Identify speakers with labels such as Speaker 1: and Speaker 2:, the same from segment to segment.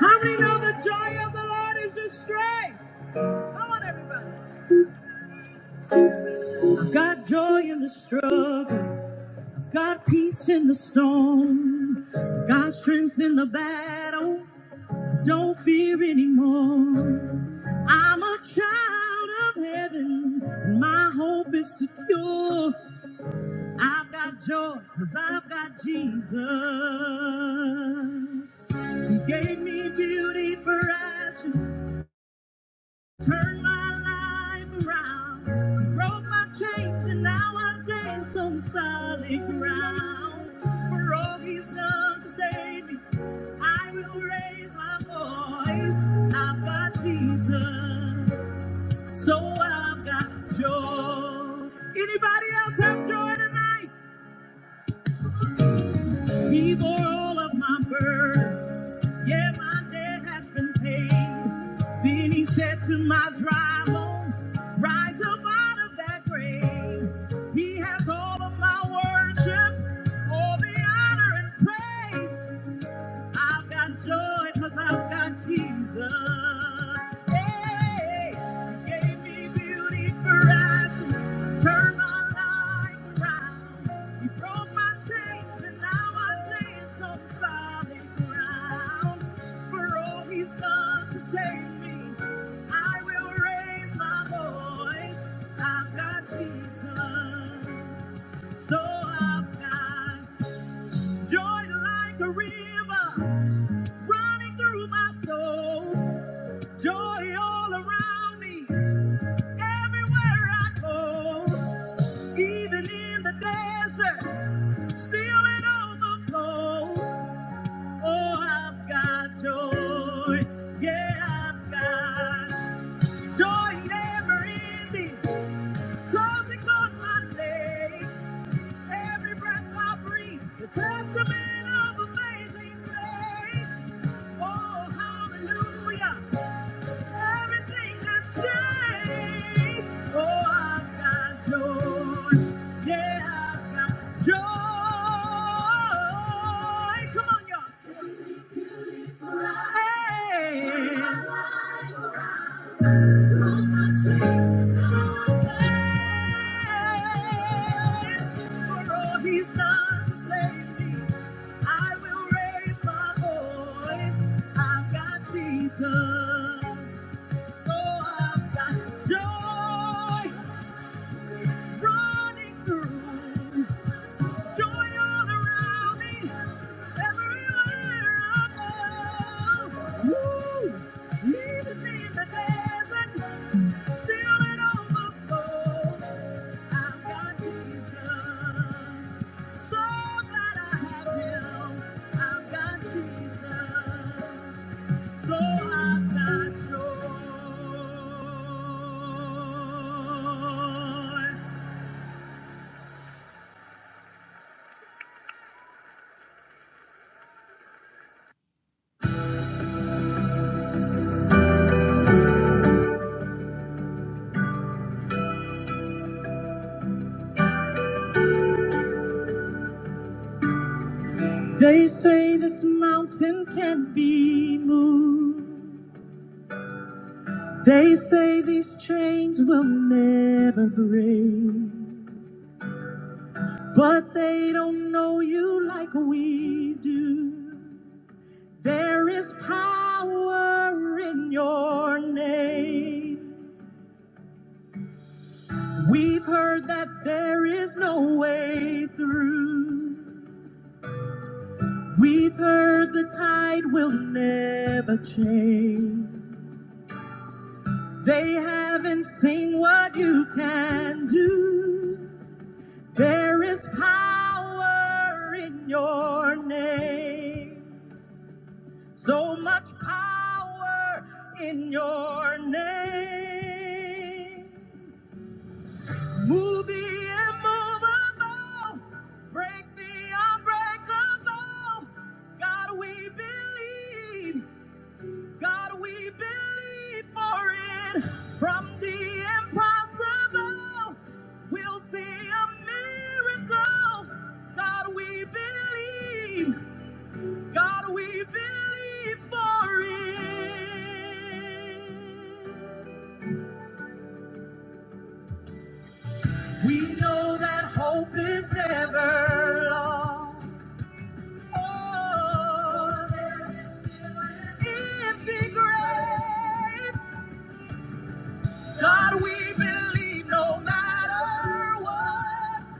Speaker 1: How many know the joy of the Lord is your strength? Come on, everybody. I've got joy in the struggle. I've got peace in the storm. I've got strength in the battle. Don't fear anymore. I'm a child of heaven, and my hope is secure. I've got joy, cause I've got Jesus. He gave me beauty for ashes, Turned my life around, broke my chains, and now I dance on the solid ground. For all he's done to save me, I will raise my voice. I've got Jesus, so I've got joy. Anybody else have joy tonight? He bore all of my burdens. Yeah, my debt has been paid. Then he said to my dry bones, Rise up out of that grave. He has all of my worship, all the honor and praise. I've got joy because I've got Jesus. Hey, He gave me beauty for ashes, turned my life around. He broke my chains and now I dance on solid ground. For all He's done to save me, I will raise my voice. I've got Jesus, so I've got joy like a river running through my soul. Joy all around me, everywhere I go. Even in the desert, still it overflows. Oh, I've got joy. Yeah, I've got joy never ending. Closing on my days. Every breath I breathe, the testament of amazing grace. Oh, hallelujah. Jesus, so I've got joy. running through. Joy all around me, everywhere I go. Woo! Even in the desert, still it overflows. I've got Jesus. So glad I have Him. I've got Jesus. So I've got joy. They say this mountain can't be moved. They say these chains will never break. But they don't know you like we do. There is power in your name. We've heard that there is no way through. We've heard the tide will never change. They haven't seen what you can do. There is power in your name. So much power in your name. Move the immovable. Break the unbreakable. God, we believe. God, we believe for it. From the impossible, we'll see a miracle. God, we believe. God, we believe for it. We know that hope is never lost. Oh, there's still an empty grave. God, we believe no matter what,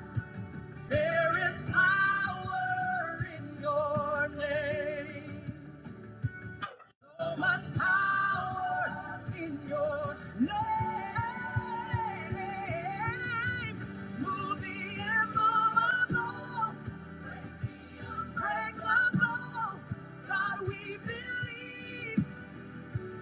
Speaker 1: there is power in your name. So much power in your name. Move the immovable, break the unbreakable. God, we believe.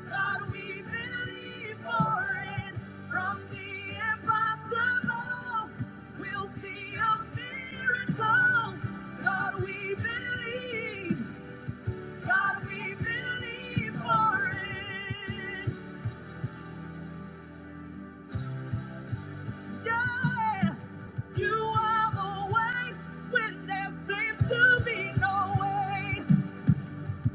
Speaker 1: God, we believe for it. From the impossible, we'll see a miracle. God, we believe. God, we believe for it. Yeah. You are the way when there seems to be no way.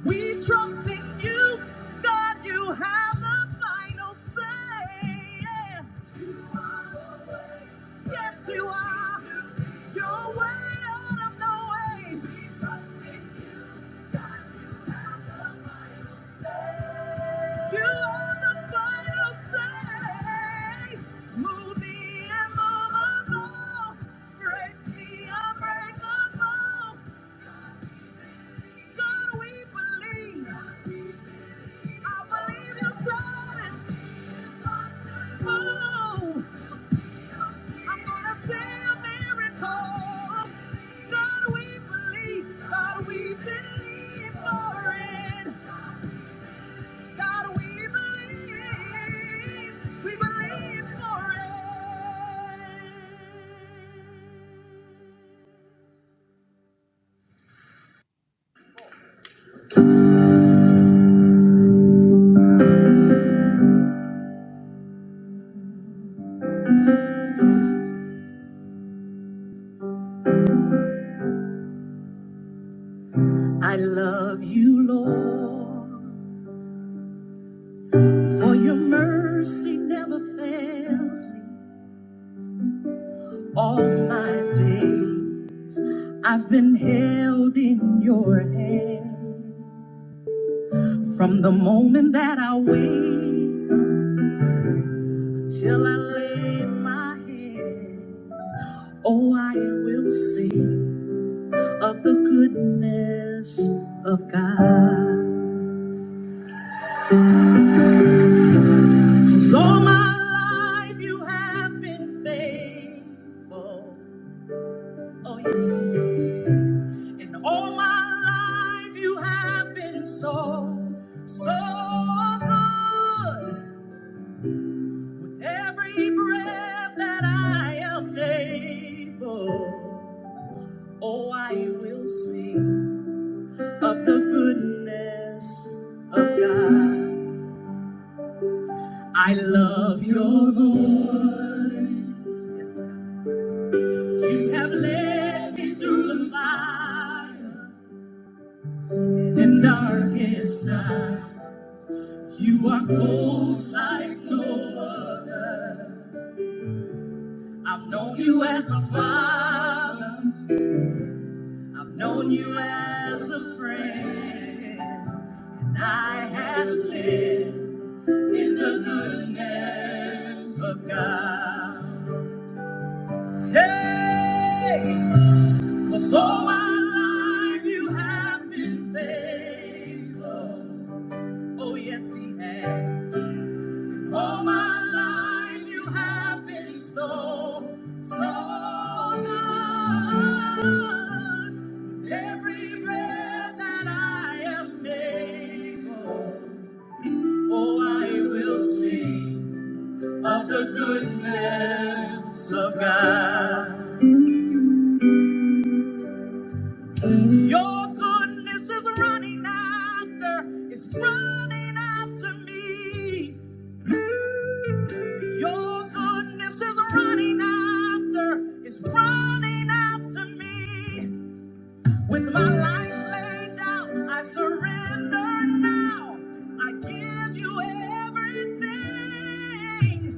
Speaker 1: We trust in you, God, you have the final say. yeah. You are the way. Yes, you are. Your way out of no way. We trust in you, God, you have the say. You are the final say. Move the immovable. Break the unbreakable. God, we believe. I believe you'll sign. Oh, I'm gonna see a miracle. God, we believe. God, we believe for it. God, we believe. We believe for it. I love you, Lord, for your mercy never fails me all my days. I've been held in your hand from the moment that I wake up until I lay my head. Oh, I will sing of the goodness of God. 'Cause all my life you have been faithful. Oh, yes. And all my life you have been so, so good. With every breath that I am able, oh, I will sing of the goodness of God. I love your voice. You have led me through the fire and darkest night. You are close like no other. I've known you as a father. I've known you as a friend, and I have lived in the goodness of God. Hey, Hey, 'cause all my life you have been faithful. Oh, yes, He has. All my life you have been so, so good. With Every breath that I am able, oh, I will sing of the goodness of God. Your goodness is running after, it's running after me. Your goodness is running after, it's running after me. With my life laid down, I surrender now. I give you everything.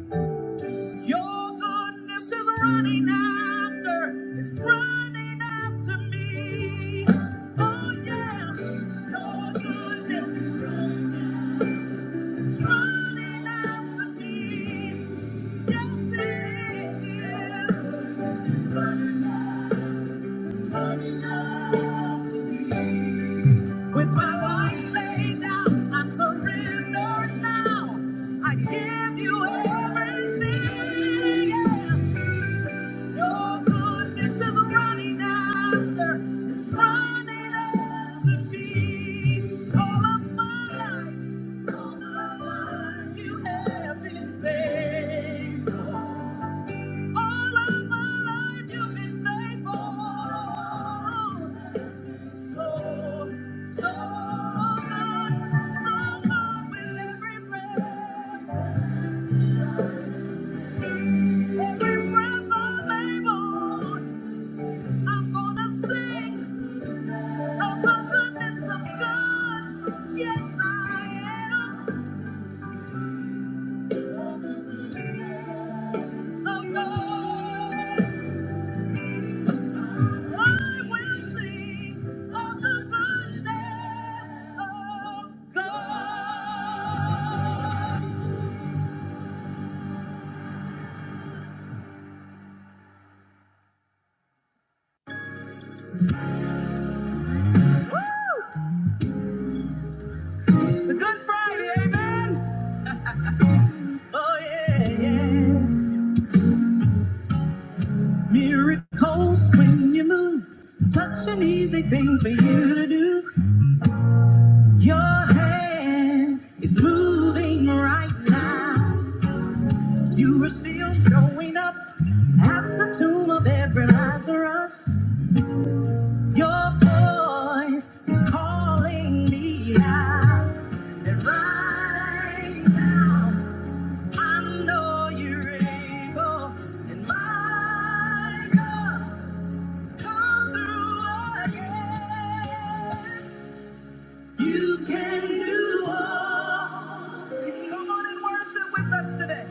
Speaker 1: Your goodness is running after, it's running after me. Oh yeah, your goodness is running, it's running after me. Yes, it is. It's running after with my life laid down, I surrender now. I give you everything. Yeah. Your goodness is running after, it's running after me. All of my life, all of my life, you have been faithful. All of my life you've been faithful. So, so good, so good with every breath. Every breath I'm able, I'm gonna sing of the goodness of God. Yes, I am. So good. I will sing of the goodness of God. It's a good Friday, amen. Oh, yeah, yeah. Miracles when you move. Such an easy thing for you to do. Your hand is moving right now. You are still showing up at the tomb of every Lazarus. Your voice is calling me out. And right now, I know you're able. And my God, come through again. You can do all. Come on and worship with us today.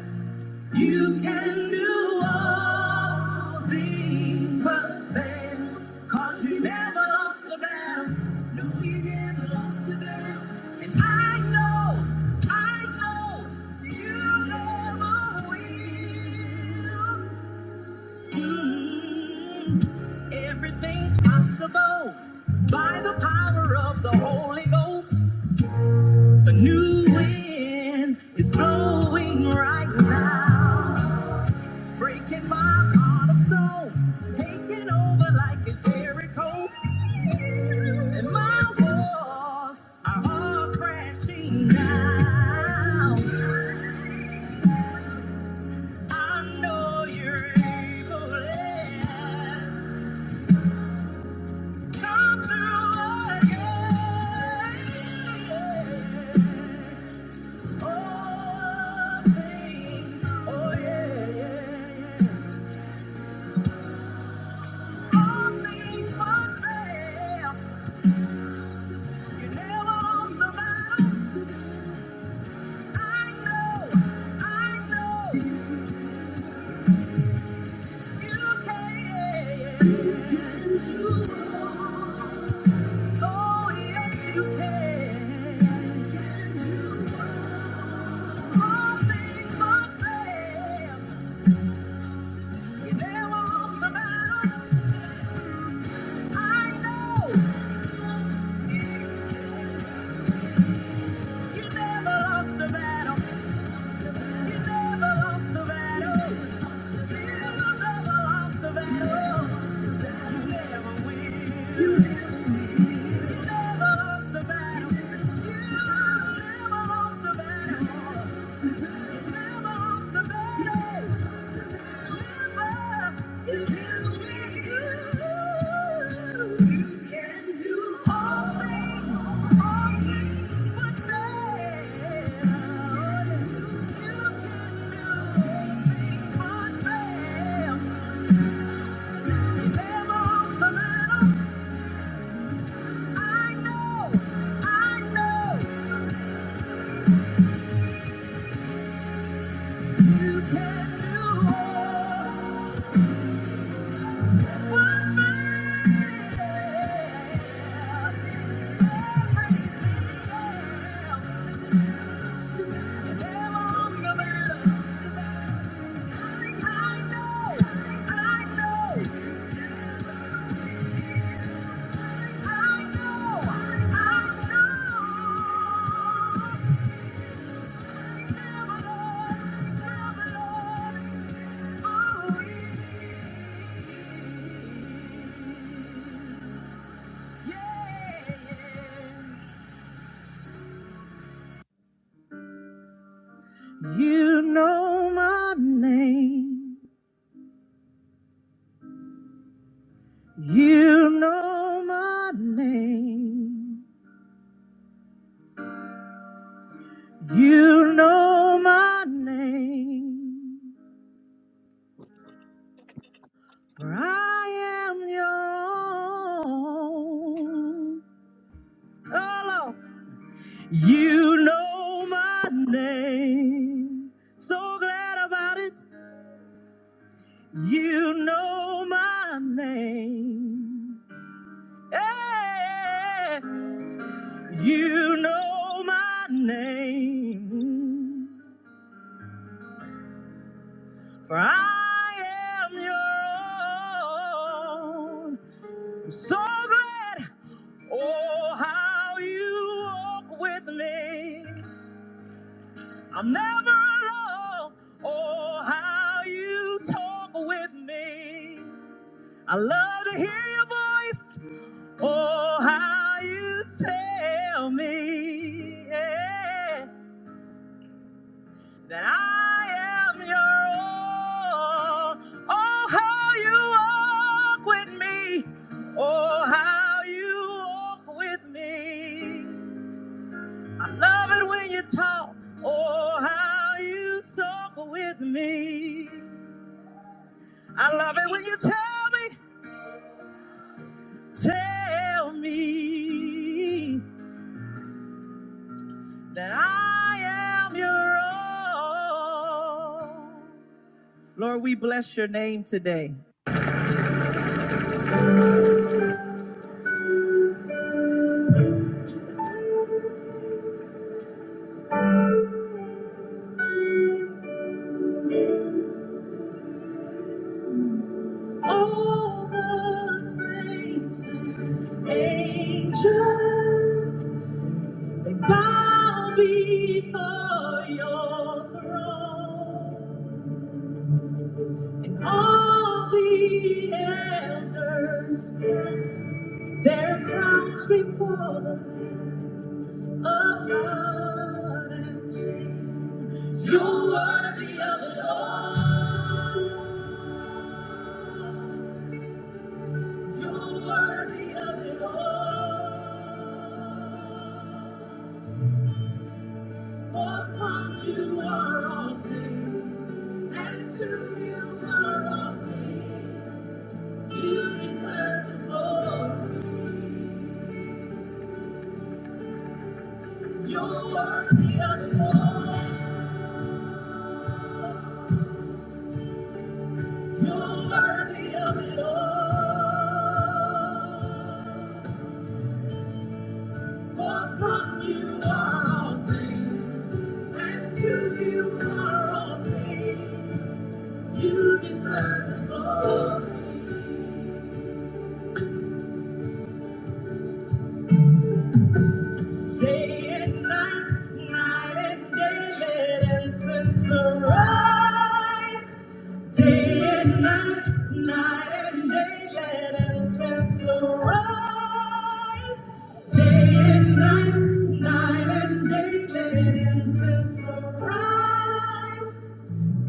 Speaker 1: You can do all things but fail. Cause you never lost a battle. No, you never lost a battle. And I know, I know, you never will. Mm. Everything's possible by the power of the Holy Ghost. A new wind is blowing right now. Breaking my heart of stone, taking over like an Jericho. And my walls are all crashing down. I know you're able to come through again. Oh, things, oh yeah, yeah, yeah. You never lost the battle. You never lost the battle. Yeah. You know my name. You know my name. You know my name, for I am your own. Oh, Lord. You know my name, so glad about it. You know my name. Hey, you know my name, for I am your own. So glad, oh, how you walk with me. I'm never alone, oh, how you talk with me. I love to hear your voice, oh, how you tell me. Yeah. that I am your all. Oh, how you walk with me. Oh, how you walk with me. I love it when you talk. Oh, how you talk with me. I love it when you tell me, tell me that I am your all. Lord, we bless your name today. All the saints and angels, they bow before your throne. And all the elders give their crowns before the Lamb of God and sing, You're worthy of it all. You're worthy of it all. For from you are all things. And to you are all things. You deserve the glory. You're worthy of it all. You're worthy of it all. For from you are all, things. and to you are all things. You deserve the glory. Day and night, night and day, let incense arise. Day and night, night and day, let incense arise. Day and night, night and day, let incense arise.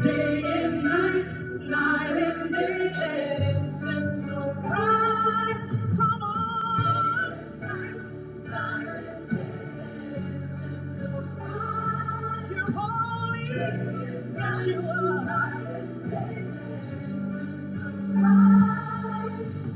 Speaker 1: Day and night, night and day, let incense arise. Come on, night, night and day, let incense arise. You're holy, yes you are. Night and day, let incense arise.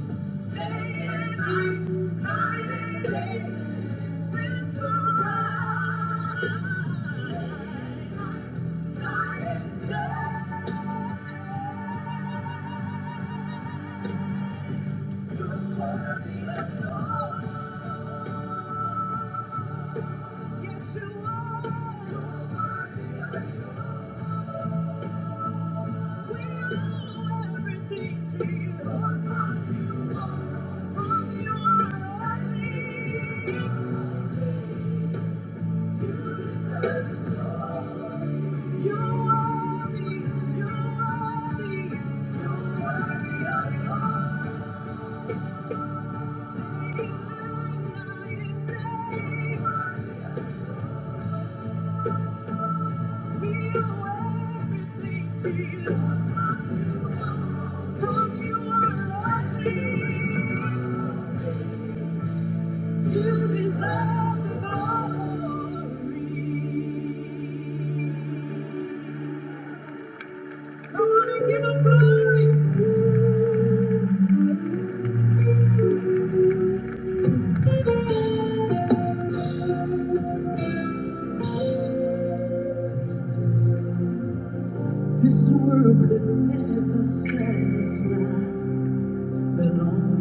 Speaker 1: This world could never satisfy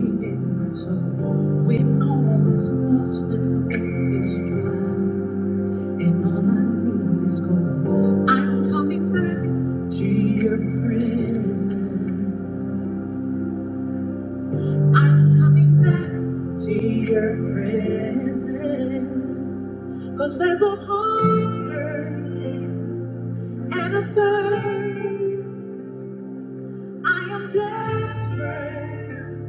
Speaker 1: me in my soul. When all is lost and true is joy. And all I need is gold. I'm coming back to your presence. I'm coming back to your presence. Cause there's a hunger and a third. I am desperate.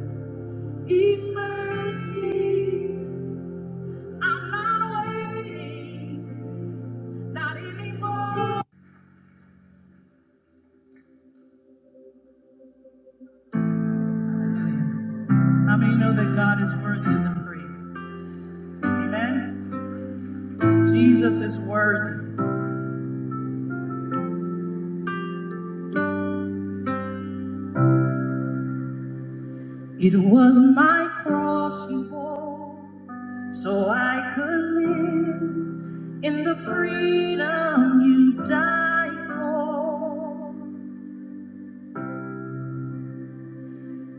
Speaker 1: Immerse me. I'm not waiting, not anymore. How many know that God is worthy of the praise? Amen. Jesus is worthy. It was my cross you bore, so I could live in the freedom you died for.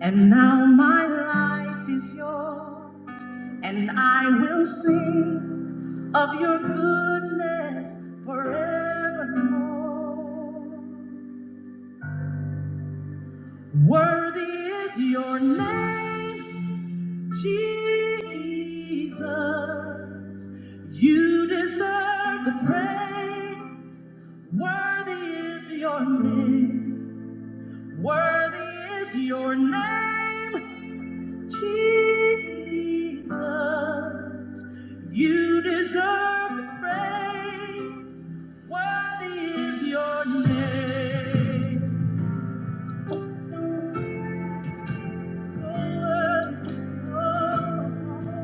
Speaker 1: And now my life is yours. And I will sing of your goodness forevermore. Worthy is your name, Jesus, you deserve the praise. Worthy is your name. Worthy is your name, Jesus. You deserve the praise. Worthy is your name. Oh, oh. oh.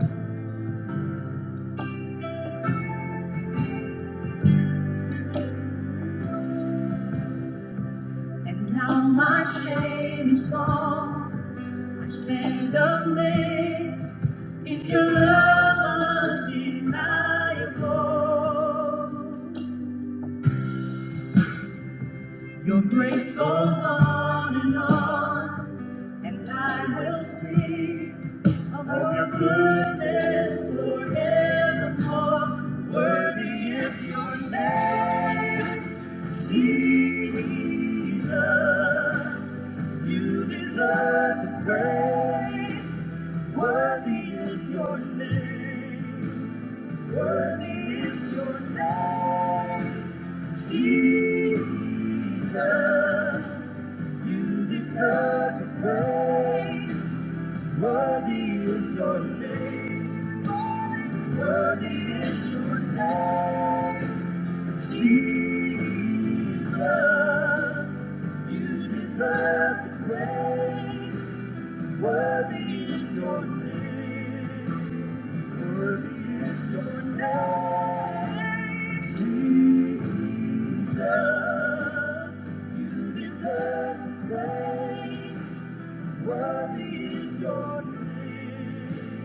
Speaker 1: And now my shame is gone. Stand amazed in your love undeniable. Your grace goes on and on, and I will sing of your goodness forevermore. Worthy is your name, Jesus. You deserve the praise. Worthy is your name. It's your name, Jesus. You deserve the praise. Worthy is your name. Worthy is your name, Jesus. You deserve the praise. Worthy is your name. Worthy is your name, Jesus. You deserve the praise. Worthy is your name.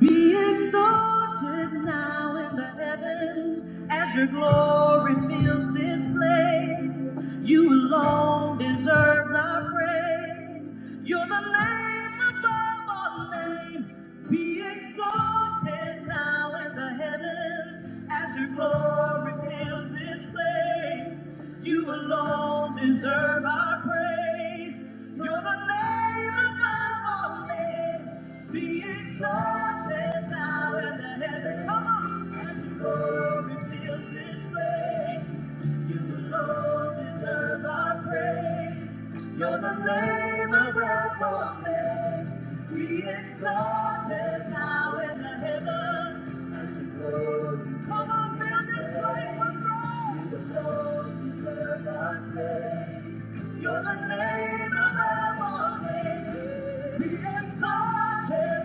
Speaker 1: Be exalted now in the heavens as your glory fills this place. You alone deserve our praise. You're the name above all name. Be exalted now in the heavens as your glory fills this place. You alone deserve our praise. You're the name above all names. Be exalted now in the heavens, come on, as your glory fills this place. You alone deserve our praise. You're the name above all names. Be exalted now in the heavens, as your glory come on, fills this place with praise. You alone deserve our praise. You're the name above all names. Be exalted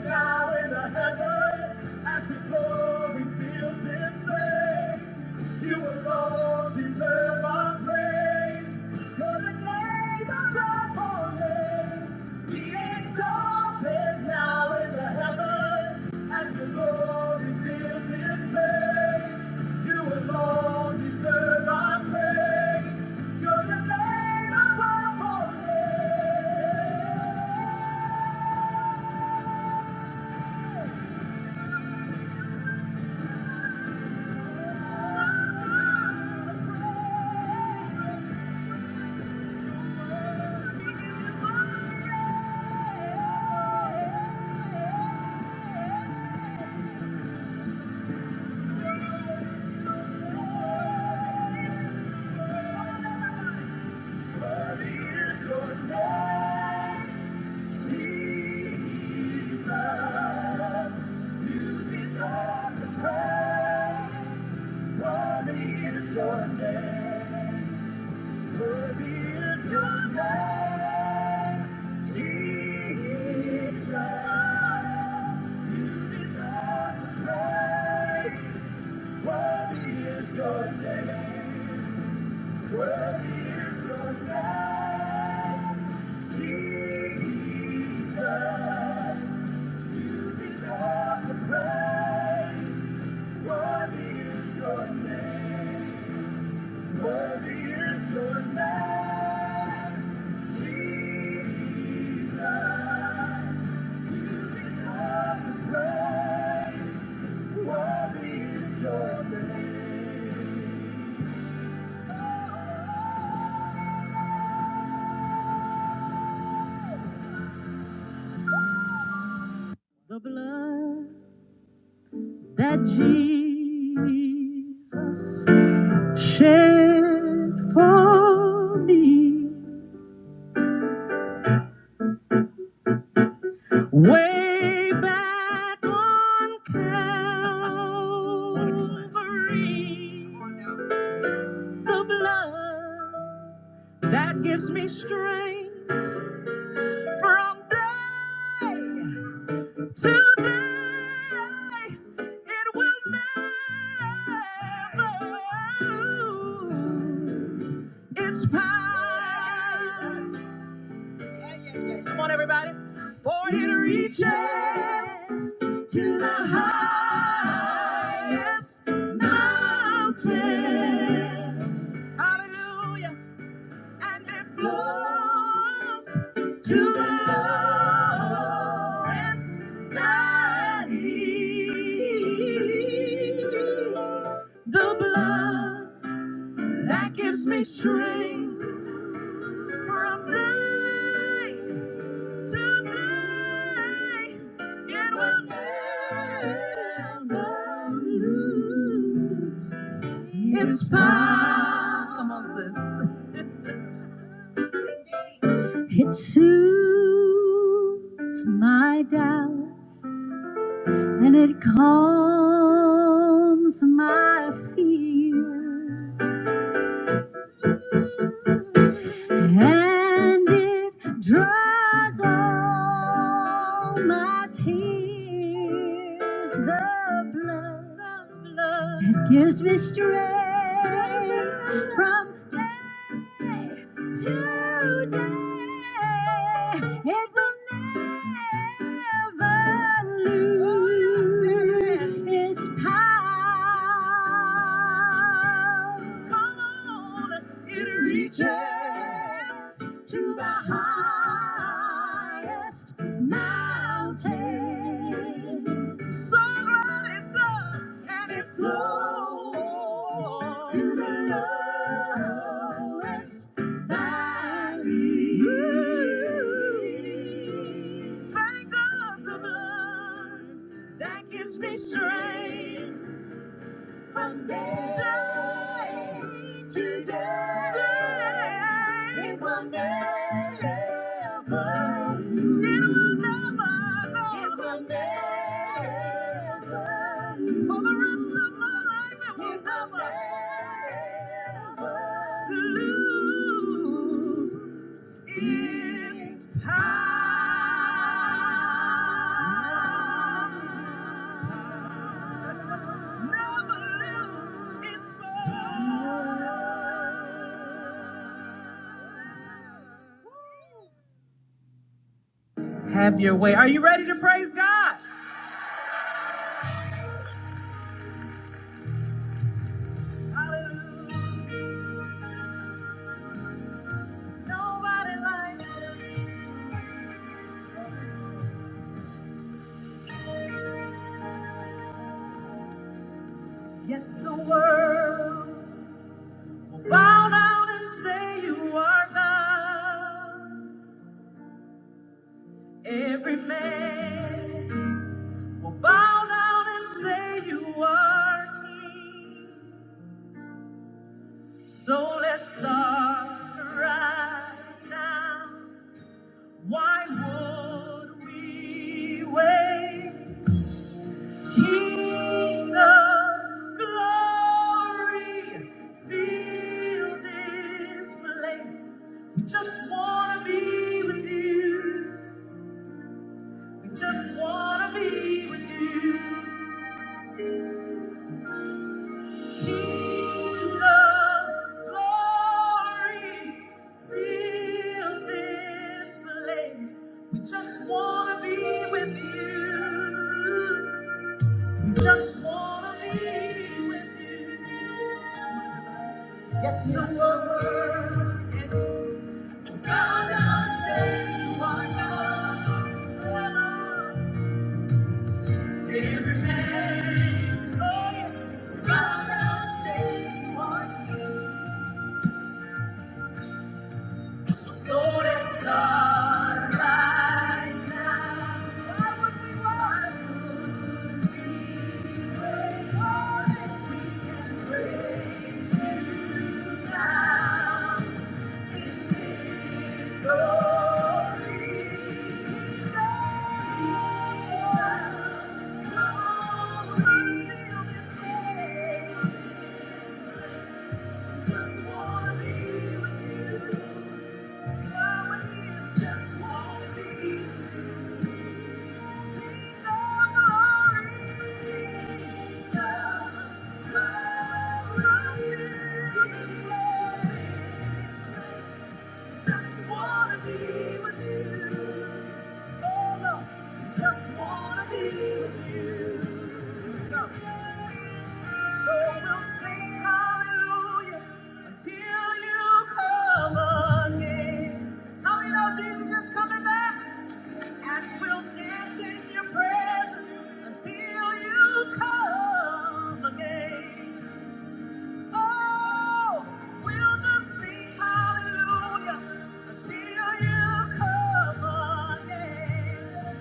Speaker 1: now in the heavens as your glory fills this place. You alone deserve our praise. You're the name above all names. Be exalted now in the heavens as your glory fills this place. You alone deserve our praise. You're the name above all names. Your name. Jesus, you become the praise. The blood that Jesus shed for me way back on Calvary. The blood that gives me strength from day Today, it will never lose its power. Come on, everybody. For it reaches to the highest mountain. Hallelujah and it flows to the lowest valley. The blood that gives me strength from day to day, it will never lose its power. Come on, sis. It soothes my doubts and it calms my fear and it dries all my tears. The blood, the blood. it gives me strength from day. today. It will never lose its power. Come on, it reaches to the highest mountain so glad it does, and it flows to the lowest valley. Ooh, Thank God the blood that gives me strength. From day to day, it will never, it will never. For the rest of my life, it will never lose. It's power. Never lose its power. Have your way. Are you ready to praise God? Hallelujah. Nobody likes it. Yes, the world will bow down and say you are God. Every man. We'll bow down and say you are king. So let's start right now. Why would we wait? King of glory, fill this place. We just wanna be with you. We just wanna be with you. Just wanna be with you. We just wanna be with you. Yes, you were. God does say you are God. Every man. oh, God does say you are So it's done right now. Why would we want to praise God we can praise you now? Just wanna be with you. Just wanna be with you. So we'll sing hallelujah until you come again. How many know Jesus is coming back? And we'll dance in your presence until you come again. Oh, we'll just sing hallelujah until you come again.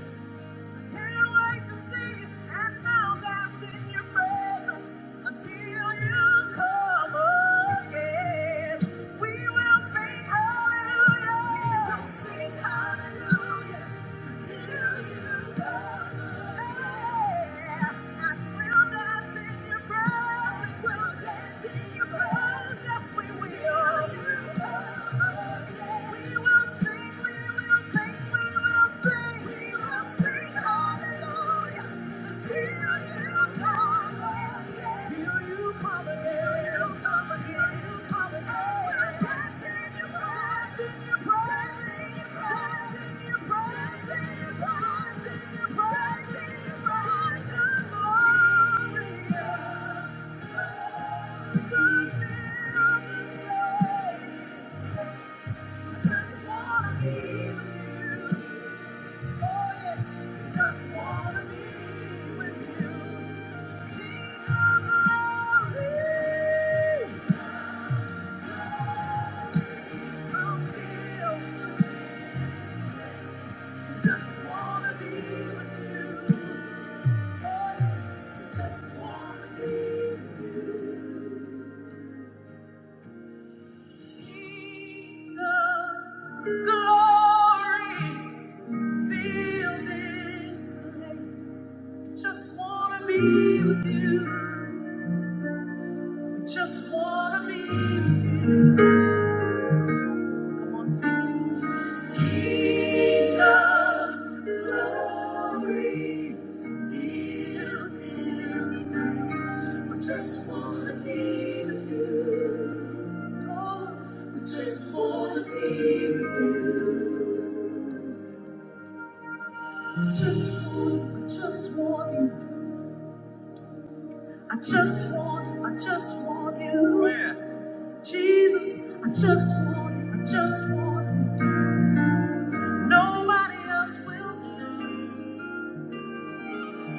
Speaker 1: Can't wait to see you and now that's in your presence until you come again. We will sing hallelujah. We will sing hallelujah until you come again. And will dance in your presence. We'll dance in your presence. Yes, we will. Yeah. Just wanna be with you. King of glory, feel this place. Just wanna be with you. Just wanna be with you. King of glory, feel this place. We just wanna be with you. Oh, we just wanna be with you. I just want, I just want you. I just want, I just want you. Where? Jesus, I just want, I just want you. Nobody else will do.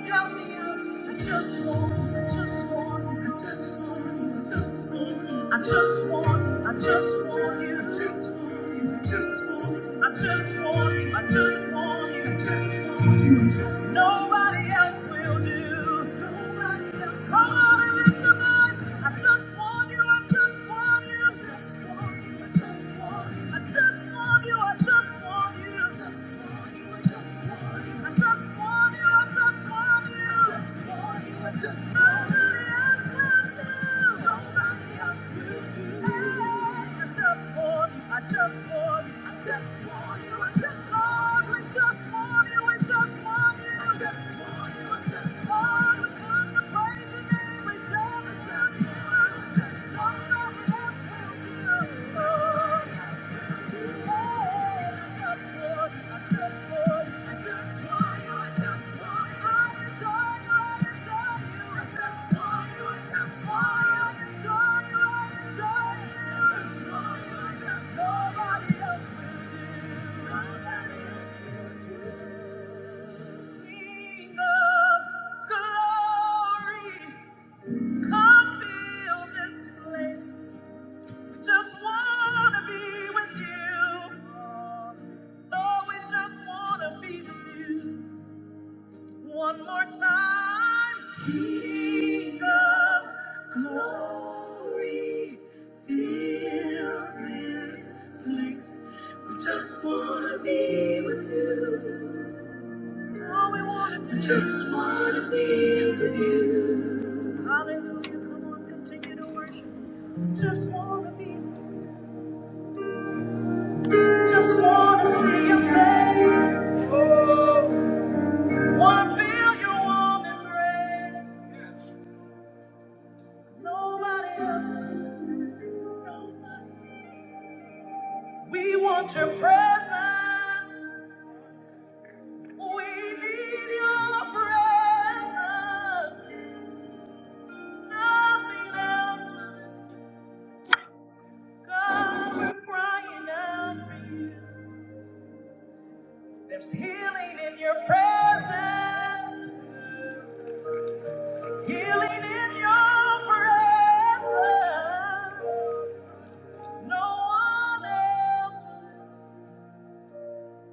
Speaker 1: Help me out. I just want, I just want, I just want, I just want, I just want, I just want you. I just want you, I just want, I just want you, I just want you. I just want you, I just want you. Nobody else will do. Nobody else. Come on and lift your voice. I just want you, I just want you. I just want you, I just want you. I just want you, I just want you. Thank you. Sing of glory, come fill this place. Just wanna be with you. Oh, we just wanna be with you. One more time. King of glory, fill this place. We just wanna be with you. Oh, we wanna be. We just wanna be with you. Hallelujah. Come on, continue to worship. Just wanna be with you. Just wanna see your face. Oh, Wanna feel your warm embrace. Nobody else. We want your presence. We need your presence. Nothing else. God, we're crying out for you. There's healing in your presence. Healing in your presence. No one else.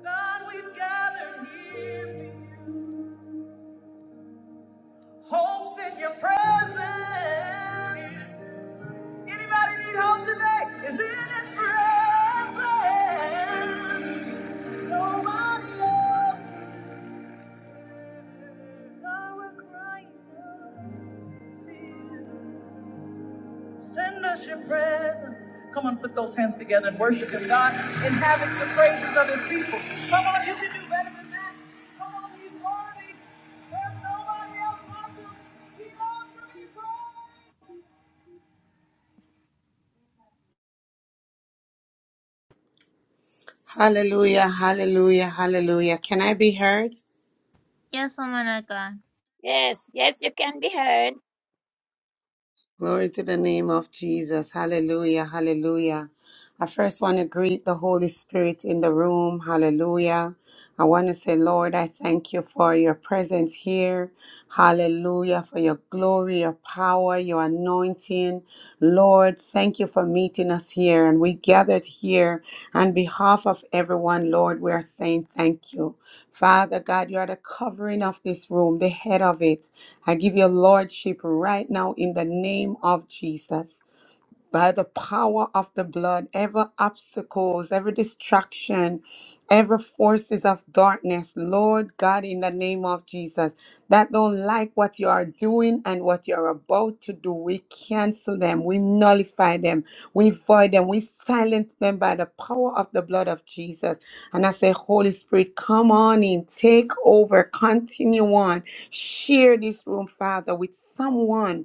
Speaker 1: God, we've gathered here. for you. Hope's in your presence. Anybody need hope today? Is in his presence. Nobody else. God, we're crying out for you. Send us your presence. Come on, put those hands together and worship him. God inhabits the praises of his people. Come on, you can do better than that. Come on, he's worthy. There's nobody else like him. He loves to be praised.
Speaker 2: Hallelujah, hallelujah, hallelujah. Can I be heard?
Speaker 1: Yes, oh my God.
Speaker 3: Yes, yes, you can be heard.
Speaker 2: Glory to the name of Jesus. Hallelujah, hallelujah. I first want to greet the Holy Spirit in the room. Hallelujah. I want to say, Lord, I thank you for your presence here. Hallelujah, for your glory, your power, your anointing. Lord, thank you for meeting us here. And we gathered here on behalf of everyone, Lord, we are saying thank you. Father God, you are the covering of this room, the head of it. I give you lordship right now in the name of Jesus by the power of the blood every obstacles every distraction every forces of darkness lord god in the name of jesus that don't like what you are doing and what you're about to do we cancel them we nullify them we void them we silence them by the power of the blood of jesus and i say holy spirit come on in take over continue on share this room father with someone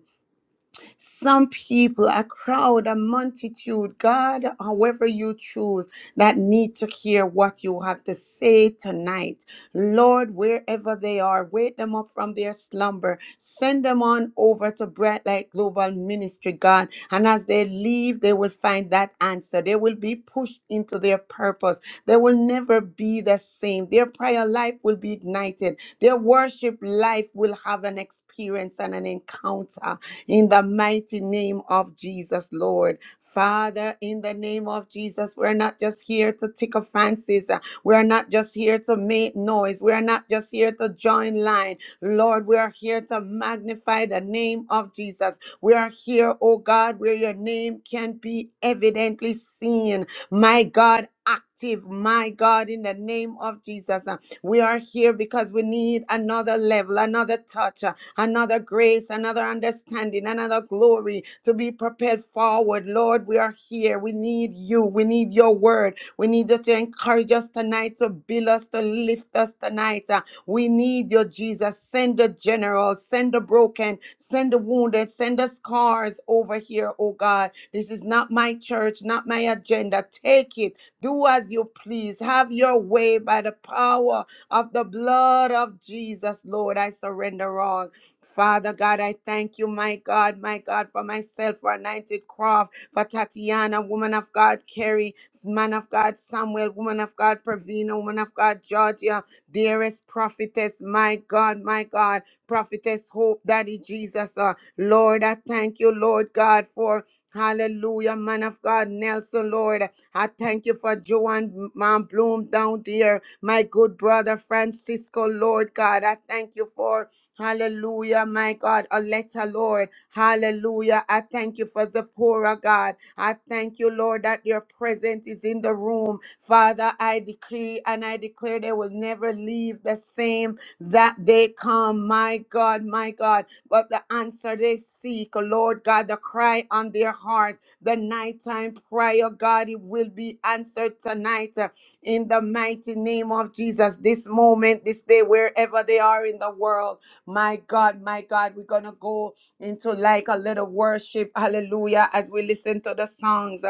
Speaker 2: some people, a crowd, a multitude, God, however you choose, that need to hear what you have to say tonight. Lord, wherever they are, wake them up from their slumber. Send them on over to Bright Light Global Ministry, God. And as they leave, they will find that answer. They will be pushed into their purpose. They will never be the same. Their prayer life will be ignited. Their worship life will have an experience and an encounter in the mighty name of Jesus, Lord. Father, in the name of Jesus, we're not just here to tickle fancies. Uh, We're not just here to make noise. We're not just here to join line. Lord, we are here to magnify the name of Jesus. We are here, oh God, where your name can be evidently seen. My God, active. My God, in the name of Jesus, Uh, we are here because we need another level, another touch. Uh, another grace, another understanding, another glory to be propelled forward. Lord, we are here. We need you. We need your word. We need you to encourage us tonight, to build us, to lift us tonight. Uh, We need you, Jesus. Send the general, send the broken, send the wounded, send the scars over here, oh God. This is not my church, not my agenda. Take it. Do as you please. Have your way by the power of the blood of Jesus, Lord. I surrender all. Father God, I thank you, my God, my God, for myself, for Anointed Croft, for Tatiana, woman of God, Kerry, man of God, Samuel, woman of God, Pravina, woman of God, Georgia, dearest prophetess, my God, my God, prophetess, hope, Daddy Jesus, uh, Lord, I thank you, Lord God, for Hallelujah, man of God, Nelson, Lord. I thank you for Joanne, Mom Bloom down there, my good brother Francisco, Lord God. I thank you for. Hallelujah, my God, Aletta, Lord. Hallelujah. I thank you for the Zipporah, God. I thank you, Lord, that your presence is in the room. Father, I decree and I declare they will never leave the same that they come. My God, my God. But the answer they seek, Lord God, the cry on their heart, the nighttime prayer, God, it will be answered tonight uh, in the mighty name of Jesus. This moment, this day, wherever they are in the world. My God, my God, we're going to go into like a little worship. Hallelujah. As we listen to the songs.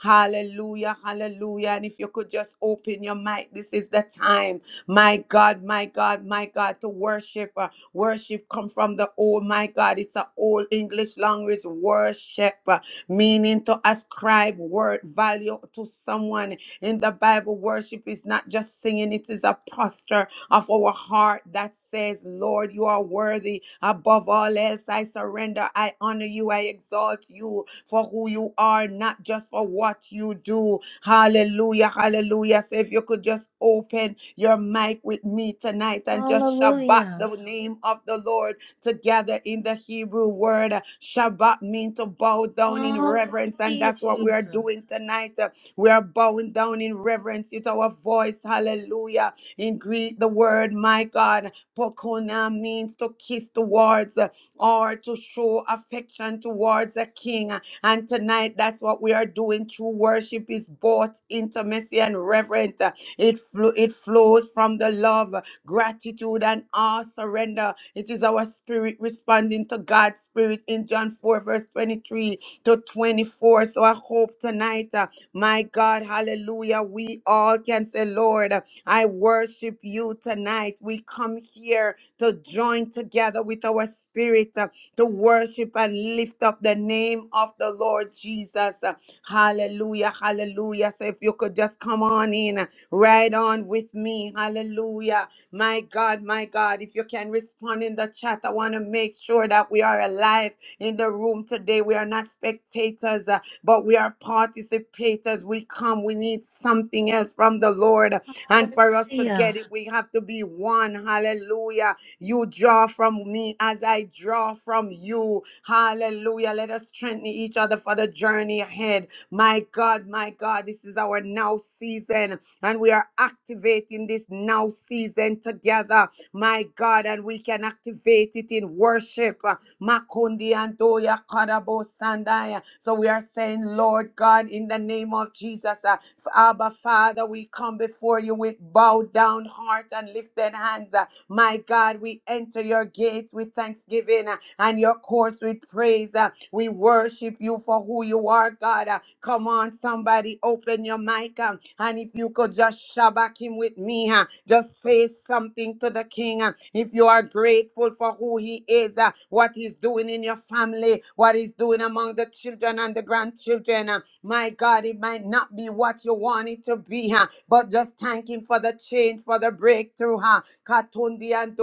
Speaker 2: Hallelujah. Hallelujah. And if you could just open your mic, this is the time. My God, my God, my God, to worship. Uh, worship come from the old, my God. It's an old English language worship, uh, meaning to ascribe word value to someone. In the Bible, worship is not just singing, it is a posture of our heart that says, Lord, you are worthy. Above all else, I surrender. I honor you. I exalt you for who you are, not just for what you do. Hallelujah. Hallelujah. So if you could just open your mic with me tonight and just Shabbat
Speaker 4: Hallelujah.
Speaker 2: the name of the Lord together in the Hebrew word. Shabbat means to bow down in reverence, and
Speaker 4: Hallelujah,
Speaker 2: that's what we
Speaker 4: Jesus.
Speaker 2: are doing tonight. We are bowing down in reverence with our voice. Hallelujah. In Greek, the word, my God, pokona means to kiss towards uh, or to show affection towards a king. And tonight, that's what we are doing. True worship is both intimacy and reverence. It, flo- it flows from the love, gratitude, and awe surrender. It is our spirit responding to God's spirit in John 4, verse 23 to 24. So I hope tonight, uh, my God, hallelujah, we all can say, Lord. I worship you tonight. We come here to join together with our spirit uh, to worship and lift up the name of the Lord Jesus. Uh, Hallelujah, hallelujah. So if you could just come on in, uh, right on with me. Hallelujah. My God, my God, if you can respond in the chat, I want to make sure that we are alive in the room today. We are not spectators, uh, but we are participators. We come, we need something else from the Lord. And for us to get
Speaker 4: Hallelujah.
Speaker 2: it, we have to be one. Hallelujah. You draw from me as I draw from you. Hallelujah. Let us strengthen each other for the journey ahead. My God, my God, this is our now season, and we are activating this now season together. My God, and we can activate it in worship. Makundi andoya karabo sandaya. So we are saying, Lord God, in the name of Jesus. uh, Abba Father, we come before you with bowed down hearts and lifted hands. Uh, My God, we enter your gates with thanksgiving uh, and your course with praise. Uh, We worship you for who you are, God. Uh, Come on, somebody, open your mic. uh, And if you could just shabak him with me, uh, just say something to the King. uh, If you are grateful for who he he is, uh, what he's doing in your family, what he's doing among the children and the grandchildren. uh, my God, it might not be what you want it to be, huh? but just thank Him for the change, for the breakthrough. Huh? Katundi andoya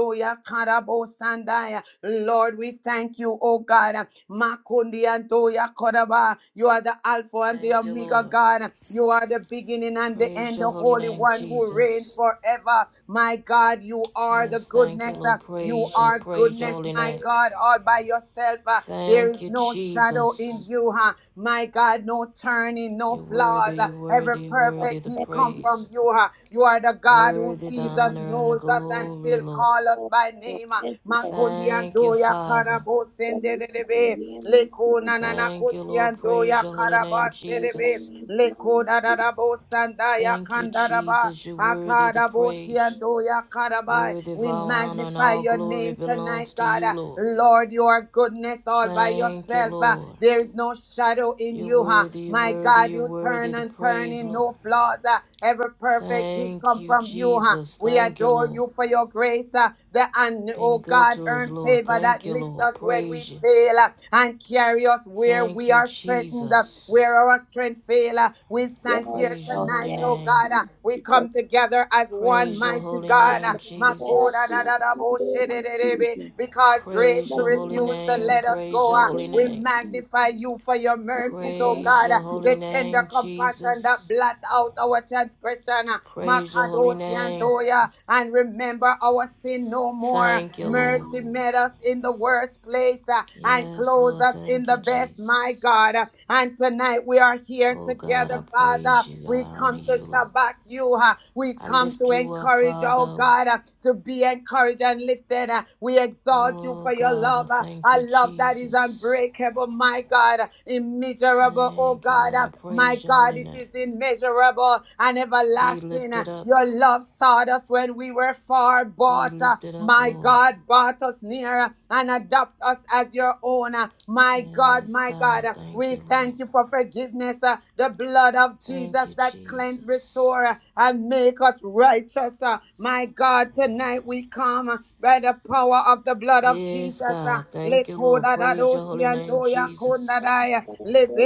Speaker 2: Karabo Sandaya. Lord, we thank you, oh God. uh, Makundi anto ya Koraba. You are the Alpha and the
Speaker 5: Thank you,
Speaker 2: Omega
Speaker 5: Lord.
Speaker 2: God. You are the beginning and the
Speaker 5: Praise
Speaker 2: end,
Speaker 5: your
Speaker 2: the
Speaker 5: holy
Speaker 2: Holy
Speaker 5: name,
Speaker 2: One who reigns
Speaker 5: Jesus.
Speaker 2: forever. My God, you are the
Speaker 5: Yes, thank you,
Speaker 2: goodness.
Speaker 5: Lord.
Speaker 2: uh, You
Speaker 5: Praise you.
Speaker 2: are
Speaker 5: Praise your
Speaker 2: goodness,
Speaker 5: holy
Speaker 2: my
Speaker 5: name.
Speaker 2: God, all by yourself. uh, There is
Speaker 5: Thank you,
Speaker 2: no shadow in
Speaker 5: Jesus.
Speaker 2: you, huh? My God, no turning, no
Speaker 5: You're
Speaker 2: flaws.
Speaker 5: worthy,
Speaker 2: uh,
Speaker 5: you're
Speaker 2: Every
Speaker 5: worthy, you're
Speaker 3: Your
Speaker 5: worthy
Speaker 2: perfect
Speaker 5: the
Speaker 2: gift
Speaker 3: parents
Speaker 2: come
Speaker 3: will
Speaker 5: praise.
Speaker 2: from you, huh? You are the God who
Speaker 5: Worthy
Speaker 3: come
Speaker 5: the
Speaker 3: with
Speaker 2: sees us,
Speaker 3: you.
Speaker 5: honor and the
Speaker 2: knows us,
Speaker 3: Your
Speaker 2: and
Speaker 5: glory,
Speaker 2: still
Speaker 5: Lord.
Speaker 2: call us by name. uh,
Speaker 3: parents, Lord.
Speaker 2: Makundi
Speaker 5: Thank you,
Speaker 2: anto ya
Speaker 5: Father.
Speaker 2: Karabo
Speaker 3: Parents, Lord. Yes,
Speaker 2: senderebe, leko
Speaker 3: Lord.
Speaker 2: nanana
Speaker 5: Thank you, Lord.
Speaker 2: kosiando
Speaker 5: Praise
Speaker 2: ya
Speaker 5: your holy name,
Speaker 2: karaba
Speaker 3: Yes,
Speaker 2: serebe,
Speaker 5: Jesus.
Speaker 3: Yes,
Speaker 2: leko
Speaker 3: Lord. Yes, Lord. Jesus.
Speaker 2: dararabo sanda ya
Speaker 5: Thank you,
Speaker 2: kandaraba,
Speaker 5: Jesus. You're worthy the
Speaker 2: akarabo
Speaker 5: praise.
Speaker 2: ya karaba.
Speaker 5: Worthy of
Speaker 2: We
Speaker 5: all honor and
Speaker 2: magnify
Speaker 5: all
Speaker 2: your
Speaker 5: glory
Speaker 2: name
Speaker 5: belongs
Speaker 2: tonight,
Speaker 5: to
Speaker 2: God.
Speaker 5: you, Lord.
Speaker 2: Lord, your goodness all by
Speaker 5: Thank you,
Speaker 2: yourself. uh,
Speaker 5: Lord.
Speaker 2: There is no shadow in
Speaker 5: You're
Speaker 2: you. huh?
Speaker 5: worthy, you're
Speaker 2: My
Speaker 5: worthy,
Speaker 2: God,
Speaker 5: you're
Speaker 2: you
Speaker 5: worthy
Speaker 2: turn
Speaker 5: to
Speaker 2: and turn
Speaker 5: praise,
Speaker 2: in
Speaker 5: Lord.
Speaker 2: no flaws. uh, Every perfect gift
Speaker 5: Thank
Speaker 2: come
Speaker 5: you,
Speaker 2: from you. huh?
Speaker 5: Jesus.
Speaker 2: We
Speaker 5: Thank you,
Speaker 2: adore
Speaker 5: Lord.
Speaker 2: you for your grace. uh, The un-
Speaker 5: Been
Speaker 2: oh
Speaker 5: good
Speaker 2: God,
Speaker 5: to us,
Speaker 2: earn
Speaker 5: Lord.
Speaker 2: favor
Speaker 5: Thank
Speaker 2: that
Speaker 5: you,
Speaker 2: lift us
Speaker 5: Lord.
Speaker 2: when we
Speaker 5: Praise you.
Speaker 2: fail uh, and carry us where
Speaker 5: Thank
Speaker 2: we
Speaker 5: you,
Speaker 2: are threatened. uh,
Speaker 5: Jesus.
Speaker 2: where our strength fail. uh. We
Speaker 3: Yes,
Speaker 2: stand here
Speaker 5: Praise your holy
Speaker 2: tonight, oh
Speaker 5: name.
Speaker 2: God. uh, We come together as one
Speaker 5: Praise your
Speaker 2: mighty
Speaker 5: holy
Speaker 2: God. uh,
Speaker 5: name,
Speaker 3: Lord. Yes,
Speaker 2: Makoda da
Speaker 5: Jesus.
Speaker 2: da
Speaker 3: Lord.
Speaker 2: da
Speaker 3: In
Speaker 2: bo
Speaker 3: the name of Jesus. In
Speaker 2: shedededebe, Because grace
Speaker 5: Praise
Speaker 2: to
Speaker 3: the
Speaker 5: your
Speaker 3: name
Speaker 5: holy
Speaker 3: of
Speaker 2: refuse to
Speaker 5: name.
Speaker 2: let
Speaker 3: Jesus.
Speaker 2: us
Speaker 3: In
Speaker 5: Praise
Speaker 2: go.
Speaker 5: your
Speaker 3: the
Speaker 2: uh.
Speaker 5: holy
Speaker 3: name
Speaker 2: We
Speaker 3: of
Speaker 5: name.
Speaker 3: Jesus.
Speaker 2: magnify you for your
Speaker 3: In the
Speaker 2: mercies, oh
Speaker 3: name
Speaker 5: Praise
Speaker 2: God.
Speaker 3: of
Speaker 5: your
Speaker 2: uh,
Speaker 3: Jesus.
Speaker 5: holy
Speaker 2: The tender
Speaker 5: name,
Speaker 2: compassion that
Speaker 5: Jesus.
Speaker 2: blot out our transgression. uh,
Speaker 5: Praise your holy
Speaker 2: Makadoshi and
Speaker 5: name.
Speaker 2: Doya, and remember our sin no more.
Speaker 5: Thank you, Lord.
Speaker 2: Mercy, planted us in the worst place uh, and
Speaker 5: Yes,
Speaker 2: clothed
Speaker 5: Lord.
Speaker 2: us in
Speaker 5: Thank you,
Speaker 2: the best, my
Speaker 5: Jesus.
Speaker 2: God. Uh, And tonight we are here
Speaker 5: Oh God,
Speaker 2: together,
Speaker 5: I praise
Speaker 2: Father.
Speaker 5: you. I
Speaker 2: We
Speaker 5: honor
Speaker 2: come to
Speaker 5: you, Lord.
Speaker 2: Shabbat you. uh, We
Speaker 5: I
Speaker 2: come
Speaker 5: lift
Speaker 2: to
Speaker 5: you up,
Speaker 2: encourage, oh
Speaker 5: Father.
Speaker 2: God, uh, to be encouraged and lifted. uh, We exalt you
Speaker 5: Oh
Speaker 2: for your
Speaker 5: God, I
Speaker 2: love, uh,
Speaker 5: thank
Speaker 2: a
Speaker 5: you,
Speaker 2: love that is
Speaker 5: Jesus.
Speaker 2: unbreakable, my God, uh, immeasurable, oh
Speaker 5: Thank you,
Speaker 2: God.
Speaker 5: Lord. I
Speaker 2: uh, My
Speaker 5: praise your
Speaker 2: God,
Speaker 5: holy
Speaker 2: it
Speaker 5: name.
Speaker 2: is immeasurable and
Speaker 5: Be
Speaker 2: everlasting. uh,
Speaker 5: lifted up.
Speaker 2: Your love sought us when we were far
Speaker 5: Be
Speaker 2: bought. uh,
Speaker 5: lifted up,
Speaker 2: my
Speaker 5: Lord.
Speaker 2: God brought us near and adopt us as your own. My God,
Speaker 5: Yes,
Speaker 2: my God,
Speaker 5: God. Thank
Speaker 2: we
Speaker 5: you, Lord.
Speaker 2: thank you for forgiveness. uh, The blood of
Speaker 5: Thank
Speaker 2: Jesus
Speaker 5: you,
Speaker 2: that cleanse,
Speaker 5: Jesus.
Speaker 2: restore, uh, and make us righteous. uh, My God, tonight we come uh, by the power of the blood of
Speaker 5: Yes,
Speaker 2: Jesus. uh,
Speaker 5: God. Thank you, Lord. Praise your holy name,
Speaker 2: Lekodadadoshiantoya
Speaker 5: Jesus.
Speaker 3: Yes,
Speaker 2: kondadaya,
Speaker 3: Lord. Yes,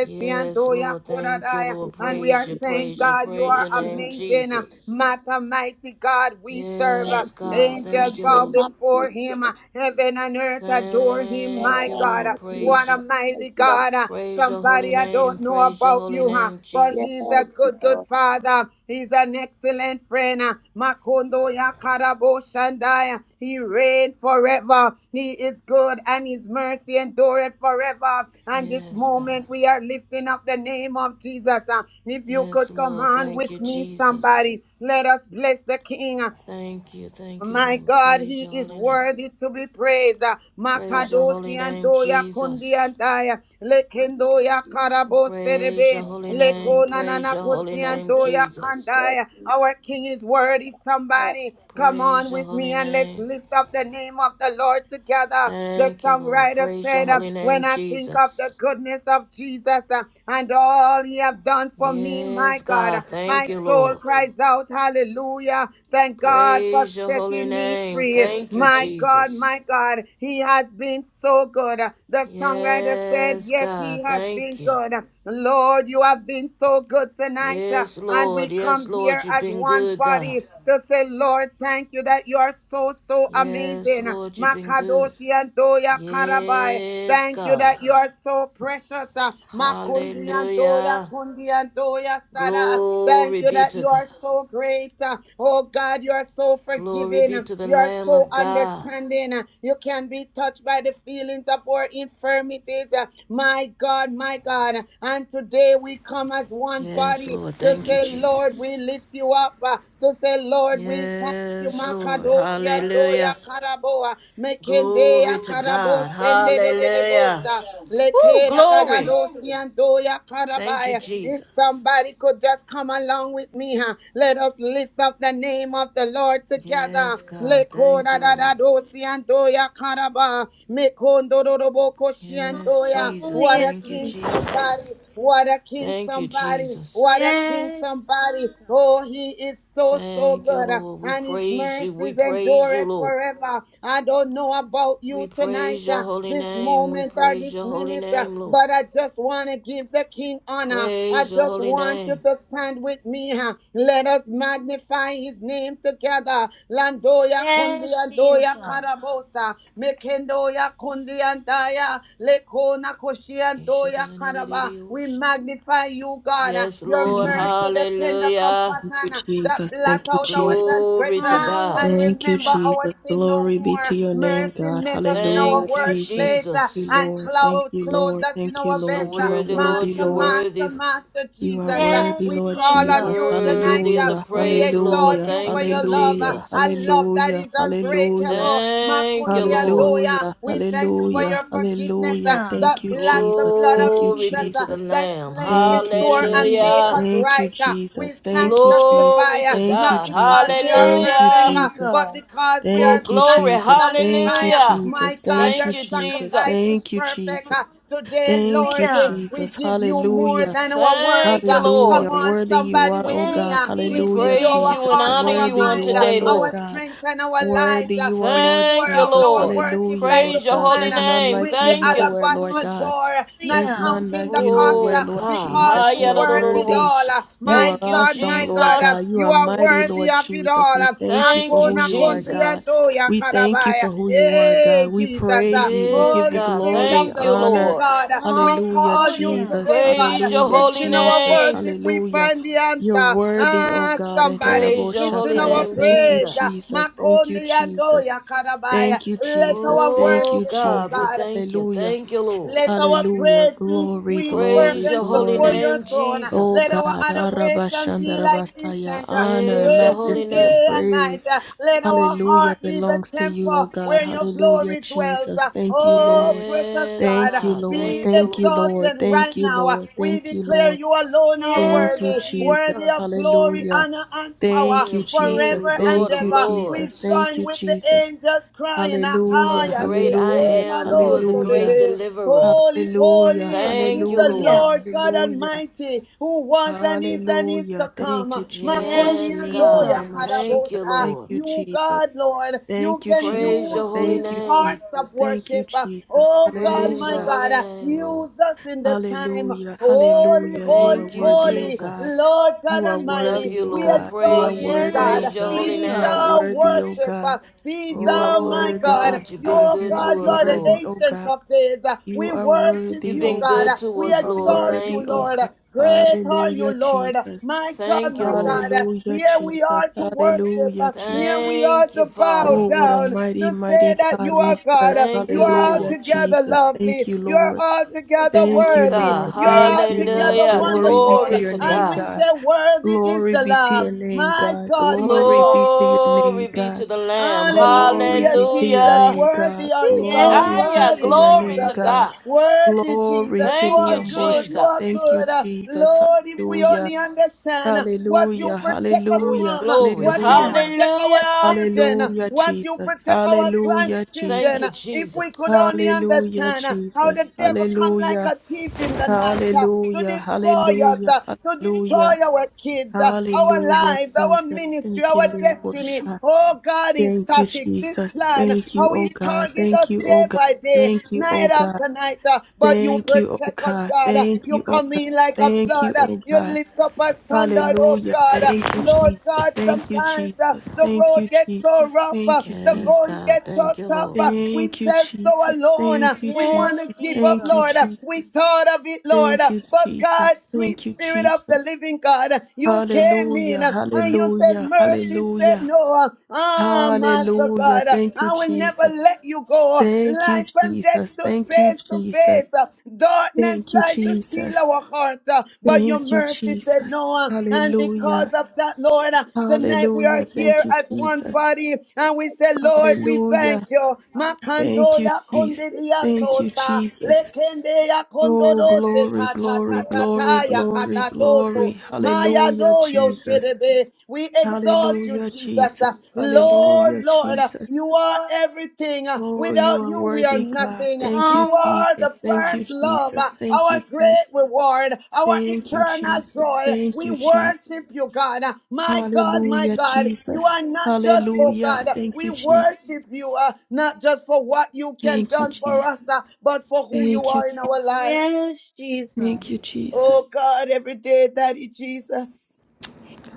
Speaker 5: Yes, Lord. Thank you,
Speaker 2: kodadaya.
Speaker 5: Lord.
Speaker 3: Lord.
Speaker 2: And we
Speaker 3: Yes, Lord. Yes, Lord.
Speaker 5: Praise
Speaker 2: are
Speaker 5: you,
Speaker 3: Yes,
Speaker 2: saying,
Speaker 5: praise you,
Speaker 3: Lord.
Speaker 2: God, you
Speaker 5: praise
Speaker 3: Yes,
Speaker 2: are
Speaker 5: your name,
Speaker 3: Lord.
Speaker 2: amazing.
Speaker 5: Jesus.
Speaker 2: Matter mighty God, we serve. uh,
Speaker 5: Yes, God.
Speaker 2: Angels
Speaker 5: Thank
Speaker 3: In
Speaker 5: you,
Speaker 3: the
Speaker 2: bow
Speaker 3: name
Speaker 5: Lord.
Speaker 3: of
Speaker 2: before
Speaker 3: Jesus.
Speaker 2: him. uh, Heaven and earth adore him,
Speaker 3: Yes,
Speaker 5: Thank
Speaker 2: my
Speaker 5: you,
Speaker 2: God. uh,
Speaker 5: Lord.
Speaker 3: Jesus. Yes,
Speaker 5: Praise
Speaker 2: What a
Speaker 5: you.
Speaker 2: mighty
Speaker 3: Lord.
Speaker 2: God. uh,
Speaker 5: Praise your holy
Speaker 2: Somebody I
Speaker 5: name.
Speaker 2: don't know
Speaker 5: Praise your
Speaker 2: about
Speaker 5: holy
Speaker 2: you, huh?
Speaker 5: name,
Speaker 2: But
Speaker 3: Yes,
Speaker 2: he's
Speaker 5: Jesus.
Speaker 2: a
Speaker 3: Lord.
Speaker 2: good, good father. He's an excellent friend. huh? Makondo ya karabo shandai. He reigned forever. He is good and his mercy endureth forever. And this
Speaker 5: Yes, God.
Speaker 2: moment we are lifting up the name of Jesus. huh? If you
Speaker 5: Yes,
Speaker 2: could come
Speaker 5: Lord.
Speaker 2: on
Speaker 5: Thank
Speaker 2: with
Speaker 5: you,
Speaker 2: me,
Speaker 5: Jesus.
Speaker 2: somebody, let us bless the King. uh,
Speaker 5: Thank you. Thank you,
Speaker 2: my
Speaker 5: Lord.
Speaker 2: God,
Speaker 5: Praise
Speaker 2: He
Speaker 5: your
Speaker 2: is
Speaker 5: holy name.
Speaker 2: worthy to be praised. Uh,
Speaker 3: Yes,
Speaker 5: Praise your holy
Speaker 2: Makadoshi and
Speaker 5: name,
Speaker 2: Doya Kundi
Speaker 5: Jesus.
Speaker 2: and Daya,
Speaker 3: Lord.
Speaker 2: Lekendoya
Speaker 3: yes,
Speaker 2: Karabo
Speaker 5: Praise
Speaker 3: God.
Speaker 5: your
Speaker 2: Serebe,
Speaker 3: Yes,
Speaker 5: holy
Speaker 3: my
Speaker 5: name.
Speaker 3: Jesus.
Speaker 2: Lekona
Speaker 5: Praise your
Speaker 3: Yes, yes,
Speaker 5: holy
Speaker 2: Nanakoshi and
Speaker 5: name,
Speaker 3: yes, yes,
Speaker 2: Doya
Speaker 5: Jesus.
Speaker 3: Lord.
Speaker 2: Kandaya.
Speaker 3: Yes, yes, yes, yes, yes,
Speaker 2: Our King is worthy,
Speaker 3: Lord.
Speaker 2: somebody. Come
Speaker 5: Praise
Speaker 2: on
Speaker 5: your
Speaker 2: with me
Speaker 5: holy
Speaker 2: and let's
Speaker 5: name.
Speaker 2: lift up the name of the Lord together. The
Speaker 5: Thank you, Lord.
Speaker 2: songwriter
Speaker 5: Praise your
Speaker 2: said, uh,
Speaker 5: holy name,
Speaker 2: When I think of the
Speaker 5: Jesus.
Speaker 2: goodness of Jesus uh, and all He have done for me,
Speaker 5: Yes,
Speaker 2: my God, uh,
Speaker 5: God. Thank
Speaker 2: my
Speaker 5: you,
Speaker 2: soul
Speaker 5: Lord.
Speaker 2: cries out, hallelujah. Thank God for
Speaker 5: Praise your holy
Speaker 2: setting me
Speaker 5: name.
Speaker 2: free.
Speaker 5: Thank you,
Speaker 2: My God,
Speaker 5: Jesus.
Speaker 2: my God, He has been so good. The songwriter said,
Speaker 5: Yes,
Speaker 2: Yes, He
Speaker 5: God.
Speaker 2: has
Speaker 5: Thank
Speaker 2: been
Speaker 5: you.
Speaker 2: good. Lord, you have been so good tonight. uh,
Speaker 5: Yes,
Speaker 2: And we
Speaker 5: Lord.
Speaker 2: come
Speaker 5: Yes, Lord.
Speaker 2: here
Speaker 5: You've
Speaker 2: as
Speaker 5: been
Speaker 2: one
Speaker 5: good, God.
Speaker 2: body to say, Lord, thank you that you are so, so
Speaker 5: Yes,
Speaker 2: amazing.
Speaker 5: Lord. You've been good.
Speaker 2: Makadoshi and Doya Karabai.
Speaker 5: Yes,
Speaker 2: Thank you
Speaker 5: God.
Speaker 2: that you are so precious. uh, Makundi Antoya,
Speaker 5: Hallelujah.
Speaker 2: Kundi Antoya, Sada. Thank
Speaker 5: Glory
Speaker 2: you
Speaker 5: be
Speaker 2: that
Speaker 5: to
Speaker 2: you
Speaker 5: God.
Speaker 2: are so great. uh, Oh God, you are so
Speaker 5: Glory
Speaker 2: forgiving.
Speaker 5: be
Speaker 2: uh,
Speaker 5: to the
Speaker 2: You are
Speaker 5: Lamb
Speaker 2: so
Speaker 5: of God.
Speaker 2: understanding. uh, You can be touched by the feelings of our infirmities. uh, My God, my God. And today we come as one
Speaker 5: Yes,
Speaker 2: body
Speaker 5: Lord.
Speaker 2: to
Speaker 5: Thank you,
Speaker 2: say, Lord, we
Speaker 5: Jesus.
Speaker 2: lift you up. uh, To say, Lord, we thank
Speaker 5: Yes, Lord.
Speaker 2: Yumakadoshia
Speaker 5: Hallelujah.
Speaker 2: doya karaboa, mekendea
Speaker 5: Glory to
Speaker 2: karabo
Speaker 5: God.
Speaker 2: sende de de de
Speaker 5: Hallelujah.
Speaker 2: bosa,
Speaker 5: Woo,
Speaker 2: lekeda da da
Speaker 5: glory.
Speaker 2: dosia doya
Speaker 5: Thank you,
Speaker 2: karabaya. If
Speaker 5: Jesus.
Speaker 2: somebody could just come along with me, huh? let us lift up the name of the Lord together.
Speaker 5: Yes, God. Thank
Speaker 2: Lekoda
Speaker 5: you,
Speaker 2: da da
Speaker 5: Lord.
Speaker 2: dosia doya karaba, mekondo do do boko shia
Speaker 5: Yes,
Speaker 2: doya.
Speaker 5: Jesus.
Speaker 2: What
Speaker 4: Hallelujah,
Speaker 2: a
Speaker 5: Thank you,
Speaker 2: king,
Speaker 4: Jesus.
Speaker 5: Jesus.
Speaker 2: somebody! What a king,
Speaker 5: Thank you,
Speaker 2: somebody! What
Speaker 5: Jesus.
Speaker 2: a king,
Speaker 4: Yes,
Speaker 2: somebody!
Speaker 4: Jesus.
Speaker 2: Oh, he is is so, so
Speaker 5: Thank you,
Speaker 2: good, uh,
Speaker 5: Lord. We
Speaker 2: and his
Speaker 5: praise you. We
Speaker 2: mercies
Speaker 5: praise
Speaker 2: endure
Speaker 5: you,
Speaker 2: it
Speaker 5: Lord.
Speaker 2: forever. I don't know about
Speaker 5: We
Speaker 2: you tonight,
Speaker 5: praise your
Speaker 2: uh,
Speaker 5: holy
Speaker 2: this
Speaker 5: name. We
Speaker 2: moment or
Speaker 5: praise
Speaker 2: this
Speaker 5: your holy
Speaker 2: minute, uh,
Speaker 5: name, Lord.
Speaker 2: but I just want to give the King honor. I
Speaker 5: Praise your
Speaker 2: just
Speaker 5: holy
Speaker 2: want you
Speaker 5: name.
Speaker 2: to stand with me. uh, Let us magnify his name together. Landoya
Speaker 4: Yes,
Speaker 2: kundia doya
Speaker 4: Jesus.
Speaker 2: karabosa, mekendoya kundia daya, lekona koshia doya karaba. We magnify you, God. uh,
Speaker 5: Yes,
Speaker 2: Your
Speaker 5: Lord.
Speaker 2: mercy
Speaker 6: Hallelujah.
Speaker 2: mercy, the tender
Speaker 5: Hallelujah.
Speaker 6: Thank you,
Speaker 2: compassion uh, that
Speaker 6: Jesus.
Speaker 2: blot
Speaker 6: Thank you,
Speaker 2: out our
Speaker 6: Jesus.
Speaker 5: Glory to
Speaker 2: transgression uh,
Speaker 5: God.
Speaker 2: and
Speaker 6: Thank you,
Speaker 2: remember
Speaker 4: Hallelujah.
Speaker 2: our
Speaker 6: Jesus.
Speaker 2: sin no
Speaker 6: Glory be to
Speaker 2: more.
Speaker 6: your name,
Speaker 2: Mercy
Speaker 6: God.
Speaker 2: make us in our
Speaker 6: Hallelujah,
Speaker 5: Thank you,
Speaker 2: worst
Speaker 6: Jesus.
Speaker 2: place
Speaker 6: Thank
Speaker 2: uh,
Speaker 6: you,
Speaker 5: Jesus.
Speaker 2: and
Speaker 6: Lord. Thank
Speaker 2: cloud
Speaker 6: you,
Speaker 2: clothe
Speaker 6: Lord.
Speaker 2: us in
Speaker 6: Thank you,
Speaker 5: You're
Speaker 2: our
Speaker 5: so
Speaker 6: Lord.
Speaker 2: best. uh,
Speaker 6: You are
Speaker 5: worthy,
Speaker 6: worthy,
Speaker 5: Lord. You're
Speaker 2: Master,
Speaker 6: Lord.
Speaker 2: Master,
Speaker 5: worthy.
Speaker 2: Master
Speaker 6: You
Speaker 2: Jesus,
Speaker 6: are
Speaker 2: uh,
Speaker 4: Yes,
Speaker 6: worthy,
Speaker 2: we
Speaker 6: Lord
Speaker 4: Jesus.
Speaker 2: call
Speaker 5: You're
Speaker 2: on
Speaker 6: Jesus.
Speaker 2: you tonight.
Speaker 5: worthy of
Speaker 2: uh,
Speaker 5: the
Speaker 6: Hallelujah.
Speaker 3: Yes,
Speaker 2: We
Speaker 5: praise, Lord.
Speaker 2: exalt
Speaker 6: Hallelujah.
Speaker 2: you for
Speaker 5: Thank you,
Speaker 2: your love, uh,
Speaker 6: Hallelujah.
Speaker 2: a
Speaker 5: Jesus.
Speaker 2: love that
Speaker 6: Hallelujah.
Speaker 2: is
Speaker 6: Hallelujah.
Speaker 2: unbreakable.
Speaker 5: Thank you,
Speaker 2: Makundi and
Speaker 5: Lord.
Speaker 2: Doya,
Speaker 6: Hallelujah.
Speaker 2: we thank you for
Speaker 6: Hallelujah.
Speaker 2: your forgiveness uh,
Speaker 6: Hallelujah.
Speaker 4: Hallelujah.
Speaker 6: Thank
Speaker 2: that
Speaker 6: you,
Speaker 2: blot the
Speaker 6: Jesus.
Speaker 2: blood of
Speaker 6: Thank you,
Speaker 5: Glory be
Speaker 2: Jesus
Speaker 5: to
Speaker 2: uh,
Speaker 6: Jesus.
Speaker 5: the
Speaker 2: that
Speaker 5: Lamb.
Speaker 2: cleanses cleanse,
Speaker 6: Thank you,
Speaker 2: restore, and
Speaker 6: Jesus.
Speaker 2: make us
Speaker 5: Hallelujah.
Speaker 6: Thank you,
Speaker 2: right. Uh, We
Speaker 6: Jesus.
Speaker 2: stand
Speaker 6: Thank you, Jesus.
Speaker 5: Glory
Speaker 2: justified, uh,
Speaker 5: to
Speaker 6: Thank you,
Speaker 2: not
Speaker 5: God.
Speaker 2: because
Speaker 6: Jesus.
Speaker 2: we are
Speaker 6: Thank
Speaker 4: Yes,
Speaker 6: you,
Speaker 2: perfect,
Speaker 5: Hallelujah.
Speaker 2: uh,
Speaker 6: Jesus.
Speaker 2: but
Speaker 4: Jesus.
Speaker 2: because we are
Speaker 5: Ooh,
Speaker 6: Thank you,
Speaker 2: san-
Speaker 5: glory.
Speaker 2: sanctified.
Speaker 6: Jesus. Thank
Speaker 2: Sanctify,
Speaker 6: you,
Speaker 2: Uh,
Speaker 5: Hallelujah.
Speaker 2: My
Speaker 6: Jesus.
Speaker 2: God,
Speaker 6: Thank
Speaker 2: your
Speaker 6: you,
Speaker 5: Thank you,
Speaker 6: Jesus.
Speaker 2: sacrifice is
Speaker 5: Jesus.
Speaker 6: Thank you,
Speaker 2: perfect.
Speaker 6: Jesus.
Speaker 2: Uh, Today,
Speaker 6: Thank you,
Speaker 2: Lord, we,
Speaker 4: Hallelujah.
Speaker 2: we
Speaker 6: Jesus.
Speaker 2: give you more
Speaker 6: Hallelujah.
Speaker 2: than our
Speaker 5: Thank
Speaker 2: words.
Speaker 5: you,
Speaker 2: Uh,
Speaker 5: Lord.
Speaker 2: Come
Speaker 6: Hallelujah.
Speaker 2: on,
Speaker 6: Worthy you
Speaker 2: somebody
Speaker 6: are,
Speaker 2: with
Speaker 6: O
Speaker 2: me.
Speaker 6: God.
Speaker 4: Yes,
Speaker 2: uh,
Speaker 5: We
Speaker 2: We give
Speaker 6: Hallelujah,
Speaker 2: you
Speaker 4: Jesus.
Speaker 5: praise
Speaker 2: our
Speaker 5: you
Speaker 6: Jesus.
Speaker 5: and
Speaker 2: heart,
Speaker 5: honor
Speaker 2: our
Speaker 5: you
Speaker 6: Worthy
Speaker 5: on
Speaker 6: you
Speaker 2: mind, uh,
Speaker 6: are,
Speaker 5: today,
Speaker 6: Lord
Speaker 5: Lord.
Speaker 2: our
Speaker 6: God.
Speaker 2: strength, and our lives.
Speaker 6: Worthy
Speaker 2: Uh,
Speaker 6: you are,
Speaker 2: We
Speaker 6: Lord
Speaker 2: pour
Speaker 5: Thank you,
Speaker 2: out
Speaker 6: Jesus.
Speaker 2: our
Speaker 5: Lord.
Speaker 2: worship
Speaker 6: Hallelujah,
Speaker 2: like
Speaker 6: Lord
Speaker 5: Praise
Speaker 2: the
Speaker 5: your
Speaker 6: God.
Speaker 5: holy
Speaker 2: woman
Speaker 6: There's
Speaker 2: uh,
Speaker 6: none
Speaker 5: name.
Speaker 6: like
Speaker 2: with the
Speaker 6: you
Speaker 5: Thank you.
Speaker 6: nowhere, Lord
Speaker 2: alabaster
Speaker 6: God.
Speaker 2: jar not
Speaker 6: There's
Speaker 4: Hallelujah.
Speaker 6: none
Speaker 2: counting
Speaker 6: like
Speaker 2: the
Speaker 6: you
Speaker 2: cost
Speaker 5: Oh,
Speaker 6: nowhere,
Speaker 2: uh,
Speaker 6: Lord
Speaker 5: God.
Speaker 2: because
Speaker 6: Jesus.
Speaker 2: you
Speaker 6: You are
Speaker 2: worth it
Speaker 6: worthy.
Speaker 2: all.
Speaker 5: Hayadadadadabosha.
Speaker 2: uh,
Speaker 6: You
Speaker 2: My
Speaker 6: are
Speaker 5: Thank you,
Speaker 2: God,
Speaker 6: awesome,
Speaker 2: my
Speaker 6: Lord
Speaker 2: God, uh,
Speaker 6: God.
Speaker 5: Jesus.
Speaker 6: You
Speaker 2: you
Speaker 6: are
Speaker 2: are
Speaker 6: mighty,
Speaker 2: worthy
Speaker 6: Lord
Speaker 2: of it
Speaker 6: Jesus.
Speaker 2: all.
Speaker 6: We
Speaker 2: uh,
Speaker 6: thank you for
Speaker 5: Thank you,
Speaker 6: who
Speaker 2: Hakuna
Speaker 6: you are,
Speaker 2: kundi
Speaker 6: God.
Speaker 5: Jesus.
Speaker 2: antoya
Speaker 6: We thank you for
Speaker 2: kadabaya.
Speaker 6: who you are, God.
Speaker 2: Hey,
Speaker 6: We
Speaker 2: Jesus, uh,
Speaker 6: praise you. We
Speaker 5: Yes,
Speaker 6: give you
Speaker 2: Holy
Speaker 5: God.
Speaker 2: Spirit
Speaker 6: glory,
Speaker 2: of
Speaker 5: Thank
Speaker 2: the
Speaker 5: you,
Speaker 2: living
Speaker 6: honor.
Speaker 5: Lord.
Speaker 2: God, uh, we
Speaker 6: Hallelujah,
Speaker 2: call you
Speaker 4: Hallelujah.
Speaker 6: Jesus.
Speaker 2: today, God. uh,
Speaker 5: Praise your
Speaker 6: Hallelujah,
Speaker 2: It's
Speaker 5: holy
Speaker 2: in our
Speaker 6: Jesus.
Speaker 5: name.
Speaker 2: worship we
Speaker 6: Hallelujah.
Speaker 2: find the answer.
Speaker 6: You're worthy, O
Speaker 2: Ah,
Speaker 6: God. and
Speaker 2: somebody,
Speaker 6: terrible
Speaker 5: Praise your
Speaker 2: it's in
Speaker 5: holy
Speaker 2: our
Speaker 6: Shataya.
Speaker 5: name,
Speaker 6: Thank you,
Speaker 2: praise. uh,
Speaker 5: Jesus.
Speaker 6: Jesus. Thank you,
Speaker 2: Makondi
Speaker 6: Jesus.
Speaker 2: antoya kadabaya.
Speaker 6: Thank you,
Speaker 2: Let
Speaker 6: Jesus.
Speaker 2: our
Speaker 6: Thank
Speaker 5: Oh,
Speaker 6: you,
Speaker 2: worship, oh
Speaker 5: God, we
Speaker 6: Jesus.
Speaker 2: God.
Speaker 5: thank you.
Speaker 6: Hallelujah.
Speaker 5: Thank you,
Speaker 3: Lord.
Speaker 5: Lord.
Speaker 3: Yes,
Speaker 2: Let our
Speaker 6: Hallelujah.
Speaker 2: praise be
Speaker 6: Glory,
Speaker 2: sweet
Speaker 5: Praise
Speaker 6: glory,
Speaker 2: fragrance
Speaker 5: your holy
Speaker 2: before
Speaker 6: glory.
Speaker 2: your
Speaker 5: name,
Speaker 2: throne.
Speaker 6: O
Speaker 2: Let our
Speaker 5: Jesus.
Speaker 6: God,
Speaker 2: adoration be
Speaker 3: Lord. Yes, Lord.
Speaker 2: like
Speaker 6: Arabashandarabasaya,
Speaker 2: incense, uh,
Speaker 3: Yes, Lord. Yes,
Speaker 6: honor and
Speaker 5: Praise your
Speaker 2: raising
Speaker 5: holy
Speaker 6: majesty and
Speaker 5: name.
Speaker 2: day and night.
Speaker 6: praise.
Speaker 2: Uh, Let our
Speaker 6: Hallelujah
Speaker 2: heart be the
Speaker 6: belongs to you, O
Speaker 2: temple
Speaker 6: God.
Speaker 2: where your
Speaker 6: Hallelujah,
Speaker 2: glory dwells.
Speaker 6: Jesus.
Speaker 2: Uh,
Speaker 6: Thank you,
Speaker 2: Oh,
Speaker 6: Lord.
Speaker 2: precious
Speaker 5: Yes,
Speaker 6: Thank
Speaker 2: God,
Speaker 6: you,
Speaker 5: God.
Speaker 6: Lord.
Speaker 2: be
Speaker 5: Thank you,
Speaker 6: Thank
Speaker 5: Lord.
Speaker 6: you,
Speaker 2: exalted
Speaker 6: Lord. Thank
Speaker 2: right
Speaker 6: you,
Speaker 2: now.
Speaker 6: Lord.
Speaker 2: We
Speaker 6: Thank you,
Speaker 2: declare
Speaker 6: Lord.
Speaker 2: you alone are
Speaker 6: Thank
Speaker 4: Yes,
Speaker 6: you,
Speaker 2: worthy,
Speaker 6: Jesus.
Speaker 2: worthy
Speaker 4: Jesus.
Speaker 2: of glory,
Speaker 6: Hallelujah.
Speaker 2: honor, and power
Speaker 6: Thank
Speaker 5: King
Speaker 6: you,
Speaker 5: of
Speaker 6: Jesus.
Speaker 5: kings,
Speaker 2: forever and
Speaker 5: Lord
Speaker 6: Thank
Speaker 5: of
Speaker 6: you,
Speaker 2: ever. We
Speaker 6: Jesus.
Speaker 5: lords.
Speaker 6: Thank
Speaker 2: join
Speaker 6: you,
Speaker 2: with the
Speaker 6: Jesus.
Speaker 2: angels crying,
Speaker 5: You are
Speaker 6: Hallelujah.
Speaker 5: the
Speaker 2: "Ahaya,
Speaker 5: great I
Speaker 6: Hallelujah.
Speaker 2: Shekinah,
Speaker 5: am. You are
Speaker 2: no,
Speaker 5: the
Speaker 2: so de-
Speaker 6: Hallelujah.
Speaker 5: great
Speaker 2: de.
Speaker 5: deliverer.
Speaker 2: Holy, holy
Speaker 6: Hallelujah,
Speaker 5: Thank
Speaker 2: is
Speaker 5: you,
Speaker 2: the
Speaker 6: hallelujah,
Speaker 5: Lord.
Speaker 4: Hallelujah.
Speaker 2: Lord God
Speaker 6: hallelujah,
Speaker 2: Almighty, who was and is and is to
Speaker 6: Hallelujah.
Speaker 2: come.
Speaker 6: Thank you, Jesus.
Speaker 4: Yes,
Speaker 2: Makundi
Speaker 5: Yes,
Speaker 6: Ye
Speaker 5: God.
Speaker 2: atoya,
Speaker 4: Jesus.
Speaker 5: Thank
Speaker 6: koramashanda.
Speaker 5: you,
Speaker 2: Harabosha.
Speaker 6: Thank
Speaker 5: Lord.
Speaker 6: you,
Speaker 2: You,
Speaker 6: Jesus.
Speaker 2: God, Lord, you
Speaker 6: Thank you,
Speaker 2: can
Speaker 5: Praise
Speaker 6: Jesus.
Speaker 2: use
Speaker 5: your holy
Speaker 2: these
Speaker 6: Thank you,
Speaker 5: name.
Speaker 2: hearts of
Speaker 6: Jesus. Thank you,
Speaker 2: worship.
Speaker 6: Jesus.
Speaker 2: Oh, God,
Speaker 5: Praise
Speaker 2: my
Speaker 5: your
Speaker 6: Hallelujah.
Speaker 2: God,
Speaker 5: holy name, Lord.
Speaker 2: use us in this time.
Speaker 6: Hallelujah.
Speaker 2: Holy,
Speaker 6: Hallelujah. You
Speaker 2: holy,
Speaker 6: are
Speaker 5: Thank you,
Speaker 6: worthy, O
Speaker 2: holy,
Speaker 6: God.
Speaker 5: Jesus.
Speaker 2: Lord God
Speaker 6: You are
Speaker 5: We love
Speaker 2: Almighty,
Speaker 6: worthy,
Speaker 5: you,
Speaker 6: O
Speaker 2: we
Speaker 5: Lord.
Speaker 6: God. You are
Speaker 2: exalt
Speaker 5: Praise you.
Speaker 2: thee,
Speaker 6: worthy,
Speaker 2: God.
Speaker 6: O
Speaker 4: Yes,
Speaker 5: Praise your
Speaker 6: God.
Speaker 5: holy
Speaker 2: Be
Speaker 6: You are
Speaker 4: Jesus.
Speaker 5: name.
Speaker 2: thou
Speaker 6: worthy, O God.
Speaker 2: worshiper. Be
Speaker 6: You are
Speaker 2: thou
Speaker 5: Oh,
Speaker 2: my
Speaker 6: worthy,
Speaker 2: God.
Speaker 6: O
Speaker 5: God, you've been
Speaker 6: God.
Speaker 2: Your
Speaker 5: good
Speaker 6: You are
Speaker 2: God,
Speaker 5: to
Speaker 2: you
Speaker 5: us,
Speaker 2: are the
Speaker 6: worthy,
Speaker 5: Lord.
Speaker 6: O
Speaker 2: ancient
Speaker 6: God.
Speaker 2: of days.
Speaker 6: You
Speaker 2: We
Speaker 6: are
Speaker 2: worship
Speaker 5: You've
Speaker 6: worthy,
Speaker 2: you,
Speaker 6: O
Speaker 5: been
Speaker 2: God.
Speaker 6: God.
Speaker 5: good to
Speaker 2: We
Speaker 6: You
Speaker 5: us,
Speaker 6: are
Speaker 5: Lord.
Speaker 2: exalt you,
Speaker 6: worthy,
Speaker 5: Thank
Speaker 6: O
Speaker 5: you.
Speaker 6: God.
Speaker 2: Lord. Great are you,
Speaker 6: Hallelujah,
Speaker 2: Lord.
Speaker 6: Jesus.
Speaker 2: My God,
Speaker 5: Thank you,
Speaker 2: my
Speaker 5: Lord.
Speaker 2: God.
Speaker 6: Hallelujah,
Speaker 2: Here we
Speaker 6: Jesus.
Speaker 2: are to worship.
Speaker 6: Hallelujah,
Speaker 2: Here
Speaker 6: Jesus.
Speaker 2: we are
Speaker 5: Thank you,
Speaker 2: to bow
Speaker 6: Oh,
Speaker 5: Father.
Speaker 6: what a
Speaker 2: down to
Speaker 6: mighty,
Speaker 2: say
Speaker 6: mighty
Speaker 2: that
Speaker 6: God
Speaker 2: you
Speaker 6: we
Speaker 2: are God.
Speaker 6: serve.
Speaker 5: Thank
Speaker 2: You
Speaker 5: you,
Speaker 2: are
Speaker 6: Hallelujah,
Speaker 5: Lord.
Speaker 2: altogether
Speaker 6: Jesus.
Speaker 2: lovely.
Speaker 6: Thank you,
Speaker 2: You are
Speaker 6: Lord.
Speaker 3: Lord.
Speaker 2: altogether
Speaker 6: Thank
Speaker 5: Oh,
Speaker 3: yes,
Speaker 6: you,
Speaker 2: worthy.
Speaker 5: God.
Speaker 6: Lord.
Speaker 2: You are
Speaker 6: Thank you,
Speaker 2: altogether
Speaker 6: Lord.
Speaker 5: Hallelujah.
Speaker 6: Glory be to
Speaker 2: wonderful.
Speaker 5: Glory
Speaker 6: your
Speaker 5: to
Speaker 6: name,
Speaker 2: And we
Speaker 5: God.
Speaker 6: God.
Speaker 2: say, Worthy is
Speaker 6: Glory
Speaker 2: the
Speaker 6: be to
Speaker 2: Lamb.
Speaker 6: your name,
Speaker 2: My
Speaker 6: God.
Speaker 2: God, my
Speaker 6: Glory
Speaker 2: God.
Speaker 6: be to your name,
Speaker 5: Glory be
Speaker 6: God.
Speaker 5: to the Lamb.
Speaker 6: Glory
Speaker 2: Hallelujah,
Speaker 6: be to your
Speaker 2: Jesus.
Speaker 5: Hallelujah.
Speaker 6: name, God.
Speaker 2: Worthy are you, God.
Speaker 4: Yes,
Speaker 6: Glory be
Speaker 5: Hiya.
Speaker 6: to
Speaker 2: Worthy,
Speaker 6: your
Speaker 5: Glory
Speaker 4: Jesus.
Speaker 6: name,
Speaker 5: to
Speaker 2: Jesus. Uh,
Speaker 6: God.
Speaker 5: God.
Speaker 2: Worthy,
Speaker 6: Glory
Speaker 2: Jesus.
Speaker 6: to
Speaker 2: You
Speaker 6: the
Speaker 5: Thank you,
Speaker 2: are good.
Speaker 6: ambusha.
Speaker 2: You are
Speaker 5: Jesus.
Speaker 6: Thank you,
Speaker 2: good. Uh,
Speaker 6: Jesus.
Speaker 2: Lord, if we
Speaker 6: Hallelujah.
Speaker 2: only understand uh, what
Speaker 6: Hallelujah,
Speaker 2: you protect us
Speaker 5: Ooh,
Speaker 6: hallelujah,
Speaker 2: from, uh,
Speaker 5: glory.
Speaker 2: what you
Speaker 6: hallelujah,
Speaker 4: Hallelujah.
Speaker 2: protect our
Speaker 5: Hallelujah.
Speaker 2: children, uh,
Speaker 6: hallelujah,
Speaker 2: what you
Speaker 6: Jesus,
Speaker 2: protect our
Speaker 6: hallelujah,
Speaker 5: Thank
Speaker 6: Jesus,
Speaker 2: grandchildren,
Speaker 5: you,
Speaker 2: uh, if we could
Speaker 5: Jesus.
Speaker 2: only
Speaker 6: hallelujah,
Speaker 2: understand uh, how
Speaker 6: Jesus,
Speaker 2: the devil come like
Speaker 6: hallelujah,
Speaker 2: a thief in the night to
Speaker 6: hallelujah,
Speaker 2: destroy us,
Speaker 6: hallelujah,
Speaker 2: uh, to
Speaker 6: hallelujah,
Speaker 2: destroy our kids, uh, our
Speaker 6: hallelujah,
Speaker 2: lives, our
Speaker 6: Jesus.
Speaker 2: ministry,
Speaker 6: Thank you,
Speaker 2: our
Speaker 6: dear
Speaker 2: destiny.
Speaker 6: Bosha.
Speaker 2: Oh God, his
Speaker 6: Thank you,
Speaker 2: tactics, his
Speaker 6: Jesus.
Speaker 2: plan,
Speaker 6: Thank you,
Speaker 2: how
Speaker 6: oh
Speaker 2: he
Speaker 6: God.
Speaker 2: target us
Speaker 6: Thank you, oh
Speaker 2: day
Speaker 6: God.
Speaker 2: by day,
Speaker 6: Thank you, oh
Speaker 2: night
Speaker 6: God.
Speaker 2: after night. uh, But you
Speaker 6: Thank you, oh
Speaker 2: protect us,
Speaker 6: God.
Speaker 2: God. Uh,
Speaker 6: Thank
Speaker 2: You
Speaker 6: you, oh
Speaker 2: come
Speaker 6: God.
Speaker 2: in like a
Speaker 6: Thank you,
Speaker 2: flood. uh,
Speaker 6: oh
Speaker 2: You
Speaker 6: God.
Speaker 2: lift up a standard, oh
Speaker 6: Hallelujah.
Speaker 2: God. Uh,
Speaker 6: Thank you,
Speaker 2: Lord
Speaker 6: Jesus.
Speaker 2: God,
Speaker 6: Thank you,
Speaker 2: sometimes uh,
Speaker 6: Jesus.
Speaker 2: the
Speaker 6: Thank
Speaker 2: road
Speaker 6: you,
Speaker 2: gets so
Speaker 6: Jesus.
Speaker 2: rough, uh,
Speaker 6: Thank you,
Speaker 2: the
Speaker 5: Yes,
Speaker 6: Jesus.
Speaker 2: going
Speaker 5: God.
Speaker 2: gets so
Speaker 5: Thank you,
Speaker 2: tough.
Speaker 5: Lord.
Speaker 2: uh, We
Speaker 6: Thank you,
Speaker 2: felt so
Speaker 6: Jesus.
Speaker 2: alone. uh,
Speaker 6: Thank you,
Speaker 2: We
Speaker 6: Jesus.
Speaker 2: want
Speaker 4: Yes,
Speaker 2: to give up,
Speaker 6: Thank you,
Speaker 4: Jesus.
Speaker 2: Lord. uh,
Speaker 6: Jesus.
Speaker 2: We thought of it, Lord.
Speaker 6: Thank
Speaker 2: Lord.
Speaker 6: you,
Speaker 2: But
Speaker 6: Jesus.
Speaker 2: God, sweet
Speaker 6: Thank you,
Speaker 2: spirit of the
Speaker 6: Jesus.
Speaker 2: living God, you came in
Speaker 6: Hallelujah.
Speaker 2: and you said,
Speaker 6: Hallelujah.
Speaker 2: Mercy said
Speaker 6: Hallelujah.
Speaker 2: no. Ah, Master
Speaker 6: Hallelujah.
Speaker 2: God,
Speaker 6: Thank you,
Speaker 2: I will never
Speaker 6: Jesus.
Speaker 2: let you go.
Speaker 6: Thank you,
Speaker 2: Life and death
Speaker 6: Jesus.
Speaker 2: stood
Speaker 6: Thank you,
Speaker 2: face to
Speaker 6: Jesus.
Speaker 2: face. Darkness
Speaker 6: Thank you,
Speaker 2: tried to steal
Speaker 6: Jesus.
Speaker 2: our heart, but your
Speaker 6: Thank you,
Speaker 2: mercy said
Speaker 6: Jesus.
Speaker 2: no. And because
Speaker 6: Hallelujah.
Speaker 2: of that, Lord, tonight we are
Speaker 6: Hallelujah. Thank
Speaker 2: here
Speaker 6: you,
Speaker 2: as one
Speaker 6: Jesus.
Speaker 2: body and we say,
Speaker 3: Lord.
Speaker 2: Lord, we thank
Speaker 6: Hallelujah.
Speaker 2: you.
Speaker 6: Thank you,
Speaker 2: Makandoya
Speaker 6: Jesus.
Speaker 2: kondidia
Speaker 6: Thank you,
Speaker 2: sosa.
Speaker 6: Jesus.
Speaker 2: Lekende ya
Speaker 6: Oh,
Speaker 2: kondodo se
Speaker 6: glory,
Speaker 2: ta ta
Speaker 6: glory,
Speaker 2: ta ta
Speaker 6: glory,
Speaker 2: ta ya
Speaker 6: glory, glory.
Speaker 2: katatoso. Maya
Speaker 6: Hallelujah,
Speaker 2: do yo
Speaker 6: Jesus.
Speaker 2: shedebe. We exalt you,
Speaker 6: Hallelujah,
Speaker 2: Jesus.
Speaker 6: Jesus.
Speaker 2: Lord,
Speaker 6: Hallelujah,
Speaker 2: Lord,
Speaker 6: Jesus.
Speaker 2: you are everything.
Speaker 6: Oh, you
Speaker 2: Without
Speaker 6: are
Speaker 2: you, we are
Speaker 6: worthy, God.
Speaker 2: nothing.
Speaker 6: Thank you,
Speaker 2: You are
Speaker 6: Jesus.
Speaker 2: the
Speaker 6: Thank
Speaker 2: first
Speaker 4: Hallelujah.
Speaker 6: you,
Speaker 2: love,
Speaker 6: Jesus.
Speaker 2: uh,
Speaker 6: Thank
Speaker 2: our
Speaker 6: you,
Speaker 2: great
Speaker 6: Jesus.
Speaker 2: reward, our
Speaker 6: Thank you,
Speaker 2: eternal
Speaker 6: Jesus.
Speaker 2: joy.
Speaker 6: Thank
Speaker 2: We
Speaker 6: you, Jesus.
Speaker 2: worship you, God. My God, my
Speaker 6: Hallelujah,
Speaker 2: God, you are
Speaker 6: Jesus.
Speaker 2: not just, oh
Speaker 6: Hallelujah.
Speaker 2: God,
Speaker 6: Thank
Speaker 2: we
Speaker 6: you, Jesus.
Speaker 2: worship you, uh, not just for what you can
Speaker 6: Thank you,
Speaker 2: done for
Speaker 6: Jesus.
Speaker 2: us, uh, but for who you
Speaker 6: Thank you,
Speaker 2: are in
Speaker 6: Jesus.
Speaker 2: our lives.
Speaker 4: Yes, Jesus.
Speaker 6: Thank you, Jesus.
Speaker 2: Oh God, every day, Daddy Jesus.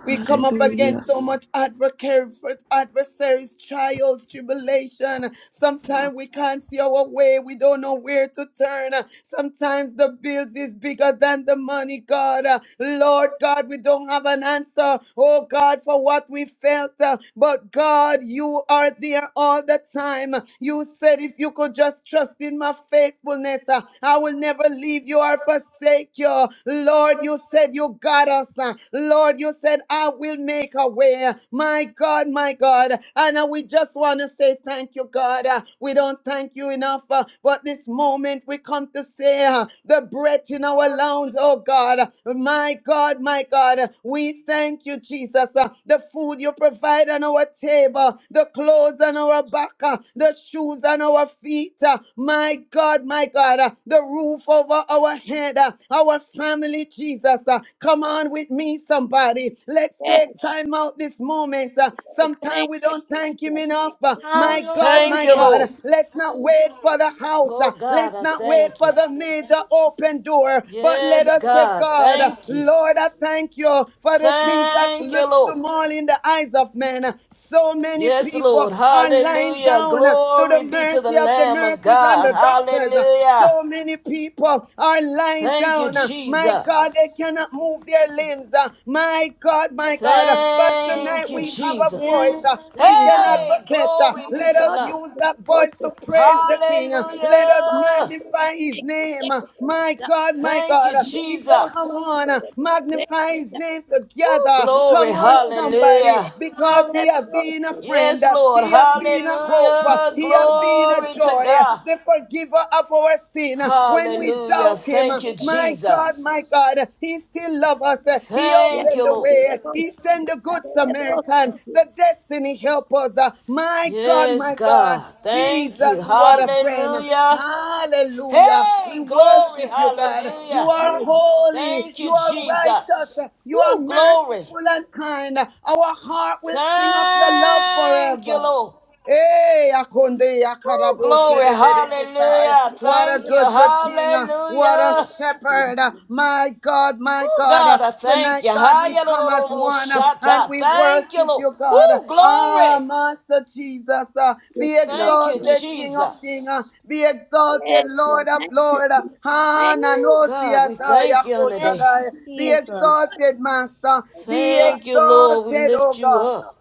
Speaker 2: We come up
Speaker 6: Hallelujah.
Speaker 2: against so much advocate adversaries, trials, tribulation. Sometimes we can't see our way. We don't know where to turn. Sometimes the bills is bigger than the money, God. Lord God, we don't have an answer. Oh God, for what we felt. But God, you are there all the time. You said if you could just trust in my faithfulness, I will never leave you or forsake you. Lord, you said said you got us. uh, Lord, you said, I will make a way. My God, my God. And uh, we just want to say thank you, God. Uh, We don't thank you enough. uh, But this moment we come to say uh, the breath in our lungs, oh God. My God, my God. We thank you, Jesus. uh, The food you provide on our table, the clothes on our back, uh, the shoes on our feet. uh, My God, my God. uh, The roof over our head head, uh, our family, Jesus. uh, Come on with me, somebody. Let's
Speaker 3: Yes,
Speaker 2: take time out this moment. uh,
Speaker 3: yes,
Speaker 2: Sometime
Speaker 3: thank
Speaker 2: we
Speaker 3: you,
Speaker 2: don't
Speaker 3: Jesus.
Speaker 2: thank
Speaker 3: Thank you,
Speaker 2: Him enough. uh,
Speaker 3: Lord.
Speaker 2: My God,
Speaker 5: Thank
Speaker 2: my
Speaker 5: you,
Speaker 4: Hallelujah.
Speaker 2: God,
Speaker 5: Lord.
Speaker 2: let's not
Speaker 3: Thank you, Lord. Yes,
Speaker 2: wait for the house. uh,
Speaker 5: Oh, God,
Speaker 2: Let's
Speaker 5: I
Speaker 3: yes, yes, Jesus.
Speaker 2: not wait
Speaker 3: Thank
Speaker 5: thank you.
Speaker 2: for the major open door, but let
Speaker 5: Yes,
Speaker 2: us say,
Speaker 5: God.
Speaker 2: God, uh,
Speaker 5: Thank you.
Speaker 2: Lord, I thank you for the
Speaker 3: you.
Speaker 2: things that
Speaker 5: Thank you,
Speaker 2: look
Speaker 5: Lord.
Speaker 2: small in the eyes of men. Uh, So many
Speaker 5: Yes, Lord.
Speaker 2: people are lying
Speaker 5: Hallelujah.
Speaker 2: down uh, to the
Speaker 5: Glory be to the
Speaker 2: mercy of the
Speaker 5: Lamb of
Speaker 2: nurses and
Speaker 5: God.
Speaker 2: the doctors.
Speaker 5: Hallelujah.
Speaker 2: So many people are lying
Speaker 5: Thank you,
Speaker 2: down. uh, My God, they
Speaker 5: Jesus.
Speaker 2: cannot move their
Speaker 3: Thank
Speaker 2: limbs. uh, My God, my God. uh,
Speaker 3: you,
Speaker 2: But
Speaker 3: Lord.
Speaker 2: tonight
Speaker 5: Thank you,
Speaker 2: we have a
Speaker 3: Thank
Speaker 2: voice.
Speaker 5: Jesus.
Speaker 2: uh,
Speaker 4: Yes,
Speaker 2: We
Speaker 3: you, Lord.
Speaker 2: can
Speaker 4: Jesus.
Speaker 5: Hey,
Speaker 2: advocate. uh,
Speaker 5: glory be
Speaker 2: Let
Speaker 5: to
Speaker 2: us
Speaker 5: the Lamb.
Speaker 2: use that voice to praise the King. uh, Let us
Speaker 5: Hallelujah.
Speaker 2: magnify his name. uh, My God, my
Speaker 5: Thank
Speaker 2: God.
Speaker 5: you,
Speaker 2: uh, He said, Come
Speaker 5: Jesus.
Speaker 2: on, uh, magnify his name
Speaker 5: Ooh,
Speaker 2: together.
Speaker 5: glory.
Speaker 2: Come on, somebody,
Speaker 5: Hallelujah.
Speaker 2: because he
Speaker 4: Hallelujah.
Speaker 2: has been a friend.
Speaker 5: Yes,
Speaker 2: uh,
Speaker 5: Lord.
Speaker 2: He has been a hope. uh,
Speaker 5: Hallelujah.
Speaker 2: He has been inner
Speaker 5: Glory to
Speaker 2: joy,
Speaker 5: God.
Speaker 2: the forgiver of our sin. When we
Speaker 5: Hallelujah.
Speaker 2: doubt him,
Speaker 5: Thank you,
Speaker 2: my God, my
Speaker 5: Jesus.
Speaker 2: God, he still loves us. He
Speaker 5: Thank
Speaker 2: opened
Speaker 5: you,
Speaker 2: the
Speaker 5: Lord.
Speaker 2: way. He sent the good Samaritan, the destiny helpers. My God,
Speaker 5: Yes,
Speaker 2: my God.
Speaker 5: God. Thank
Speaker 2: Jesus,
Speaker 5: you.
Speaker 2: what a friend.
Speaker 5: Hallelujah.
Speaker 2: Hallelujah. We
Speaker 5: Hey, glory.
Speaker 2: worship you, God. You
Speaker 5: Hallelujah.
Speaker 2: are holy.
Speaker 5: Thank you,
Speaker 2: You are
Speaker 5: Jesus.
Speaker 2: righteous. You are
Speaker 5: Ooh, glory.
Speaker 2: merciful and kind. Our heart will sing of your love
Speaker 5: Thank you,
Speaker 2: forever.
Speaker 5: Lord.
Speaker 2: Hey, Akonde,
Speaker 5: Ooh,
Speaker 2: Akarabo,
Speaker 5: glory.
Speaker 2: Shedebede, Kesai.
Speaker 5: Hallelujah.
Speaker 2: What a
Speaker 5: Thank you.
Speaker 2: good, good king. uh, What a
Speaker 5: Hallelujah.
Speaker 2: shepherd. uh, My God, my
Speaker 5: Oh
Speaker 2: God. uh,
Speaker 5: God, I thank
Speaker 2: Tonight,
Speaker 5: you.
Speaker 2: God, we
Speaker 5: Hallelujah! lo,
Speaker 2: come as one uh, and we
Speaker 5: Thank you,
Speaker 2: worship
Speaker 5: Lord.
Speaker 2: you, God.
Speaker 5: Oh,
Speaker 2: Ah,
Speaker 5: glory.
Speaker 2: Master Jesus, uh,
Speaker 3: Yes,
Speaker 2: be
Speaker 3: no,
Speaker 5: Thank you,
Speaker 2: exalted,
Speaker 3: yes,
Speaker 2: King of King. uh,
Speaker 5: Jesus.
Speaker 2: Be exalted,
Speaker 3: Yes, Lord.
Speaker 2: Lord of
Speaker 3: Thank you,
Speaker 2: Lord. uh,
Speaker 3: Jesus. Thank you.
Speaker 5: Oh,
Speaker 2: Hananosi
Speaker 5: God, we
Speaker 3: Thank you,
Speaker 5: thank
Speaker 2: Ataya
Speaker 3: God.
Speaker 5: you on the
Speaker 4: Yes,
Speaker 5: day.
Speaker 3: Thank
Speaker 2: Koshadai.
Speaker 3: you,
Speaker 2: Be
Speaker 3: God.
Speaker 4: Jesus.
Speaker 2: exalted, Master.
Speaker 3: Thank you,
Speaker 2: Be
Speaker 3: God.
Speaker 5: Thank you, Lord. We
Speaker 2: exalted, O
Speaker 5: lift you
Speaker 2: God.
Speaker 5: up.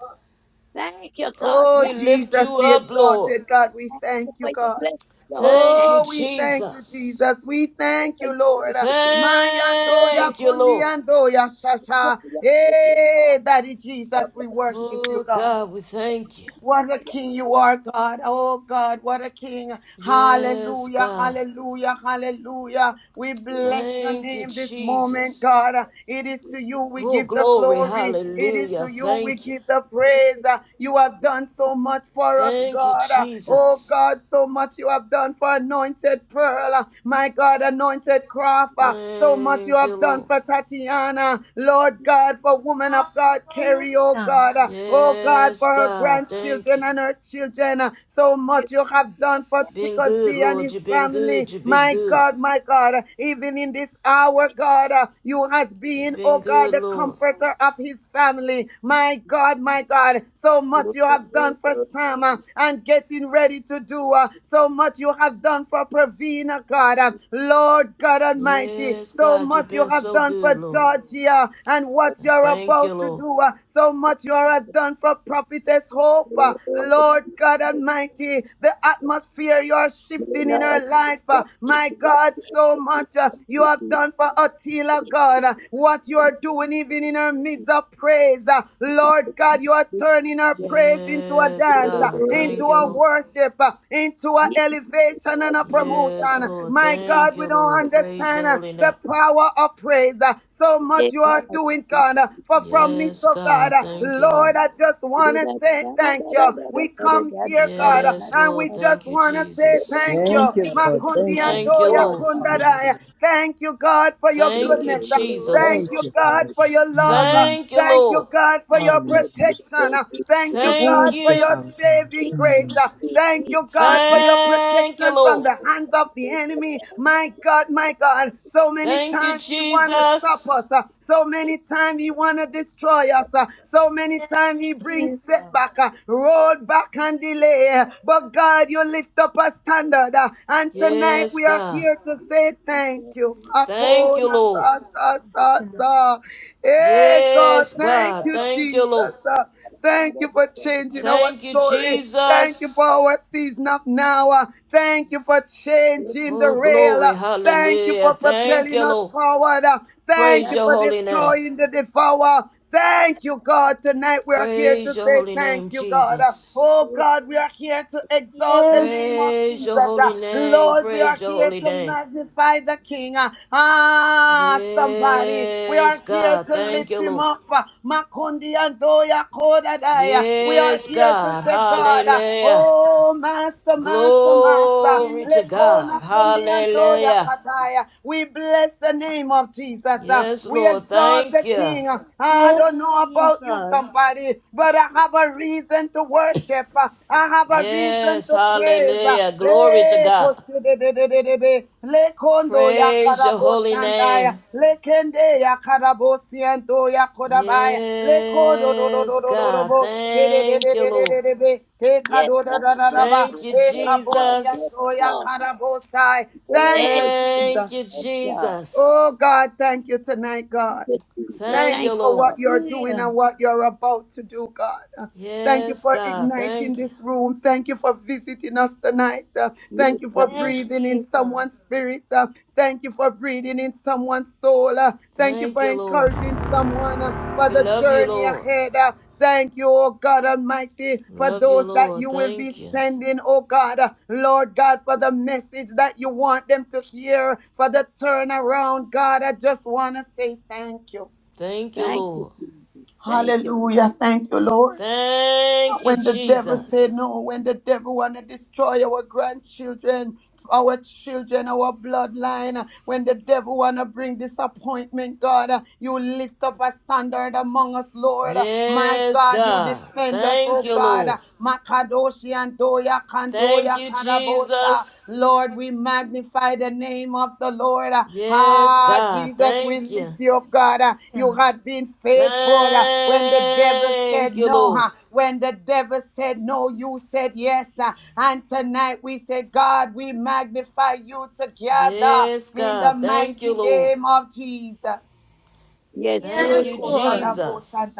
Speaker 3: Thank you, God.
Speaker 2: Oh,
Speaker 5: We
Speaker 3: Thank thank
Speaker 5: lift
Speaker 2: Jesus,
Speaker 5: you
Speaker 2: be
Speaker 5: up, Lord.
Speaker 2: exalted, God. We thank
Speaker 3: you for
Speaker 2: you,
Speaker 3: your
Speaker 2: God.
Speaker 3: blessing, Lord.
Speaker 5: Thank
Speaker 3: Thank
Speaker 5: you,
Speaker 3: you
Speaker 2: Oh,
Speaker 3: for
Speaker 2: we thank you,
Speaker 5: Jesus.
Speaker 2: Jesus. We thank you, Lord. Mayandoya
Speaker 5: Thank you, Lord.
Speaker 2: kundiandoya
Speaker 3: your
Speaker 2: shasha.
Speaker 3: blessing, Lord.
Speaker 2: Hey, Daddy
Speaker 3: For your blessing, Lord. Thank you for your blessing, Lord.
Speaker 2: Jesus,
Speaker 3: Your
Speaker 2: we
Speaker 3: blessing,
Speaker 2: worship
Speaker 5: Oh,
Speaker 2: you, God.
Speaker 5: God, we thank you.
Speaker 2: What
Speaker 3: for
Speaker 2: a
Speaker 3: your blessing.
Speaker 2: king you are, God. Oh, God, what a king.
Speaker 3: You
Speaker 5: Yes,
Speaker 2: Hallelujah,
Speaker 5: God.
Speaker 2: hallelujah, hallelujah. We
Speaker 3: you-
Speaker 2: bless your
Speaker 5: Thank you,
Speaker 2: name this moment,
Speaker 5: Jesus.
Speaker 2: God. It is
Speaker 3: you
Speaker 2: to you we
Speaker 5: Oh,
Speaker 2: give the
Speaker 5: glory.
Speaker 2: glory. It is to
Speaker 5: Hallelujah.
Speaker 2: you we
Speaker 5: Thank you.
Speaker 2: give the praise. You have done so much for us,
Speaker 5: Thank you,
Speaker 2: God. Oh,
Speaker 5: Jesus.
Speaker 2: God, so much you have done for Anointed Pearl. My God, Anointed Craft. So much you
Speaker 5: Thank you,
Speaker 2: have done
Speaker 5: Lord.
Speaker 2: for Tatiana. Lord God, for woman of God, carry, oh,
Speaker 4: Hallelujah.
Speaker 2: God. Oh, God. God,
Speaker 5: Yes,
Speaker 2: for her
Speaker 5: God. Thank you.
Speaker 2: grandchildren and her children. uh, So much you have done for
Speaker 3: bless
Speaker 5: Been good,
Speaker 2: Chickasee and
Speaker 5: Lord.
Speaker 2: his
Speaker 5: You've been
Speaker 2: family.
Speaker 5: good. You've been
Speaker 2: My
Speaker 5: good.
Speaker 2: God, my God, uh, even in this hour,
Speaker 3: me.
Speaker 2: God, uh, you has
Speaker 5: You've
Speaker 2: been, oh
Speaker 5: been
Speaker 2: God,
Speaker 5: good,
Speaker 2: the
Speaker 5: Lord.
Speaker 2: comforter of his family. My God, my God, so
Speaker 3: You
Speaker 2: much
Speaker 3: you-
Speaker 2: you
Speaker 3: you- you-
Speaker 2: have
Speaker 3: you-
Speaker 2: done for
Speaker 3: you
Speaker 2: Sam uh, and getting ready to do. uh, So much you have done for Pravina, God. uh, Lord God
Speaker 3: bless
Speaker 2: Almighty,
Speaker 5: Yes,
Speaker 2: so
Speaker 5: God, you've
Speaker 2: much you
Speaker 5: been
Speaker 2: have
Speaker 5: so
Speaker 2: done
Speaker 5: good,
Speaker 2: for
Speaker 5: Lord.
Speaker 2: Georgia and
Speaker 3: me.
Speaker 2: what
Speaker 5: I
Speaker 2: you're
Speaker 5: thank you,
Speaker 2: about to
Speaker 5: Lord.
Speaker 2: do. uh, So much you have done for Prophetess Hope.
Speaker 3: You
Speaker 2: Uh,
Speaker 3: bless
Speaker 2: Lord
Speaker 3: me.
Speaker 2: God
Speaker 3: You
Speaker 2: Almighty, the
Speaker 3: bless
Speaker 2: atmosphere you are
Speaker 3: me.
Speaker 2: shifting in her
Speaker 3: Lord, you
Speaker 2: life. uh,
Speaker 3: bless me.
Speaker 2: My
Speaker 3: You bless
Speaker 2: God,
Speaker 3: me.
Speaker 2: so
Speaker 3: You
Speaker 2: much uh,
Speaker 3: bless
Speaker 2: you have
Speaker 3: me.
Speaker 2: done for Attila,
Speaker 3: Thank
Speaker 2: God. Uh, What you are doing even in her midst of praise. uh, Lord God, you are turning her praise into a
Speaker 5: Yes,
Speaker 2: dance, uh,
Speaker 5: God,
Speaker 2: into
Speaker 5: thank you,
Speaker 2: a
Speaker 5: Lord.
Speaker 2: worship, uh, into an elevation and a
Speaker 5: Yes,
Speaker 2: promotion.
Speaker 5: Lord,
Speaker 2: My
Speaker 5: thank
Speaker 2: God,
Speaker 5: you,
Speaker 2: we don't
Speaker 5: Lord. Praise your
Speaker 2: understand uh,
Speaker 5: holy
Speaker 2: the
Speaker 5: name.
Speaker 2: power of praise. uh, So much you are doing, God, uh, for from me,
Speaker 5: Yes,
Speaker 2: so God.
Speaker 5: God, thank you,
Speaker 2: Lord,
Speaker 5: Lord.
Speaker 2: I just want to say thank you. We come here, God,
Speaker 5: Yes,
Speaker 2: and we
Speaker 5: Lord,
Speaker 2: just
Speaker 5: thank you,
Speaker 2: want to say
Speaker 5: Jesus.
Speaker 2: thank you.
Speaker 7: Thank you, Lord.
Speaker 2: Makundi
Speaker 7: Thank you,
Speaker 5: Thank you,
Speaker 2: Antoya
Speaker 7: Lord.
Speaker 5: Lord.
Speaker 2: Kundaraya.
Speaker 7: Hallelujah.
Speaker 2: Thank you, God, for your
Speaker 5: Thank you,
Speaker 2: goodness. Thank
Speaker 7: Thank
Speaker 5: Jesus.
Speaker 2: you,
Speaker 7: you,
Speaker 2: God,
Speaker 7: Father
Speaker 2: for
Speaker 7: God.
Speaker 2: your love.
Speaker 7: Mm.
Speaker 5: Thank you,
Speaker 2: Thank you,
Speaker 5: Lord.
Speaker 2: God, for your
Speaker 7: Hallelujah.
Speaker 2: protection. Thank you,
Speaker 5: Thank
Speaker 2: God,
Speaker 7: Thank
Speaker 2: for
Speaker 7: you,
Speaker 5: you.
Speaker 2: your
Speaker 7: Father God.
Speaker 2: saving grace.
Speaker 7: Mm.
Speaker 2: Thank you, God, for your
Speaker 5: Thank you,
Speaker 2: protection from
Speaker 5: Lord.
Speaker 2: the hands of the enemy. My God, my God, so many
Speaker 5: Thank you,
Speaker 2: times he want to stop
Speaker 5: Jesus.
Speaker 2: us. So many
Speaker 3: you.
Speaker 2: many times he want to destroy us. uh, So many times
Speaker 4: Yes,
Speaker 2: he brings
Speaker 4: Jesus.
Speaker 2: setback, uh, road back and delay. uh, But God, you lift up a standard. uh, And
Speaker 3: Yes, Lord.
Speaker 2: tonight
Speaker 5: Yes,
Speaker 2: we are
Speaker 5: God.
Speaker 2: here to say thank you.
Speaker 5: Thank you,
Speaker 2: Akona
Speaker 5: Lord.
Speaker 2: sa sa sa
Speaker 4: Yes,
Speaker 2: sa. Hey God,
Speaker 5: Yes,
Speaker 2: thank
Speaker 5: God.
Speaker 2: you,
Speaker 5: Thank you, Lord.
Speaker 2: Jesus. uh, Thank you for changing
Speaker 3: Yes,
Speaker 2: our
Speaker 5: Thank you,
Speaker 2: story. Thank you for
Speaker 5: Jesus.
Speaker 2: our season of now. Uh, Thank you for changing the
Speaker 5: Oh,
Speaker 2: rail.
Speaker 5: glory.
Speaker 2: uh. Thank you
Speaker 5: Hallelujah.
Speaker 2: for
Speaker 5: Thank
Speaker 2: propelling
Speaker 5: you,
Speaker 2: us
Speaker 5: Lord.
Speaker 2: forward. Thank
Speaker 5: Praise
Speaker 2: you
Speaker 5: your
Speaker 2: for
Speaker 5: holy name.
Speaker 2: destroying the devourer. Thank you, God. Tonight we are here
Speaker 5: Praise
Speaker 2: to
Speaker 5: your
Speaker 2: say
Speaker 5: holy
Speaker 2: thank
Speaker 5: name,
Speaker 2: you, God.
Speaker 3: Lord.
Speaker 5: Jesus.
Speaker 2: Oh,
Speaker 3: Yes,
Speaker 2: God, we are here to exalt the name of
Speaker 5: Praise
Speaker 2: Jesus.
Speaker 5: your
Speaker 4: Jesus.
Speaker 2: Uh,
Speaker 5: holy name.
Speaker 2: Lord, we are
Speaker 5: Praise your
Speaker 2: here
Speaker 5: holy
Speaker 2: to
Speaker 5: name.
Speaker 2: magnify the King. Uh, Ah,
Speaker 3: God. Yes,
Speaker 2: somebody, we are
Speaker 5: Yes,
Speaker 2: here
Speaker 5: God.
Speaker 2: to
Speaker 5: Thank
Speaker 2: lift
Speaker 5: you,
Speaker 2: him
Speaker 5: Lord.
Speaker 2: up. Rapha, Makundi andoya kodadaya. We are
Speaker 5: Yes,
Speaker 2: here to
Speaker 5: God.
Speaker 2: say, God, uh,
Speaker 5: Hallelujah.
Speaker 2: oh, Master, Master, Master.
Speaker 5: Glory to
Speaker 4: Yes,
Speaker 2: Lekona
Speaker 5: God.
Speaker 4: Jesus.
Speaker 2: kundi andoya
Speaker 5: Hallelujah.
Speaker 2: kataya. We bless the name of Jesus. uh,
Speaker 5: Yes,
Speaker 2: We
Speaker 5: Lord.
Speaker 2: exalt
Speaker 5: Thank
Speaker 2: the
Speaker 5: you.
Speaker 2: King. Uh, I
Speaker 4: Yes,
Speaker 2: don't know about you,
Speaker 4: Jesus.
Speaker 2: somebody, but I have a reason to worship. Uh, I have a reason
Speaker 5: Yes.
Speaker 2: to praise.
Speaker 5: Hallelujah. Glory to
Speaker 2: Le
Speaker 5: God.
Speaker 2: kosidedededebe, le kondo ya
Speaker 5: Praise your
Speaker 2: karabo
Speaker 5: holy
Speaker 2: sandaya,
Speaker 5: name.
Speaker 2: le kende ya karabo siento ya kodabaya, le kodo do do
Speaker 5: Yes,
Speaker 2: do do do do
Speaker 5: God.
Speaker 2: bo, Ke de de
Speaker 5: Thank
Speaker 2: de
Speaker 5: you,
Speaker 2: de de
Speaker 5: Lord.
Speaker 2: de de be ke kado da da da da ba,
Speaker 5: Thank you,
Speaker 2: e kabo
Speaker 5: Jesus.
Speaker 2: siento
Speaker 3: God.
Speaker 2: ya karabo sai. Thank you,
Speaker 5: Thank
Speaker 2: Jesus.
Speaker 5: you,
Speaker 3: Yes, God.
Speaker 5: Jesus.
Speaker 2: Oh God, thank you tonight,
Speaker 3: Yes, God.
Speaker 2: God.
Speaker 3: Thank you, Jesus.
Speaker 5: Thank
Speaker 2: Thank you
Speaker 3: Thank
Speaker 5: you,
Speaker 3: you,
Speaker 2: for
Speaker 5: Lord.
Speaker 2: what
Speaker 3: Lord.
Speaker 2: you're doing and
Speaker 4: Hallelujah.
Speaker 2: what you're about to do, God. Uh, Thank you
Speaker 5: Yes,
Speaker 2: for
Speaker 5: God.
Speaker 2: igniting
Speaker 5: Thank you.
Speaker 2: this room. Thank you for visiting us tonight. Uh, Thank
Speaker 3: Yes,
Speaker 2: you for
Speaker 3: God.
Speaker 4: Yes,
Speaker 2: breathing in
Speaker 4: Jesus.
Speaker 2: someone's spirit. Uh, Thank you for breathing in someone's soul. Uh, Thank you
Speaker 5: Thank
Speaker 2: for
Speaker 5: you, Lord.
Speaker 2: encouraging someone uh, for
Speaker 5: We
Speaker 2: the
Speaker 5: love you,
Speaker 2: journey
Speaker 5: Lord.
Speaker 2: ahead. Uh, Thank you, oh God Almighty, for
Speaker 5: Love you,
Speaker 2: those that
Speaker 5: Lord.
Speaker 2: you will be
Speaker 5: Thank you.
Speaker 2: sending, oh God. Uh, Lord God, for the message that you want them to hear, for the turnaround, God. I just want to say thank you.
Speaker 5: Thank you,
Speaker 3: Thank you,
Speaker 5: Lord.
Speaker 3: Jesus. Thank you.
Speaker 2: Hallelujah. Thank you, Lord.
Speaker 5: Thank you,
Speaker 2: When the devil said
Speaker 5: Jesus.
Speaker 2: no, when the devil want to destroy our grandchildren, our children, our bloodline, when the devil want to bring disappointment, God, uh, you lift up a standard among us, Lord. Uh, My
Speaker 5: Yes,
Speaker 2: God, you
Speaker 5: God.
Speaker 2: defend us,
Speaker 5: Thank
Speaker 2: oh
Speaker 5: you,
Speaker 2: God. Uh,
Speaker 5: Lord.
Speaker 2: Makadoshi and Doya
Speaker 5: Thank
Speaker 2: Kandoya
Speaker 5: you,
Speaker 2: Karabosa.
Speaker 5: Jesus.
Speaker 2: Lord, we magnify the name of the Lord.
Speaker 5: Yes,
Speaker 2: Ah,
Speaker 5: God.
Speaker 2: Jesus, we
Speaker 5: Thank
Speaker 2: lift
Speaker 5: you.
Speaker 2: you up, God. Ah, You
Speaker 4: Yeah.
Speaker 2: had been faithful Ah, when the devil
Speaker 5: Thank
Speaker 2: said
Speaker 5: you,
Speaker 2: no.
Speaker 5: Lord.
Speaker 2: ah, When the devil said no, you said yes. Ah, And tonight we say, God, we magnify you together
Speaker 5: Yes,
Speaker 2: in the
Speaker 5: God. Thank
Speaker 2: mighty
Speaker 5: you, Lord.
Speaker 2: name of Jesus.
Speaker 3: Yes,
Speaker 5: Thank
Speaker 3: Lord.
Speaker 4: Yes,
Speaker 5: you,
Speaker 3: Yes,
Speaker 4: Lord.
Speaker 3: Lord.
Speaker 5: Jesus.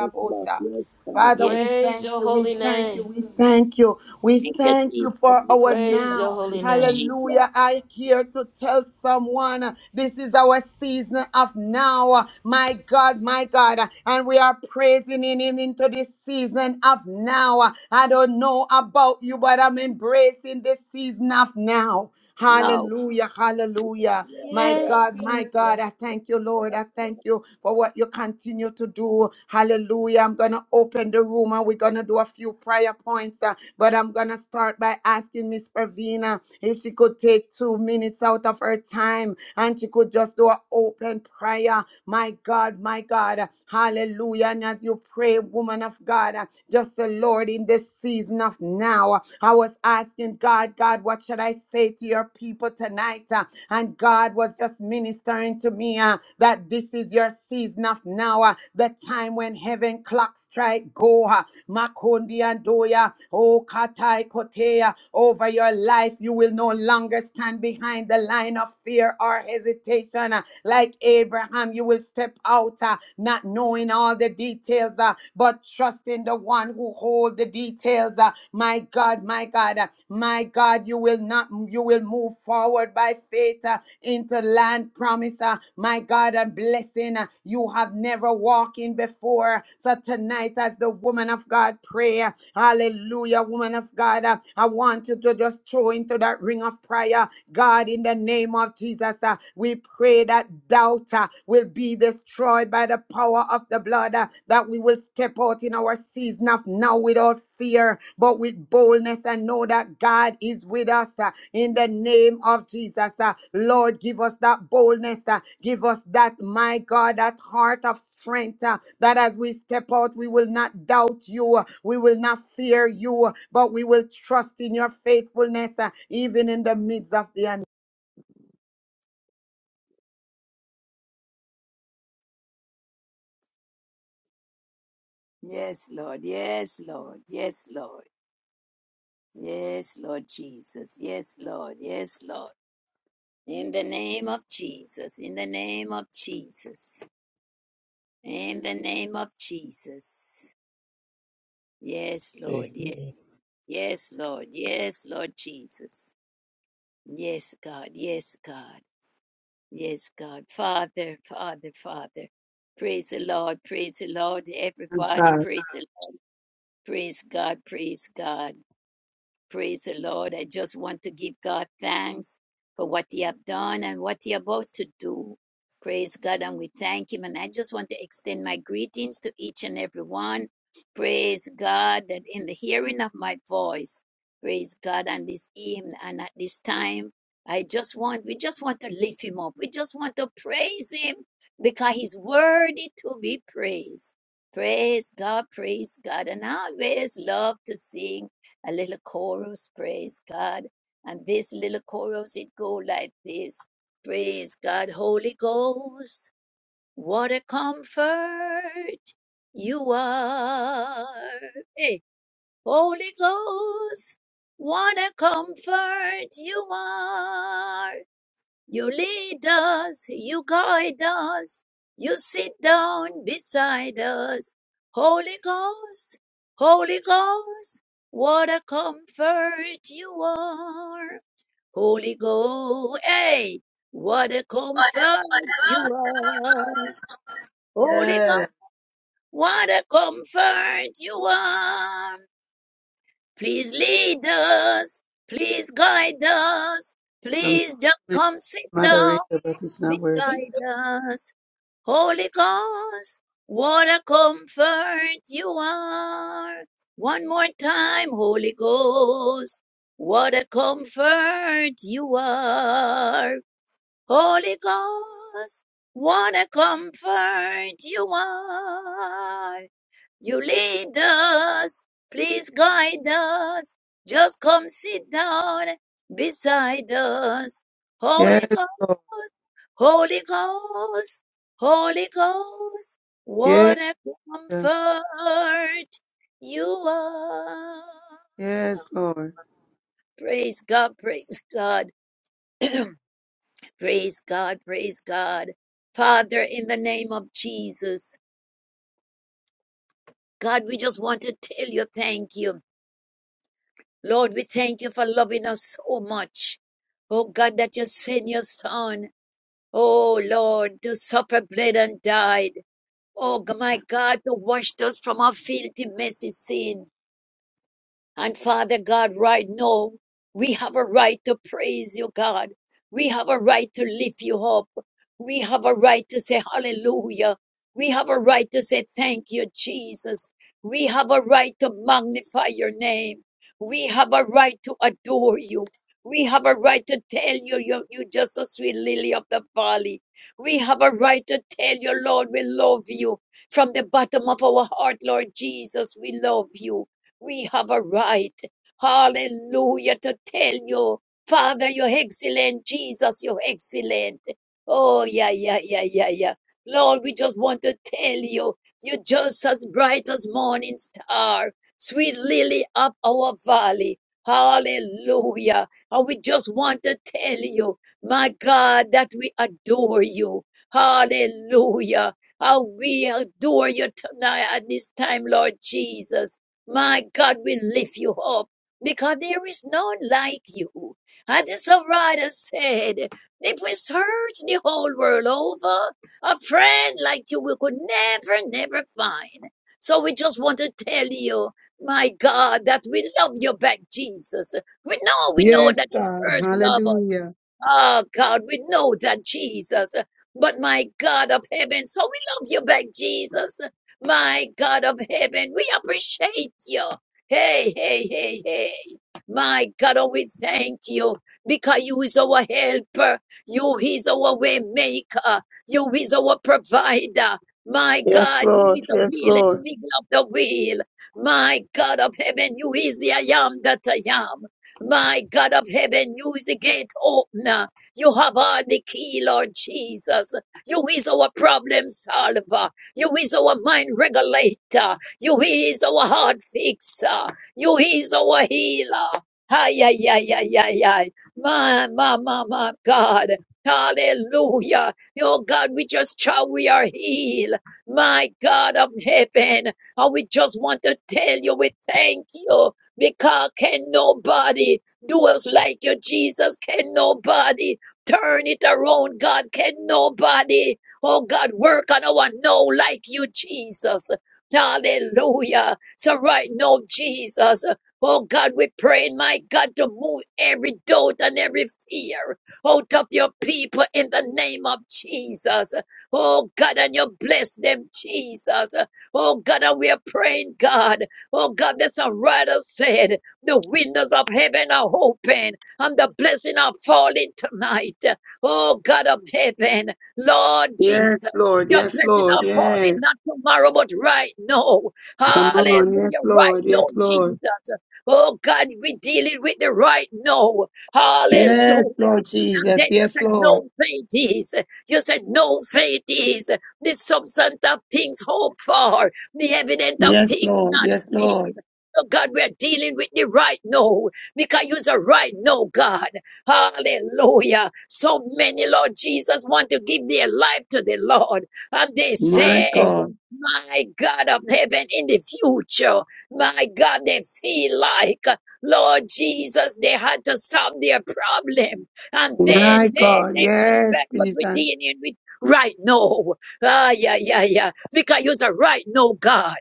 Speaker 3: Yes, Lord. Yes, God.
Speaker 2: Father,
Speaker 3: Yes,
Speaker 2: we
Speaker 5: Praise
Speaker 2: thank
Speaker 5: your
Speaker 2: you, we
Speaker 5: holy
Speaker 2: thank you,
Speaker 5: name.
Speaker 2: we thank you, we
Speaker 3: thank you,
Speaker 2: thank you
Speaker 3: Jesus.
Speaker 2: for
Speaker 3: We
Speaker 2: our
Speaker 3: thank you,
Speaker 5: Praise
Speaker 3: Lord.
Speaker 5: your
Speaker 2: now.
Speaker 3: We
Speaker 5: holy name.
Speaker 2: Hallelujah. I here to tell someone uh, this is our season of now. Uh, My God, my God. uh, And we are praising in in- into this season of now. Uh, I don't know about you, but I'm embracing this season of now.
Speaker 3: thank you.
Speaker 2: Hallelujah, hallelujah. My
Speaker 4: Yes,
Speaker 2: God, my
Speaker 4: Jesus.
Speaker 2: God, I thank you, Lord. I thank you for what you continue to do. Hallelujah. I'm going to open the room and we're going to do a few prayer points. uh, but I'm going to start by asking Miss Pravina if she could take two minutes out of her time and she could just do an open prayer. My God, my God. Hallelujah. And as you pray, woman of God, uh, just the Lord in this season of now. I was asking God, God, what should I say to your people tonight? Uh, And God was just ministering to me uh, that this is your season of now, uh, the time when heaven clock strike go. uh, Makondi and Doya, oh Katai Kotea, over your life, you will no longer stand behind the line of fear or hesitation. uh, Like Abraham, you will step out, uh, not knowing all the details details, uh, but trust in the one who holds the details. uh, my God, my God, uh, my God, you will not, you will move forward by faith uh, into land promise. uh, my God, and blessing uh, you have never walked in before. So tonight, as the woman of God pray, uh, hallelujah, woman of God, uh, I want you to just throw into that ring of prayer. God, in the name of Jesus, uh, we pray that doubt. uh, will be destroyed by the power of the blood, uh, that we will step out in our season of now without fear, but with boldness and know that God is with us uh, in the name of Jesus. uh, Lord, give us that boldness, uh, give us that, my God, that heart of strength, uh, that as we step out, we will not doubt you, uh, we will not fear you, uh, but we will trust in your faithfulness, uh, even in the midst of the. un-
Speaker 3: Yes, Lord. Yes, Lord. Yes, Lord. Yes, Lord Jesus. Yes, Lord. Yes, Lord. In the name of Jesus. In the name of Jesus. In the name of Jesus. Yes, Lord. Yes,
Speaker 8: Amen.
Speaker 3: yes Lord. Yes, Lord Jesus. Yes, God. Yes, God. Yes, God. Father, Father, Father. Praise the Lord. Praise the Lord. Everybody,
Speaker 9: God.
Speaker 3: praise the Praise God, praise God. Praise the Lord. I just want to give God thanks for what He have done and what He about to do. Praise God, and we thank Him. And I just want to extend my greetings to each and every one. Praise God that in the hearing of my voice, praise God, and this evening and at this time, I just want we just want to lift Him up. We just want to praise Him because He's worthy to be praised. Praise God, praise God, and I always love to sing a little chorus, praise God. And this little chorus, it go like this. Praise God, Holy Ghost, what a comfort you are. Hey, Holy Ghost, what a comfort you are. You lead us, you guide us, you sit down beside us. Holy Ghost, Holy Ghost, what a comfort you are. Holy Ghost, hey, what a comfort you are. Holy
Speaker 2: Yeah.
Speaker 3: Ghost, what a comfort you are. Please lead us, please guide us, please just come sit down
Speaker 2: moderator, but it's not working.
Speaker 3: beside us. Holy Ghost, what a comfort you are. One more time, Holy Ghost, what a comfort you are. Holy Ghost, what a comfort you are. You lead us, please guide us. Just come sit down beside us. Holy
Speaker 2: Yes, Lord.
Speaker 3: Ghost, Holy Ghost, Holy Ghost, what
Speaker 2: Yes,
Speaker 3: a comfort you are.
Speaker 2: yes, Lord.
Speaker 3: Praise God, praise God. Praise God, praise God. Father, in the name of Jesus, God, we just want to tell you thank you. Lord, we thank you for loving us so much. Oh God, that you sent your son. Oh Lord, to suffer, bled, and died. Oh g- my God, to wash us from our filthy, messy sin. And Father God, right now, we have a right to praise you, God. We have a right to lift you up. We have a right to say hallelujah. We have a right to say thank you, Jesus. We have a right to magnify your name. We have a right to adore you. We have a right to tell you, you, you just a sweet lily of the valley. We have a right to tell you, Lord, we love you. From the bottom of our heart, Lord Jesus, we love you. We have a right, hallelujah, to tell you, Father, you're excellent. Jesus, you're excellent. Oh, yeah, yeah, yeah, yeah, yeah. Lord, we just want to tell you, you're just as bright as morning star, sweet lily of our valley. Hallelujah. And we just want to tell you, my God, that we adore you. Hallelujah. How we adore you tonight at this time, Lord Jesus. My God will lift you up because there is none like you. As the songwriter said, if we search the whole world over, a friend like you we could never, never find. So we just want to tell you, my God, that we love you back, Jesus. We know, we know
Speaker 9: Yes,
Speaker 3: that you
Speaker 9: God.
Speaker 3: first love us.
Speaker 9: Hallelujah.
Speaker 3: Oh God, we know that Jesus, but my God of heaven, so we love you back, Jesus. My God of heaven, we appreciate you. Hey, hey, hey, hey. My God, oh, we thank you because you is our helper. You is our way maker. You is our provider. My
Speaker 9: Yes,
Speaker 3: God, you is
Speaker 9: Lord.
Speaker 3: the
Speaker 9: Yes,
Speaker 3: wheel and the
Speaker 9: Lord.
Speaker 3: wheel of the wheel. My God of heaven, you is the I am that I am. My God of heaven, you is the gate opener. You have all the key, Lord Jesus. You is our problem solver. You is our mind regulator. You is our heart fixer. You is our healer. Ay, ay, ay, ay, ay, ay. My, my, my, my God. Hallelujah. Oh God, we just shout we are healed. My God of heaven. And we just want to tell you we thank you because can nobody do us like you, Jesus? Can nobody turn it around, God? Can nobody, oh God, work on our no like you, Jesus? Hallelujah. So right now, Jesus, oh God, we're praying, my God, to move every doubt and every fear out of your people in the name of Jesus. Oh God, and you bless them, Jesus. Oh God, and we are praying, God. Oh God, the songwriter said, the windows of heaven are open and the blessing are falling tonight. Oh God of heaven, Lord
Speaker 9: Yes,
Speaker 3: Jesus.
Speaker 9: Lord.
Speaker 3: Your
Speaker 9: Yes,
Speaker 3: blessing
Speaker 9: Lord.
Speaker 3: are falling
Speaker 9: Yes.
Speaker 3: not tomorrow, but right now.
Speaker 9: Come on. Yes,
Speaker 3: Hallelujah. Right
Speaker 9: Lord.
Speaker 3: now,
Speaker 9: Yes, Lord.
Speaker 3: Jesus. Oh God, we dealing with the right now.
Speaker 9: Yes,
Speaker 3: Hallelujah.
Speaker 9: Lord
Speaker 3: And
Speaker 9: Jesus.
Speaker 3: Daniel
Speaker 9: Yes,
Speaker 3: said,
Speaker 9: Lord.
Speaker 3: No faith is. You said, No faith is the substance of things hoped for, the evidence of
Speaker 9: Yes,
Speaker 3: things
Speaker 9: Lord.
Speaker 3: not
Speaker 9: Yes,
Speaker 3: seen.
Speaker 9: Lord.
Speaker 3: Oh God, we're dealing with the right now because you're the right now, God. Hallelujah. So many, Lord Jesus, want to give their life to the Lord. And they
Speaker 9: My
Speaker 3: say,
Speaker 9: God.
Speaker 3: My God of heaven in the future, my God, they feel like, Lord Jesus, they had to solve their problem. And then,
Speaker 9: My
Speaker 3: then
Speaker 9: God.
Speaker 3: they come
Speaker 9: Yes,
Speaker 3: back, but we
Speaker 9: Jesus.
Speaker 3: dealing in with right now. Ah, yeah, yeah, yeah. Because you're a right now God.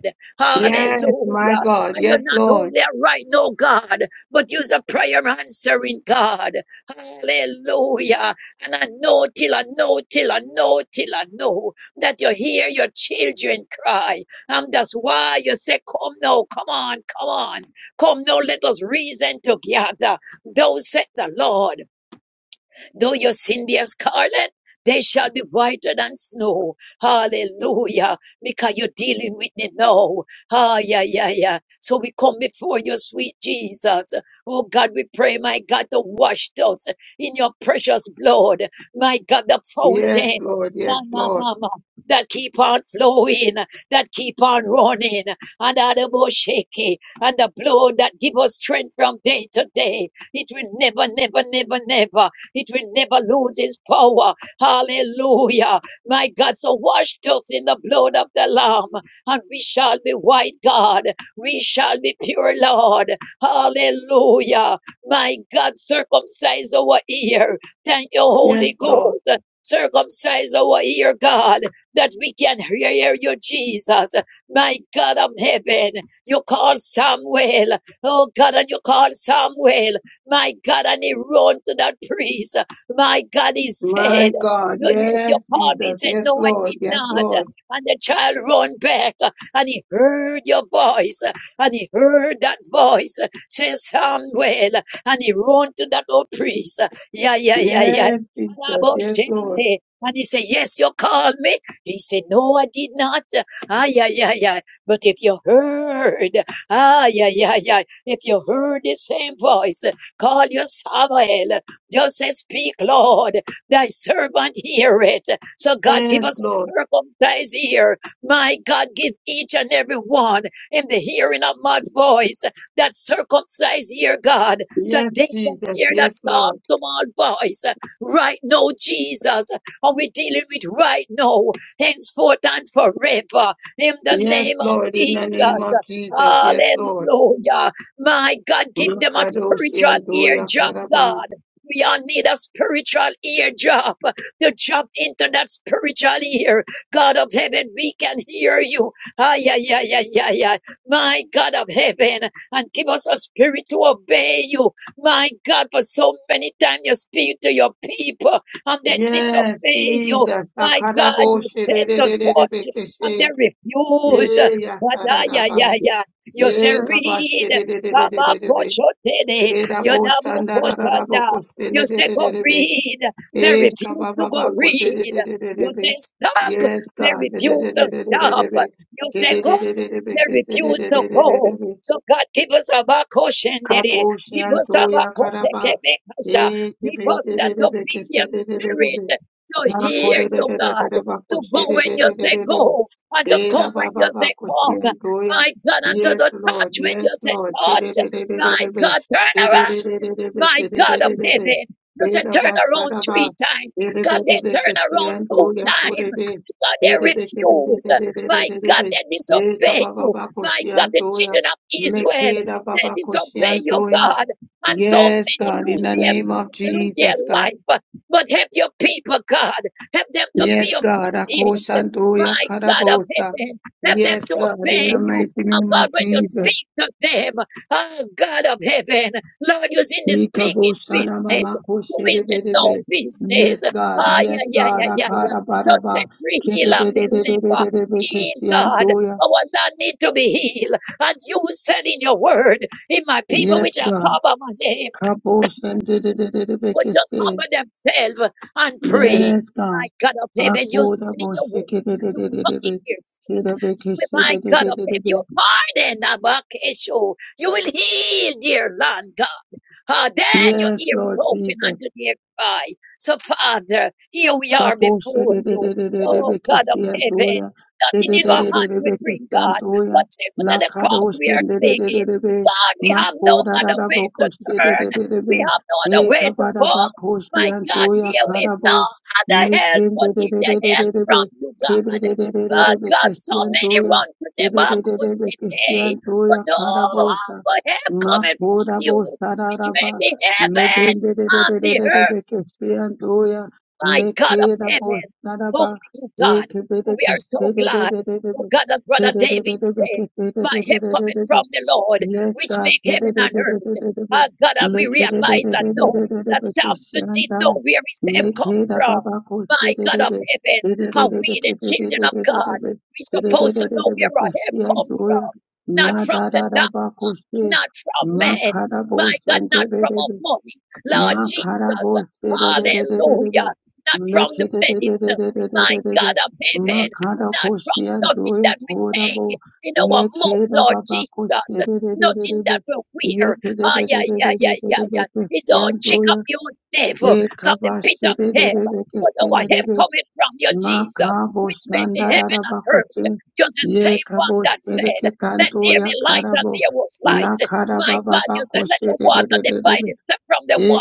Speaker 9: Yes,
Speaker 3: Hallelujah.
Speaker 9: my God.
Speaker 3: And you're
Speaker 9: Yes,
Speaker 3: not
Speaker 9: Lord.
Speaker 3: only a right now God, but you're a prayer answering God. Hallelujah. And I know till I know till I know till I know that you hear your children cry. And that's why you say, Come now, come on, come on. Come now, let us reason together. Thou said the Lord. Though your sin be as scarlet, they shall be whiter than snow. Hallelujah. Because you're dealing with it now. Ah, yeah, yeah, yeah. So we come before you, sweet Jesus. Oh God, we pray, my God, to wash us in your precious blood. My God, the
Speaker 9: Yes,
Speaker 3: fountain.
Speaker 9: Lord. Yes,
Speaker 3: Mama,
Speaker 9: Lord.
Speaker 3: mama, that keep on flowing, that keep on running, and the bush shaky, and the blood that give us strength from day to day. It will never, never, never, never. It will never lose its power. Hallelujah. My God, so wash us in the blood of the Lamb, and we shall be white, God. We shall be pure, Lord. Hallelujah. My God, circumcise our ear. Thank you,
Speaker 9: Yes,
Speaker 3: Holy
Speaker 9: Lord.
Speaker 3: Ghost. Circumcise our ear, God, that we can hear you, Jesus. My God of heaven, you call Samuel. Oh God, and you call Samuel. My God, and he run to that priest. My God, he
Speaker 9: My
Speaker 3: said,
Speaker 9: God.
Speaker 3: "No, Yes,
Speaker 9: Yes,
Speaker 3: you called me. He
Speaker 9: Jesus.
Speaker 3: said,
Speaker 9: Yes,
Speaker 3: No, I
Speaker 9: Lord.
Speaker 3: did
Speaker 9: Yes,
Speaker 3: not.
Speaker 9: Lord.
Speaker 3: And the child run back and he heard your voice and he heard that voice Says Samuel and he run to that old priest. Yeah, yeah, yeah, yeah.
Speaker 9: Yes, Jesus. Yes, Lord.
Speaker 3: and he said, Yes, you called me. He said, No, I did not. Ah, yeah, yeah, yeah. But if you heard, ah, yeah, yeah, yeah. If you heard the same voice, Call your Samuel. Just say, Speak, Lord. Thy servant hear it. So God, give
Speaker 9: Yes,
Speaker 3: us a
Speaker 9: Lord.
Speaker 3: circumcised ear. My God, give each and every one in the hearing of my voice that circumcised ear, God, that
Speaker 9: Yes,
Speaker 3: they can
Speaker 9: Jesus.
Speaker 3: hear that
Speaker 9: Yes, Lord.
Speaker 3: soft, small voice. Right now, Jesus, are we dealing with right now, henceforth and forever, in the
Speaker 9: Yes,
Speaker 3: name of
Speaker 9: Lord. In the name
Speaker 3: Jesus.
Speaker 9: of Jesus. Yes, Lord.
Speaker 3: Hallelujah. My God, give them a
Speaker 9: Makadoshi
Speaker 3: spiritual
Speaker 9: and Doya
Speaker 3: eardrop,
Speaker 9: Karaba.
Speaker 3: God. We all need a spiritual eardrop to jump into that spiritual ear. God of heaven, we can hear you. ah yeah yeah yeah yeah yeah. My God of heaven, and give us a spirit to obey you. My God, for so many times you speak to your people and they
Speaker 9: Yes,
Speaker 3: disobey you.
Speaker 9: Jesus.
Speaker 3: My God, you
Speaker 9: Akaraboshi
Speaker 3: said to touch and they
Speaker 9: rerererebekeshe.
Speaker 3: refuse.
Speaker 9: Ye
Speaker 3: But ah yeah yeah
Speaker 9: yakararaba.
Speaker 3: yeah. You say,
Speaker 9: Ye
Speaker 3: read.
Speaker 9: kabashi rerererebe.
Speaker 3: Kabakoshotene, yodamokoshanda. You say go
Speaker 9: Kedabosandararabokose
Speaker 3: read, they
Speaker 9: Eh,
Speaker 3: refuse to go
Speaker 9: kabababako,
Speaker 3: read. You
Speaker 9: dededededebe.
Speaker 3: say stop,
Speaker 9: Yes,
Speaker 3: they
Speaker 9: God.
Speaker 3: refuse to stop.
Speaker 9: dededededebe.
Speaker 3: You say go,
Speaker 9: Kededededebe,
Speaker 3: they refuse to go.
Speaker 9: kesededededebe.
Speaker 3: So God give us a bakoshendere, give us a
Speaker 9: Kaposyantoya karaba.
Speaker 3: bakotekebekasha, give us that
Speaker 9: Ekepeterebe
Speaker 3: obedient
Speaker 9: keserebe.
Speaker 3: spirit to hear you,
Speaker 9: Anakorerebe
Speaker 3: God, to go when
Speaker 9: bakoserebe.
Speaker 3: you say go, and to
Speaker 9: Era
Speaker 3: come when
Speaker 9: baba
Speaker 3: you say come.
Speaker 9: bakosyantoya.
Speaker 3: My God, unto
Speaker 9: Yes,
Speaker 3: the God,
Speaker 9: Lord.
Speaker 3: When you
Speaker 9: Yes,
Speaker 3: said,
Speaker 9: Lord.
Speaker 3: touch, my
Speaker 9: Kererebe.
Speaker 3: God, turn around.
Speaker 9: Kererebe
Speaker 3: My God, of heaven,"
Speaker 9: kererebe.
Speaker 3: You said,
Speaker 9: Era
Speaker 3: turn around
Speaker 9: basaraba.
Speaker 3: three times. God,
Speaker 9: Erebe
Speaker 3: they turn around two
Speaker 9: kesyantoya
Speaker 3: times.
Speaker 9: korebe.
Speaker 3: God, they
Speaker 9: Erebe
Speaker 3: refuse. My God,
Speaker 9: kererebe.
Speaker 3: they
Speaker 9: Eka
Speaker 3: disobey
Speaker 9: baba
Speaker 3: you. My God, the
Speaker 9: bakosyantoya.
Speaker 3: children of Israel,
Speaker 9: Lekeda baba
Speaker 3: they disobey your
Speaker 9: kosyantoya.
Speaker 3: God. And so
Speaker 9: Yes,
Speaker 3: many
Speaker 9: God, in
Speaker 3: lose
Speaker 9: the
Speaker 3: their,
Speaker 9: name of
Speaker 3: lose their
Speaker 9: Jesus, God.
Speaker 3: life. But help your people, God. Help them to be
Speaker 9: Yes, God,
Speaker 3: obedient.
Speaker 9: akosyantoya
Speaker 3: My God of
Speaker 9: karabosa.
Speaker 3: heaven, help them
Speaker 9: Yes,
Speaker 3: to
Speaker 9: God, in
Speaker 3: obey
Speaker 9: the
Speaker 3: you.
Speaker 9: mighty
Speaker 3: And
Speaker 9: name
Speaker 3: God,
Speaker 9: of
Speaker 3: when you speak
Speaker 9: Jesus.
Speaker 3: to them. Oh, God of heaven, Lord, you're in the speaking
Speaker 9: Ikaboshana
Speaker 3: business.
Speaker 9: mama
Speaker 3: You is the no
Speaker 9: koshedebedebe. Yes,
Speaker 3: business.
Speaker 9: God,
Speaker 3: Ah, yeah,
Speaker 9: yes,
Speaker 3: yeah,
Speaker 9: God,
Speaker 3: yeah, yeah, yeah. So
Speaker 9: akarabaraba.
Speaker 3: set free, heal, and deliver.
Speaker 9: Kedededededededebe
Speaker 3: Heal, God.
Speaker 9: kesyantoya.
Speaker 3: Our land need to be healed. And you said in your word, in my people
Speaker 9: Yes,
Speaker 3: which are
Speaker 9: God.
Speaker 3: called by my name,
Speaker 9: Kaboshandedededebe
Speaker 3: would just
Speaker 9: kese.
Speaker 3: humble themselves and pray.
Speaker 9: Yes,
Speaker 3: My
Speaker 9: God.
Speaker 3: God of heaven, you
Speaker 9: Akoda
Speaker 3: said in your
Speaker 9: boshe
Speaker 3: word,
Speaker 9: kede de
Speaker 3: you
Speaker 9: de
Speaker 3: will
Speaker 9: de de be.
Speaker 3: forgive your sin.
Speaker 9: Kede be
Speaker 3: You will,
Speaker 9: keshe de
Speaker 3: my
Speaker 9: de
Speaker 3: God
Speaker 9: de
Speaker 3: of
Speaker 9: de de
Speaker 3: heaven,
Speaker 9: be.
Speaker 3: you will pardon Abakesho. You will heal, dear Lord God. Ah, then your
Speaker 9: Yes,
Speaker 3: ear
Speaker 9: Lord
Speaker 3: will open
Speaker 9: Jesus.
Speaker 3: under their cry. So, Father, here we are
Speaker 9: Kaboshe
Speaker 3: before
Speaker 9: de de
Speaker 3: you.
Speaker 9: de de de de
Speaker 3: Oh, God of
Speaker 9: bekisantoya,
Speaker 3: heaven,
Speaker 9: de
Speaker 3: nothing
Speaker 9: de
Speaker 3: in
Speaker 9: de
Speaker 3: our
Speaker 9: de de de
Speaker 3: hand we bring, God,
Speaker 9: bekisantoya,
Speaker 3: but simple to
Speaker 9: la
Speaker 3: the cross we
Speaker 9: kadoshe
Speaker 3: are
Speaker 9: de de de de
Speaker 3: clinging.
Speaker 9: de be,
Speaker 3: God, we have no
Speaker 9: makoda da
Speaker 3: other
Speaker 9: da
Speaker 3: way to
Speaker 9: bokoshe de de
Speaker 3: turn.
Speaker 9: de de
Speaker 3: We
Speaker 9: be,
Speaker 3: have no other
Speaker 9: e
Speaker 3: way to
Speaker 9: kabada
Speaker 3: go.
Speaker 9: bakoshe
Speaker 3: My God,
Speaker 9: antoya
Speaker 3: dear, we have no
Speaker 9: karabo,
Speaker 3: other help
Speaker 9: mekin
Speaker 3: but
Speaker 9: de de
Speaker 3: in
Speaker 9: de
Speaker 3: the
Speaker 9: de de
Speaker 3: help
Speaker 9: de de be,
Speaker 3: from you,
Speaker 9: ke de
Speaker 3: God.
Speaker 9: de de de de de
Speaker 3: Oh, God, so many
Speaker 9: bekisantoya,
Speaker 3: run to
Speaker 9: ke
Speaker 3: the
Speaker 9: de
Speaker 3: back
Speaker 9: de de de
Speaker 3: today, but
Speaker 9: bekisantoya
Speaker 3: oh,
Speaker 9: karabosa,
Speaker 3: for help coming from
Speaker 9: makoda
Speaker 3: you
Speaker 9: bosa da
Speaker 3: you
Speaker 9: da ba,
Speaker 3: in the heaven,
Speaker 9: meben de de de
Speaker 3: on
Speaker 9: de de
Speaker 3: the
Speaker 9: de de
Speaker 3: earth,
Speaker 9: bekisantoya.
Speaker 3: my God of
Speaker 9: Lekera
Speaker 3: heaven.
Speaker 9: bosaraba
Speaker 3: Oh, you God,
Speaker 9: ekebede
Speaker 3: we are so glad. Oh,
Speaker 9: kesedededededede
Speaker 3: God, that Brother David
Speaker 9: kededededede
Speaker 3: said, My help cometh
Speaker 9: kesedededededede
Speaker 3: from the Lord,
Speaker 9: Yes,
Speaker 3: which
Speaker 9: God.
Speaker 3: make heaven and earth.
Speaker 9: Kededededededede
Speaker 3: Ah, God, and we realize that no, that
Speaker 9: lekededededededede
Speaker 3: Samson did know
Speaker 9: keshanda
Speaker 3: where his help come
Speaker 9: lekera
Speaker 3: from.
Speaker 9: baba
Speaker 3: My God of
Speaker 9: kosededede
Speaker 3: heaven, are we
Speaker 9: dedededede
Speaker 3: the children of God?
Speaker 9: kedededededede
Speaker 3: We supposed to know
Speaker 9: kedededededede
Speaker 3: where our help come
Speaker 9: keshiandoya
Speaker 3: from, not
Speaker 9: la
Speaker 3: from
Speaker 9: da
Speaker 3: the
Speaker 9: da
Speaker 3: darkness
Speaker 9: da ba koshe
Speaker 3: not from men.
Speaker 9: makara
Speaker 3: My God, not from our
Speaker 9: bosendedede
Speaker 3: money. Lord Jesus,
Speaker 9: Makarabo serererererebe.
Speaker 3: hallelujah. Not from the medicine. My
Speaker 9: Mekerererererebe.
Speaker 3: God of heaven.
Speaker 9: Makarako
Speaker 3: Not from nothing
Speaker 9: shiandoya
Speaker 3: that we take
Speaker 9: korabo.
Speaker 3: in our mouth,
Speaker 9: Yekera
Speaker 3: Lord
Speaker 9: babako
Speaker 3: Jesus. Nothing
Speaker 9: serererererebe.
Speaker 3: that we wear. Ah, yeah, yeah, yeah,
Speaker 9: Yekerererererebe
Speaker 3: yeah, yeah. It's all Jacob,
Speaker 9: keshiandoya.
Speaker 3: you devil, from the
Speaker 9: Ekaba
Speaker 3: pit of hell.
Speaker 9: sererererebe
Speaker 3: But our help
Speaker 9: kesirerebe.
Speaker 3: coming from your Jesus,
Speaker 9: Makabo
Speaker 3: which made the heaven and
Speaker 9: shandararabako
Speaker 3: earth.
Speaker 9: se.
Speaker 3: You're the same one
Speaker 9: Yekabo
Speaker 3: that said.
Speaker 9: sereke
Speaker 3: Let there
Speaker 9: kandoya
Speaker 3: be light, and
Speaker 9: karabo.
Speaker 3: there was light.
Speaker 9: La
Speaker 3: My
Speaker 9: karababa
Speaker 3: God, you
Speaker 9: ko
Speaker 3: said, let the water
Speaker 9: sererererebe.
Speaker 3: divide itself from the water.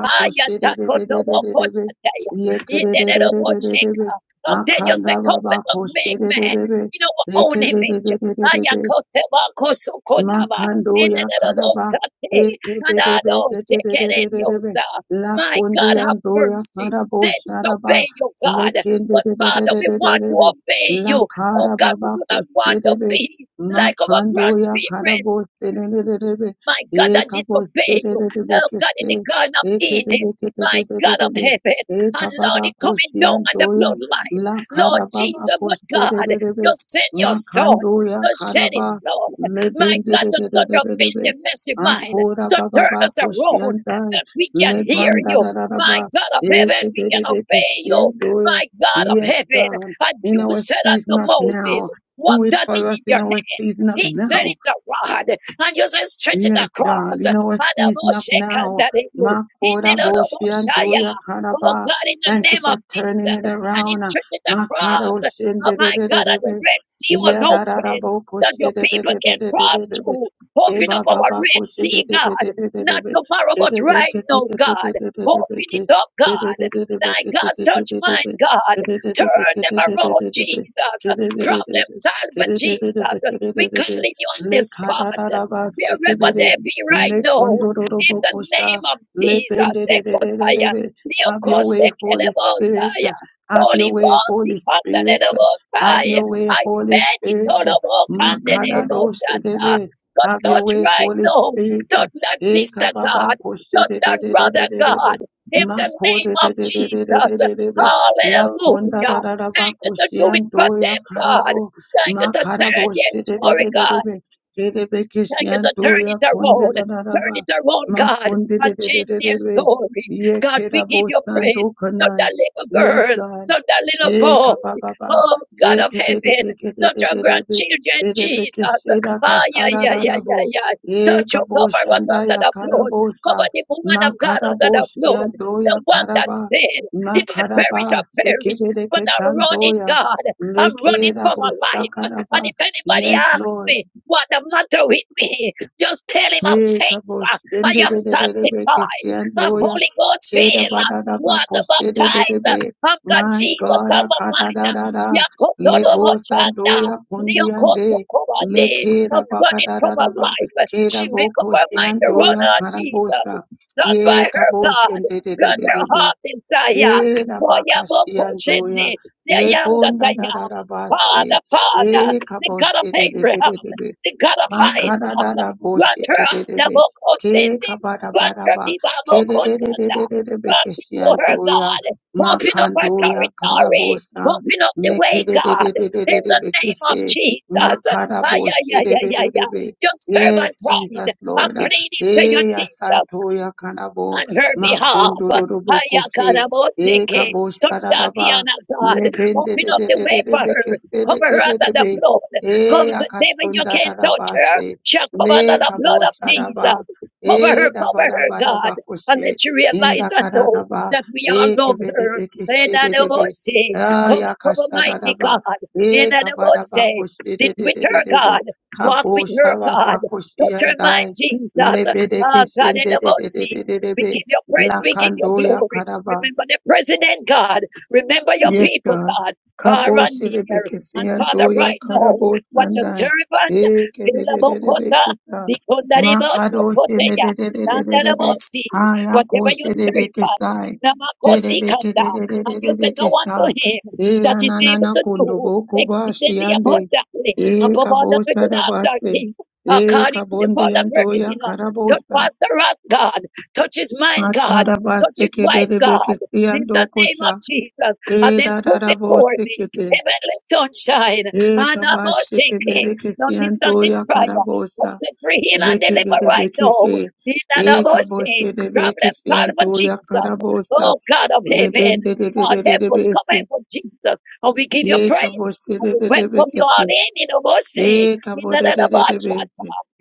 Speaker 3: Aya takoto woko shateya. Yenere wo
Speaker 9: Yekererererererebe.
Speaker 3: sheka. Um, Daniel said, Come let us make man
Speaker 9: Akandababakosherererebe.
Speaker 3: in our own image. Aya
Speaker 9: Rekebererererebe.
Speaker 3: kote wa koso kotaba.
Speaker 9: Makando ya
Speaker 3: Yenere wo
Speaker 9: karaba
Speaker 3: shate.
Speaker 9: eke
Speaker 3: And
Speaker 9: de
Speaker 3: I
Speaker 9: de de
Speaker 3: don't
Speaker 9: de de de
Speaker 3: take
Speaker 9: de
Speaker 3: it
Speaker 9: de
Speaker 3: in
Speaker 9: de
Speaker 3: your
Speaker 9: de de
Speaker 3: side.
Speaker 9: la
Speaker 3: My
Speaker 9: kundi
Speaker 3: God, have
Speaker 9: ando ya
Speaker 3: mercy.
Speaker 9: karabo
Speaker 3: They
Speaker 9: sharaba
Speaker 3: disobey you, God.
Speaker 9: lekin de
Speaker 3: But
Speaker 9: de de de
Speaker 3: Father,
Speaker 9: de
Speaker 3: we
Speaker 9: de de
Speaker 3: want to
Speaker 9: de de
Speaker 3: obey
Speaker 9: la
Speaker 3: you. Oh God,
Speaker 9: karaba
Speaker 3: we
Speaker 9: ba
Speaker 3: do not
Speaker 9: koshi
Speaker 3: want
Speaker 9: de
Speaker 3: to
Speaker 9: de
Speaker 3: be like our
Speaker 9: makando ya
Speaker 3: grandparents
Speaker 9: karabo de de de de de de
Speaker 3: my God,
Speaker 9: e
Speaker 3: that
Speaker 9: kabo de
Speaker 3: disobeyed
Speaker 9: de
Speaker 3: you.
Speaker 9: de de de
Speaker 3: Oh God, in the
Speaker 9: kese
Speaker 3: Garden of
Speaker 9: eke de
Speaker 3: Eden,
Speaker 9: de de
Speaker 3: my
Speaker 9: de de de
Speaker 3: God
Speaker 9: de
Speaker 3: of
Speaker 9: de
Speaker 3: heaven,
Speaker 9: e
Speaker 3: and Lord,
Speaker 9: kababa
Speaker 3: it coming
Speaker 9: koshi
Speaker 3: down on the
Speaker 9: ando ya
Speaker 3: bloodline.
Speaker 9: la
Speaker 3: Lord
Speaker 9: karaba ba
Speaker 3: Jesus,
Speaker 9: koshi
Speaker 3: but
Speaker 9: de
Speaker 3: God,
Speaker 9: de de de
Speaker 3: just send your son.
Speaker 9: makando ya
Speaker 3: To shed his
Speaker 9: karaba
Speaker 3: blood, my God, to touch a bit
Speaker 9: Lebendededededede.
Speaker 3: the messy mind,
Speaker 9: Akora
Speaker 3: to
Speaker 9: baba
Speaker 3: turn us
Speaker 9: bako
Speaker 3: around,
Speaker 9: shiandai.
Speaker 3: that we can hear you, my
Speaker 9: Lebandadadadaba.
Speaker 3: God of heaven, we can
Speaker 9: Ekedededeke
Speaker 3: obey you,
Speaker 9: siandoya.
Speaker 3: my God of
Speaker 9: Yes,
Speaker 3: heaven.
Speaker 9: God,
Speaker 3: And
Speaker 9: in
Speaker 3: you
Speaker 9: our
Speaker 3: said
Speaker 9: season
Speaker 3: unto
Speaker 9: of now,
Speaker 3: Moses, What
Speaker 9: do it
Speaker 3: that
Speaker 9: for
Speaker 3: is
Speaker 9: us
Speaker 3: in your
Speaker 9: in
Speaker 3: hand?
Speaker 9: our season of
Speaker 3: He said
Speaker 9: now.
Speaker 3: it's a rod, and you said stretch it
Speaker 9: Yes, God,
Speaker 3: across.
Speaker 9: in
Speaker 3: And
Speaker 9: our
Speaker 3: the
Speaker 9: season
Speaker 3: Lord
Speaker 9: of
Speaker 3: shaken
Speaker 9: now,
Speaker 3: that in you. He
Speaker 9: Makora
Speaker 3: did a little more
Speaker 9: Boshi and
Speaker 3: shy.
Speaker 9: Doya
Speaker 3: Oh
Speaker 9: Karaba.
Speaker 3: God, in the
Speaker 9: Thank you
Speaker 3: name
Speaker 9: for
Speaker 3: of
Speaker 9: turning
Speaker 3: Jesus,
Speaker 9: it
Speaker 3: and he
Speaker 9: around.
Speaker 3: stretched it
Speaker 9: Makara
Speaker 3: across.
Speaker 9: Oshin de
Speaker 3: Oh
Speaker 9: de
Speaker 3: my
Speaker 9: de de
Speaker 3: God,
Speaker 9: de
Speaker 3: and the
Speaker 9: de.
Speaker 3: Red Sea was
Speaker 9: Yeah, da da da
Speaker 3: open
Speaker 9: bo
Speaker 3: that
Speaker 9: koshi
Speaker 3: your
Speaker 9: de de
Speaker 3: people
Speaker 9: de de
Speaker 3: can
Speaker 9: de de
Speaker 3: cross
Speaker 9: de de de.
Speaker 3: through.
Speaker 9: Ke
Speaker 3: Open
Speaker 9: ba
Speaker 3: up
Speaker 9: ba
Speaker 3: our
Speaker 9: ba
Speaker 3: Red
Speaker 9: koshi de
Speaker 3: Sea,
Speaker 9: de de de
Speaker 3: God.
Speaker 9: de de de
Speaker 3: Not
Speaker 9: de.
Speaker 3: tomorrow,
Speaker 9: Ke
Speaker 3: but
Speaker 9: de be
Speaker 3: right
Speaker 9: ke de
Speaker 3: now,
Speaker 9: de de de
Speaker 3: God.
Speaker 9: de de de de
Speaker 3: Open
Speaker 9: ke.
Speaker 3: it up,
Speaker 9: Ke de
Speaker 3: God.
Speaker 9: de de de be
Speaker 3: Thy
Speaker 9: ke de
Speaker 3: God,
Speaker 9: de de
Speaker 3: touch
Speaker 9: de de
Speaker 3: mine,
Speaker 9: de.
Speaker 3: God.
Speaker 9: Ke de de de be
Speaker 3: Turn
Speaker 9: ke
Speaker 3: them
Speaker 9: de de de
Speaker 3: around,
Speaker 9: de de de.
Speaker 3: Jesus.
Speaker 9: Ke de de de de
Speaker 3: Problem
Speaker 9: de. Ke
Speaker 3: solver,
Speaker 9: de de de de be
Speaker 3: Jesus.
Speaker 9: ke de
Speaker 3: We
Speaker 9: de de de
Speaker 3: calling on this
Speaker 9: le
Speaker 3: spot.
Speaker 9: kararaba
Speaker 3: Wherever
Speaker 9: sekebere
Speaker 3: they be right
Speaker 9: le
Speaker 3: now. In
Speaker 9: kondororobo
Speaker 3: the name
Speaker 9: kosha
Speaker 3: of
Speaker 9: le
Speaker 3: Jesus. Ekotaya.
Speaker 9: pendererererebe. Have your way, Holy Spirit.
Speaker 3: Neokosekerebosaya.
Speaker 9: Have your
Speaker 3: Holy
Speaker 9: way,
Speaker 3: Ghost,
Speaker 9: Holy Spirit. Have
Speaker 3: Ikandarebosaya.
Speaker 9: your way,
Speaker 3: I
Speaker 9: Holy
Speaker 3: said it
Speaker 9: Spirit.
Speaker 3: all about
Speaker 9: Makarado
Speaker 3: Kandarebosata.
Speaker 9: sedebe.
Speaker 3: But
Speaker 9: Have
Speaker 3: not
Speaker 9: your way,
Speaker 3: right
Speaker 9: Holy
Speaker 3: now.
Speaker 9: Spirit.
Speaker 3: Not that
Speaker 9: E
Speaker 3: sister
Speaker 9: kababa
Speaker 3: God. Not that brother
Speaker 9: koshedededededebe.
Speaker 3: God. In the name of Jesus.
Speaker 9: Makodedededededebe. La
Speaker 3: Hallelujah.
Speaker 9: kondararaba
Speaker 3: And to do it for
Speaker 9: koshiandoya
Speaker 3: them, God.
Speaker 9: karabo.
Speaker 3: Thank you to turn,
Speaker 9: Makarabo
Speaker 3: yes, glory God.
Speaker 9: sededededebe.
Speaker 3: Thank you to turn
Speaker 9: Terebekesiantoya
Speaker 3: it
Speaker 9: konde
Speaker 3: around. Turn
Speaker 9: dararaba
Speaker 3: it around,
Speaker 9: ma
Speaker 3: God,
Speaker 9: konde
Speaker 3: and
Speaker 9: de de de
Speaker 3: change
Speaker 9: de de
Speaker 3: their
Speaker 9: de
Speaker 3: story.
Speaker 9: ye
Speaker 3: God,
Speaker 9: kera
Speaker 3: we give you
Speaker 9: bosanto
Speaker 3: praise. Not
Speaker 9: kanai
Speaker 3: that little
Speaker 9: yes
Speaker 3: girl,
Speaker 9: God
Speaker 3: not that little
Speaker 9: ye
Speaker 3: boy.
Speaker 9: kababa
Speaker 3: Oh,
Speaker 9: ye
Speaker 3: God of
Speaker 9: terebeke de
Speaker 3: heaven,
Speaker 9: beke de
Speaker 3: touch your
Speaker 9: de de de
Speaker 3: grandchildren, Jesus.
Speaker 9: terebekesera
Speaker 3: Ah, yeah,
Speaker 9: kasara
Speaker 3: yeah, yeah,
Speaker 9: darabo
Speaker 3: yeah, yeah.
Speaker 9: ye
Speaker 3: Touch your cover was
Speaker 9: kaboshanda
Speaker 3: under
Speaker 9: ya
Speaker 3: the blood.
Speaker 9: karabosa
Speaker 3: Cover the woman
Speaker 9: ma
Speaker 3: of God under the blood.
Speaker 9: karabosiantoya
Speaker 3: The one
Speaker 9: karaba
Speaker 3: that's dead.
Speaker 9: ma
Speaker 3: If I
Speaker 9: karaba
Speaker 3: perish, I perish. But
Speaker 9: sekebereke
Speaker 3: I'm running,
Speaker 9: tandoya
Speaker 3: God. I'm running
Speaker 9: lekera
Speaker 3: for my life.
Speaker 9: bosakaraba
Speaker 3: And if anybody
Speaker 9: yes
Speaker 3: asks,
Speaker 9: Lord
Speaker 3: me. What the matter with me? Just tell him I'm
Speaker 9: Hey,
Speaker 3: safe.
Speaker 9: Kabosh,
Speaker 3: Uh, I am sanctified. I'm
Speaker 9: Yandoya,
Speaker 3: Holy Ghost
Speaker 9: Keda
Speaker 3: filled.
Speaker 9: Badada
Speaker 3: Water baptized.
Speaker 9: Bakoshede,
Speaker 3: I'm God
Speaker 9: my
Speaker 3: Jesus.
Speaker 9: God,
Speaker 3: I'm a mine.
Speaker 9: Akadada, Lebo
Speaker 3: Yakotonobochanda,
Speaker 9: Sandoya, Kundiande,
Speaker 3: Neokotokomande.
Speaker 9: Lekeda
Speaker 3: I'm running from my
Speaker 9: Bakadada,
Speaker 3: life. She
Speaker 9: Keda
Speaker 3: make up
Speaker 9: Bokos,
Speaker 3: her mind to run on Jesus.
Speaker 9: Karabosa,
Speaker 3: Stung
Speaker 9: Ye
Speaker 3: by her
Speaker 9: Kabosh, and
Speaker 3: God.
Speaker 9: Dede,
Speaker 3: Got her heart desire.
Speaker 9: Keda
Speaker 3: Boy, I'm a
Speaker 9: Bakashi,
Speaker 3: coach in
Speaker 9: Yandoya,
Speaker 3: it. I am that I
Speaker 9: Dada
Speaker 3: am.
Speaker 9: Base,
Speaker 3: Father, Father
Speaker 9: Le
Speaker 3: the God of Abraham,
Speaker 9: Kabosh,
Speaker 3: the God of Isaac,
Speaker 9: Makarada
Speaker 3: grant
Speaker 9: boshe
Speaker 3: her
Speaker 9: kerebe ke
Speaker 3: Nabokosendi,
Speaker 9: kabara
Speaker 3: grant her
Speaker 9: baraba
Speaker 3: Ibabokoskanda,
Speaker 9: kerebe
Speaker 3: grant people her
Speaker 9: kesiandoya
Speaker 3: God, open up her
Speaker 9: makandoya
Speaker 3: territory,
Speaker 9: karabosa
Speaker 3: open up the
Speaker 9: ne
Speaker 3: way, God, in the
Speaker 9: kerebe
Speaker 3: name of
Speaker 9: kese
Speaker 3: Jesus. Ay, ay,
Speaker 9: makaraboshe
Speaker 3: ay, ay, ay, ay.
Speaker 9: rebe
Speaker 3: Your
Speaker 9: Yes,
Speaker 3: servant, Ryan,
Speaker 9: Jesus
Speaker 3: I'm
Speaker 9: Lord.
Speaker 3: pleading to you,
Speaker 9: Eh,
Speaker 3: Jesus
Speaker 9: Santoya Kanabo,
Speaker 3: on her behalf.
Speaker 9: Makondororobo Kose, E
Speaker 3: Hayakaraboseke. Touch that
Speaker 9: Kabosaraba,
Speaker 3: piano, God.
Speaker 9: Lebende
Speaker 3: Open
Speaker 9: de
Speaker 3: up
Speaker 9: de
Speaker 3: the
Speaker 9: de
Speaker 3: way
Speaker 9: de de
Speaker 3: for her.
Speaker 9: Bekese
Speaker 3: Cover her under the blood. God,
Speaker 9: e
Speaker 3: the devil, you
Speaker 9: akashonda
Speaker 3: can't touch her.
Speaker 9: rabase
Speaker 3: She'll come under
Speaker 9: le
Speaker 3: the blood of
Speaker 9: kabosha raba
Speaker 3: Jesus. Cover
Speaker 9: e
Speaker 3: her, cover
Speaker 9: raba
Speaker 3: her,
Speaker 9: raba
Speaker 3: God.
Speaker 9: raba
Speaker 3: And
Speaker 9: koshe
Speaker 3: let you realize
Speaker 9: inda
Speaker 3: and
Speaker 9: kara
Speaker 3: know
Speaker 9: raba
Speaker 3: that we all
Speaker 9: e
Speaker 3: love
Speaker 9: kebede
Speaker 3: her.
Speaker 9: beke shede debe
Speaker 3: Enadabose.
Speaker 9: a
Speaker 3: Cover, cover,
Speaker 9: yakasha
Speaker 3: mighty
Speaker 9: raba
Speaker 3: God.
Speaker 9: e kabada
Speaker 3: Enadabose.
Speaker 9: ba koshe de
Speaker 3: Sit
Speaker 9: de
Speaker 3: with
Speaker 9: de
Speaker 3: her,
Speaker 9: de debe
Speaker 3: God. Walk with her,
Speaker 9: kabosha
Speaker 3: God.
Speaker 9: raba koshe
Speaker 3: Touch her mind,
Speaker 9: andai
Speaker 3: Jesus.
Speaker 9: lebede
Speaker 3: Ah,
Speaker 9: ke
Speaker 3: God,
Speaker 9: shende de de de
Speaker 3: enanamose.
Speaker 9: de de
Speaker 3: We
Speaker 9: debe
Speaker 3: give your praise.
Speaker 9: la
Speaker 3: We give your
Speaker 9: kando ya
Speaker 3: glory.
Speaker 9: karaba
Speaker 3: Remember the president, God. Remember your
Speaker 9: Yes,
Speaker 3: people,
Speaker 9: God.
Speaker 3: God. Far
Speaker 9: Kabo
Speaker 3: and near.
Speaker 9: shirebeke
Speaker 3: And Father,
Speaker 9: siyantoya
Speaker 3: right now,
Speaker 9: karabo
Speaker 3: what your
Speaker 9: sandai.
Speaker 3: servant,
Speaker 9: Eke de de de de
Speaker 3: Philabokota,
Speaker 9: beke sa. Makado
Speaker 3: Vikondaribosokoteya,
Speaker 9: shirebeke
Speaker 3: Dandarabosi,
Speaker 9: haya ko
Speaker 3: whatever your
Speaker 9: shirebeke
Speaker 3: servant,
Speaker 9: sai. Shirebeke
Speaker 3: Namakosikanda,
Speaker 9: de de de
Speaker 3: and
Speaker 9: de de
Speaker 3: you said no
Speaker 9: beke
Speaker 3: one to
Speaker 9: sa.
Speaker 3: him
Speaker 9: E
Speaker 3: that is able
Speaker 9: ananana
Speaker 3: to
Speaker 9: kundo
Speaker 3: do
Speaker 9: boko ba
Speaker 3: exceedingly
Speaker 9: shiyande.
Speaker 3: abundantly
Speaker 9: E
Speaker 3: above all that
Speaker 9: kabo
Speaker 3: we could ask our
Speaker 9: sharabase.
Speaker 3: king,
Speaker 9: E
Speaker 3: according to the power
Speaker 9: kabondi
Speaker 3: that worketh
Speaker 9: yantoya
Speaker 3: in us.
Speaker 9: karabo
Speaker 3: Just
Speaker 9: sa.
Speaker 3: Pastor us, God. Touch his mind, God. Touch
Speaker 9: Makarabase
Speaker 3: his
Speaker 9: ke
Speaker 3: wife,
Speaker 9: bere
Speaker 3: God.
Speaker 9: beke
Speaker 3: In the
Speaker 9: siyando
Speaker 3: name of
Speaker 9: kosha.
Speaker 3: Jesus, and
Speaker 9: E
Speaker 3: this
Speaker 9: da da
Speaker 3: put
Speaker 9: da bo
Speaker 3: before me, heavenly sunshine,
Speaker 9: Ekabara
Speaker 3: and a mercy, not distant prayer. Set free, heal, and deliver right now. In the mercy, problem solver, Jesus. Oh God of heaven, God help us, come help us, Jesus, and we give you praise. And we welcome you all in in the mercy,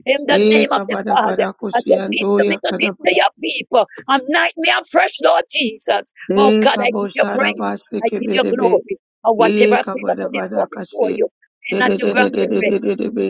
Speaker 3: in the name of the Father. I just give to me to give to your people. Anoint me afresh, Lord Jesus. Oh God, I give you praise. I give you glory. And whatever I've been upon it
Speaker 9: bara
Speaker 3: for before
Speaker 9: kashe.
Speaker 3: you, and not to grant the rest.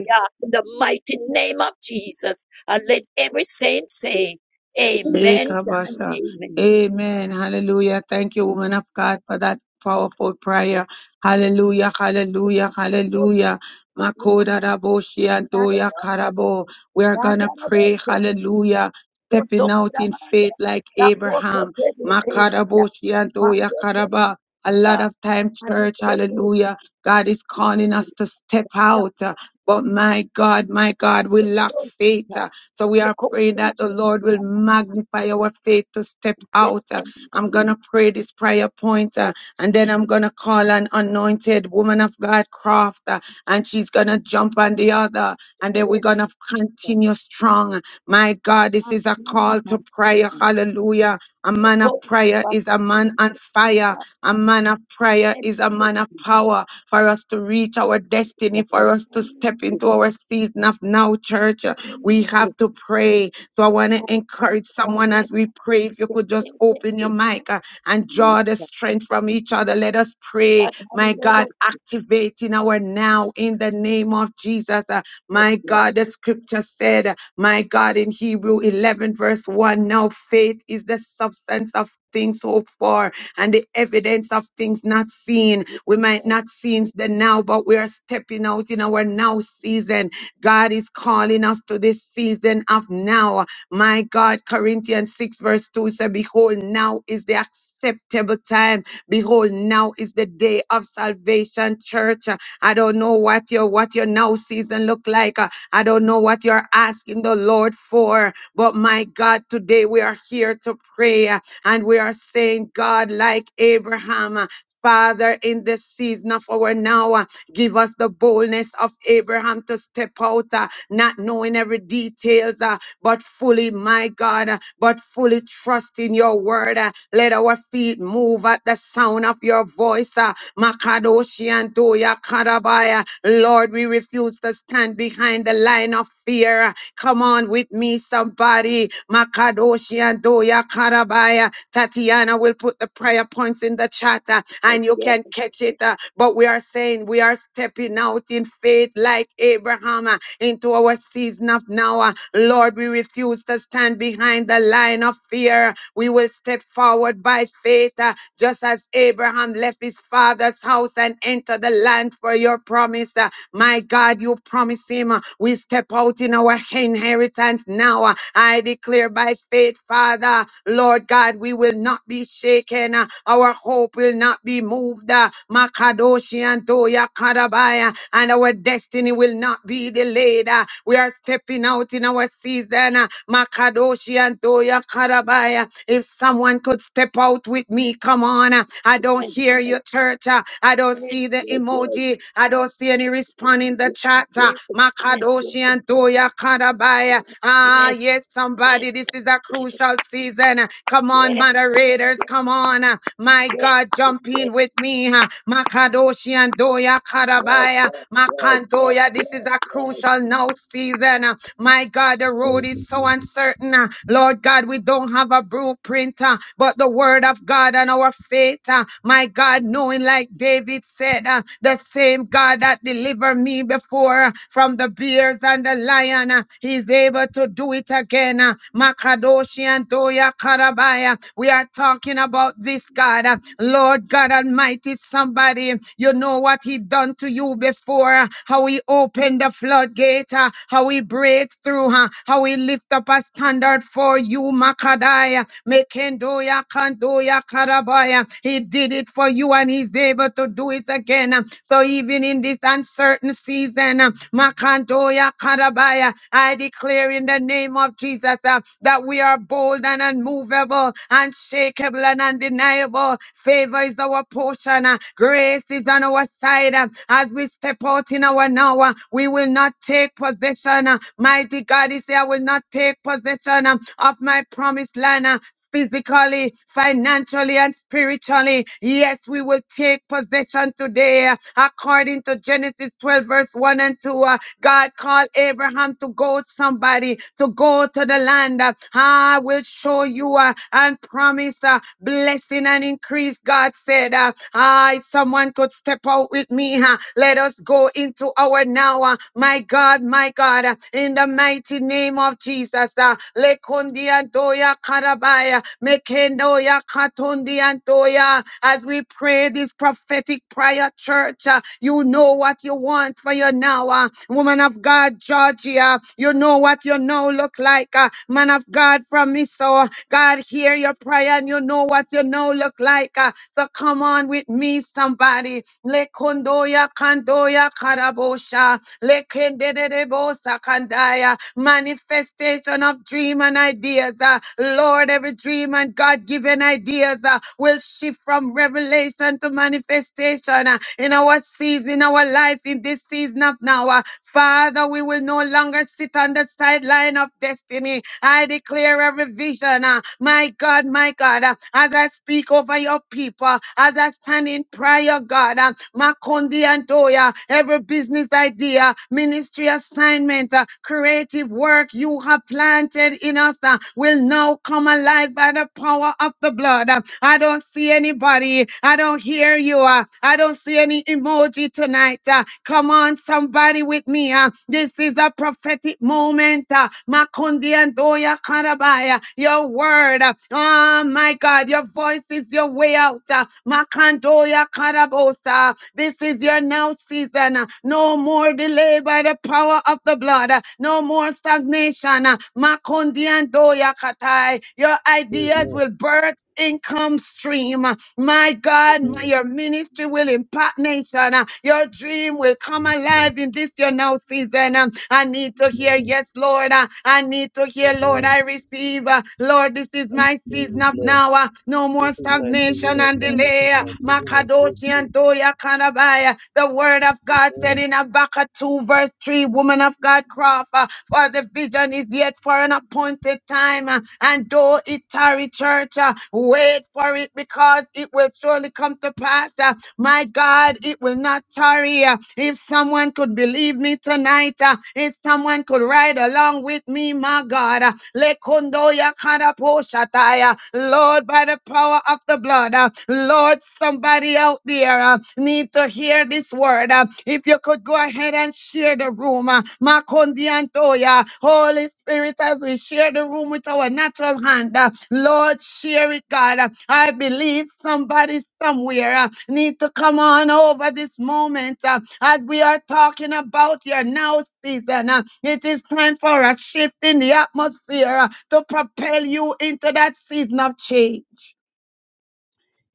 Speaker 3: Yeah, in the mighty name of Jesus. And let every saint say, Amen and
Speaker 9: Ekabasa.
Speaker 3: amen.
Speaker 9: Amen. Hallelujah. Thank you, woman of God, for that powerful prayer. Hallelujah. Hallelujah. Hallelujah. Makoda raboshi andoya karabo. We are gonna pray. Hallelujah. Stepping out in faith like Abraham. Makaraboshi andoya karaba. A lot of time, church, hallelujah. God is calling us to step out. uh, But my God, my God, we lack faith. So we are praying that the Lord will magnify our faith to step out. Uh, I'm going to pray this prayer point uh, and then I'm going to call an anointed woman of God, Croft, uh, and she's going to jump on the other and then we're going to continue strong. My God, this is a call to prayer. Hallelujah. A man of prayer is a man on fire. A man of prayer is a man of power for us to reach our destiny, for us to step into our season of now, church. We have to pray. So I want to encourage someone as we pray. If you could just open your mic uh, and draw the strength from each other. Let us pray. My God, activating our now in the name of Jesus. Uh, My God, the scripture said, uh, my God, in Hebrew 11, verse 1, now faith is the substance of things hoped for and the evidence of things not seen. We might not see the now, but we are stepping out in our now season God is calling us to this season of now. My God, Corinthians 6, verse 2 said, Behold, now is the acceptable time. Behold, now is the day of salvation, church. Uh, I don't know what your what your now season look like. Uh, I don't know what you're asking the Lord for. But my God, today we are here to pray uh, and we are saying, God, like Abraham, uh, Father, in the season of our now. uh, Give us the boldness of Abraham to step out, uh, not knowing every details, uh, but fully, my God, uh, but fully trusting your word. uh, let our feet move at the sound of your voice. Uh, Makadoshi and Toya Karabaya. Lord, we refuse to stand behind the line of fear. uh, Come on with me, somebody. Makadoshi and Doya Karabaya. Tatiana will put the prayer points in the chat uh, and you can catch it. uh, But we are saying we are stepping out in faith like Abraham uh, into our season of now. uh, Lord, we refuse to stand behind the line of fear. We will step forward by faith, uh, just as Abraham left his father's house and entered the the land for your promise. Uh, My God, you promise him. uh, We step out in our inheritance now. Uh, I declare by faith, Father, Lord God, we will not be shaken. Uh, Our hope will not be moved. Uh, Makadoshi and Toya Karabaya, and our destiny will not be delayed. Uh, We are stepping out in our season. Uh, Makadoshi and Toya Karabaya. If someone someone could step out with me. Come on. uh, I don't hear you, church. uh, I don't see the emoji. I don't see any respond in the chat. uh, Makadoshi and Doya Kadabaya. Ah, yes,
Speaker 3: Yes.
Speaker 9: somebody. This is a crucial season. uh, Come on, moderators. Come on. uh, My God, jump in with me. uh, Makadoshi and Doya Kadabaya. Makandoya. This is a crucial now season. uh, my God, the road is so uncertain. uh, Lord God, we don't have a blueprint, uh, but the word of God and our faith. uh, My God, knowing like David said, uh, the same God that delivered me before uh, from the bears and the lion, uh, he's able to do it again. uh, Makadoshi and Doya Karabaya. We are talking about this this, God. Uh, Lord God Almighty, somebody, you know what He done to you before, uh, how He opened the floodgate, uh, how He break through, uh, how He lift up a standard for you, Makadaya, Mekendoya, Kandoya, Karabaya. He did it for you and He's able to do it again. Uh, So even in this uncertain season, uh, Makantoya Karabaya. I declare in the name of Jesus uh, that we are bold and unmovable, unshakable and undeniable. Favor is our portion. uh, Grace is on our side. uh, As we step out in our now, uh, we will not take possession. uh, Mighty God, He is I will not take possession um, of my promised land. uh, physically, financially, and spiritually. Yes, we will take possession today uh, according to Genesis 12, verse 1 and 2. uh, God called Abraham to go somebody to go to the land. uh, I will show you uh, and promise uh, blessing and increase. God said, uh, I someone could step out with me. uh, Let us go into our now. uh, My God, my God, uh, in the mighty name of Jesus. uh, Lekundia doya karabaya, mekendo Hallelujah. Katondi Antoya. As we pray this prophetic prayer, church, uh, you know what you want for your now. uh, woman of God, Georgia, you know what your now look like. uh, man of God from me. So uh, God hear your prayer and you know what your now look like. uh, so come on with me, somebody. Lekondoya kandoya karabosha. Lekendedebo sakandaya. Manifestation of dream and ideas. uh, Lord, every dream and God given ideas uh, will shift from revelation to manifestation uh, in our season, in our life, in this season of now. uh, Father, we will no longer sit on the sideline of destiny. I declare every vision, uh, my God, my God, uh, as as I speak over your people, as I stand in prayer, God, uh, Makondi and Toya, every business idea, ministry assignment, uh, creative work you have planted in us uh, will now come alive by the power of the blood. Uh, I don't see anybody. I don't hear you. uh, I don't see any emoji tonight. uh, Come on, somebody with me. uh, This this is a prophetic moment. uh, Makundi and Doya Karabaya. Your word. uh, Oh my God. Your voice is your way out. uh, Makandoya Karabosa. This is your now season. uh, No more delay by the power of the blood. uh, No more stagnation. uh, Makundi and Doya Katai. Your ideas
Speaker 8: Amen.
Speaker 9: will birth income stream. My God, my,
Speaker 8: Amen.
Speaker 9: your ministry will impact nation. Uh, Your dream will come alive in this your now season. Um, I need to hear,
Speaker 8: Amen.
Speaker 9: yes, Lord. Uh, I need to hear, Lord,
Speaker 8: Amen.
Speaker 9: I receive. Uh, Lord, this is
Speaker 8: I
Speaker 9: my
Speaker 8: receive
Speaker 9: season
Speaker 8: it,
Speaker 9: up
Speaker 8: Lord.
Speaker 9: now. Uh, No more
Speaker 8: This is my season
Speaker 9: stagnation
Speaker 8: of
Speaker 9: and
Speaker 8: love. This is
Speaker 9: delay. Uh,
Speaker 8: my season of
Speaker 9: Makadoshi
Speaker 8: breakthrough.
Speaker 9: and Toya Kanabaya. The word of God said
Speaker 8: Amen.
Speaker 9: in Habakkuk 2 verse 3, woman of God, Crawford for the vision is yet for an appointed time. uh, And though it tarry, church, uh, wait for it because it will surely come to pass. uh, My God, it will not tarry. uh, If someone could believe me tonight, uh, if someone could ride along with me, my God, uh, Lekundo yakada poshataya. Lord, by the power of the blood, uh, Lord, somebody out there uh, need to hear share this word. uh, If you could go ahead and share the room, uh, Makondi Antoya, Holy Spirit, as we share the room with our natural hand, uh, Lord, share it, God. Uh, I believe somebody somewhere uh, need to come on over this moment uh, as we are talking about your now season. uh, It is time for a shift in the atmosphere uh, to propel you into that season of change.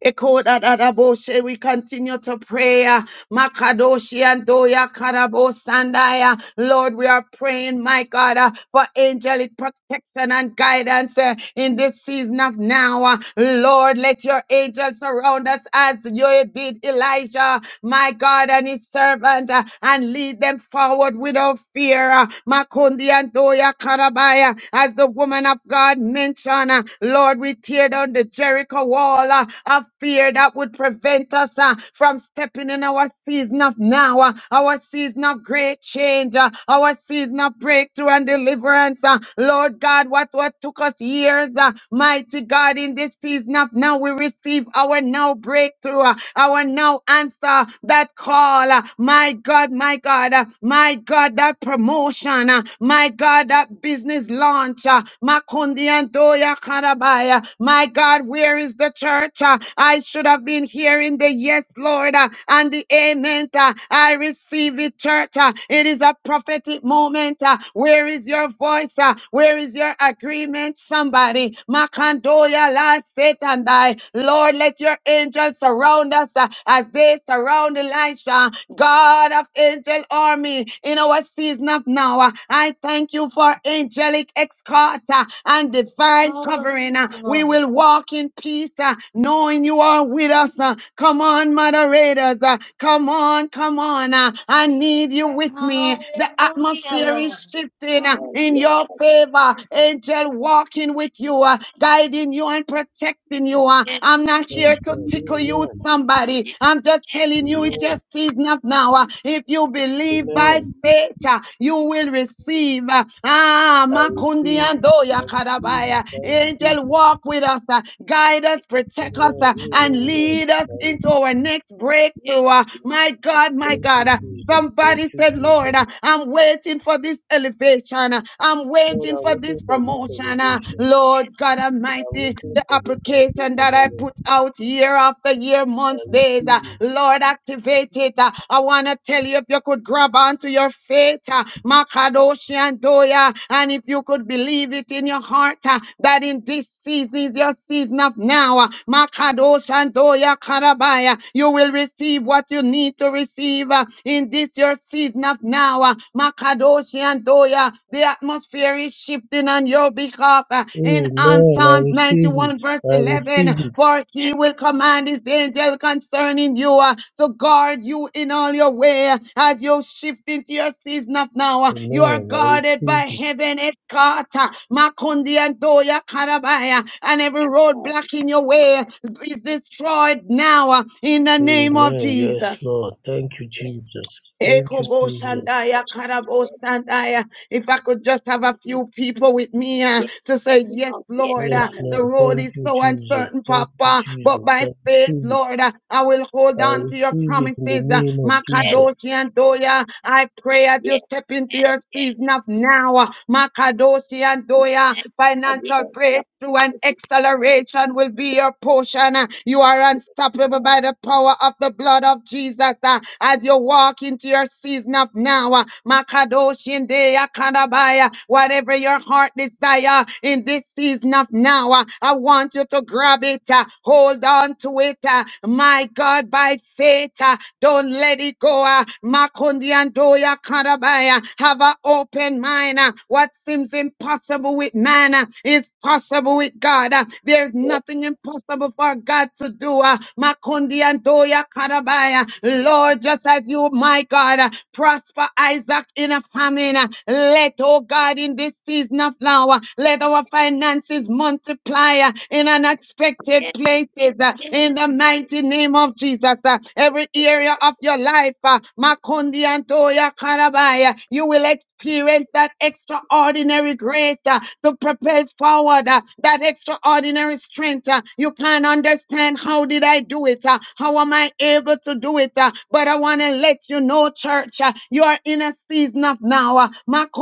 Speaker 9: Echo that other bullshit. We continue to pray. uh, Makadoshi and Doya Karabo Sandaya. Lord, we are praying, my God, uh, for angelic protection and guidance uh, in this season of now. Uh, Lord, let your angels surround us as you did Elijah, my God, and his servant, uh, and lead them forward without fear. Uh, Makundi and Doya Karabaya, as the woman of God mentioned, uh, Lord, we tear down the Jericho wall uh, of fear that would prevent us uh, from stepping in our season of now, uh, our season of great change, uh, our season of breakthrough and deliverance. uh, Lord God, what, what took us years, uh, mighty God, in this season of now, we receive our now breakthrough, uh, our now answer, that call. uh, My God, my God, uh, my God, that promotion, uh, my God, that business launch, uh, my Makondiandoya karabaya. My God, where is the church? Uh, I should have been hearing the yes, Lord, uh, and the amen. uh, I receive it, church. uh, It is a prophetic moment. uh, Where is your voice? uh, Where is your agreement? Somebody. Makandoya la setandai. Lord, let your angels surround us uh, as they surround Elisha. God of angel army, in our season of now. Uh, I thank you for angelic escort uh, and divine covering. Uh,
Speaker 4: Hallelujah,
Speaker 9: We
Speaker 4: Lord.
Speaker 9: will walk in peace, uh, knowing you are with us. Uh, Come on, moderators. Uh, Come on, come on. uh, I need you with me. The
Speaker 4: Hallelujah,
Speaker 9: atmosphere is
Speaker 4: Lord.
Speaker 9: shifting uh, in your favor. Angel walking with you, uh, guiding you and protecting you. uh. I'm not here
Speaker 8: Yes,
Speaker 9: to tickle you,
Speaker 8: Lord.
Speaker 9: somebody. I'm just
Speaker 8: Amen.
Speaker 9: telling you it's your
Speaker 8: Amen.
Speaker 9: season of now. uh. If you believe by
Speaker 8: Amen.
Speaker 9: faith, uh, you will receive. uh, Ah,
Speaker 8: I
Speaker 9: Makundi
Speaker 8: receive
Speaker 9: and
Speaker 8: it. I
Speaker 9: Doya
Speaker 8: receive it.
Speaker 9: Karabaya.
Speaker 8: I receive
Speaker 9: Angel, walk
Speaker 8: it.
Speaker 9: with us, uh, guide us, protect us,
Speaker 8: Amen.
Speaker 9: uh, and
Speaker 8: Amen, Lord.
Speaker 9: lead us
Speaker 8: I
Speaker 9: into
Speaker 8: receive it.
Speaker 9: our next breakthrough. uh, My God, my
Speaker 8: Thank you,
Speaker 9: God. uh,
Speaker 8: Jesus. Thank
Speaker 9: Somebody
Speaker 8: you,
Speaker 9: said, Lord,
Speaker 8: Jesus.
Speaker 9: uh, I'm waiting for this elevation. uh, I'm
Speaker 8: Lord,
Speaker 9: waiting
Speaker 8: I'm
Speaker 9: for
Speaker 8: waiting
Speaker 9: this
Speaker 8: for this
Speaker 9: promotion. uh,
Speaker 8: elevation.
Speaker 9: Lord God
Speaker 8: I'm
Speaker 9: Almighty, the
Speaker 8: waiting for this
Speaker 9: application
Speaker 8: elevation,
Speaker 9: that
Speaker 8: oh
Speaker 9: I
Speaker 8: Lord.
Speaker 9: put out year after year, months,
Speaker 8: I
Speaker 9: days. uh,
Speaker 8: receive it.
Speaker 9: Lord, activate it. uh, I want to tell you if you could grab onto your faith, uh, Makadoshi and Doya, and if you could believe it in your heart uh, that in this season is your season of now, uh, Makadoshi and Doya Karabaya, you will receive what you need to receive uh, in this your season of now, uh, Makadoshi and Doya. The atmosphere is shifting on your behalf uh, in on
Speaker 8: Amen. I
Speaker 9: Psalms
Speaker 8: receive
Speaker 9: 91
Speaker 8: it.
Speaker 9: verse
Speaker 8: I receive
Speaker 9: 11
Speaker 8: it.
Speaker 9: for he will command his angel concerning you uh, to guard you in all your way uh, as you shift into your season of now uh, you are
Speaker 8: Amen. I
Speaker 9: guarded by
Speaker 8: receive it.
Speaker 9: heaven it caught uh, Makundi and Doya Karabaya and every road blocking your way uh, is destroyed now uh, in the name of
Speaker 8: Amen.
Speaker 9: Jesus
Speaker 8: Yes, Lord. Thank you, Jesus. Thank you,
Speaker 9: Ekobo
Speaker 8: Jesus.
Speaker 9: Shandaya Karabo Karabosandaya if I could just have a few people with me uh, to say, Yes, Lord, uh,
Speaker 8: Yes,
Speaker 9: the
Speaker 8: Lord.
Speaker 9: road
Speaker 8: Thank
Speaker 9: is
Speaker 8: you,
Speaker 9: so
Speaker 8: Jesus.
Speaker 9: uncertain,
Speaker 8: Thank you,
Speaker 9: Papa, but
Speaker 8: Jesus. I
Speaker 9: by faith,
Speaker 8: receive it.
Speaker 9: Lord, uh, I will hold
Speaker 8: I
Speaker 9: on to your
Speaker 8: receive
Speaker 9: promises.
Speaker 8: it in the
Speaker 9: Uh,
Speaker 8: name of Jesus.
Speaker 9: Makadoshi and Doya, I pray as you step into your season of now. uh, Makadoshi and Doya, financial breakthrough and acceleration will be your portion. Uh, You are unstoppable by the power of the blood of Jesus. Uh, As you walk into your season of up now. uh, Makadoshinde Akarabaya, Whatever your heart desire in this season of now, uh, I want you to grab it, uh, hold on to it, uh, my God, by faith. uh, Don't let it go. uh, Makundi Andoya Karabaya. Have an open mind. uh, What seems impossible with man uh, is possible with God. uh, There's nothing impossible for God to do. uh, Makundi Andoya Karabaya. Lord, Lord, just as you, my God, uh, prosper Isaac in a famine. uh, Let, oh God, in this season of now, uh, let our finances multiply uh, in unexpected places. uh, In the mighty name of Jesus, uh, every area of your life, uh, Makundi and Toya Karabaya, you will experience that extraordinary grace uh, to propel forward, uh, that extraordinary strength. uh, You can't understand how did I do it. uh, uh, How am I able to do it? uh, But I want to let you know, church, uh, you are in a season of now. uh,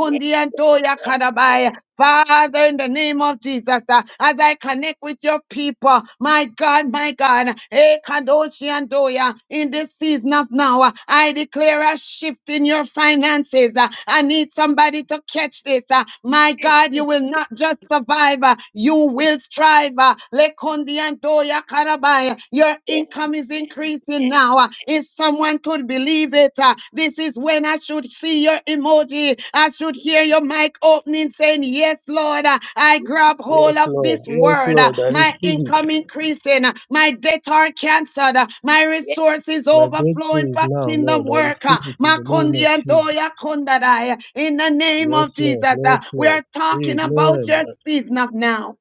Speaker 3: Yes, yes, yes, yes,
Speaker 9: and Toya Kadabai. Father, in the name of Jesus, uh, as I connect with your people, my God, my God, eh, Kadoshi and Doya, in this season of now, uh, I declare a shift in your finances. uh, I need somebody to catch this. uh, My God, you will not just survive, uh, you will strive. uh, Lekundi Mandiandoya Karabaya. Your income is increasing now. Uh, If someone could believe it, uh, this is when I should see your emoji. I should hear your mic opening saying, Yes, Lord, uh, I grab hold
Speaker 8: Yes,
Speaker 9: of this
Speaker 8: Lord. Yes,
Speaker 9: word. Uh,
Speaker 8: Lord. I
Speaker 9: My
Speaker 8: receive
Speaker 9: income
Speaker 8: it.
Speaker 9: increasing. Uh, My debt are canceled. Uh, My resources
Speaker 8: My
Speaker 9: overflowing
Speaker 8: breakthrough is
Speaker 9: for
Speaker 8: now,
Speaker 9: kingdom
Speaker 8: Lord. I
Speaker 9: work. Uh,
Speaker 8: receive it in the name of Jesus.
Speaker 9: Makondiandoya Kondadai. In the name
Speaker 8: Yes,
Speaker 9: of Jesus,
Speaker 8: Lord.
Speaker 9: uh,
Speaker 8: Yes,
Speaker 9: we
Speaker 8: Lord.
Speaker 9: are talking about
Speaker 8: Amen.
Speaker 9: your season of now.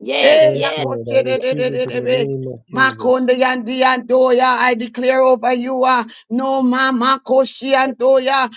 Speaker 3: yes, yes,
Speaker 9: Hey, I
Speaker 8: Yes,
Speaker 3: yes,
Speaker 9: call
Speaker 8: Lord.
Speaker 9: you,
Speaker 8: I
Speaker 9: de-
Speaker 3: yes,
Speaker 9: de-
Speaker 3: yes.
Speaker 9: de-
Speaker 8: receive
Speaker 9: de-
Speaker 8: it in
Speaker 9: de-
Speaker 8: the
Speaker 9: de.
Speaker 8: name of
Speaker 9: Makonde
Speaker 8: Jesus.
Speaker 9: yandi andoya, I declare over you, uh, no mama koshi andoya,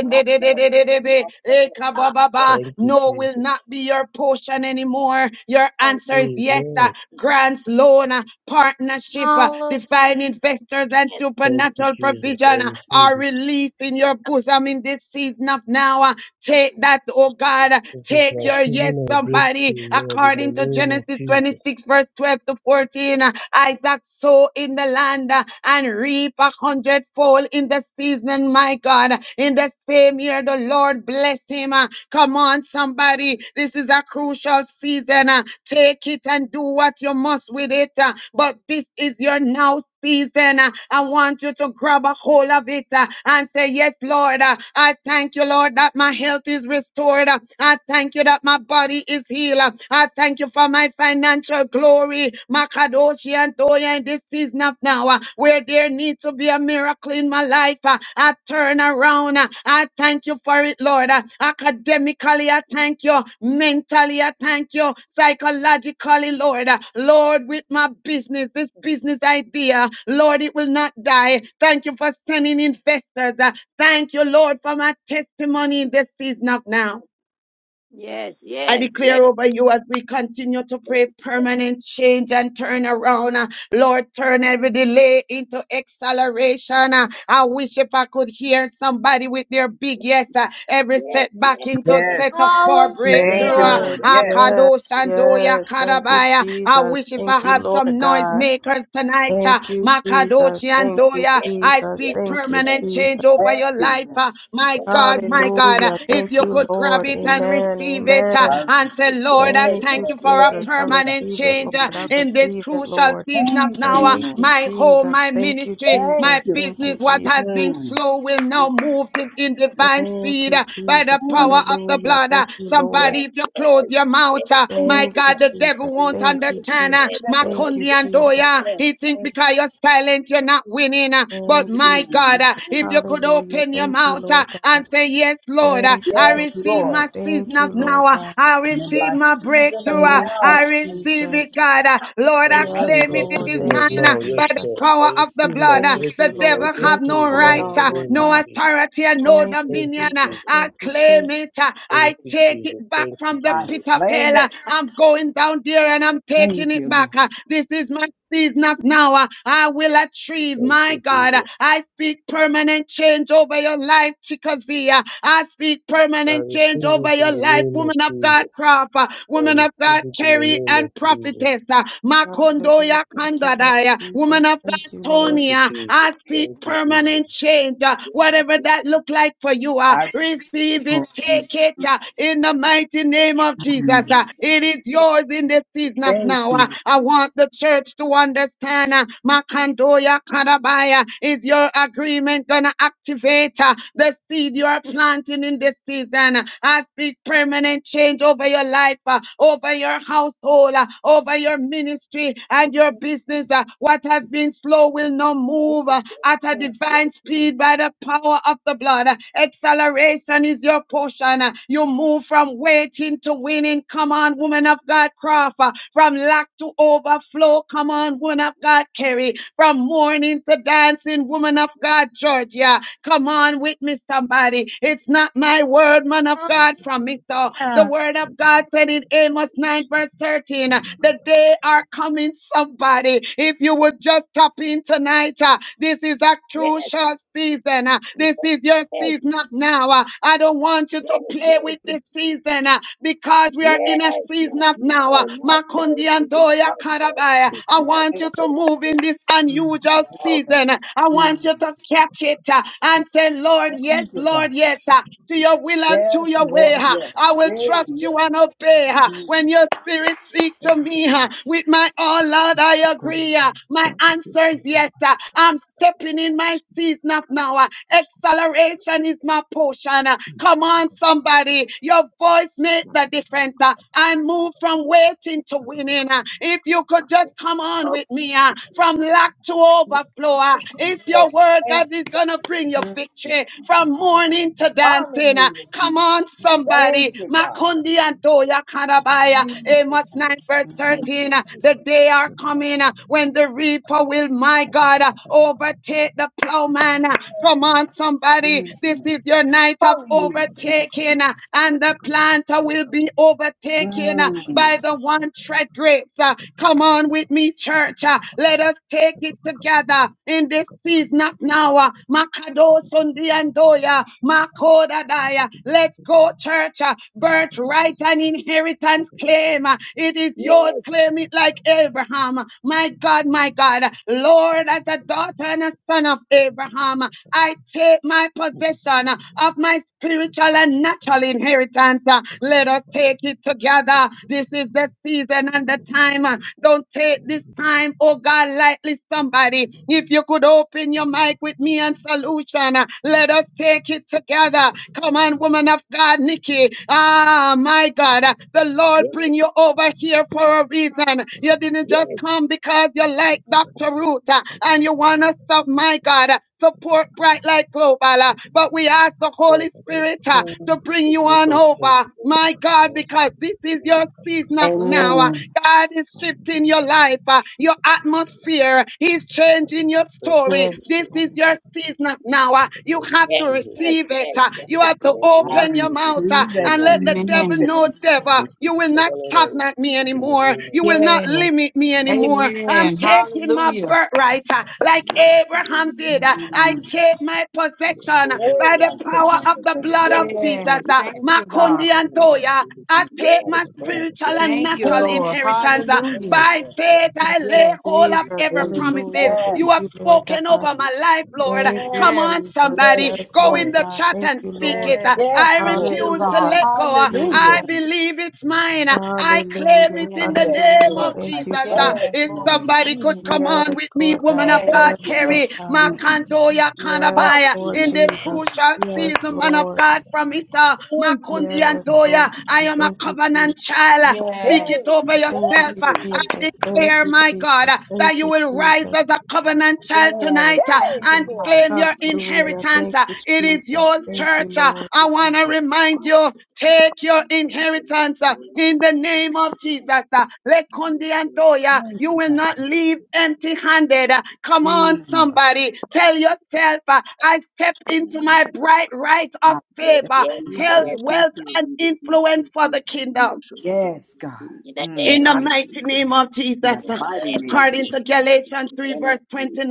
Speaker 3: No
Speaker 9: de de de
Speaker 3: marriage,
Speaker 9: de de be,
Speaker 3: no marriage,
Speaker 9: eka ba
Speaker 3: ah,
Speaker 9: ba
Speaker 3: yes,
Speaker 9: ba.
Speaker 8: Thank you,
Speaker 9: no will not
Speaker 8: Jesus.
Speaker 9: be your portion anymore. Your
Speaker 3: oh,
Speaker 9: answer is
Speaker 3: no, no,
Speaker 9: yes, uh,
Speaker 8: Amen.
Speaker 9: grants, loan, uh, partnership, uh, divine
Speaker 4: Hallelujah.
Speaker 9: investors and
Speaker 3: yes,
Speaker 8: Thank
Speaker 3: yes,
Speaker 8: you,
Speaker 9: supernatural
Speaker 8: Jesus. I
Speaker 9: provision uh,
Speaker 8: receive
Speaker 9: are
Speaker 8: it.
Speaker 9: released in your bosom in this season of now. uh, Take that, oh God.
Speaker 8: This is
Speaker 9: Take
Speaker 8: my
Speaker 9: your yes,
Speaker 8: season of
Speaker 9: somebody,
Speaker 8: breakthrough, Lord, in the
Speaker 9: according to
Speaker 8: name of
Speaker 9: Genesis
Speaker 8: Jesus.
Speaker 9: 26, verse 12 to 14. Isaac sow in the land uh, and reap a hundredfold in the season, my God. In the same year, the Lord bless him. uh, Come on, somebody. This is a crucial season. uh, Take it and do what you must with it. uh, But this is your now season. Uh, I want you to grab a hold of it uh, and say, Yes, Lord. Uh, I thank you, Lord, that my health is restored. Uh, I thank you that my body is healed. Uh, I thank you for my financial glory. Makadoshi and Toya in this season of now, uh, where there needs to be a miracle miracle in my life. uh, I turn around. uh, I thank you for it, Lord. Uh, Academically, I thank you. Mentally, I thank you. Psychologically, Lord. Uh, Lord, with my business, this business idea, Lord, it will not die. Thank you for sending investors. Uh, Thank you, Lord, for my testimony in this season of now.
Speaker 3: yes, yes, yes,
Speaker 9: I
Speaker 3: yes, yes, yes, yes, yes,
Speaker 9: declare over you as we continue to pray permanent change and turn around. uh, Lord, turn every delay into acceleration. Uh, I wish if I could hear somebody with their big yes, uh, every setback into setup
Speaker 7: Yes.
Speaker 9: for
Speaker 7: Thank
Speaker 6: Yes,
Speaker 9: breakthrough.
Speaker 7: you,
Speaker 9: uh,
Speaker 4: Hallelujah.
Speaker 7: Lord. Yes.
Speaker 6: yes,
Speaker 9: Akado Shandoya
Speaker 6: yes. Thank you,
Speaker 9: Karabaya. I
Speaker 6: Jesus.
Speaker 9: wish if I
Speaker 6: Thank you,
Speaker 9: have
Speaker 6: Lord
Speaker 9: some noise
Speaker 6: God.
Speaker 9: makers tonight. uh,
Speaker 6: Thank you, Jesus.
Speaker 9: Makadoshi and
Speaker 6: Thank you,
Speaker 9: Doya. I
Speaker 6: Jesus.
Speaker 9: speak
Speaker 6: Thank you,
Speaker 9: permanent
Speaker 6: Jesus.
Speaker 9: change over
Speaker 7: Thank
Speaker 9: your
Speaker 7: you,
Speaker 9: life.
Speaker 7: Lord.
Speaker 9: uh, My God, my God. uh,
Speaker 6: Hallelujah.
Speaker 9: If
Speaker 6: Thank
Speaker 9: you
Speaker 6: you,
Speaker 9: could grab
Speaker 6: Lord.
Speaker 9: it and
Speaker 6: Amen.
Speaker 9: receive it uh,
Speaker 7: I
Speaker 6: Amen.
Speaker 9: and
Speaker 7: receive
Speaker 9: say, Lord, I
Speaker 6: Thank
Speaker 7: it,
Speaker 6: you,
Speaker 9: thank
Speaker 3: yes,
Speaker 7: Lord.
Speaker 9: you for a
Speaker 6: Jesus.
Speaker 7: Thank
Speaker 6: I
Speaker 7: you, God.
Speaker 9: permanent
Speaker 6: receive it,
Speaker 9: change
Speaker 6: Lord.
Speaker 9: uh,
Speaker 6: I
Speaker 9: in this
Speaker 6: receive it,
Speaker 9: crucial
Speaker 6: Lord.
Speaker 9: season of
Speaker 7: Thank
Speaker 9: now.
Speaker 7: you,
Speaker 9: uh,
Speaker 6: Thank
Speaker 7: Lord.
Speaker 6: you,
Speaker 9: My home,
Speaker 6: Jesus.
Speaker 9: my
Speaker 6: Thank you,
Speaker 9: ministry,
Speaker 7: Thank
Speaker 9: my
Speaker 6: Jesus.
Speaker 7: you,
Speaker 6: Thank
Speaker 9: business,
Speaker 6: you,
Speaker 9: what
Speaker 6: Jesus.
Speaker 9: has been
Speaker 7: Lord.
Speaker 9: slow will now move di- in divine
Speaker 6: Thank
Speaker 9: speed
Speaker 6: you,
Speaker 9: uh, by
Speaker 6: Jesus.
Speaker 9: the
Speaker 7: Mm. Thank
Speaker 9: power of
Speaker 7: you.
Speaker 9: the
Speaker 6: Hallelujah.
Speaker 9: blood. uh.
Speaker 6: Thank you,
Speaker 3: yes,
Speaker 6: Lord.
Speaker 9: Somebody,
Speaker 3: yes,
Speaker 9: if you close
Speaker 3: yes,
Speaker 9: your
Speaker 3: yes,
Speaker 9: mouth, uh, my
Speaker 7: Thank
Speaker 6: Thank
Speaker 7: you,
Speaker 6: you,
Speaker 9: God,
Speaker 7: God.
Speaker 9: the
Speaker 6: Jesus.
Speaker 9: devil
Speaker 7: Mm.
Speaker 9: won't
Speaker 7: I
Speaker 6: Thank you,
Speaker 9: understand.
Speaker 6: Jesus.
Speaker 9: uh,
Speaker 7: receive it,
Speaker 6: Thank you,
Speaker 9: Makundi and
Speaker 7: Lord.
Speaker 6: Jesus.
Speaker 9: Doya, he
Speaker 7: Yes.
Speaker 9: think
Speaker 7: Thank
Speaker 9: because you're silent, you're not winning. uh, But
Speaker 6: Thank
Speaker 7: you.
Speaker 6: you,
Speaker 9: my
Speaker 7: Mm.
Speaker 9: God,
Speaker 6: Jesus.
Speaker 9: uh,
Speaker 7: Thank
Speaker 9: if you
Speaker 7: you.
Speaker 9: could
Speaker 6: Hallelujah.
Speaker 9: open your
Speaker 6: Thank you,
Speaker 9: mouth uh,
Speaker 6: Lord
Speaker 9: and
Speaker 6: God.
Speaker 9: say, Yes, Lord, uh,
Speaker 6: Thank you,
Speaker 9: I
Speaker 6: Lord
Speaker 7: Yes,
Speaker 9: receive
Speaker 6: God.
Speaker 9: my
Speaker 7: Lord.
Speaker 9: season
Speaker 6: Thank
Speaker 9: of now
Speaker 6: you,
Speaker 9: now.
Speaker 6: Lord
Speaker 9: uh,
Speaker 6: God.
Speaker 9: I
Speaker 7: And in
Speaker 9: receive
Speaker 7: my
Speaker 9: my
Speaker 7: season of
Speaker 9: breakthrough. uh,
Speaker 6: Thank you,
Speaker 7: now,
Speaker 9: I
Speaker 7: thank you.
Speaker 9: receive
Speaker 6: Jesus.
Speaker 9: it, God. uh,
Speaker 8: I
Speaker 9: Lord, I
Speaker 7: I
Speaker 8: receive
Speaker 6: Yes,
Speaker 9: claim
Speaker 7: receive
Speaker 8: my
Speaker 9: it. It
Speaker 6: Lord.
Speaker 9: is
Speaker 8: season
Speaker 7: it.
Speaker 8: of
Speaker 9: mine
Speaker 6: Thank you,
Speaker 9: uh,
Speaker 8: now, yes,
Speaker 9: by the
Speaker 6: Jesus.
Speaker 8: Lord. I
Speaker 9: power of the
Speaker 8: receive my
Speaker 9: blood. uh,
Speaker 6: Thank you,
Speaker 9: The
Speaker 8: breakthrough. My
Speaker 6: Lord.
Speaker 9: devil have
Speaker 6: Thank you
Speaker 8: breakthrough
Speaker 9: no
Speaker 8: is
Speaker 6: for
Speaker 8: now
Speaker 6: it
Speaker 9: right,
Speaker 8: in the
Speaker 6: all,
Speaker 9: uh,
Speaker 6: Lord
Speaker 8: name of
Speaker 9: no
Speaker 6: God.
Speaker 8: Jesus.
Speaker 9: authority, and no
Speaker 6: Thank you,
Speaker 8: Thank you,
Speaker 9: dominion. uh,
Speaker 6: Jesus.
Speaker 8: Jesus.
Speaker 9: I
Speaker 6: Thank you,
Speaker 9: claim
Speaker 6: Jesus.
Speaker 9: it. uh, I
Speaker 8: Thank you,
Speaker 9: take it
Speaker 8: Jesus.
Speaker 9: back
Speaker 8: Thank you,
Speaker 9: from the
Speaker 7: I
Speaker 9: pit
Speaker 8: Jesus.
Speaker 9: of
Speaker 7: claim
Speaker 9: hell. uh,
Speaker 7: it.
Speaker 9: I'm going down there and I'm taking
Speaker 7: Thank
Speaker 9: it
Speaker 7: you, Lord.
Speaker 9: back. uh, This is my sees not now. uh, I will achieve,
Speaker 8: Thank
Speaker 9: my
Speaker 8: you,
Speaker 9: God. Uh,
Speaker 8: Jesus.
Speaker 9: I speak permanent change over your life, Chickasee. Uh, I speak
Speaker 8: I
Speaker 9: permanent change
Speaker 8: receive
Speaker 9: over
Speaker 8: it in
Speaker 9: your
Speaker 8: the
Speaker 9: life,
Speaker 8: name of
Speaker 9: woman of God,
Speaker 8: Jesus.
Speaker 9: crop, uh,
Speaker 8: I
Speaker 9: woman of
Speaker 8: receive
Speaker 9: God,
Speaker 8: it in the
Speaker 9: carry
Speaker 8: name of
Speaker 9: and
Speaker 8: Jesus.
Speaker 9: prophetess, uh,
Speaker 6: Hallelujah.
Speaker 9: Makondoya
Speaker 6: Thank you, Lord
Speaker 9: Kandadaya, woman
Speaker 6: Jesus.
Speaker 9: of
Speaker 6: Thank you,
Speaker 9: God,
Speaker 6: Lord.
Speaker 8: Thank you,
Speaker 9: Tonia. I
Speaker 8: Jesus.
Speaker 9: speak
Speaker 8: Thank you,
Speaker 9: permanent
Speaker 8: Jesus.
Speaker 9: change, uh, whatever that look like for you. Uh,
Speaker 7: I
Speaker 9: receive it,
Speaker 7: mm,
Speaker 9: take it uh, in the mighty name of Jesus. uh, it is yours in the season of now
Speaker 7: thank
Speaker 9: now.
Speaker 7: you.
Speaker 9: Uh,
Speaker 7: Thank
Speaker 9: I want the church to understand uh, Makandoya Karabaya is your agreement gonna activate uh, the seed you are planting in this season. Uh, I speak permanent change over your life, uh, over your household, uh, over your ministry and your business. uh, What has been slow will now move uh, at a divine speed by the power of the blood. Uh, Acceleration is your portion. Uh, You move from waiting to winning. Come on, woman woman of God, Crawford, uh, from lack to overflow. Come on, woman of God, Kerry, from mourning to dancing, woman of God, Georgia. Come on with me, somebody. It's not my word, man of God,
Speaker 4: Hallelujah.
Speaker 9: from me. So the word of God said in Amos 9, verse 13, uh, the day are coming, somebody. If you would just tap in tonight, uh, this is a crucial season. uh, This is your season up now. uh, I don't want you to play with this season. uh, children uh, because we are in a season of now. uh, Makundi and Doya Karabaya. I want you to move in this unusual
Speaker 7: you.
Speaker 9: season. uh, I want
Speaker 7: Mm,
Speaker 9: you to catch it uh, and say, Lord, yes,
Speaker 7: thank you, God.
Speaker 9: Lord, yes, uh, to your will and to
Speaker 7: Yes,
Speaker 9: your way.
Speaker 7: Lord,
Speaker 9: uh,
Speaker 7: yes.
Speaker 9: I will
Speaker 7: Yay,
Speaker 9: trust you
Speaker 7: yes.
Speaker 9: and obey. uh, When
Speaker 7: Mm,
Speaker 9: your spirit speaks to
Speaker 7: thank you,
Speaker 9: me
Speaker 10: Shaka
Speaker 7: God.
Speaker 9: uh, with my all, Lord, I agree. uh, My answer is yes. uh, I'm stepping in my season of now. uh, Acceleration is my portion. uh, Come on on, somebody. Your voice made the difference. Uh, I moved from waiting to winning. Uh, If you could just come on with me uh, from lack to overflow, uh,
Speaker 3: Oh,
Speaker 7: Yes,
Speaker 9: it's your
Speaker 7: thank
Speaker 9: word
Speaker 7: you.
Speaker 9: God is going to bring you
Speaker 7: Mm,
Speaker 9: victory from
Speaker 3: Jesus.
Speaker 9: mourning to dancing. uh,
Speaker 7: hallelujah,
Speaker 9: Come
Speaker 7: Jesus.
Speaker 9: on,
Speaker 7: Thank
Speaker 9: somebody.
Speaker 7: you, God.
Speaker 9: Makundi and Toya Kanabaya.
Speaker 7: Thank you,
Speaker 9: Amos
Speaker 7: God.
Speaker 9: 9, verse
Speaker 7: Mm,
Speaker 9: 13. uh, The day are coming uh, when the reaper will, my God, uh, overtake the plowman. uh, Come on, somebody.
Speaker 7: mm,
Speaker 9: This is your night of
Speaker 7: hallelujah. Thank you,
Speaker 9: overtaking,
Speaker 7: Jesus.
Speaker 9: uh, and the planter will be overtaken uh,
Speaker 7: Mm,
Speaker 9: by the one tread grapes. uh, Come on with me, church. uh, Let us take it together in this season of now. uh, Makadosundi and Doya, Makodadaya. Let's go, church. uh, Birthright and inheritance claim. uh, It is yours.
Speaker 3: Yes,
Speaker 9: Claim it like Abraham. My God, my God. Lord, as a daughter and a son of Abraham, I take my possession uh, of my spiritual and natural inheritance. uh, Let us take it together. This is the season and the time. uh, Don't take this time, oh God, lightly, somebody. If you could open your
Speaker 10: Shaka
Speaker 9: mic with me and solution, uh, let us take it together. Come on, woman of God, Nikki. Ah, my God, uh, the Lord
Speaker 3: yes,
Speaker 9: bring you over here for a reason. You didn't just
Speaker 3: yes,
Speaker 9: come because you like Dr. Root uh, and you want to stop, my God. Support Bright Light Global. uh, But we ask the
Speaker 8: God
Speaker 9: Holy Spirit uh, to
Speaker 8: open
Speaker 9: bring
Speaker 8: the
Speaker 9: you
Speaker 8: gate
Speaker 9: on
Speaker 8: of heaven
Speaker 9: over, my God,
Speaker 8: for us.
Speaker 9: because this
Speaker 8: in
Speaker 9: is
Speaker 8: the name
Speaker 9: your
Speaker 8: of Jesus.
Speaker 9: season of now. uh,
Speaker 11: Amen.
Speaker 9: God is shifting your life, uh, your atmosphere. He's changing your
Speaker 8: Thank you,
Speaker 9: story.
Speaker 11: Yes.
Speaker 9: This
Speaker 8: Jesus.
Speaker 9: is your season of now. uh, You
Speaker 8: Thank you,
Speaker 9: have to
Speaker 3: yes, yes,
Speaker 8: Jesus.
Speaker 3: yes,
Speaker 9: receive
Speaker 3: yes,
Speaker 9: it.
Speaker 3: yes,
Speaker 9: uh, You have to
Speaker 3: yes,
Speaker 8: We
Speaker 7: I
Speaker 9: open your
Speaker 8: receive it
Speaker 9: mouth
Speaker 8: in
Speaker 9: uh,
Speaker 8: the
Speaker 7: receive it.
Speaker 8: name
Speaker 9: and
Speaker 7: I
Speaker 8: of
Speaker 9: let the devil
Speaker 8: Jesus.
Speaker 7: receive
Speaker 11: Amen.
Speaker 7: it in
Speaker 9: know, devil,
Speaker 7: Jesus'
Speaker 9: you will
Speaker 8: Father,
Speaker 9: not
Speaker 8: Lord, I
Speaker 9: stagnate
Speaker 8: receive
Speaker 9: me
Speaker 8: it
Speaker 10: Thank
Speaker 8: in the
Speaker 9: anymore.
Speaker 8: name of
Speaker 9: You will not
Speaker 8: Jesus.
Speaker 11: Yes.
Speaker 9: limit me anymore. I'm
Speaker 11: Amen.
Speaker 9: taking my
Speaker 11: Hallelujah.
Speaker 9: birthright uh, like Abraham did. Uh, I
Speaker 7: Mm.
Speaker 9: take my possession uh,
Speaker 7: Hey,
Speaker 9: by the
Speaker 7: I take
Speaker 9: power
Speaker 7: my
Speaker 9: of the
Speaker 7: possession.
Speaker 3: yes, yes,
Speaker 9: blood of
Speaker 3: yes,
Speaker 9: Jesus.
Speaker 11: Yes.
Speaker 9: uh,
Speaker 3: yes,
Speaker 11: Thank you,
Speaker 3: yes,
Speaker 11: God.
Speaker 9: Makundi Antoya. I take
Speaker 3: yes,
Speaker 9: my
Speaker 3: yes,
Speaker 9: spiritual and
Speaker 11: Thank you,
Speaker 9: natural
Speaker 7: Thank
Speaker 11: Lord.
Speaker 7: you,
Speaker 9: inheritance. uh,
Speaker 7: God.
Speaker 11: Hallelujah.
Speaker 9: By
Speaker 7: Thank you, Lord.
Speaker 9: faith,
Speaker 7: Thank you.
Speaker 9: I
Speaker 6: Thank you,
Speaker 9: lay
Speaker 11: Yes.
Speaker 9: hold of
Speaker 6: Jesus.
Speaker 9: every
Speaker 7: Amen.
Speaker 9: promises
Speaker 6: Hallelujah.
Speaker 9: you
Speaker 6: Thank
Speaker 9: have
Speaker 6: you, Lord
Speaker 9: spoken
Speaker 6: God.
Speaker 9: over my life, Lord.
Speaker 6: Thank you,
Speaker 9: Come on,
Speaker 11: Yes.
Speaker 6: Jesus.
Speaker 9: somebody victory.
Speaker 7: Yes,
Speaker 6: Yes,
Speaker 9: Go
Speaker 6: Lord
Speaker 9: in
Speaker 7: Lord.
Speaker 9: the
Speaker 6: God.
Speaker 9: chat
Speaker 6: Thank
Speaker 9: and
Speaker 6: you,
Speaker 9: speak
Speaker 6: Lord.
Speaker 9: it. Uh,
Speaker 11: Yes.
Speaker 7: Yes,
Speaker 9: I
Speaker 11: Thank
Speaker 7: Lord.
Speaker 11: you,
Speaker 9: refuse
Speaker 7: Yes,
Speaker 9: to
Speaker 11: God.
Speaker 6: Hallelujah.
Speaker 9: let go. Uh, I
Speaker 11: Hallelujah.
Speaker 6: Hallelujah.
Speaker 9: believe it's mine. Uh, I claim
Speaker 6: Hallelujah.
Speaker 9: it in the
Speaker 7: yes,
Speaker 11: Yes.
Speaker 9: name
Speaker 6: Hallelujah.
Speaker 9: of
Speaker 7: Lord. I
Speaker 9: Jesus.
Speaker 6: Thank you,
Speaker 9: Uh,
Speaker 7: claim
Speaker 6: Jesus.
Speaker 7: it
Speaker 11: Yes,
Speaker 9: If
Speaker 7: in the
Speaker 11: Lord. We
Speaker 7: name of
Speaker 9: somebody could
Speaker 11: claim it.
Speaker 9: come on
Speaker 6: Yes,
Speaker 9: with me,
Speaker 6: Lord
Speaker 9: woman of
Speaker 6: God.
Speaker 9: God,
Speaker 11: Yes.
Speaker 6: Yes,
Speaker 7: Thank you,
Speaker 6: Lord
Speaker 7: Lord.
Speaker 9: carry
Speaker 6: God.
Speaker 11: Thank
Speaker 7: Mm.
Speaker 11: you, Jesus.
Speaker 9: Makandoya
Speaker 6: Yes,
Speaker 9: Kanabaya
Speaker 6: Lord
Speaker 9: in
Speaker 7: Hallelujah.
Speaker 9: this
Speaker 7: Thank you.
Speaker 6: Jesus.
Speaker 9: crucial
Speaker 6: Yes,
Speaker 9: season, man of
Speaker 6: Lord.
Speaker 9: God, from Issa,
Speaker 7: Thank you.
Speaker 9: Makundi and
Speaker 6: Yes, Lord
Speaker 9: Doya. I
Speaker 6: God.
Speaker 9: am a
Speaker 6: Thank you, Jesus.
Speaker 9: covenant
Speaker 10: you.
Speaker 9: child. Speak
Speaker 11: Yes.
Speaker 9: it
Speaker 7: Hey,
Speaker 9: over
Speaker 6: Thank
Speaker 7: thank
Speaker 9: yourself.
Speaker 6: you,
Speaker 7: you, Lord. God.
Speaker 9: I
Speaker 6: Jesus. Thank
Speaker 9: declare,
Speaker 6: you,
Speaker 9: my God,
Speaker 6: Jesus.
Speaker 9: uh,
Speaker 10: Shakabaka
Speaker 9: that
Speaker 6: Thank
Speaker 9: you
Speaker 6: you,
Speaker 9: will rise
Speaker 10: and
Speaker 6: Jesus.
Speaker 9: as a covenant
Speaker 10: the
Speaker 9: child
Speaker 11: Yes.
Speaker 9: tonight uh,
Speaker 11: Thank
Speaker 7: Hey,
Speaker 9: and
Speaker 11: you, God.
Speaker 7: glory.
Speaker 9: claim
Speaker 10: Bush.
Speaker 9: your
Speaker 6: Hallelujah.
Speaker 9: inheritance.
Speaker 6: Thank
Speaker 9: uh.
Speaker 6: you,
Speaker 9: It is
Speaker 6: Jesus.
Speaker 9: yours,
Speaker 6: Thank you,
Speaker 9: church. uh.
Speaker 6: Lord.
Speaker 9: I want to remind you take your inheritance uh, in the name of Jesus. uh, Lekundi Antoya,
Speaker 7: Thank
Speaker 9: you
Speaker 7: you,
Speaker 9: will
Speaker 7: God.
Speaker 9: not leave empty handed. Come on,
Speaker 7: Mm.
Speaker 9: somebody, tell yourself, uh, I step into
Speaker 12: Kuridhika
Speaker 9: my bright right of
Speaker 7: I,
Speaker 9: favor,
Speaker 3: yes,
Speaker 9: health, wealth,
Speaker 12: katika
Speaker 9: and
Speaker 12: vile
Speaker 9: influence
Speaker 12: vitu
Speaker 9: for the
Speaker 12: vitakavyo
Speaker 9: kingdom.
Speaker 7: yes, God. Mm.
Speaker 9: In the
Speaker 7: Thank you.
Speaker 9: mighty name of
Speaker 7: In the
Speaker 9: Jesus, uh,
Speaker 7: mighty name of Jesus.
Speaker 9: according to Galatians
Speaker 3: yes,
Speaker 9: 3,
Speaker 3: yes,
Speaker 9: verse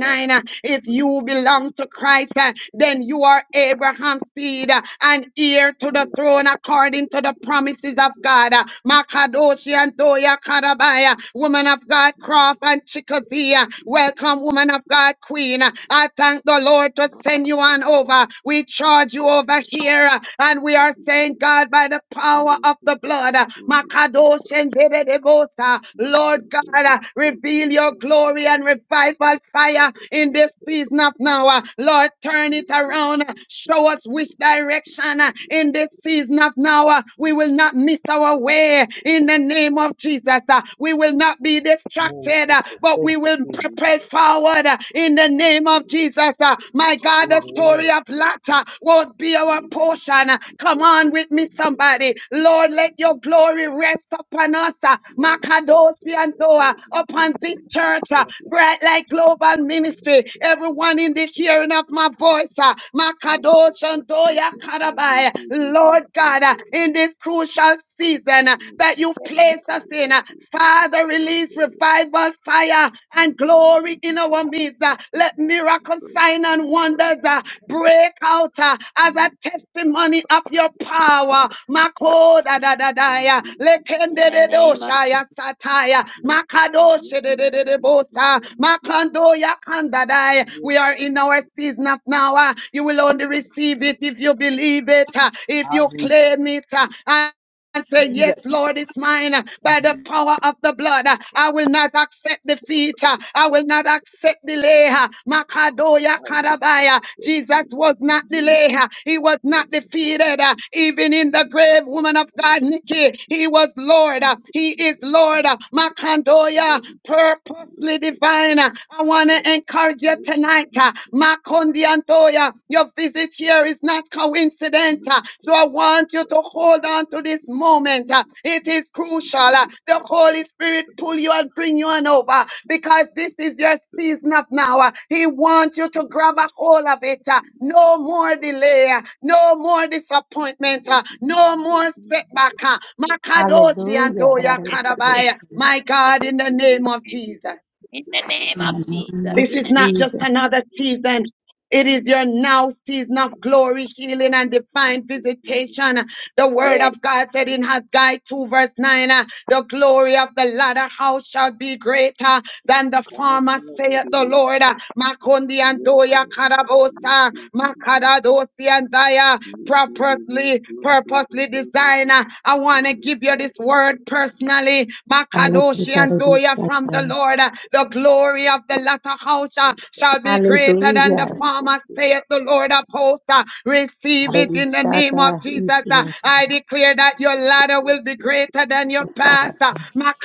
Speaker 3: yes,
Speaker 9: uh, if you belong to Christ, uh, then you are Abraham's seed uh, and heir to the throne according to the promises of God. Uh, Makadoshi and Doya Karabaya, woman of God, Croft and Chickasee. uh, Welcome, woman of God, Queen. Uh, I thank the Lord to send you on over. We charge you over here, uh, and we are saying, God, by the power power of the blood. uh, Makadosh and Dedebosa. Lord God, uh, reveal your glory and revival fire in this season of now. uh, Lord, turn it around. uh, Show us which direction uh, in this season of now. uh, We will not miss our way in the name of Jesus. uh, We will not be
Speaker 8: Amen,
Speaker 9: distracted, uh,
Speaker 8: Jesus.
Speaker 9: but
Speaker 8: Thank
Speaker 9: we
Speaker 8: you,
Speaker 9: will
Speaker 8: Jesus.
Speaker 9: propel forward uh, in the name of Jesus. uh, My God, the story
Speaker 8: Amen.
Speaker 9: of latter won't be our portion. Uh, Come on with me, somebody. Lord, let your glory rest upon us, uh, Makadoshi and Doa, upon this church, uh,
Speaker 8: Thank you.
Speaker 9: Bright Light Global Ministry. Everyone in the hearing of my voice, uh, Makadoshi and Doya Karabai. Lord God, uh, in this crucial season uh, that you place us in, uh, Father, release revival God fire and glory in our midst. uh, Let miracle sign and wonders uh, break out uh, as a testimony of your power. Makoda da da da ya,
Speaker 3: yes. In
Speaker 9: lekende
Speaker 3: the
Speaker 9: de do
Speaker 3: name of Jesus,
Speaker 9: shaya sataya, makadoshe de de de de bosa, makando ya kanda da ya. We are in our season of now. uh, You will only receive it if you believe it, uh, if
Speaker 7: I
Speaker 9: you claim it. uh, and say,
Speaker 7: receive it.
Speaker 9: Yes, Lord, it's mine uh, by the power of the blood. uh, I will not accept defeat. uh, I will not accept delay. uh, Makadoya Karabaya. Jesus was not delayed. uh, He was not defeated. uh, Even in the grave, woman of God, Nikki, he was Lord. uh, He is Lord. uh,
Speaker 12: Thank
Speaker 9: Makandoya,
Speaker 12: you.
Speaker 9: purposely divine. uh, I want to encourage you tonight. uh, Makondiantoya, your visit here is not coincidental, So I want you to hold on to this moment. uh, It is crucial. uh, The Holy Spirit pull you and bring you on over because this is your season of now. uh, He wants you to grab a hold of it. uh, No more delay. uh, No more disappointment. uh, No more setback. uh, Makadoshi and
Speaker 13: Hallelujah. That
Speaker 9: Doya
Speaker 13: I receive
Speaker 9: Karabaya. My God, in the name of Jesus.
Speaker 3: in the name
Speaker 13: in
Speaker 3: of
Speaker 13: the name
Speaker 3: Jesus,
Speaker 13: of
Speaker 9: This
Speaker 3: in
Speaker 9: is
Speaker 3: the name of Jesus, yes. Amen. in the name of Jesus, yes, Lord. in the name of Jesus, in the
Speaker 9: not
Speaker 3: name,
Speaker 9: just
Speaker 13: Jesus.
Speaker 9: another season. It is your now season of glory, healing, and divine visitation. The word
Speaker 3: yes,
Speaker 9: of God said in Haggai 2 verse 9, uh, the glory of the latter house shall be greater than the former, saith the Lord. Uh, Makundi and Doya Karabosa,
Speaker 12: Thank you.
Speaker 9: Makaradosi and Daya,
Speaker 12: Thank you.
Speaker 9: purposely, purposely designer. I want to give you this word personally.
Speaker 13: Hallelujah.
Speaker 9: Makadoshi
Speaker 13: That I
Speaker 9: and
Speaker 13: be
Speaker 9: Doya
Speaker 13: shut
Speaker 9: from the
Speaker 13: up.
Speaker 9: Lord. Uh, The glory of the latter house uh, shall be greater than the
Speaker 13: Hallelujah.
Speaker 9: former, saith the Lord of hosts. Uh, Receive
Speaker 13: That I
Speaker 9: it
Speaker 13: be
Speaker 9: in the
Speaker 13: shut
Speaker 9: name of
Speaker 13: up.
Speaker 9: Jesus. Jesus. Uh,
Speaker 13: Easy.
Speaker 9: I declare that your ladder will be greater than your
Speaker 13: Yes, Father.
Speaker 9: past. Uh,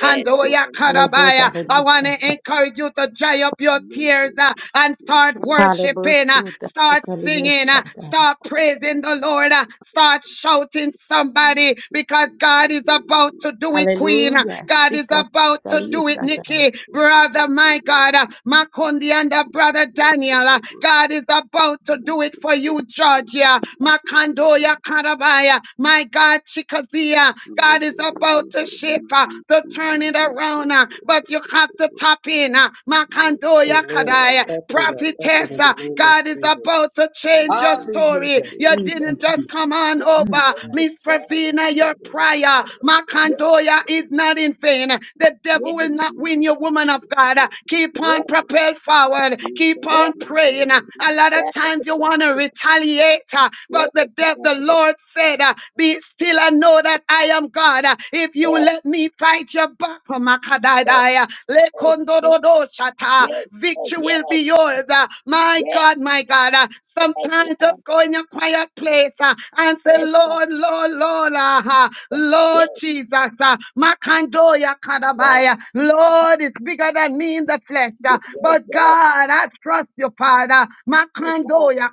Speaker 3: yes, yes,
Speaker 13: Hallelujah.
Speaker 9: Karabaya.
Speaker 13: That I
Speaker 9: I
Speaker 13: be
Speaker 9: want
Speaker 13: shut
Speaker 9: to
Speaker 13: up.
Speaker 9: encourage you to dry up your tears uh, and start
Speaker 13: Hallelujah.
Speaker 9: worshiping, uh,
Speaker 13: Suta.
Speaker 9: start
Speaker 13: Hallelujah.
Speaker 9: singing, uh,
Speaker 13: Shut up.
Speaker 9: start praising the Lord, uh, start shouting somebody because God is about to do it, Queen. Uh,
Speaker 13: Hallelujah.
Speaker 9: God is
Speaker 13: Sika.
Speaker 9: about to
Speaker 13: Hallelujah.
Speaker 9: do it,
Speaker 13: Shut up.
Speaker 9: Nikki, brother, my God, uh, Makundi and the brother Daniel. uh, God is about to do it for you, Georgia. Makando Toya Karabaya. My God, Chikazia, God is about to shift, uh, to turn it around, uh, but you have to tap in. uh, Makandoya
Speaker 8: Amen. I
Speaker 9: Kadaya,
Speaker 8: tap in, I tap in
Speaker 9: prophetess,
Speaker 8: in the
Speaker 9: uh,
Speaker 8: name of
Speaker 9: God is
Speaker 8: Jesus.
Speaker 9: about to change your story.
Speaker 7: Hallelujah.
Speaker 9: You
Speaker 7: Thank
Speaker 3: yes,
Speaker 7: you,
Speaker 9: didn't just
Speaker 7: Jesus.
Speaker 9: come on
Speaker 3: yes, yes, yes, yes, yes,
Speaker 7: Mm.
Speaker 9: over.
Speaker 3: yes,
Speaker 9: Miss Pravina, your prayer, Makandoya is not in vain. The devil will not win you, woman of God. Keep on propel forward. Keep on praying. A lot of times
Speaker 3: yes,
Speaker 9: you want to retaliate, uh,
Speaker 3: yes,
Speaker 9: but the
Speaker 3: yes, yes,
Speaker 9: death,
Speaker 3: yes.
Speaker 9: the Lord said, uh, Be still and know that I am God. Uh, If you
Speaker 3: Yes,
Speaker 9: let me fight your battle,
Speaker 3: yes,
Speaker 9: Makadaidaya,
Speaker 3: yes,
Speaker 9: Lekondododoshata, victory
Speaker 3: yes,
Speaker 9: will be yours. Uh, My
Speaker 3: yes,
Speaker 9: God, my God. uh,
Speaker 3: yes,
Speaker 9: Sometimes just
Speaker 3: Lord.
Speaker 9: go in your quiet place uh, and say,
Speaker 3: Yes, Lord.
Speaker 9: Lord, Lord, Lord, uh, uh, Lord
Speaker 3: Yes,
Speaker 9: Jesus, uh, Makandoya
Speaker 3: Lord.
Speaker 9: Kadabaya. Lord is bigger than me in the flesh. uh,
Speaker 3: Yes, yes, yes, yes,
Speaker 9: But
Speaker 3: yes,
Speaker 9: God, I trust you, Father.
Speaker 3: yes, God.
Speaker 9: Makandoya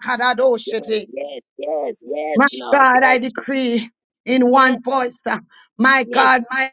Speaker 3: Yes,
Speaker 9: Kadadoshiti.
Speaker 3: yes, yes,
Speaker 9: My
Speaker 3: yes, Lord.
Speaker 9: God, I
Speaker 3: Yes,
Speaker 9: decree in
Speaker 3: yes,
Speaker 9: one voice, uh, my
Speaker 3: yes, yes,
Speaker 9: God, my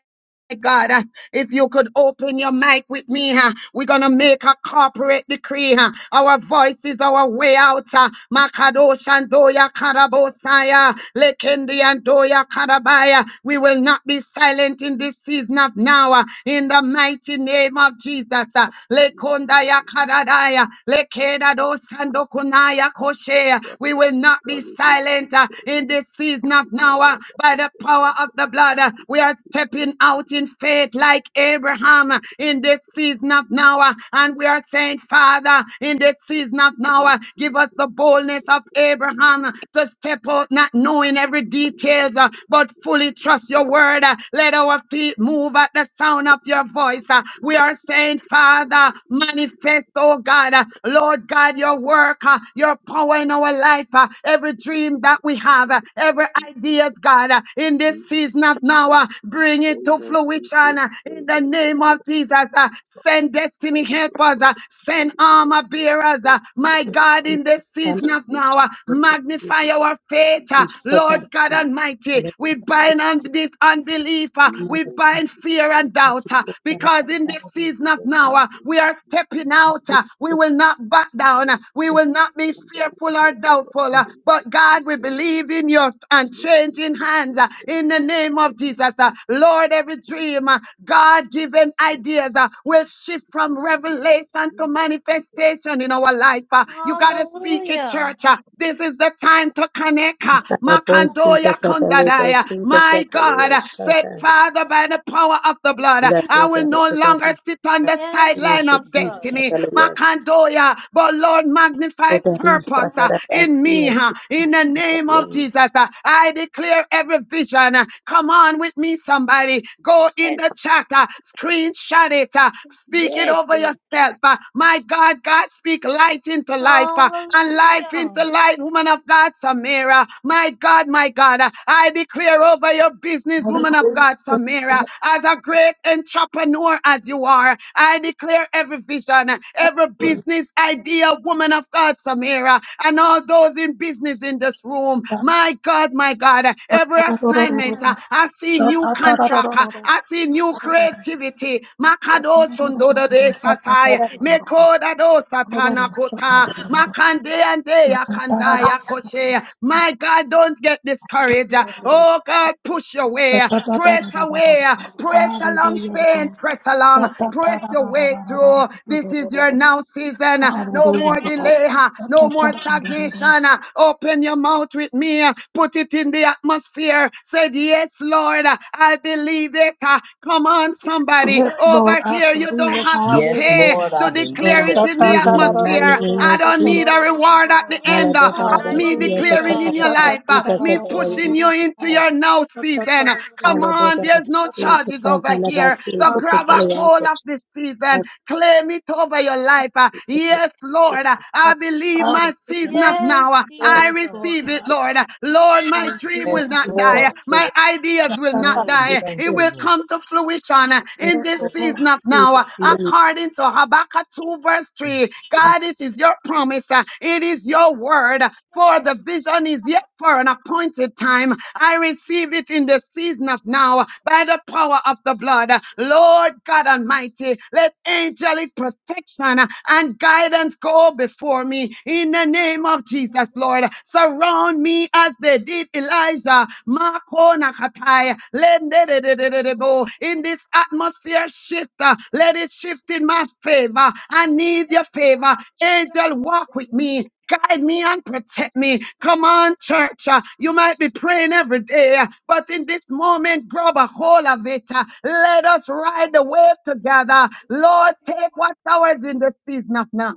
Speaker 9: my God, uh, if you could open your mic with me, uh, we're going to make a corporate decree. uh, Our voice is our way out. uh, Makadosh and Doya Karabosaya, Lekendi and Doya Karabaya. We will not be silent in this season of now. uh, In the mighty name of Jesus. uh, Lekondaya Karadaya, Lekedados and Dokunaya Koshea. We will not be silent uh, in this season of now uh, by the power of the blood. uh, We are are stepping out in faith like Abraham in this season of now. uh, And we are saying, Father, in this season of now, uh, give us the boldness of Abraham to step out, not knowing every details, uh, but fully trust your word. Uh, Let our feet move at the sound of your voice. Uh, We are saying, Father, manifest, oh God, uh, Lord God, your work, uh, your power in our life, uh, every dream that we have, uh, every idea, God, uh, in this season sees not now. uh, Bring it to fruition uh, in the name of Jesus. uh, Send destiny helpers, uh, send armor bearers. uh, My
Speaker 12: Thank you.
Speaker 9: God, in this season
Speaker 13: Hallelujah.
Speaker 12: When
Speaker 9: of
Speaker 12: there's
Speaker 9: now, uh,
Speaker 12: some kind of
Speaker 9: magnify
Speaker 12: people
Speaker 9: our faith.
Speaker 12: who
Speaker 9: uh,
Speaker 13: Ishkota.
Speaker 9: Lord God
Speaker 12: say
Speaker 9: Almighty,
Speaker 12: that
Speaker 13: Hallelujah.
Speaker 9: we
Speaker 12: they are
Speaker 9: bind on this unbelief, uh,
Speaker 12: being
Speaker 13: Ishkota.
Speaker 9: we
Speaker 12: the
Speaker 13: Hallelujah.
Speaker 9: bind
Speaker 12: movie,
Speaker 9: fear
Speaker 12: they are
Speaker 9: and doubt uh,
Speaker 12: the
Speaker 13: Ishkota.
Speaker 9: because
Speaker 12: therapy,
Speaker 9: in this season of
Speaker 13: Hallelujah.
Speaker 12: they are
Speaker 9: now, uh,
Speaker 12: the
Speaker 9: we are stepping
Speaker 12: community,
Speaker 9: out. uh, We
Speaker 13: Ishkota.
Speaker 9: will not back down. uh, We will
Speaker 12: and
Speaker 9: not
Speaker 12: they
Speaker 9: be fearful or
Speaker 12: are the other
Speaker 9: doubtful. uh, But
Speaker 12: students
Speaker 9: God,
Speaker 12: who
Speaker 9: we
Speaker 12: are
Speaker 9: believe in your
Speaker 12: not the
Speaker 9: unchanging hands
Speaker 12: people,
Speaker 9: uh,
Speaker 12: and they are
Speaker 9: in the name of Jesus. uh,
Speaker 12: the
Speaker 9: Lord, every dream, uh, God given ideas uh, will shift from
Speaker 12: people
Speaker 9: revelation to
Speaker 12: who
Speaker 9: manifestation in our life. uh. You
Speaker 12: are
Speaker 9: got to speak it,
Speaker 4: Hallelujah.
Speaker 9: church. uh. This is the time to connect. uh,
Speaker 13: Sarabosu da
Speaker 9: Makandoya
Speaker 13: Cataleba,
Speaker 9: kondadaya.
Speaker 13: Suda
Speaker 9: My
Speaker 13: Catalina
Speaker 9: God uh, said,
Speaker 13: Shatan,
Speaker 9: Father, by the power of the blood, uh, I will
Speaker 13: Lapoda
Speaker 9: no longer
Speaker 13: Catari,
Speaker 9: sit on the
Speaker 4: Yes,
Speaker 9: sideline
Speaker 13: to
Speaker 9: of
Speaker 13: Kiss
Speaker 4: Jesus.
Speaker 9: destiny.
Speaker 13: Catalina,
Speaker 9: Makandoya, but Lord, magnify
Speaker 13: Potari
Speaker 9: purpose uh, in
Speaker 13: Shatarabasi,
Speaker 9: me, uh,
Speaker 13: to Kiss
Speaker 9: in the name of
Speaker 13: Catalina.
Speaker 9: Jesus. uh uh, I declare every vision. uh, Come on with me, somebody. Go
Speaker 3: yes,
Speaker 9: in
Speaker 3: yes,
Speaker 9: the chat, uh, screenshot it, uh, speak it over
Speaker 3: Lord.
Speaker 9: yourself. uh, My God, God, speak light into life uh, and life
Speaker 4: Hallelujah.
Speaker 9: into light, woman of God, Samira. My God, my God, uh, I declare over your business, woman of
Speaker 14: Hallelujah,
Speaker 9: God, Samira, as a great entrepreneur as you are, I declare every vision, uh, every business idea, woman of God, Samira, and all those in business in this room room.
Speaker 14: God.
Speaker 9: My God, my God, uh, every assignment, uh, I see new contract, uh, I see new creativity. Makado sundodo de sasai,
Speaker 3: yes,
Speaker 9: mekoda do satana kota, makande and Makadosundododesatai, Mekodadosatanakota, Makandeandeyakandayakoshe. My God, don't get discouraged. uh, Oh God, push your way, uh, press away, uh, press along, Spain, press along, press your way through. This is your now season. uh, No more delay,
Speaker 14: Hallelujah,
Speaker 9: uh, no more
Speaker 14: God.
Speaker 9: stagnation. Open your mouth with me. Put it in the atmosphere. Said, Yes, Lord, I believe it. Come on, somebody.
Speaker 14: Yes, Lord,
Speaker 9: Over
Speaker 14: I
Speaker 9: here, you
Speaker 14: believe
Speaker 9: don't
Speaker 14: it.
Speaker 9: have to
Speaker 7: Yes,
Speaker 14: Hallelujah.
Speaker 9: pay
Speaker 7: Lord, I
Speaker 9: to
Speaker 14: God.
Speaker 13: Lord,
Speaker 7: believe
Speaker 9: declare
Speaker 13: I
Speaker 9: it
Speaker 7: it.
Speaker 9: in the
Speaker 13: believe in the mighty
Speaker 9: atmosphere.
Speaker 13: name
Speaker 14: Shatatararororo,
Speaker 9: I
Speaker 13: of
Speaker 9: don't need a
Speaker 13: Jesus.
Speaker 9: reward at the
Speaker 14: shetorororororo.
Speaker 4: Yes,
Speaker 9: end uh,
Speaker 4: Lord,
Speaker 9: of
Speaker 4: I
Speaker 9: me
Speaker 13: Alabotarabasi,
Speaker 14: Hallelujah,
Speaker 13: to
Speaker 4: believe
Speaker 9: declaring
Speaker 14: God.
Speaker 9: in
Speaker 4: it.
Speaker 9: your life, uh,
Speaker 13: Catalabasi, to
Speaker 9: me pushing
Speaker 14: Shatatararorororo.
Speaker 9: you into
Speaker 13: Catalina,
Speaker 9: your now season. Come
Speaker 14: Shatatararororo.
Speaker 9: on, there's
Speaker 13: Alabotarabasi,
Speaker 9: no
Speaker 13: the
Speaker 14: Shatatararororo.
Speaker 9: charges over here. So
Speaker 13: Fontanabasi, the
Speaker 9: grab a
Speaker 13: Catalina,
Speaker 9: hold of this season, claim it over your life. uh, Yes, Lord, uh, I believe my
Speaker 14: Hallelujah,
Speaker 9: season
Speaker 14: God.
Speaker 9: of
Speaker 4: Yes,
Speaker 9: now. I
Speaker 14: Yes,
Speaker 4: Jesus.
Speaker 14: Lord
Speaker 9: receive it,
Speaker 14: God.
Speaker 9: Lord. Lord, my dream
Speaker 7: Yes,
Speaker 14: Hallelujah.
Speaker 9: will not die.
Speaker 14: Hallelujah.
Speaker 7: Lord.
Speaker 9: My ideas will not
Speaker 7: Mm.
Speaker 9: die.
Speaker 7: Thank
Speaker 9: It
Speaker 7: you,
Speaker 9: will
Speaker 7: Lord.
Speaker 9: come to fruition in this season
Speaker 14: Sha-ta-ta-ra-ro-ro.
Speaker 9: of now. According to Habakkuk 2, verse 3, God, it is your promise. It is your word. For the vision is yet for an appointed time. I receive it in the season of now by the power of the blood. Lord God Almighty, let angelic protection and guidance go before me in the name of Jesus, Lord. Surround me as they did Elijah. Mako nakatai, lende de de de de de bo. In this atmosphere shift, uh, let it shift in my favor. I need your favor. Angel, walk with me guide me and protect me. Come on, church. uh, You might be praying every day, uh, but in this moment, grab a hold of it. uh, Let us ride the wave together. Lord, take what's ours in the season of now.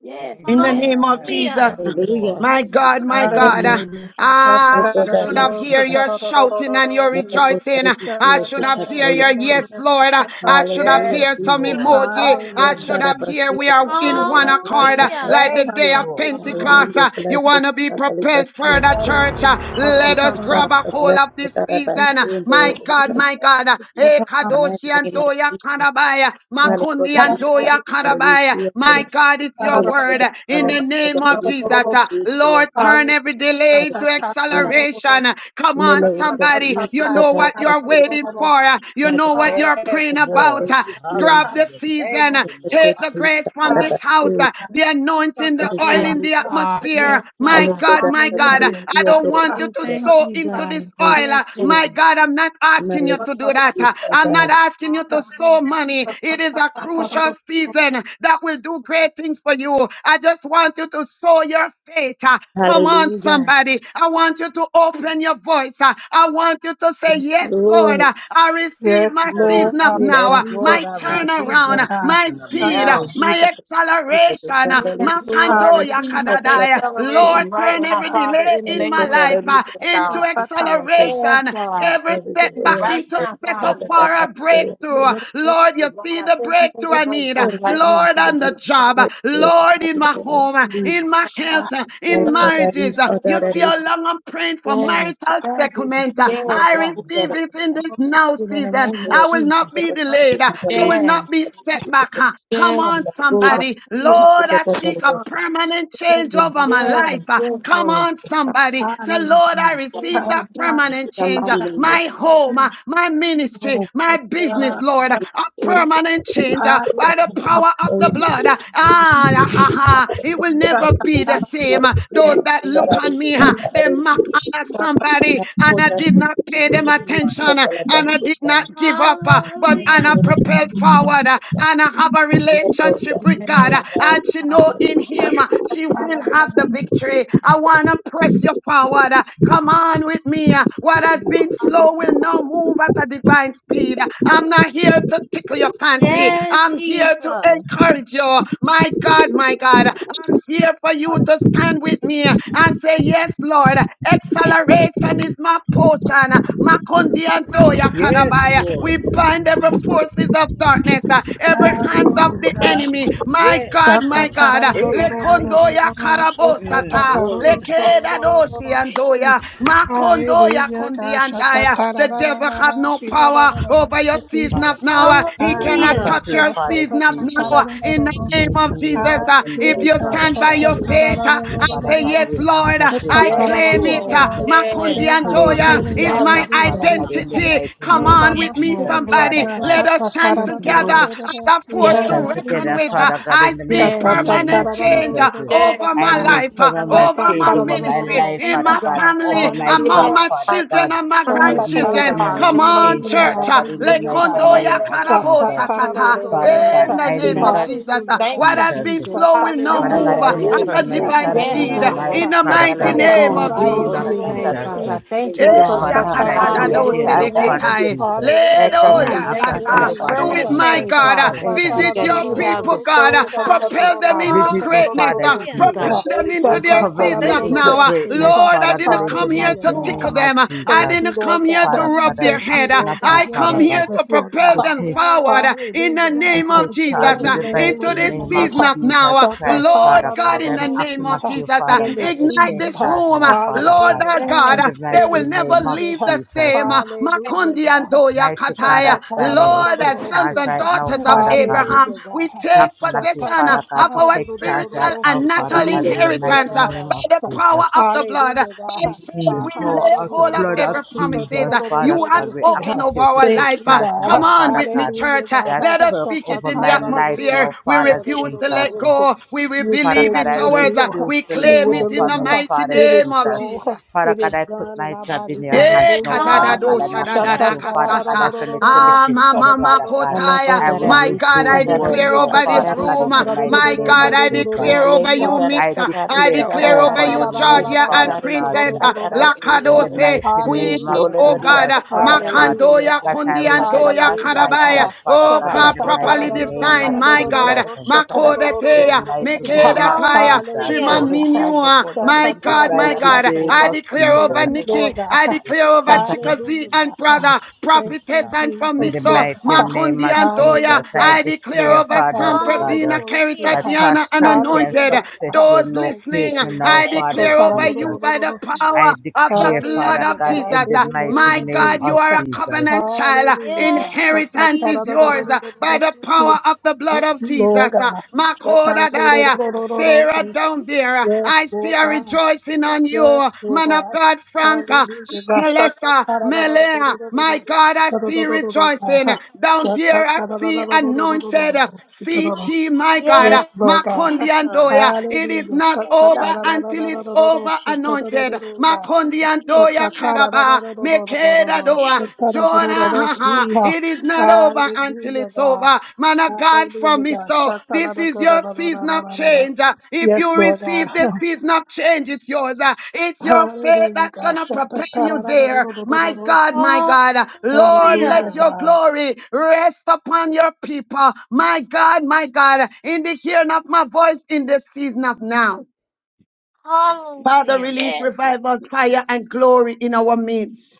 Speaker 3: yes,
Speaker 9: In the
Speaker 3: yes,
Speaker 9: name of
Speaker 3: yes.
Speaker 7: Amen.
Speaker 9: Jesus.
Speaker 7: Yes,
Speaker 4: Hallelujah.
Speaker 13: Hallelujah.
Speaker 7: Lord.
Speaker 9: My God,
Speaker 3: Come
Speaker 9: my
Speaker 3: on, get me
Speaker 9: God,
Speaker 13: Hallelujah,
Speaker 9: uh,
Speaker 14: Hallelujah.
Speaker 9: I
Speaker 3: out of
Speaker 9: should have heard your shouting and your rejoicing. I should have heard your yes, Lord. Uh, I
Speaker 3: my
Speaker 9: should
Speaker 3: life.
Speaker 9: have
Speaker 7: Yes,
Speaker 14: Hallelujah.
Speaker 9: heard some
Speaker 13: Jesus.
Speaker 7: Lord.
Speaker 9: emoji. I
Speaker 13: Yes,
Speaker 7: Hallelujah,
Speaker 9: should
Speaker 13: Sarah
Speaker 9: have heard
Speaker 3: Yes, yes, yes,
Speaker 9: we
Speaker 7: Jesus.
Speaker 13: Bastika,
Speaker 9: are
Speaker 3: yes,
Speaker 9: in
Speaker 13: Catholic
Speaker 9: one
Speaker 3: yes,
Speaker 9: accord,
Speaker 3: yes,
Speaker 13: Bastika,
Speaker 9: uh,
Speaker 3: yes,
Speaker 4: Hallelujah.
Speaker 9: like the
Speaker 7: Thank you,
Speaker 9: day of
Speaker 7: Lord.
Speaker 3: Lord.
Speaker 9: Pentecost.
Speaker 13: Hallelujah,
Speaker 9: Uh, You
Speaker 13: bless all
Speaker 9: want
Speaker 13: the
Speaker 9: to be
Speaker 13: Catholic
Speaker 9: propelled
Speaker 13: Bastika.
Speaker 9: further, church? Uh, Let
Speaker 13: Thank you,
Speaker 9: us
Speaker 13: Father,
Speaker 9: grab a hold
Speaker 13: bless
Speaker 9: of
Speaker 13: all
Speaker 9: this
Speaker 13: the
Speaker 9: season. Uh, My God,
Speaker 13: Bastika.
Speaker 9: my God. uh,
Speaker 3: Yes, Lord. Yes,
Speaker 9: Hey,
Speaker 13: In my
Speaker 9: Kadoshi
Speaker 13: name of
Speaker 9: Andoya
Speaker 13: Jesus,
Speaker 9: Karabaya,
Speaker 13: Catholic
Speaker 9: Makundi
Speaker 13: Bastika,
Speaker 9: Andoya Karabaya.
Speaker 13: Hallelujah, Catholic
Speaker 9: My
Speaker 13: Bastika,
Speaker 9: God, it's your word in the name of Jesus. Uh, Lord, turn every delay into
Speaker 13: Hallelujah.
Speaker 9: acceleration. Uh, Come on,
Speaker 13: Melo uta,
Speaker 9: somebody. You know what
Speaker 13: Catholic
Speaker 9: you're waiting for. Uh, You
Speaker 13: Bastika.
Speaker 9: know what you're
Speaker 7: Yes,
Speaker 9: praying
Speaker 7: Lord.
Speaker 9: about.
Speaker 13: Thank
Speaker 9: Uh, Grab
Speaker 14: Tara
Speaker 9: the
Speaker 7: Hallelujah. Thank
Speaker 9: season.
Speaker 14: Kororo,
Speaker 7: you, Lord.
Speaker 9: Take the grace from this
Speaker 14: Tara
Speaker 9: house.
Speaker 14: Kusa,
Speaker 9: The anointing, the
Speaker 14: Tata
Speaker 13: you,
Speaker 9: oil
Speaker 14: Tara
Speaker 9: in
Speaker 11: Yes,
Speaker 9: the
Speaker 13: Jesus.
Speaker 14: Tara
Speaker 11: God.
Speaker 9: atmosphere.
Speaker 14: Kitoro,
Speaker 11: Yes,
Speaker 9: My
Speaker 11: God.
Speaker 9: God, my God.
Speaker 11: Hallelujah.
Speaker 9: I don't want
Speaker 14: Tata
Speaker 9: you
Speaker 11: Oh,
Speaker 9: to
Speaker 11: thank
Speaker 9: sow
Speaker 11: you,
Speaker 14: Tata
Speaker 9: into this
Speaker 11: God.
Speaker 14: Tara
Speaker 9: oil.
Speaker 11: Yes,
Speaker 9: My
Speaker 11: Lord.
Speaker 9: God, I'm not asking you to
Speaker 14: Tata
Speaker 9: do that. I'm not asking you to
Speaker 14: Tara
Speaker 9: sow
Speaker 11: Hallelujah.
Speaker 9: money. It is
Speaker 14: Tata
Speaker 9: a
Speaker 14: Tara
Speaker 9: crucial
Speaker 14: Tara.
Speaker 9: season that will do great things for you. I just want you to sow your faith. Come on,
Speaker 13: Hallelujah.
Speaker 9: somebody. I want you to open your voice. Uh, I want you to say, Yes, Lord,
Speaker 13: Lord,
Speaker 9: uh, I receive
Speaker 14: Yes,
Speaker 9: my
Speaker 13: I
Speaker 14: Lord,
Speaker 9: season of
Speaker 14: I
Speaker 13: receive,
Speaker 9: now,
Speaker 13: I,
Speaker 9: uh,
Speaker 7: Yes,
Speaker 14: receive
Speaker 7: Lord,
Speaker 9: my
Speaker 14: it.
Speaker 7: I
Speaker 13: I receive,
Speaker 7: receive
Speaker 9: turnaround,
Speaker 14: Hallelujah,
Speaker 7: my
Speaker 9: uh,
Speaker 14: God.
Speaker 9: my
Speaker 7: season of
Speaker 13: I
Speaker 14: That's
Speaker 9: speed, uh,
Speaker 7: now.
Speaker 15: Lord
Speaker 13: receive, I receive
Speaker 9: my
Speaker 13: the
Speaker 9: acceleration, uh,
Speaker 11: Yes,
Speaker 9: my
Speaker 13: revelation.
Speaker 11: Lord. I
Speaker 9: kandoya
Speaker 11: receive my
Speaker 14: hallelujah,
Speaker 13: Because I love
Speaker 9: kadadaya.
Speaker 13: you.
Speaker 9: Lord,
Speaker 11: acceleration right
Speaker 9: turn
Speaker 14: Lord
Speaker 11: now,
Speaker 9: every
Speaker 14: God.
Speaker 11: Father,
Speaker 9: delay
Speaker 11: in
Speaker 13: I
Speaker 11: the
Speaker 9: in
Speaker 13: love
Speaker 9: my
Speaker 11: name
Speaker 13: God
Speaker 11: of
Speaker 9: life
Speaker 13: already.
Speaker 9: uh,
Speaker 13: I
Speaker 11: Jesus,
Speaker 13: love
Speaker 9: into
Speaker 11: God.
Speaker 14: That's what I
Speaker 13: you. I love you.
Speaker 11: Yes,
Speaker 9: acceleration,
Speaker 11: God.
Speaker 13: I
Speaker 9: every
Speaker 13: love you.
Speaker 9: setback
Speaker 11: Right
Speaker 9: into
Speaker 13: I
Speaker 11: now,
Speaker 9: set
Speaker 14: we have
Speaker 11: Father.
Speaker 9: up
Speaker 13: love
Speaker 14: to
Speaker 13: you.
Speaker 11: in the
Speaker 9: for
Speaker 13: I
Speaker 9: a
Speaker 11: name of
Speaker 13: love
Speaker 14: do,
Speaker 13: you.
Speaker 9: breakthrough.
Speaker 11: Jesus.
Speaker 14: whatever it
Speaker 9: Lord, you
Speaker 11: God,
Speaker 9: see
Speaker 11: I
Speaker 9: the
Speaker 11: thank you for
Speaker 9: breakthrough
Speaker 11: the
Speaker 14: is,
Speaker 9: I need.
Speaker 14: God.
Speaker 11: breakthrough
Speaker 13: Thank you
Speaker 9: Lord,
Speaker 11: right
Speaker 13: for
Speaker 11: now,
Speaker 9: Lord, on
Speaker 11: Father.
Speaker 9: the
Speaker 13: the
Speaker 9: job,
Speaker 13: breakthrough in the
Speaker 9: Lord,
Speaker 13: mighty
Speaker 9: in my
Speaker 13: name of
Speaker 9: home,
Speaker 13: Jesus.
Speaker 9: in my
Speaker 14: For our
Speaker 9: health,
Speaker 11: Yes,
Speaker 13: And the
Speaker 9: in
Speaker 13: God that
Speaker 9: marriages.
Speaker 13: is, oh, God
Speaker 9: You
Speaker 13: that
Speaker 11: Lord.
Speaker 9: see how
Speaker 13: is,
Speaker 9: long I'm praying for
Speaker 13: that
Speaker 11: Yes,
Speaker 9: marital
Speaker 11: thank you, Jesus.
Speaker 9: settlement.
Speaker 14: goodness,
Speaker 13: is, that
Speaker 11: Yes,
Speaker 9: I
Speaker 13: is, that
Speaker 11: God.
Speaker 13: is,
Speaker 9: receive
Speaker 13: that
Speaker 9: it in this
Speaker 14: Lord,
Speaker 9: now
Speaker 11: In the
Speaker 9: season.
Speaker 11: name of
Speaker 13: is,
Speaker 9: I
Speaker 13: that is,
Speaker 9: will not
Speaker 11: Jesus.
Speaker 9: be
Speaker 14: mercy,
Speaker 9: delayed. I
Speaker 13: that
Speaker 9: will not
Speaker 11: Yes,
Speaker 9: be set back. Come
Speaker 11: yes,
Speaker 9: on, somebody.
Speaker 14: Hallelujah,
Speaker 11: yes,
Speaker 9: Lord,
Speaker 13: is,
Speaker 9: I
Speaker 13: that
Speaker 9: speak a
Speaker 14: Lord,
Speaker 9: permanent
Speaker 11: yes,
Speaker 9: change over my
Speaker 11: yes,
Speaker 9: life. Come
Speaker 11: Lord.
Speaker 9: on, somebody. Say,
Speaker 14: hallelujah.
Speaker 11: Thank
Speaker 9: Lord, I
Speaker 11: you, Lord.
Speaker 14: My
Speaker 9: receive that
Speaker 11: Thank
Speaker 14: God,
Speaker 9: permanent change.
Speaker 14: Tata
Speaker 9: My home,
Speaker 14: Tara.
Speaker 9: my my ministry,
Speaker 14: Hallelujah,
Speaker 9: my business,
Speaker 11: you,
Speaker 9: Lord, a permanent change uh, by the power of the blood. Ah,
Speaker 13: is,
Speaker 9: ah, ha, ha. It will never be the same. Uh, Those that look on me, uh, they mock at somebody, and I did not pay them attention, uh, and I did not give up, uh, but and
Speaker 13: that
Speaker 9: I
Speaker 11: Lord.
Speaker 4: Hallelujah.
Speaker 13: is,
Speaker 9: propelled forward, uh, and I have a
Speaker 13: Yellow,
Speaker 9: relationship
Speaker 13: the
Speaker 9: with God, uh,
Speaker 13: Isha,
Speaker 9: and she know
Speaker 13: that
Speaker 9: in Him uh, she will have the victory. I wanna press press you forward. Uh, Come on with me. Uh, What has been slow will now
Speaker 11: Yes,
Speaker 9: move at a divine speed. Uh, I'm not here to tickle your fancy.
Speaker 4: Yes,
Speaker 9: I'm here to
Speaker 4: Jesus.
Speaker 9: encourage you. My God, my God, I'm here for you to stand with me uh, and say, Yes, Lord, acceleration is my portion. Uh, Makundi Antoya
Speaker 7: Yes,
Speaker 9: Karabaya. We
Speaker 7: Lord.
Speaker 9: bind every forces of darkness, uh, every hands of the
Speaker 14: God.
Speaker 9: enemy. My my
Speaker 14: Ta
Speaker 9: God,
Speaker 7: Yes,
Speaker 14: ta
Speaker 9: my
Speaker 7: Lord.
Speaker 14: ta
Speaker 9: God.
Speaker 14: ra ra ro ro
Speaker 7: Hey,
Speaker 14: ro ro ro
Speaker 7: thank
Speaker 14: ro
Speaker 7: you.
Speaker 9: Lekondoya
Speaker 14: ro ro. Sha ta ta
Speaker 7: Mm,
Speaker 9: karabosata.
Speaker 14: ta ro
Speaker 7: glory.
Speaker 14: ro
Speaker 7: Oh,
Speaker 14: ro ro ro ro ro
Speaker 9: Lekedadoshi
Speaker 14: ro.
Speaker 9: andoya.
Speaker 14: Shi.
Speaker 9: Makondoya
Speaker 14: Hallelujah, God. Sha ta
Speaker 9: kondiandaya.
Speaker 14: ta ra
Speaker 9: The
Speaker 14: ra ra
Speaker 9: devil
Speaker 14: ra
Speaker 9: have
Speaker 14: ra.
Speaker 9: no
Speaker 14: Shi da ra
Speaker 9: power
Speaker 14: ra ra
Speaker 9: over your
Speaker 14: ro.
Speaker 9: season
Speaker 16: Father
Speaker 9: of
Speaker 16: God.
Speaker 9: now. He
Speaker 16: We
Speaker 9: cannot
Speaker 16: ask of
Speaker 14: Hallelujah,
Speaker 4: Hallelujah.
Speaker 9: touch
Speaker 16: you,
Speaker 9: your
Speaker 14: God.
Speaker 16: Father
Speaker 9: season of
Speaker 16: Jesus,
Speaker 9: now. In the
Speaker 14: Sha-ta-ta-ta-ra-ra-ra-ra-ra.
Speaker 9: name
Speaker 16: in
Speaker 9: of
Speaker 16: the
Speaker 9: Jesus,
Speaker 16: name of
Speaker 9: uh,
Speaker 7: in the
Speaker 9: if
Speaker 14: Hallelujah,
Speaker 16: Jesus,
Speaker 7: name
Speaker 9: you
Speaker 7: of
Speaker 14: God.
Speaker 16: Father
Speaker 9: stand by your
Speaker 7: Jesus.
Speaker 16: God.
Speaker 9: faith uh, and
Speaker 16: Father
Speaker 9: say,
Speaker 16: God,
Speaker 14: Sha-ta-ta-ra-ra-ra-ra-ra-ra-ra.
Speaker 9: Yes,
Speaker 16: we
Speaker 9: Lord,
Speaker 16: ask
Speaker 14: Sha-ta-ta-ra-ra-ra-ra-ra-ra.
Speaker 9: uh,
Speaker 16: of you,
Speaker 9: I
Speaker 7: Yes,
Speaker 16: Father
Speaker 11: yes,
Speaker 9: claim
Speaker 7: Lord.
Speaker 9: it. uh,
Speaker 11: Lord.
Speaker 16: Jesus.
Speaker 14: Sha-ta-ta-ra-ra-ra-ra-ra.
Speaker 16: I
Speaker 11: Yes,
Speaker 9: Makundi
Speaker 14: Stand by my
Speaker 16: claim my
Speaker 9: andoya
Speaker 11: yes.
Speaker 14: healing.
Speaker 9: is
Speaker 16: job
Speaker 9: my
Speaker 16: back,
Speaker 11: Yes,
Speaker 14: Hallelujah,
Speaker 16: Father God,
Speaker 14: Jesus.
Speaker 16: in the
Speaker 9: identity.
Speaker 16: mighty
Speaker 9: Come
Speaker 11: Yes, Lord. Yes, yes,
Speaker 14: Stand
Speaker 16: name
Speaker 14: by
Speaker 9: on
Speaker 16: of
Speaker 11: Lord.
Speaker 14: my
Speaker 9: with
Speaker 11: Yes,
Speaker 9: me,
Speaker 11: Lord.
Speaker 9: see
Speaker 14: healing,
Speaker 16: Jesus,
Speaker 11: Thank you,
Speaker 14: Lord
Speaker 16: Father
Speaker 9: somebody.
Speaker 14: God.
Speaker 11: Jesus.
Speaker 16: God.
Speaker 9: Let us stand
Speaker 11: Thank you,
Speaker 9: together
Speaker 11: Lord.
Speaker 9: as
Speaker 14: Sha-ta-ta-ra-ra-ra-ra-ra-ra-ra.
Speaker 9: a
Speaker 14: We
Speaker 16: I
Speaker 9: force to
Speaker 16: stand
Speaker 11: Yes,
Speaker 9: reckon
Speaker 14: Hallelujah,
Speaker 16: together,
Speaker 9: with. Uh,
Speaker 14: God.
Speaker 16: Father God,
Speaker 9: I
Speaker 16: in the
Speaker 9: speak
Speaker 16: mighty
Speaker 11: yes.
Speaker 16: name
Speaker 9: permanent
Speaker 16: of
Speaker 9: change
Speaker 16: Jesus.
Speaker 9: uh,
Speaker 14: Sha-ta-ta-ta-ra-ra-ra-ra-ra-ra-ra.
Speaker 9: over
Speaker 11: Yes,
Speaker 16: I
Speaker 9: my
Speaker 11: God.
Speaker 9: life,
Speaker 16: need
Speaker 9: uh,
Speaker 14: sha
Speaker 16: permanent
Speaker 9: over
Speaker 14: ta
Speaker 11: Permanently
Speaker 14: ta
Speaker 9: my
Speaker 16: change
Speaker 14: ra
Speaker 11: remove
Speaker 14: ra
Speaker 16: over my
Speaker 14: ra ra
Speaker 11: God.
Speaker 14: ra
Speaker 9: ministry,
Speaker 16: life,
Speaker 9: in
Speaker 11: Thank you,
Speaker 16: Father
Speaker 9: my
Speaker 16: God,
Speaker 11: God.
Speaker 9: family,
Speaker 16: over my
Speaker 14: Hallelujah,
Speaker 9: among
Speaker 16: job,
Speaker 11: Yes,
Speaker 9: my
Speaker 14: God.
Speaker 16: Father
Speaker 11: God.
Speaker 9: children
Speaker 16: God.
Speaker 9: and my
Speaker 16: I
Speaker 11: Permanent
Speaker 14: Hallelujah,
Speaker 16: need
Speaker 14: God.
Speaker 11: change,
Speaker 9: grandchildren.
Speaker 11: Father.
Speaker 9: Come
Speaker 11: In
Speaker 16: permanent
Speaker 11: the
Speaker 9: on,
Speaker 11: name
Speaker 16: change,
Speaker 11: of
Speaker 16: Father
Speaker 9: church. uh,
Speaker 16: God, in the
Speaker 14: Hallelujah, God.
Speaker 16: mighty
Speaker 9: Lekondoya
Speaker 16: name of Jesus.
Speaker 14: Hallelujah,
Speaker 9: karabosatata.
Speaker 16: Father God,
Speaker 9: In
Speaker 14: God.
Speaker 9: the
Speaker 16: I
Speaker 9: name
Speaker 16: need
Speaker 9: of Jesus,
Speaker 11: Jesus.
Speaker 9: uh,
Speaker 14: Hallelujah,
Speaker 11: Thank
Speaker 14: God.
Speaker 9: what
Speaker 11: you,
Speaker 9: has
Speaker 16: Jesus.
Speaker 9: been
Speaker 11: Jesus.
Speaker 9: slow will now
Speaker 16: Father
Speaker 11: Hallelujah.
Speaker 16: God,
Speaker 9: move
Speaker 16: I
Speaker 9: uh,
Speaker 13: Aleko,
Speaker 16: need
Speaker 13: that
Speaker 7: we
Speaker 9: at a
Speaker 13: Isha,
Speaker 16: permanent
Speaker 7: great You
Speaker 9: divine
Speaker 16: change
Speaker 7: thy
Speaker 16: in
Speaker 11: Yes,
Speaker 16: my
Speaker 9: speed. uh,
Speaker 11: God.
Speaker 13: Tarabase,
Speaker 9: In
Speaker 16: marriage,
Speaker 13: the
Speaker 9: the
Speaker 16: Father
Speaker 9: mighty
Speaker 16: God.
Speaker 11: Oh
Speaker 13: Catalayan,
Speaker 9: name
Speaker 7: In the
Speaker 13: the
Speaker 11: God,
Speaker 9: of
Speaker 16: In the
Speaker 13: Isha,
Speaker 7: mighty
Speaker 11: glory
Speaker 16: name
Speaker 11: to
Speaker 9: Jesus.
Speaker 16: of
Speaker 7: name
Speaker 13: the
Speaker 11: your name,
Speaker 16: Jesus.
Speaker 11: Father.
Speaker 13: Catalayan,
Speaker 11: I thank
Speaker 7: of
Speaker 11: you, God.
Speaker 7: Jesus.
Speaker 16: Father
Speaker 13: the
Speaker 16: God, I come
Speaker 13: Maria,
Speaker 16: to you
Speaker 11: Hallelujah.
Speaker 16: now,
Speaker 11: Thank
Speaker 7: Thank
Speaker 13: Tatai,
Speaker 11: you,
Speaker 7: you, Lord. Thank
Speaker 16: Father
Speaker 7: you, God.
Speaker 9: Eyakashadadosedeketai.
Speaker 11: Jesus.
Speaker 16: Jesus.
Speaker 13: the
Speaker 9: Ledo
Speaker 16: And I
Speaker 11: Mm,
Speaker 14: Thank
Speaker 16: ask
Speaker 11: thank you
Speaker 16: of
Speaker 13: Catarisha,
Speaker 14: you,
Speaker 11: for
Speaker 9: yasasa.
Speaker 16: you,
Speaker 11: the
Speaker 14: Jesus.
Speaker 16: Father
Speaker 9: Do it,
Speaker 11: permanent
Speaker 13: Tarabasa.
Speaker 9: my
Speaker 16: Jesus,
Speaker 11: change,
Speaker 16: to
Speaker 9: God. Uh,
Speaker 16: take
Speaker 11: Father,
Speaker 13: Thank you,
Speaker 16: charge,
Speaker 9: Visit
Speaker 11: that
Speaker 16: oh
Speaker 9: your
Speaker 11: you
Speaker 13: Jesus.
Speaker 16: God.
Speaker 11: have
Speaker 9: people, God. Uh,
Speaker 11: bestowed upon
Speaker 9: Propel
Speaker 11: us,
Speaker 9: them
Speaker 11: Father,
Speaker 9: into
Speaker 11: in
Speaker 4: Hallelujah.
Speaker 11: the
Speaker 16: Visit me,
Speaker 11: name
Speaker 9: greatness.
Speaker 11: of
Speaker 16: Father
Speaker 9: Uh,
Speaker 11: Jesus,
Speaker 9: Propel
Speaker 11: God.
Speaker 16: Jesus,
Speaker 9: them
Speaker 7: Thank
Speaker 9: into
Speaker 11: Oh
Speaker 16: and
Speaker 7: you,
Speaker 9: their
Speaker 7: Lord.
Speaker 11: God,
Speaker 16: propel
Speaker 9: seat,
Speaker 7: Receive
Speaker 9: not
Speaker 16: me
Speaker 11: thank you,
Speaker 16: into
Speaker 9: now.
Speaker 7: Jesus
Speaker 11: Lord
Speaker 9: Uh,
Speaker 11: God,
Speaker 16: greatness,
Speaker 9: Lord, I
Speaker 16: Father God,
Speaker 9: didn't
Speaker 16: in
Speaker 9: come
Speaker 16: the
Speaker 11: that you're
Speaker 9: here
Speaker 14: Hallelujah,
Speaker 9: to
Speaker 16: mighty
Speaker 11: doing
Speaker 14: God.
Speaker 11: it.
Speaker 9: tickle
Speaker 16: name of
Speaker 9: them. Uh,
Speaker 11: for
Speaker 9: I
Speaker 11: us,
Speaker 14: Thank
Speaker 16: Jesus.
Speaker 11: God.
Speaker 14: you,
Speaker 9: didn't come
Speaker 14: Lord
Speaker 9: here
Speaker 14: God.
Speaker 9: to
Speaker 11: In
Speaker 16: Father
Speaker 11: the
Speaker 9: rub
Speaker 16: God,
Speaker 11: name
Speaker 9: their
Speaker 16: I'm
Speaker 14: Thank
Speaker 11: of
Speaker 14: you,
Speaker 9: head. Uh,
Speaker 16: asking
Speaker 14: Lord
Speaker 16: of
Speaker 11: Jesus,
Speaker 16: you,
Speaker 14: God.
Speaker 9: I come
Speaker 16: Father
Speaker 9: here
Speaker 16: God,
Speaker 11: yes,
Speaker 14: Jesus,
Speaker 9: to
Speaker 14: Lord
Speaker 9: propel
Speaker 16: to
Speaker 9: them
Speaker 14: God.
Speaker 16: take
Speaker 9: forward uh,
Speaker 11: yes.
Speaker 9: in the
Speaker 14: Hallelujah,
Speaker 16: to
Speaker 11: God,
Speaker 9: name
Speaker 11: for
Speaker 14: God.
Speaker 9: of
Speaker 16: take
Speaker 9: Jesus
Speaker 11: tell
Speaker 16: charge
Speaker 14: In
Speaker 7: In
Speaker 11: us
Speaker 14: the
Speaker 16: in
Speaker 7: the
Speaker 9: uh,
Speaker 11: to
Speaker 16: the
Speaker 11: go
Speaker 7: name
Speaker 14: name
Speaker 7: of
Speaker 9: into
Speaker 14: of
Speaker 16: mighty
Speaker 11: forward,
Speaker 9: this
Speaker 14: Jesus.
Speaker 16: name
Speaker 11: Father.
Speaker 7: Jesus.
Speaker 16: of
Speaker 9: season of now.
Speaker 16: Jesus
Speaker 9: uh,
Speaker 16: Christ,
Speaker 11: Thank
Speaker 9: Lord
Speaker 16: Father
Speaker 9: God,
Speaker 16: God.
Speaker 9: in the
Speaker 16: I'm
Speaker 9: name
Speaker 16: asking
Speaker 14: Sha-ta-ta-ra-ra-ra-ra-ra-ra-si.
Speaker 9: of
Speaker 16: of
Speaker 14: ha.
Speaker 16: you,
Speaker 9: Jesus,
Speaker 7: In
Speaker 9: uh,
Speaker 7: the
Speaker 16: Father
Speaker 14: In the
Speaker 16: God, to
Speaker 7: name
Speaker 9: ignite
Speaker 11: you,
Speaker 16: take
Speaker 14: season.
Speaker 9: this
Speaker 11: Jesus.
Speaker 14: ha.
Speaker 16: charge
Speaker 9: room. uh,
Speaker 16: now, Father
Speaker 9: Lord
Speaker 16: God,
Speaker 14: Hallelujah,
Speaker 9: our
Speaker 11: Yes,
Speaker 9: God.
Speaker 14: God.
Speaker 16: in
Speaker 9: God. uh,
Speaker 16: the
Speaker 9: They
Speaker 11: thank
Speaker 16: mighty
Speaker 14: In the
Speaker 11: you,
Speaker 9: will never
Speaker 16: name of
Speaker 14: season.
Speaker 9: leave
Speaker 14: ha.
Speaker 9: the
Speaker 16: Jesus.
Speaker 9: same. uh,
Speaker 16: And
Speaker 14: Hallelujah,
Speaker 9: Makundi and
Speaker 14: God.
Speaker 9: Doya
Speaker 16: mighty God
Speaker 9: Kataya.
Speaker 16: of Daniel,
Speaker 9: Lord, as
Speaker 16: take
Speaker 9: sons
Speaker 16: charge
Speaker 14: Sha-ta-ta-ra-ra-ra-ra-ra-ra-si.
Speaker 9: and
Speaker 14: ha.
Speaker 16: right now,
Speaker 9: daughters
Speaker 11: thank
Speaker 9: of
Speaker 11: you,
Speaker 16: Father God.
Speaker 9: Abraham,
Speaker 11: Jesus.
Speaker 14: Hallelujah,
Speaker 9: we
Speaker 14: God.
Speaker 7: of
Speaker 9: take
Speaker 16: Asking of you,
Speaker 9: possession uh,
Speaker 16: Father God,
Speaker 9: of
Speaker 16: to
Speaker 9: our
Speaker 16: take
Speaker 14: Hallelujah,
Speaker 16: charge
Speaker 9: spiritual
Speaker 16: right now,
Speaker 9: and
Speaker 7: Jesus you, God.
Speaker 16: Father
Speaker 9: natural
Speaker 7: Receive
Speaker 16: God,
Speaker 7: it,
Speaker 16: in the
Speaker 7: Lord.
Speaker 16: mighty
Speaker 9: inheritance uh,
Speaker 16: name
Speaker 9: by
Speaker 16: of
Speaker 9: the power
Speaker 16: Jesus.
Speaker 9: of the blood. By
Speaker 14: God.
Speaker 9: faith,
Speaker 16: The
Speaker 7: Mm,
Speaker 14: Ah,
Speaker 9: we
Speaker 14: ha,
Speaker 3: Lord.
Speaker 14: da,
Speaker 16: power
Speaker 9: lay
Speaker 14: da, da,
Speaker 16: of the
Speaker 14: da,
Speaker 9: hold of
Speaker 14: da,
Speaker 16: blood
Speaker 14: da,
Speaker 16: of
Speaker 14: da,
Speaker 9: every
Speaker 14: shi, da, da,
Speaker 9: promises
Speaker 14: da,
Speaker 16: Jesus,
Speaker 9: uh,
Speaker 14: da, da, da,
Speaker 16: Father
Speaker 9: you
Speaker 14: da,
Speaker 9: had
Speaker 14: da,
Speaker 16: God, we
Speaker 14: si, ha.
Speaker 16: ask
Speaker 9: spoken
Speaker 16: of
Speaker 9: over
Speaker 16: you to
Speaker 9: our
Speaker 14: Thank
Speaker 16: take
Speaker 9: life.
Speaker 14: you,
Speaker 9: uh.
Speaker 16: charge
Speaker 14: God.
Speaker 9: Come
Speaker 16: now,
Speaker 14: Ah,
Speaker 9: on
Speaker 16: Father
Speaker 9: with me,
Speaker 16: God.
Speaker 14: Hallelujah,
Speaker 9: church. uh,
Speaker 14: God.
Speaker 16: That's
Speaker 14: Ah,
Speaker 9: Let
Speaker 14: ha,
Speaker 9: us
Speaker 16: spoke
Speaker 14: sha,
Speaker 9: speak
Speaker 14: ta,
Speaker 9: it
Speaker 16: over
Speaker 9: in
Speaker 14: ta,
Speaker 9: the
Speaker 16: my
Speaker 14: da,
Speaker 3: Yes,
Speaker 14: da, da, da, da,
Speaker 16: life
Speaker 14: da,
Speaker 3: Lord.
Speaker 9: atmosphere.
Speaker 16: now,
Speaker 9: We
Speaker 14: si, da,
Speaker 16: Father
Speaker 14: da,
Speaker 3: Yes,
Speaker 14: da,
Speaker 9: refuse
Speaker 14: da,
Speaker 9: to
Speaker 14: da, da,
Speaker 9: let
Speaker 3: Lord.
Speaker 14: da,
Speaker 16: Jesus.
Speaker 14: si.
Speaker 9: go. We will
Speaker 14: You
Speaker 16: Father
Speaker 9: believe
Speaker 14: said
Speaker 16: God,
Speaker 14: you
Speaker 9: it's
Speaker 16: I
Speaker 14: would
Speaker 9: ours. uh,
Speaker 14: heal, ah.
Speaker 16: refuse
Speaker 9: We
Speaker 16: to
Speaker 14: you
Speaker 16: let
Speaker 9: claim
Speaker 14: would
Speaker 16: go
Speaker 9: it in the
Speaker 16: from
Speaker 14: deliver.
Speaker 16: your
Speaker 14: ah.
Speaker 9: mighty
Speaker 16: Father
Speaker 14: It is
Speaker 9: name of
Speaker 14: so,
Speaker 16: Jesus.
Speaker 9: Jesus.
Speaker 14: ah.
Speaker 16: Father
Speaker 14: it
Speaker 16: God,
Speaker 14: is
Speaker 16: I put
Speaker 14: done in
Speaker 16: my
Speaker 14: our
Speaker 3: Yes,
Speaker 16: job in
Speaker 14: bodies.
Speaker 16: your
Speaker 3: Lord.
Speaker 9: Eh,
Speaker 16: hands
Speaker 3: Yes,
Speaker 16: now,
Speaker 14: Hallelujah,
Speaker 16: Father
Speaker 3: Lord.
Speaker 9: kadadado,
Speaker 14: God.
Speaker 16: God, and that's in a
Speaker 14: Shadda
Speaker 9: shadadada,
Speaker 4: Hallelujah.
Speaker 16: few,
Speaker 14: ta ra
Speaker 16: Father
Speaker 14: ra ra
Speaker 16: God,
Speaker 14: ra
Speaker 9: kasasa.
Speaker 16: that's
Speaker 14: ra ra
Speaker 16: when the
Speaker 14: ra ra ra ra
Speaker 9: Ah,
Speaker 16: 25th come,
Speaker 14: ra
Speaker 9: mama makotaya
Speaker 14: ra
Speaker 16: Father
Speaker 14: ra ra
Speaker 16: God.
Speaker 14: ra.
Speaker 13: Alebo,
Speaker 16: I will
Speaker 13: that
Speaker 9: My
Speaker 13: is
Speaker 9: God, I
Speaker 16: resume work
Speaker 9: declare
Speaker 14: Hallelujah.
Speaker 16: now,
Speaker 13: Catalarisha,
Speaker 9: over
Speaker 14: Shadda
Speaker 9: this
Speaker 16: Father
Speaker 14: ta
Speaker 16: God,
Speaker 14: ta
Speaker 9: room.
Speaker 16: in
Speaker 14: ta
Speaker 9: ah,
Speaker 16: the
Speaker 13: Tararisi,
Speaker 14: ra ra ra ra
Speaker 16: mighty
Speaker 14: ra
Speaker 9: My
Speaker 14: ra ra
Speaker 16: name
Speaker 9: God,
Speaker 16: of
Speaker 9: I
Speaker 14: ra ra.
Speaker 9: declare
Speaker 16: Jesus.
Speaker 9: over
Speaker 13: Nalepo,
Speaker 9: you,
Speaker 14: Hallelujah.
Speaker 13: that
Speaker 9: Miss.
Speaker 16: I
Speaker 9: ah, I
Speaker 16: declare
Speaker 13: Catarisha,
Speaker 14: Shadda
Speaker 9: declare
Speaker 14: ta ta
Speaker 9: over
Speaker 16: over
Speaker 14: ta
Speaker 13: Tararis,
Speaker 9: you,
Speaker 16: the
Speaker 14: ra ra ra
Speaker 13: the
Speaker 14: ra ra
Speaker 16: room,
Speaker 9: Georgia
Speaker 14: ra
Speaker 9: and
Speaker 16: Father
Speaker 13: Catarisha,
Speaker 16: God,
Speaker 9: Princess.
Speaker 16: in
Speaker 14: ra
Speaker 9: ah,
Speaker 14: ra ra.
Speaker 16: in the
Speaker 13: Tararisi,
Speaker 9: Lakadose,
Speaker 16: mighty
Speaker 9: Queen,
Speaker 16: name of
Speaker 14: Hallelujah.
Speaker 9: oh
Speaker 13: Loleria
Speaker 9: God.
Speaker 13: the
Speaker 9: ah,
Speaker 16: Jesus, Father
Speaker 13: Cotarari
Speaker 16: God,
Speaker 13: Sia,
Speaker 9: Makandoya,
Speaker 16: that I
Speaker 9: Kundi,
Speaker 16: will
Speaker 9: and
Speaker 16: get
Speaker 9: Doya,
Speaker 13: Catalabas,
Speaker 16: back to my
Speaker 9: Karabaya.
Speaker 16: job, Father
Speaker 9: Oh
Speaker 16: God,
Speaker 14: Shadda
Speaker 16: in
Speaker 13: Pala
Speaker 9: God,
Speaker 16: the
Speaker 14: ta ta ta ra
Speaker 9: properly
Speaker 13: Potara,
Speaker 16: mighty
Speaker 14: ra ra ra
Speaker 16: name
Speaker 14: ra
Speaker 16: of
Speaker 9: designed,
Speaker 13: Satarabas,
Speaker 9: my God.
Speaker 16: Jesus.
Speaker 14: ra
Speaker 13: Catalabas,
Speaker 14: ra
Speaker 16: In the
Speaker 9: Makodeteya,
Speaker 14: ra ra.
Speaker 16: mighty name
Speaker 13: Catalabas,
Speaker 16: of
Speaker 9: Mekedataya,
Speaker 16: Jesus.
Speaker 14: Hallelujah.
Speaker 13: Holy
Speaker 4: Hallelujah.
Speaker 13: Santo
Speaker 9: Chimaminyua.
Speaker 14: Shadda ta
Speaker 9: My
Speaker 13: Cotari,
Speaker 14: ta
Speaker 16: In the
Speaker 14: ra
Speaker 9: God,
Speaker 14: ra ra ra ra ra ra ra ra. Hallelujah. Shadda ta ta ra ra ra
Speaker 9: my
Speaker 14: ra
Speaker 16: mighty
Speaker 14: ra
Speaker 9: God.
Speaker 13: Satarabas,
Speaker 14: ra ra ra
Speaker 16: name
Speaker 14: ra.
Speaker 9: I
Speaker 14: Hallelujah.
Speaker 16: of
Speaker 9: declare
Speaker 14: Thank
Speaker 9: over
Speaker 16: Jesus.
Speaker 14: you,
Speaker 13: Catalabas.
Speaker 9: Nikki,
Speaker 14: Lord
Speaker 9: I
Speaker 14: God.
Speaker 9: declare over Chikazi and
Speaker 14: Hallelujah.
Speaker 9: brother,
Speaker 14: Thank
Speaker 9: prophetess
Speaker 14: you,
Speaker 7: God.
Speaker 9: and from
Speaker 16: In the
Speaker 14: Jesus
Speaker 9: Miso,
Speaker 14: Lord.
Speaker 16: mighty name
Speaker 9: Makondi
Speaker 16: of
Speaker 9: and Doya.
Speaker 16: Jesus, I
Speaker 14: Hallelujah.
Speaker 9: I declare
Speaker 14: Shout
Speaker 16: declare,
Speaker 9: over
Speaker 14: to
Speaker 16: Father
Speaker 14: the
Speaker 9: Sam
Speaker 16: of
Speaker 14: Lord, Lord,
Speaker 16: God,
Speaker 14: Lord,
Speaker 16: uh,
Speaker 9: Pravina,
Speaker 14: Lord,
Speaker 9: Kerry
Speaker 14: Lord.
Speaker 16: that
Speaker 4: Hallelujah.
Speaker 9: Tatiana, and
Speaker 16: prosperity and
Speaker 9: anointed.
Speaker 14: Hallelujah.
Speaker 16: success will
Speaker 9: Those
Speaker 14: Thank you,
Speaker 9: listening,
Speaker 16: locate me now,
Speaker 9: I
Speaker 14: Jesus
Speaker 3: Yes,
Speaker 14: Lord. Shout
Speaker 16: Father
Speaker 9: declare
Speaker 14: to
Speaker 9: over
Speaker 14: the Lord,
Speaker 9: you
Speaker 14: Lord, Lord, Lord,
Speaker 16: Jesus.
Speaker 9: by the
Speaker 14: Lord.
Speaker 9: power
Speaker 16: I
Speaker 9: of the
Speaker 16: declare,
Speaker 9: blood
Speaker 16: Father
Speaker 14: Hallelujah,
Speaker 9: of
Speaker 16: God,
Speaker 9: Jesus.
Speaker 14: God.
Speaker 16: in the
Speaker 14: In the
Speaker 16: mighty
Speaker 14: name
Speaker 9: My
Speaker 14: of
Speaker 9: God,
Speaker 16: name
Speaker 9: you
Speaker 16: of
Speaker 14: Jesus.
Speaker 9: are a
Speaker 16: Jesus.
Speaker 9: covenant child.
Speaker 14: Hallelujah, God.
Speaker 4: Yes,
Speaker 14: Shout to
Speaker 9: Inheritance is
Speaker 14: the Lord,
Speaker 9: yours
Speaker 4: Jesus.
Speaker 14: Lord, Lord,
Speaker 9: by
Speaker 14: Lord,
Speaker 9: the power
Speaker 14: Lord.
Speaker 9: of the blood
Speaker 14: Lord,
Speaker 9: of of
Speaker 14: Lord,
Speaker 9: Jesus. uh,
Speaker 14: God. Shout to
Speaker 9: Makoda
Speaker 14: the Lord,
Speaker 9: Daya,
Speaker 14: Lord, Lord, Lord,
Speaker 9: Sarah
Speaker 14: Lord.
Speaker 9: down there. uh,
Speaker 14: Lord,
Speaker 9: I
Speaker 14: Lord,
Speaker 9: still
Speaker 14: God.
Speaker 9: rejoicing on you,
Speaker 14: Yes,
Speaker 9: uh,
Speaker 14: my
Speaker 9: man of
Speaker 14: God.
Speaker 9: God, Franca,
Speaker 14: Alleluia. Shaka.
Speaker 9: Melissa,
Speaker 14: La la la la la
Speaker 9: Melea. My
Speaker 14: la
Speaker 9: God,
Speaker 14: la
Speaker 9: I still rejoicing
Speaker 14: la.
Speaker 9: uh, down
Speaker 14: Shaka
Speaker 9: there. I
Speaker 14: la la la
Speaker 9: see
Speaker 14: la la la la
Speaker 9: anointed uh,
Speaker 14: la. Shaka la la la la la la la la.
Speaker 9: CT, my God,
Speaker 14: Yes,
Speaker 9: uh,
Speaker 4: Yes,
Speaker 14: my God.
Speaker 9: Makondi and
Speaker 4: Jesus.
Speaker 9: Doya. It is
Speaker 14: Alleluia.
Speaker 9: not
Speaker 3: yes, Lord.
Speaker 14: Shaka
Speaker 9: over
Speaker 14: la la la
Speaker 9: until
Speaker 14: la la
Speaker 9: it's
Speaker 14: la
Speaker 9: over, anointed.
Speaker 14: la la.
Speaker 9: Makondi and
Speaker 3: Yes,
Speaker 14: Yes, my
Speaker 9: Doya
Speaker 14: God.
Speaker 9: Karaba, that door. Jonah, ha, it is not over until it's over. Man of God, from me,
Speaker 14: Alleluia.
Speaker 9: so
Speaker 14: Shaka la
Speaker 9: this
Speaker 14: la
Speaker 9: is
Speaker 14: la la
Speaker 9: your
Speaker 14: la
Speaker 9: season of
Speaker 14: la la la.
Speaker 9: change. Uh, If
Speaker 14: Yes,
Speaker 9: you
Speaker 14: my
Speaker 9: receive
Speaker 14: God.
Speaker 9: this season of change, it's yours. Uh, It's your faith
Speaker 14: Hallelujah,
Speaker 9: that's
Speaker 14: God.
Speaker 9: going to propel
Speaker 14: Shada, ra
Speaker 9: you
Speaker 14: ra ra ra
Speaker 9: there.
Speaker 14: ra ra
Speaker 9: My God,
Speaker 14: ra.
Speaker 9: my God, Uh, Lord,
Speaker 14: Hallelujah,
Speaker 9: let
Speaker 4: Hallelujah.
Speaker 9: your
Speaker 14: God.
Speaker 9: glory rest upon your people. My God, my God, in the hearing of my voice in the season of now. Father,
Speaker 4: Hallelujah.
Speaker 9: release
Speaker 3: Lord.
Speaker 9: revival, fire, and glory in our midst.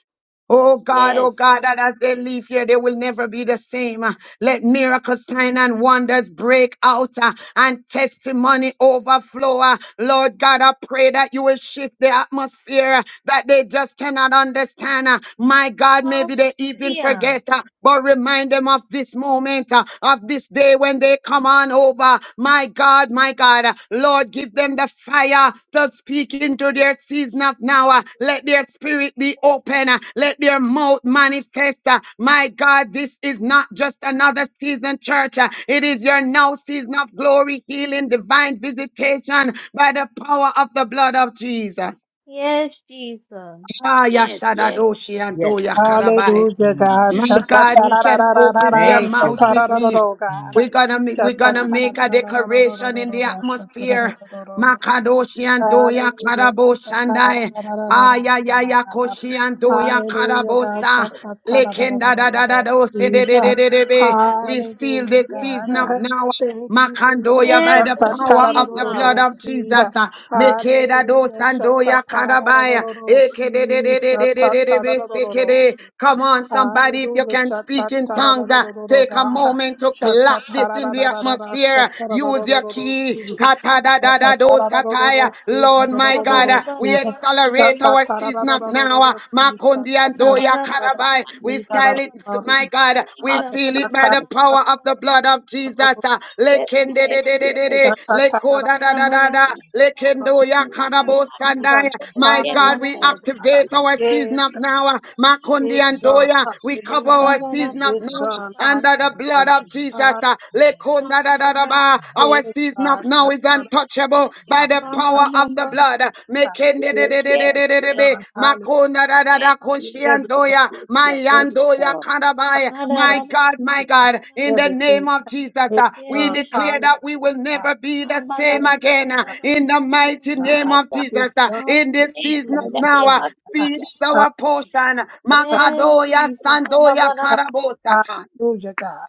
Speaker 9: Oh God, oh
Speaker 3: Yes,
Speaker 9: God, that as they leave here, they will never be the same. Uh, Let miracles, sign and wonders break out uh, and testimony overflow. uh. Lord God, I pray that you will shift the atmosphere uh, that they just cannot understand. uh. My God, maybe they even
Speaker 4: Hallelujah.
Speaker 9: forget, uh, but remind them of this moment, uh, of this day when they Come on over, my God, my God. Lord, give them the fire to speak into their season of now. Uh, Let their spirit be open. Uh, Let their mouth manifest. Uh, My God, this is not just another season, church. Uh, It is your now season of glory, healing, divine visitation by the power of the blood of Jesus.
Speaker 4: Yes, Jesus.
Speaker 9: Ah, ya
Speaker 3: yes, yes. Yes, yes, Lord. Yes, yes, yes.
Speaker 9: shadadoshi and do
Speaker 7: Yes,
Speaker 9: ya
Speaker 7: Lord.
Speaker 9: karabai.
Speaker 14: Hallelujah,
Speaker 7: Mm,
Speaker 14: God.
Speaker 9: My
Speaker 7: yes.
Speaker 14: Shada,
Speaker 9: God, who
Speaker 14: ra ra
Speaker 9: can
Speaker 14: ra ra ra ra
Speaker 9: open
Speaker 14: ra.
Speaker 9: their
Speaker 7: Thank you,
Speaker 9: mouth
Speaker 7: Lord.
Speaker 14: Shada,
Speaker 9: with
Speaker 14: ra ra
Speaker 9: me?
Speaker 14: ra. God.
Speaker 7: Mm.
Speaker 9: We're gonna ma- we're
Speaker 14: Shada,
Speaker 9: gonna
Speaker 3: My
Speaker 14: ra ra
Speaker 9: make a
Speaker 14: ra ra ra ra ra ra
Speaker 9: declaration
Speaker 14: ra
Speaker 9: in
Speaker 14: ra
Speaker 9: the
Speaker 14: ra. Shada, ra
Speaker 9: atmosphere.
Speaker 14: ra ra.
Speaker 9: Makadoshi and Doya
Speaker 14: Hallelujah.
Speaker 9: Karaboshandai. Aya Yaya Koshi and Doya
Speaker 14: Hallelujah, God.
Speaker 9: Karabosa.
Speaker 3: Yes, yes,
Speaker 9: Lekenda da
Speaker 3: Lord.
Speaker 9: da da
Speaker 14: Shakatararararararara.
Speaker 9: do se de de de
Speaker 14: Jesus.
Speaker 9: de de be. We seal this
Speaker 14: Hallelujah,
Speaker 3: Yes, Lord. Yes,
Speaker 9: season up
Speaker 3: Lord.
Speaker 14: God.
Speaker 9: now.
Speaker 14: Thank you, Jesus.
Speaker 9: Makandoya by
Speaker 4: Yes,
Speaker 3: And
Speaker 9: the
Speaker 3: all my
Speaker 9: power of
Speaker 3: yes,
Speaker 9: the blood
Speaker 4: Jesus. Yes, Jesus.
Speaker 14: Shakatararararararara.
Speaker 9: of Jesus.
Speaker 14: Jesus.
Speaker 9: uh, Mekeda do
Speaker 14: Hallelujah.
Speaker 9: sandoya karabaya.
Speaker 14: Shakatararararararara.
Speaker 9: Eke de de de
Speaker 14: Jesus.
Speaker 9: de de de de de be seke de.
Speaker 14: Shakatararararararara.
Speaker 9: Come on, somebody, if you
Speaker 14: Hallelujah.
Speaker 9: can speak in tongues.
Speaker 14: Shakatararararararara,
Speaker 9: Take a
Speaker 14: God.
Speaker 9: moment to clap this in the
Speaker 14: Shakatarararararara.
Speaker 9: atmosphere. Use your key.
Speaker 14: Shakatarararararara.
Speaker 9: Kata da
Speaker 14: Ta
Speaker 9: da
Speaker 14: ta
Speaker 9: da
Speaker 14: ta
Speaker 9: dos
Speaker 14: la la do do do
Speaker 9: kataya.
Speaker 14: do do
Speaker 9: Lord
Speaker 14: do
Speaker 9: my God, uh,
Speaker 14: do
Speaker 4: Hallelujah.
Speaker 9: we
Speaker 14: do. Ta
Speaker 9: accelerate
Speaker 14: ta
Speaker 9: our
Speaker 14: ta la la
Speaker 9: season
Speaker 14: do
Speaker 9: of
Speaker 14: do
Speaker 9: now.
Speaker 14: do do
Speaker 9: uh,
Speaker 14: do do do do. Ta
Speaker 9: Makundi and
Speaker 14: ta
Speaker 9: Doya
Speaker 3: Lord.
Speaker 14: ta la la
Speaker 9: Karabai.
Speaker 3: My
Speaker 14: do do do
Speaker 9: We
Speaker 14: do
Speaker 3: God.
Speaker 14: do do
Speaker 9: silence,
Speaker 3: Oh, yes, Lord.
Speaker 9: my
Speaker 14: do do.
Speaker 9: God. We seal
Speaker 14: Ta
Speaker 9: it by the power of the blood of Jesus. uh,
Speaker 3: Yes,
Speaker 9: Lekende
Speaker 3: yes,
Speaker 9: de de de
Speaker 3: yes,
Speaker 9: de
Speaker 3: yes.
Speaker 9: de.
Speaker 14: ta ta la la
Speaker 9: Lekoda da da da da. da.
Speaker 3: Oh,
Speaker 9: Lekendo
Speaker 14: do do do do do do
Speaker 9: ya
Speaker 14: do
Speaker 9: Karabo
Speaker 3: My
Speaker 14: do.
Speaker 9: Sandai.
Speaker 3: God.
Speaker 9: My
Speaker 3: Yes,
Speaker 9: God, we
Speaker 14: Hallelujah,
Speaker 3: Lord.
Speaker 14: God.
Speaker 9: activate our season
Speaker 14: yes,
Speaker 9: of
Speaker 14: God.
Speaker 9: now. uh, Makundi
Speaker 14: it's
Speaker 9: and
Speaker 14: done.
Speaker 9: Doya. We cover
Speaker 14: Hallelujah,
Speaker 9: our season of
Speaker 14: it's
Speaker 9: now
Speaker 14: done.
Speaker 9: under the blood
Speaker 14: Hallelujah,
Speaker 9: of
Speaker 17: I
Speaker 9: Jesus.
Speaker 14: God.
Speaker 9: uh, Lekunda da da da ba. Our
Speaker 14: yes, it's
Speaker 9: season of now is untouchable by the power of the blood. uh, Mekende
Speaker 3: Yes,
Speaker 9: de de de
Speaker 3: yes,
Speaker 9: de de de de
Speaker 3: yes.
Speaker 9: be.
Speaker 14: done. Hallelujah,
Speaker 9: Makonda da da da
Speaker 14: everything,
Speaker 9: koshiandoya.
Speaker 14: everything.
Speaker 9: Mayandoya karabai. My God, my God, in the
Speaker 14: Everything
Speaker 9: name of Jesus,
Speaker 14: is
Speaker 9: uh, we
Speaker 14: done.
Speaker 4: Yes,
Speaker 9: declare
Speaker 14: Hallelujah.
Speaker 4: Jesus.
Speaker 9: that we will never be the same
Speaker 14: Yes,
Speaker 9: again. uh,
Speaker 14: God.
Speaker 9: In the mighty name
Speaker 14: God.
Speaker 9: of Jesus,
Speaker 14: It's
Speaker 9: uh,
Speaker 14: done.
Speaker 9: in this
Speaker 14: in
Speaker 9: season of
Speaker 14: Jesus.
Speaker 9: now, uh, speed is our portion.
Speaker 14: Hallelujah.
Speaker 4: Yes,
Speaker 9: Makadoya
Speaker 4: Jesus.
Speaker 9: sandoya karabosa.
Speaker 14: Hallelujah, God.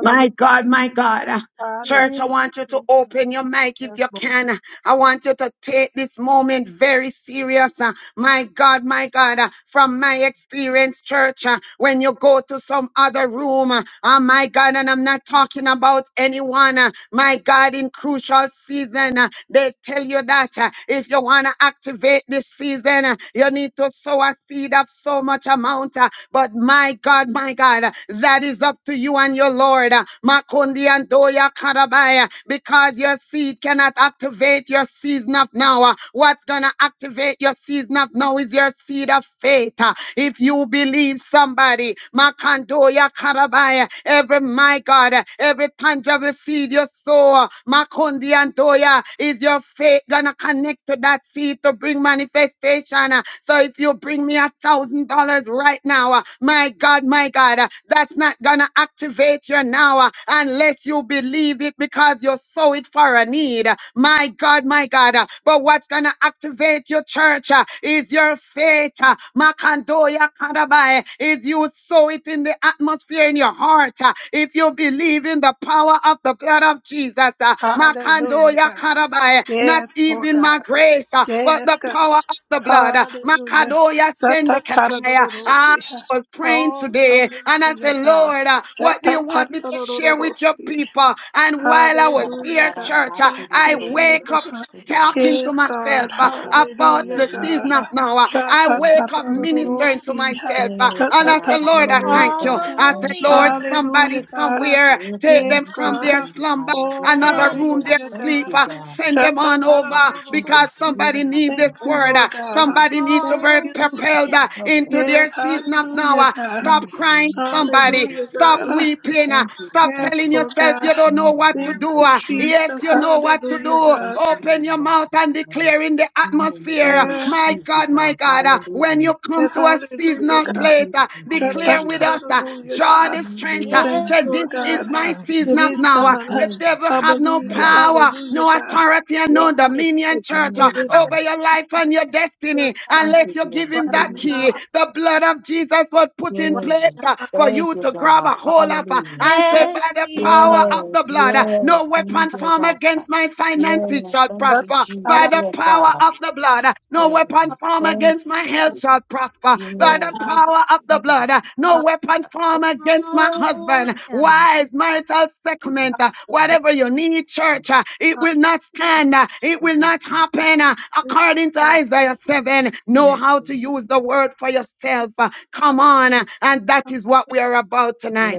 Speaker 9: My God, my God. Uh,
Speaker 14: Hallelujah.
Speaker 9: Church, I want you to open your mic if
Speaker 14: Yes,
Speaker 9: you
Speaker 14: Lord.
Speaker 9: can. I want you to take this moment very serious. Uh, My God, my God, Uh, from my experience, church, uh, when you go to some other room, uh, oh my God, and I'm not talking about anyone, uh, my God, in crucial season, uh, they tell you that uh, if you want to activate this season, uh, you need to sow a seed of so much amount. uh, But my God, my God, uh, that is up to you and your Lord. uh, Makundi and Doya Karabaya, because your seed cannot activate your season of now. uh, What's gonna activate your season of now is your seed of faith. uh, If you believe somebody, Makandoya Karabaya, every my God, uh, every tangible seed you sow, uh, Makundi Monday and Toya. Is your faith gonna connect to that seed to bring manifestation? uh? So if you bring me a thousand dollars right now, uh, my God, my God, uh, that's not gonna activate you now uh, unless you believe it because you sow it for a need. uh, My God, my God. uh, But what's gonna activate your church uh, is your faith. uh, Makandoya Karabai if you sow it in the atmosphere in your heart, uh, if you believe in the power of the blood of Jesus, uh, Makando
Speaker 14: Hallelujah, God.
Speaker 9: Yakarabai, not
Speaker 14: Yes, Lord
Speaker 9: even
Speaker 14: God.
Speaker 9: my grace, uh, but
Speaker 14: Yes,
Speaker 9: the
Speaker 14: God.
Speaker 9: power of the blood. uh,
Speaker 14: Hallelujah.
Speaker 9: Makado Yasendekataya. I
Speaker 14: Ta-ta-ta-da-da-da-da-da.
Speaker 9: was praying
Speaker 14: Oh,
Speaker 9: today and I
Speaker 14: hallelujah,
Speaker 9: said,
Speaker 14: God.
Speaker 9: Lord, uh, what do you want me to share with your
Speaker 14: Ta-ta-ta-da-da-da-da-da.
Speaker 9: people? And while I was
Speaker 11: Thank
Speaker 14: Hallelujah,
Speaker 9: there,
Speaker 14: God.
Speaker 9: church, uh,
Speaker 14: Thank
Speaker 9: I
Speaker 14: you,
Speaker 9: wake up
Speaker 14: Jesus. huh?
Speaker 9: talking
Speaker 14: Yes,
Speaker 9: to
Speaker 14: God.
Speaker 9: myself uh,
Speaker 11: you, God.
Speaker 9: about
Speaker 14: Hallelujah,
Speaker 9: the
Speaker 11: Hallelujah.
Speaker 14: God.
Speaker 9: season of
Speaker 14: huh?
Speaker 9: now. uh,
Speaker 14: sha
Speaker 9: I
Speaker 14: ta
Speaker 11: Thank
Speaker 14: ta
Speaker 9: wake
Speaker 11: you,
Speaker 9: up
Speaker 14: huh?
Speaker 9: ministering
Speaker 11: Jesus.
Speaker 9: to myself uh,
Speaker 14: sha
Speaker 11: Yes,
Speaker 9: and I
Speaker 11: God.
Speaker 9: say,
Speaker 14: ta ta
Speaker 9: Lord, I
Speaker 11: Hallelujah,
Speaker 9: thank you.
Speaker 11: God.
Speaker 14: huh?
Speaker 9: I say,
Speaker 11: Thank you,
Speaker 9: Lord,
Speaker 4: Hallelujah.
Speaker 11: Lord.
Speaker 9: somebody
Speaker 14: Hallelujah,
Speaker 11: Father.
Speaker 14: God. huh?
Speaker 9: somewhere
Speaker 11: We
Speaker 9: take
Speaker 11: thank
Speaker 14: Yes,
Speaker 9: them
Speaker 11: you
Speaker 9: from
Speaker 11: to
Speaker 14: God.
Speaker 9: their
Speaker 14: huh?
Speaker 11: be
Speaker 9: slumber
Speaker 11: God in this
Speaker 14: Oh,
Speaker 9: another
Speaker 4: Yes,
Speaker 11: season. So
Speaker 9: room,
Speaker 11: I
Speaker 9: they're
Speaker 14: hallelujah,
Speaker 4: Jesus.
Speaker 11: thank
Speaker 9: asleep.
Speaker 14: God.
Speaker 11: you,
Speaker 9: Uh,
Speaker 14: huh?
Speaker 11: God.
Speaker 9: Send
Speaker 14: sha
Speaker 9: them
Speaker 14: ta
Speaker 9: on
Speaker 11: We
Speaker 9: over
Speaker 11: need The
Speaker 14: ta
Speaker 11: children
Speaker 9: because
Speaker 11: for
Speaker 9: somebody
Speaker 11: hearing my
Speaker 9: needs
Speaker 14: Thank
Speaker 9: this
Speaker 11: things,
Speaker 14: you,
Speaker 11: God.
Speaker 9: word. Uh,
Speaker 14: Lord God.
Speaker 11: We
Speaker 14: huh?
Speaker 11: need the
Speaker 9: Somebody needs to
Speaker 14: Thank
Speaker 11: mountains
Speaker 9: be
Speaker 4: Hallelujah.
Speaker 14: you.
Speaker 9: propelled
Speaker 11: To
Speaker 9: uh,
Speaker 11: cover
Speaker 9: into their
Speaker 14: Yes,
Speaker 9: season of
Speaker 11: everybody. God.
Speaker 9: now.
Speaker 14: hallelujah,
Speaker 9: Uh,
Speaker 14: God. huh?
Speaker 9: Stop
Speaker 11: In the
Speaker 9: crying,
Speaker 11: name of
Speaker 9: somebody.
Speaker 14: Hallelujah,
Speaker 11: Jesus, and I
Speaker 9: Stop
Speaker 14: God.
Speaker 11: open
Speaker 14: huh?
Speaker 11: it.
Speaker 9: weeping. uh,
Speaker 11: Thank you,
Speaker 9: Stop
Speaker 11: Lord.
Speaker 14: Yes,
Speaker 9: telling
Speaker 14: Lord
Speaker 9: yourself
Speaker 14: God.
Speaker 9: you don't know
Speaker 11: In the
Speaker 9: what
Speaker 14: Thank
Speaker 9: to
Speaker 11: name
Speaker 9: do.
Speaker 14: you,
Speaker 11: of
Speaker 9: uh, Yes,
Speaker 11: Jesus.
Speaker 14: Jesus.
Speaker 9: you know what to
Speaker 14: Hallelujah,
Speaker 11: We
Speaker 9: do.
Speaker 11: thank
Speaker 14: God.
Speaker 11: you
Speaker 9: Open
Speaker 11: in
Speaker 9: your
Speaker 11: the
Speaker 9: mouth and
Speaker 11: name
Speaker 9: declare in the
Speaker 11: in the
Speaker 9: atmosphere.
Speaker 11: name
Speaker 9: uh,
Speaker 11: of
Speaker 14: Yes,
Speaker 9: My God,
Speaker 11: Jesus
Speaker 9: my
Speaker 11: now.
Speaker 9: God, uh, when
Speaker 11: Hallelujah.
Speaker 9: you come
Speaker 14: yes,
Speaker 9: to a
Speaker 14: hallelujah,
Speaker 9: seasonal
Speaker 11: Thank
Speaker 14: God.
Speaker 9: place, earth.
Speaker 11: you.
Speaker 9: uh,
Speaker 14: Shut that
Speaker 9: Declare with
Speaker 11: Hallelujah.
Speaker 9: us, uh,
Speaker 14: hallelujah,
Speaker 9: draw
Speaker 14: God.
Speaker 9: the strength.
Speaker 11: Hallelujah.
Speaker 9: uh,
Speaker 14: Thank
Speaker 4: Yes,
Speaker 11: Thank
Speaker 9: Say,
Speaker 14: you,
Speaker 9: this
Speaker 14: Lord
Speaker 9: is
Speaker 14: God. huh?
Speaker 9: my
Speaker 4: Jesus.
Speaker 9: season
Speaker 14: It
Speaker 11: you.
Speaker 9: of
Speaker 14: is
Speaker 9: now. uh,
Speaker 11: We
Speaker 14: done. huh?
Speaker 9: The
Speaker 11: praise you,
Speaker 9: devil
Speaker 14: I
Speaker 11: Father.
Speaker 9: have no
Speaker 14: believe it.
Speaker 11: Mm,
Speaker 9: power,
Speaker 14: Hallelujah,
Speaker 9: no
Speaker 14: God.
Speaker 9: authority, and
Speaker 14: It
Speaker 9: no
Speaker 14: is
Speaker 9: dominion, church, uh,
Speaker 14: it is done
Speaker 9: over
Speaker 11: Hallelujah.
Speaker 9: your life and your
Speaker 14: Lord,
Speaker 9: destiny
Speaker 11: Thank
Speaker 9: unless
Speaker 11: you,
Speaker 9: you
Speaker 11: Lord.
Speaker 9: give him
Speaker 14: right
Speaker 9: that
Speaker 11: Hallelujah.
Speaker 9: key.
Speaker 14: now.
Speaker 9: The blood of Jesus was put in
Speaker 14: Right,
Speaker 9: place uh,
Speaker 11: Yes.
Speaker 9: for
Speaker 11: Thank
Speaker 9: you
Speaker 11: you,
Speaker 9: to grab
Speaker 11: God.
Speaker 9: a hold of uh,
Speaker 11: Hallelujah.
Speaker 9: and
Speaker 14: right.
Speaker 9: said, by
Speaker 4: Yes,
Speaker 9: the power
Speaker 4: Jesus.
Speaker 9: of the
Speaker 11: Yes,
Speaker 9: blood, uh, no
Speaker 11: yes.
Speaker 9: weapon
Speaker 11: Thank you,
Speaker 9: formed
Speaker 11: God.
Speaker 9: against my finances
Speaker 11: Yes,
Speaker 9: shall prosper
Speaker 11: thank
Speaker 14: That's
Speaker 11: you,
Speaker 9: prosper
Speaker 14: out
Speaker 9: by
Speaker 11: Jesus.
Speaker 14: of
Speaker 9: the
Speaker 11: Yes,
Speaker 9: power
Speaker 11: God.
Speaker 9: of the blood. No
Speaker 11: Thank
Speaker 9: weapon
Speaker 11: you.
Speaker 9: formed
Speaker 11: Thank
Speaker 9: against my
Speaker 14: my
Speaker 9: health shall prosper
Speaker 14: head,
Speaker 9: by
Speaker 11: you.
Speaker 9: the
Speaker 11: Yes,
Speaker 14: God.
Speaker 9: power of the
Speaker 11: Yes.
Speaker 9: blood. No
Speaker 11: Thank
Speaker 9: weapon formed against my husband,
Speaker 4: Hallelujah.
Speaker 9: wife, marital settlement, uh, whatever you need, church, uh, it will not stand. uh, It will not happen. uh,
Speaker 14: Hallelujah,
Speaker 9: According to Isaiah 7, know how to use the word for yourself. uh, Come on. uh, And that is what we are about tonight.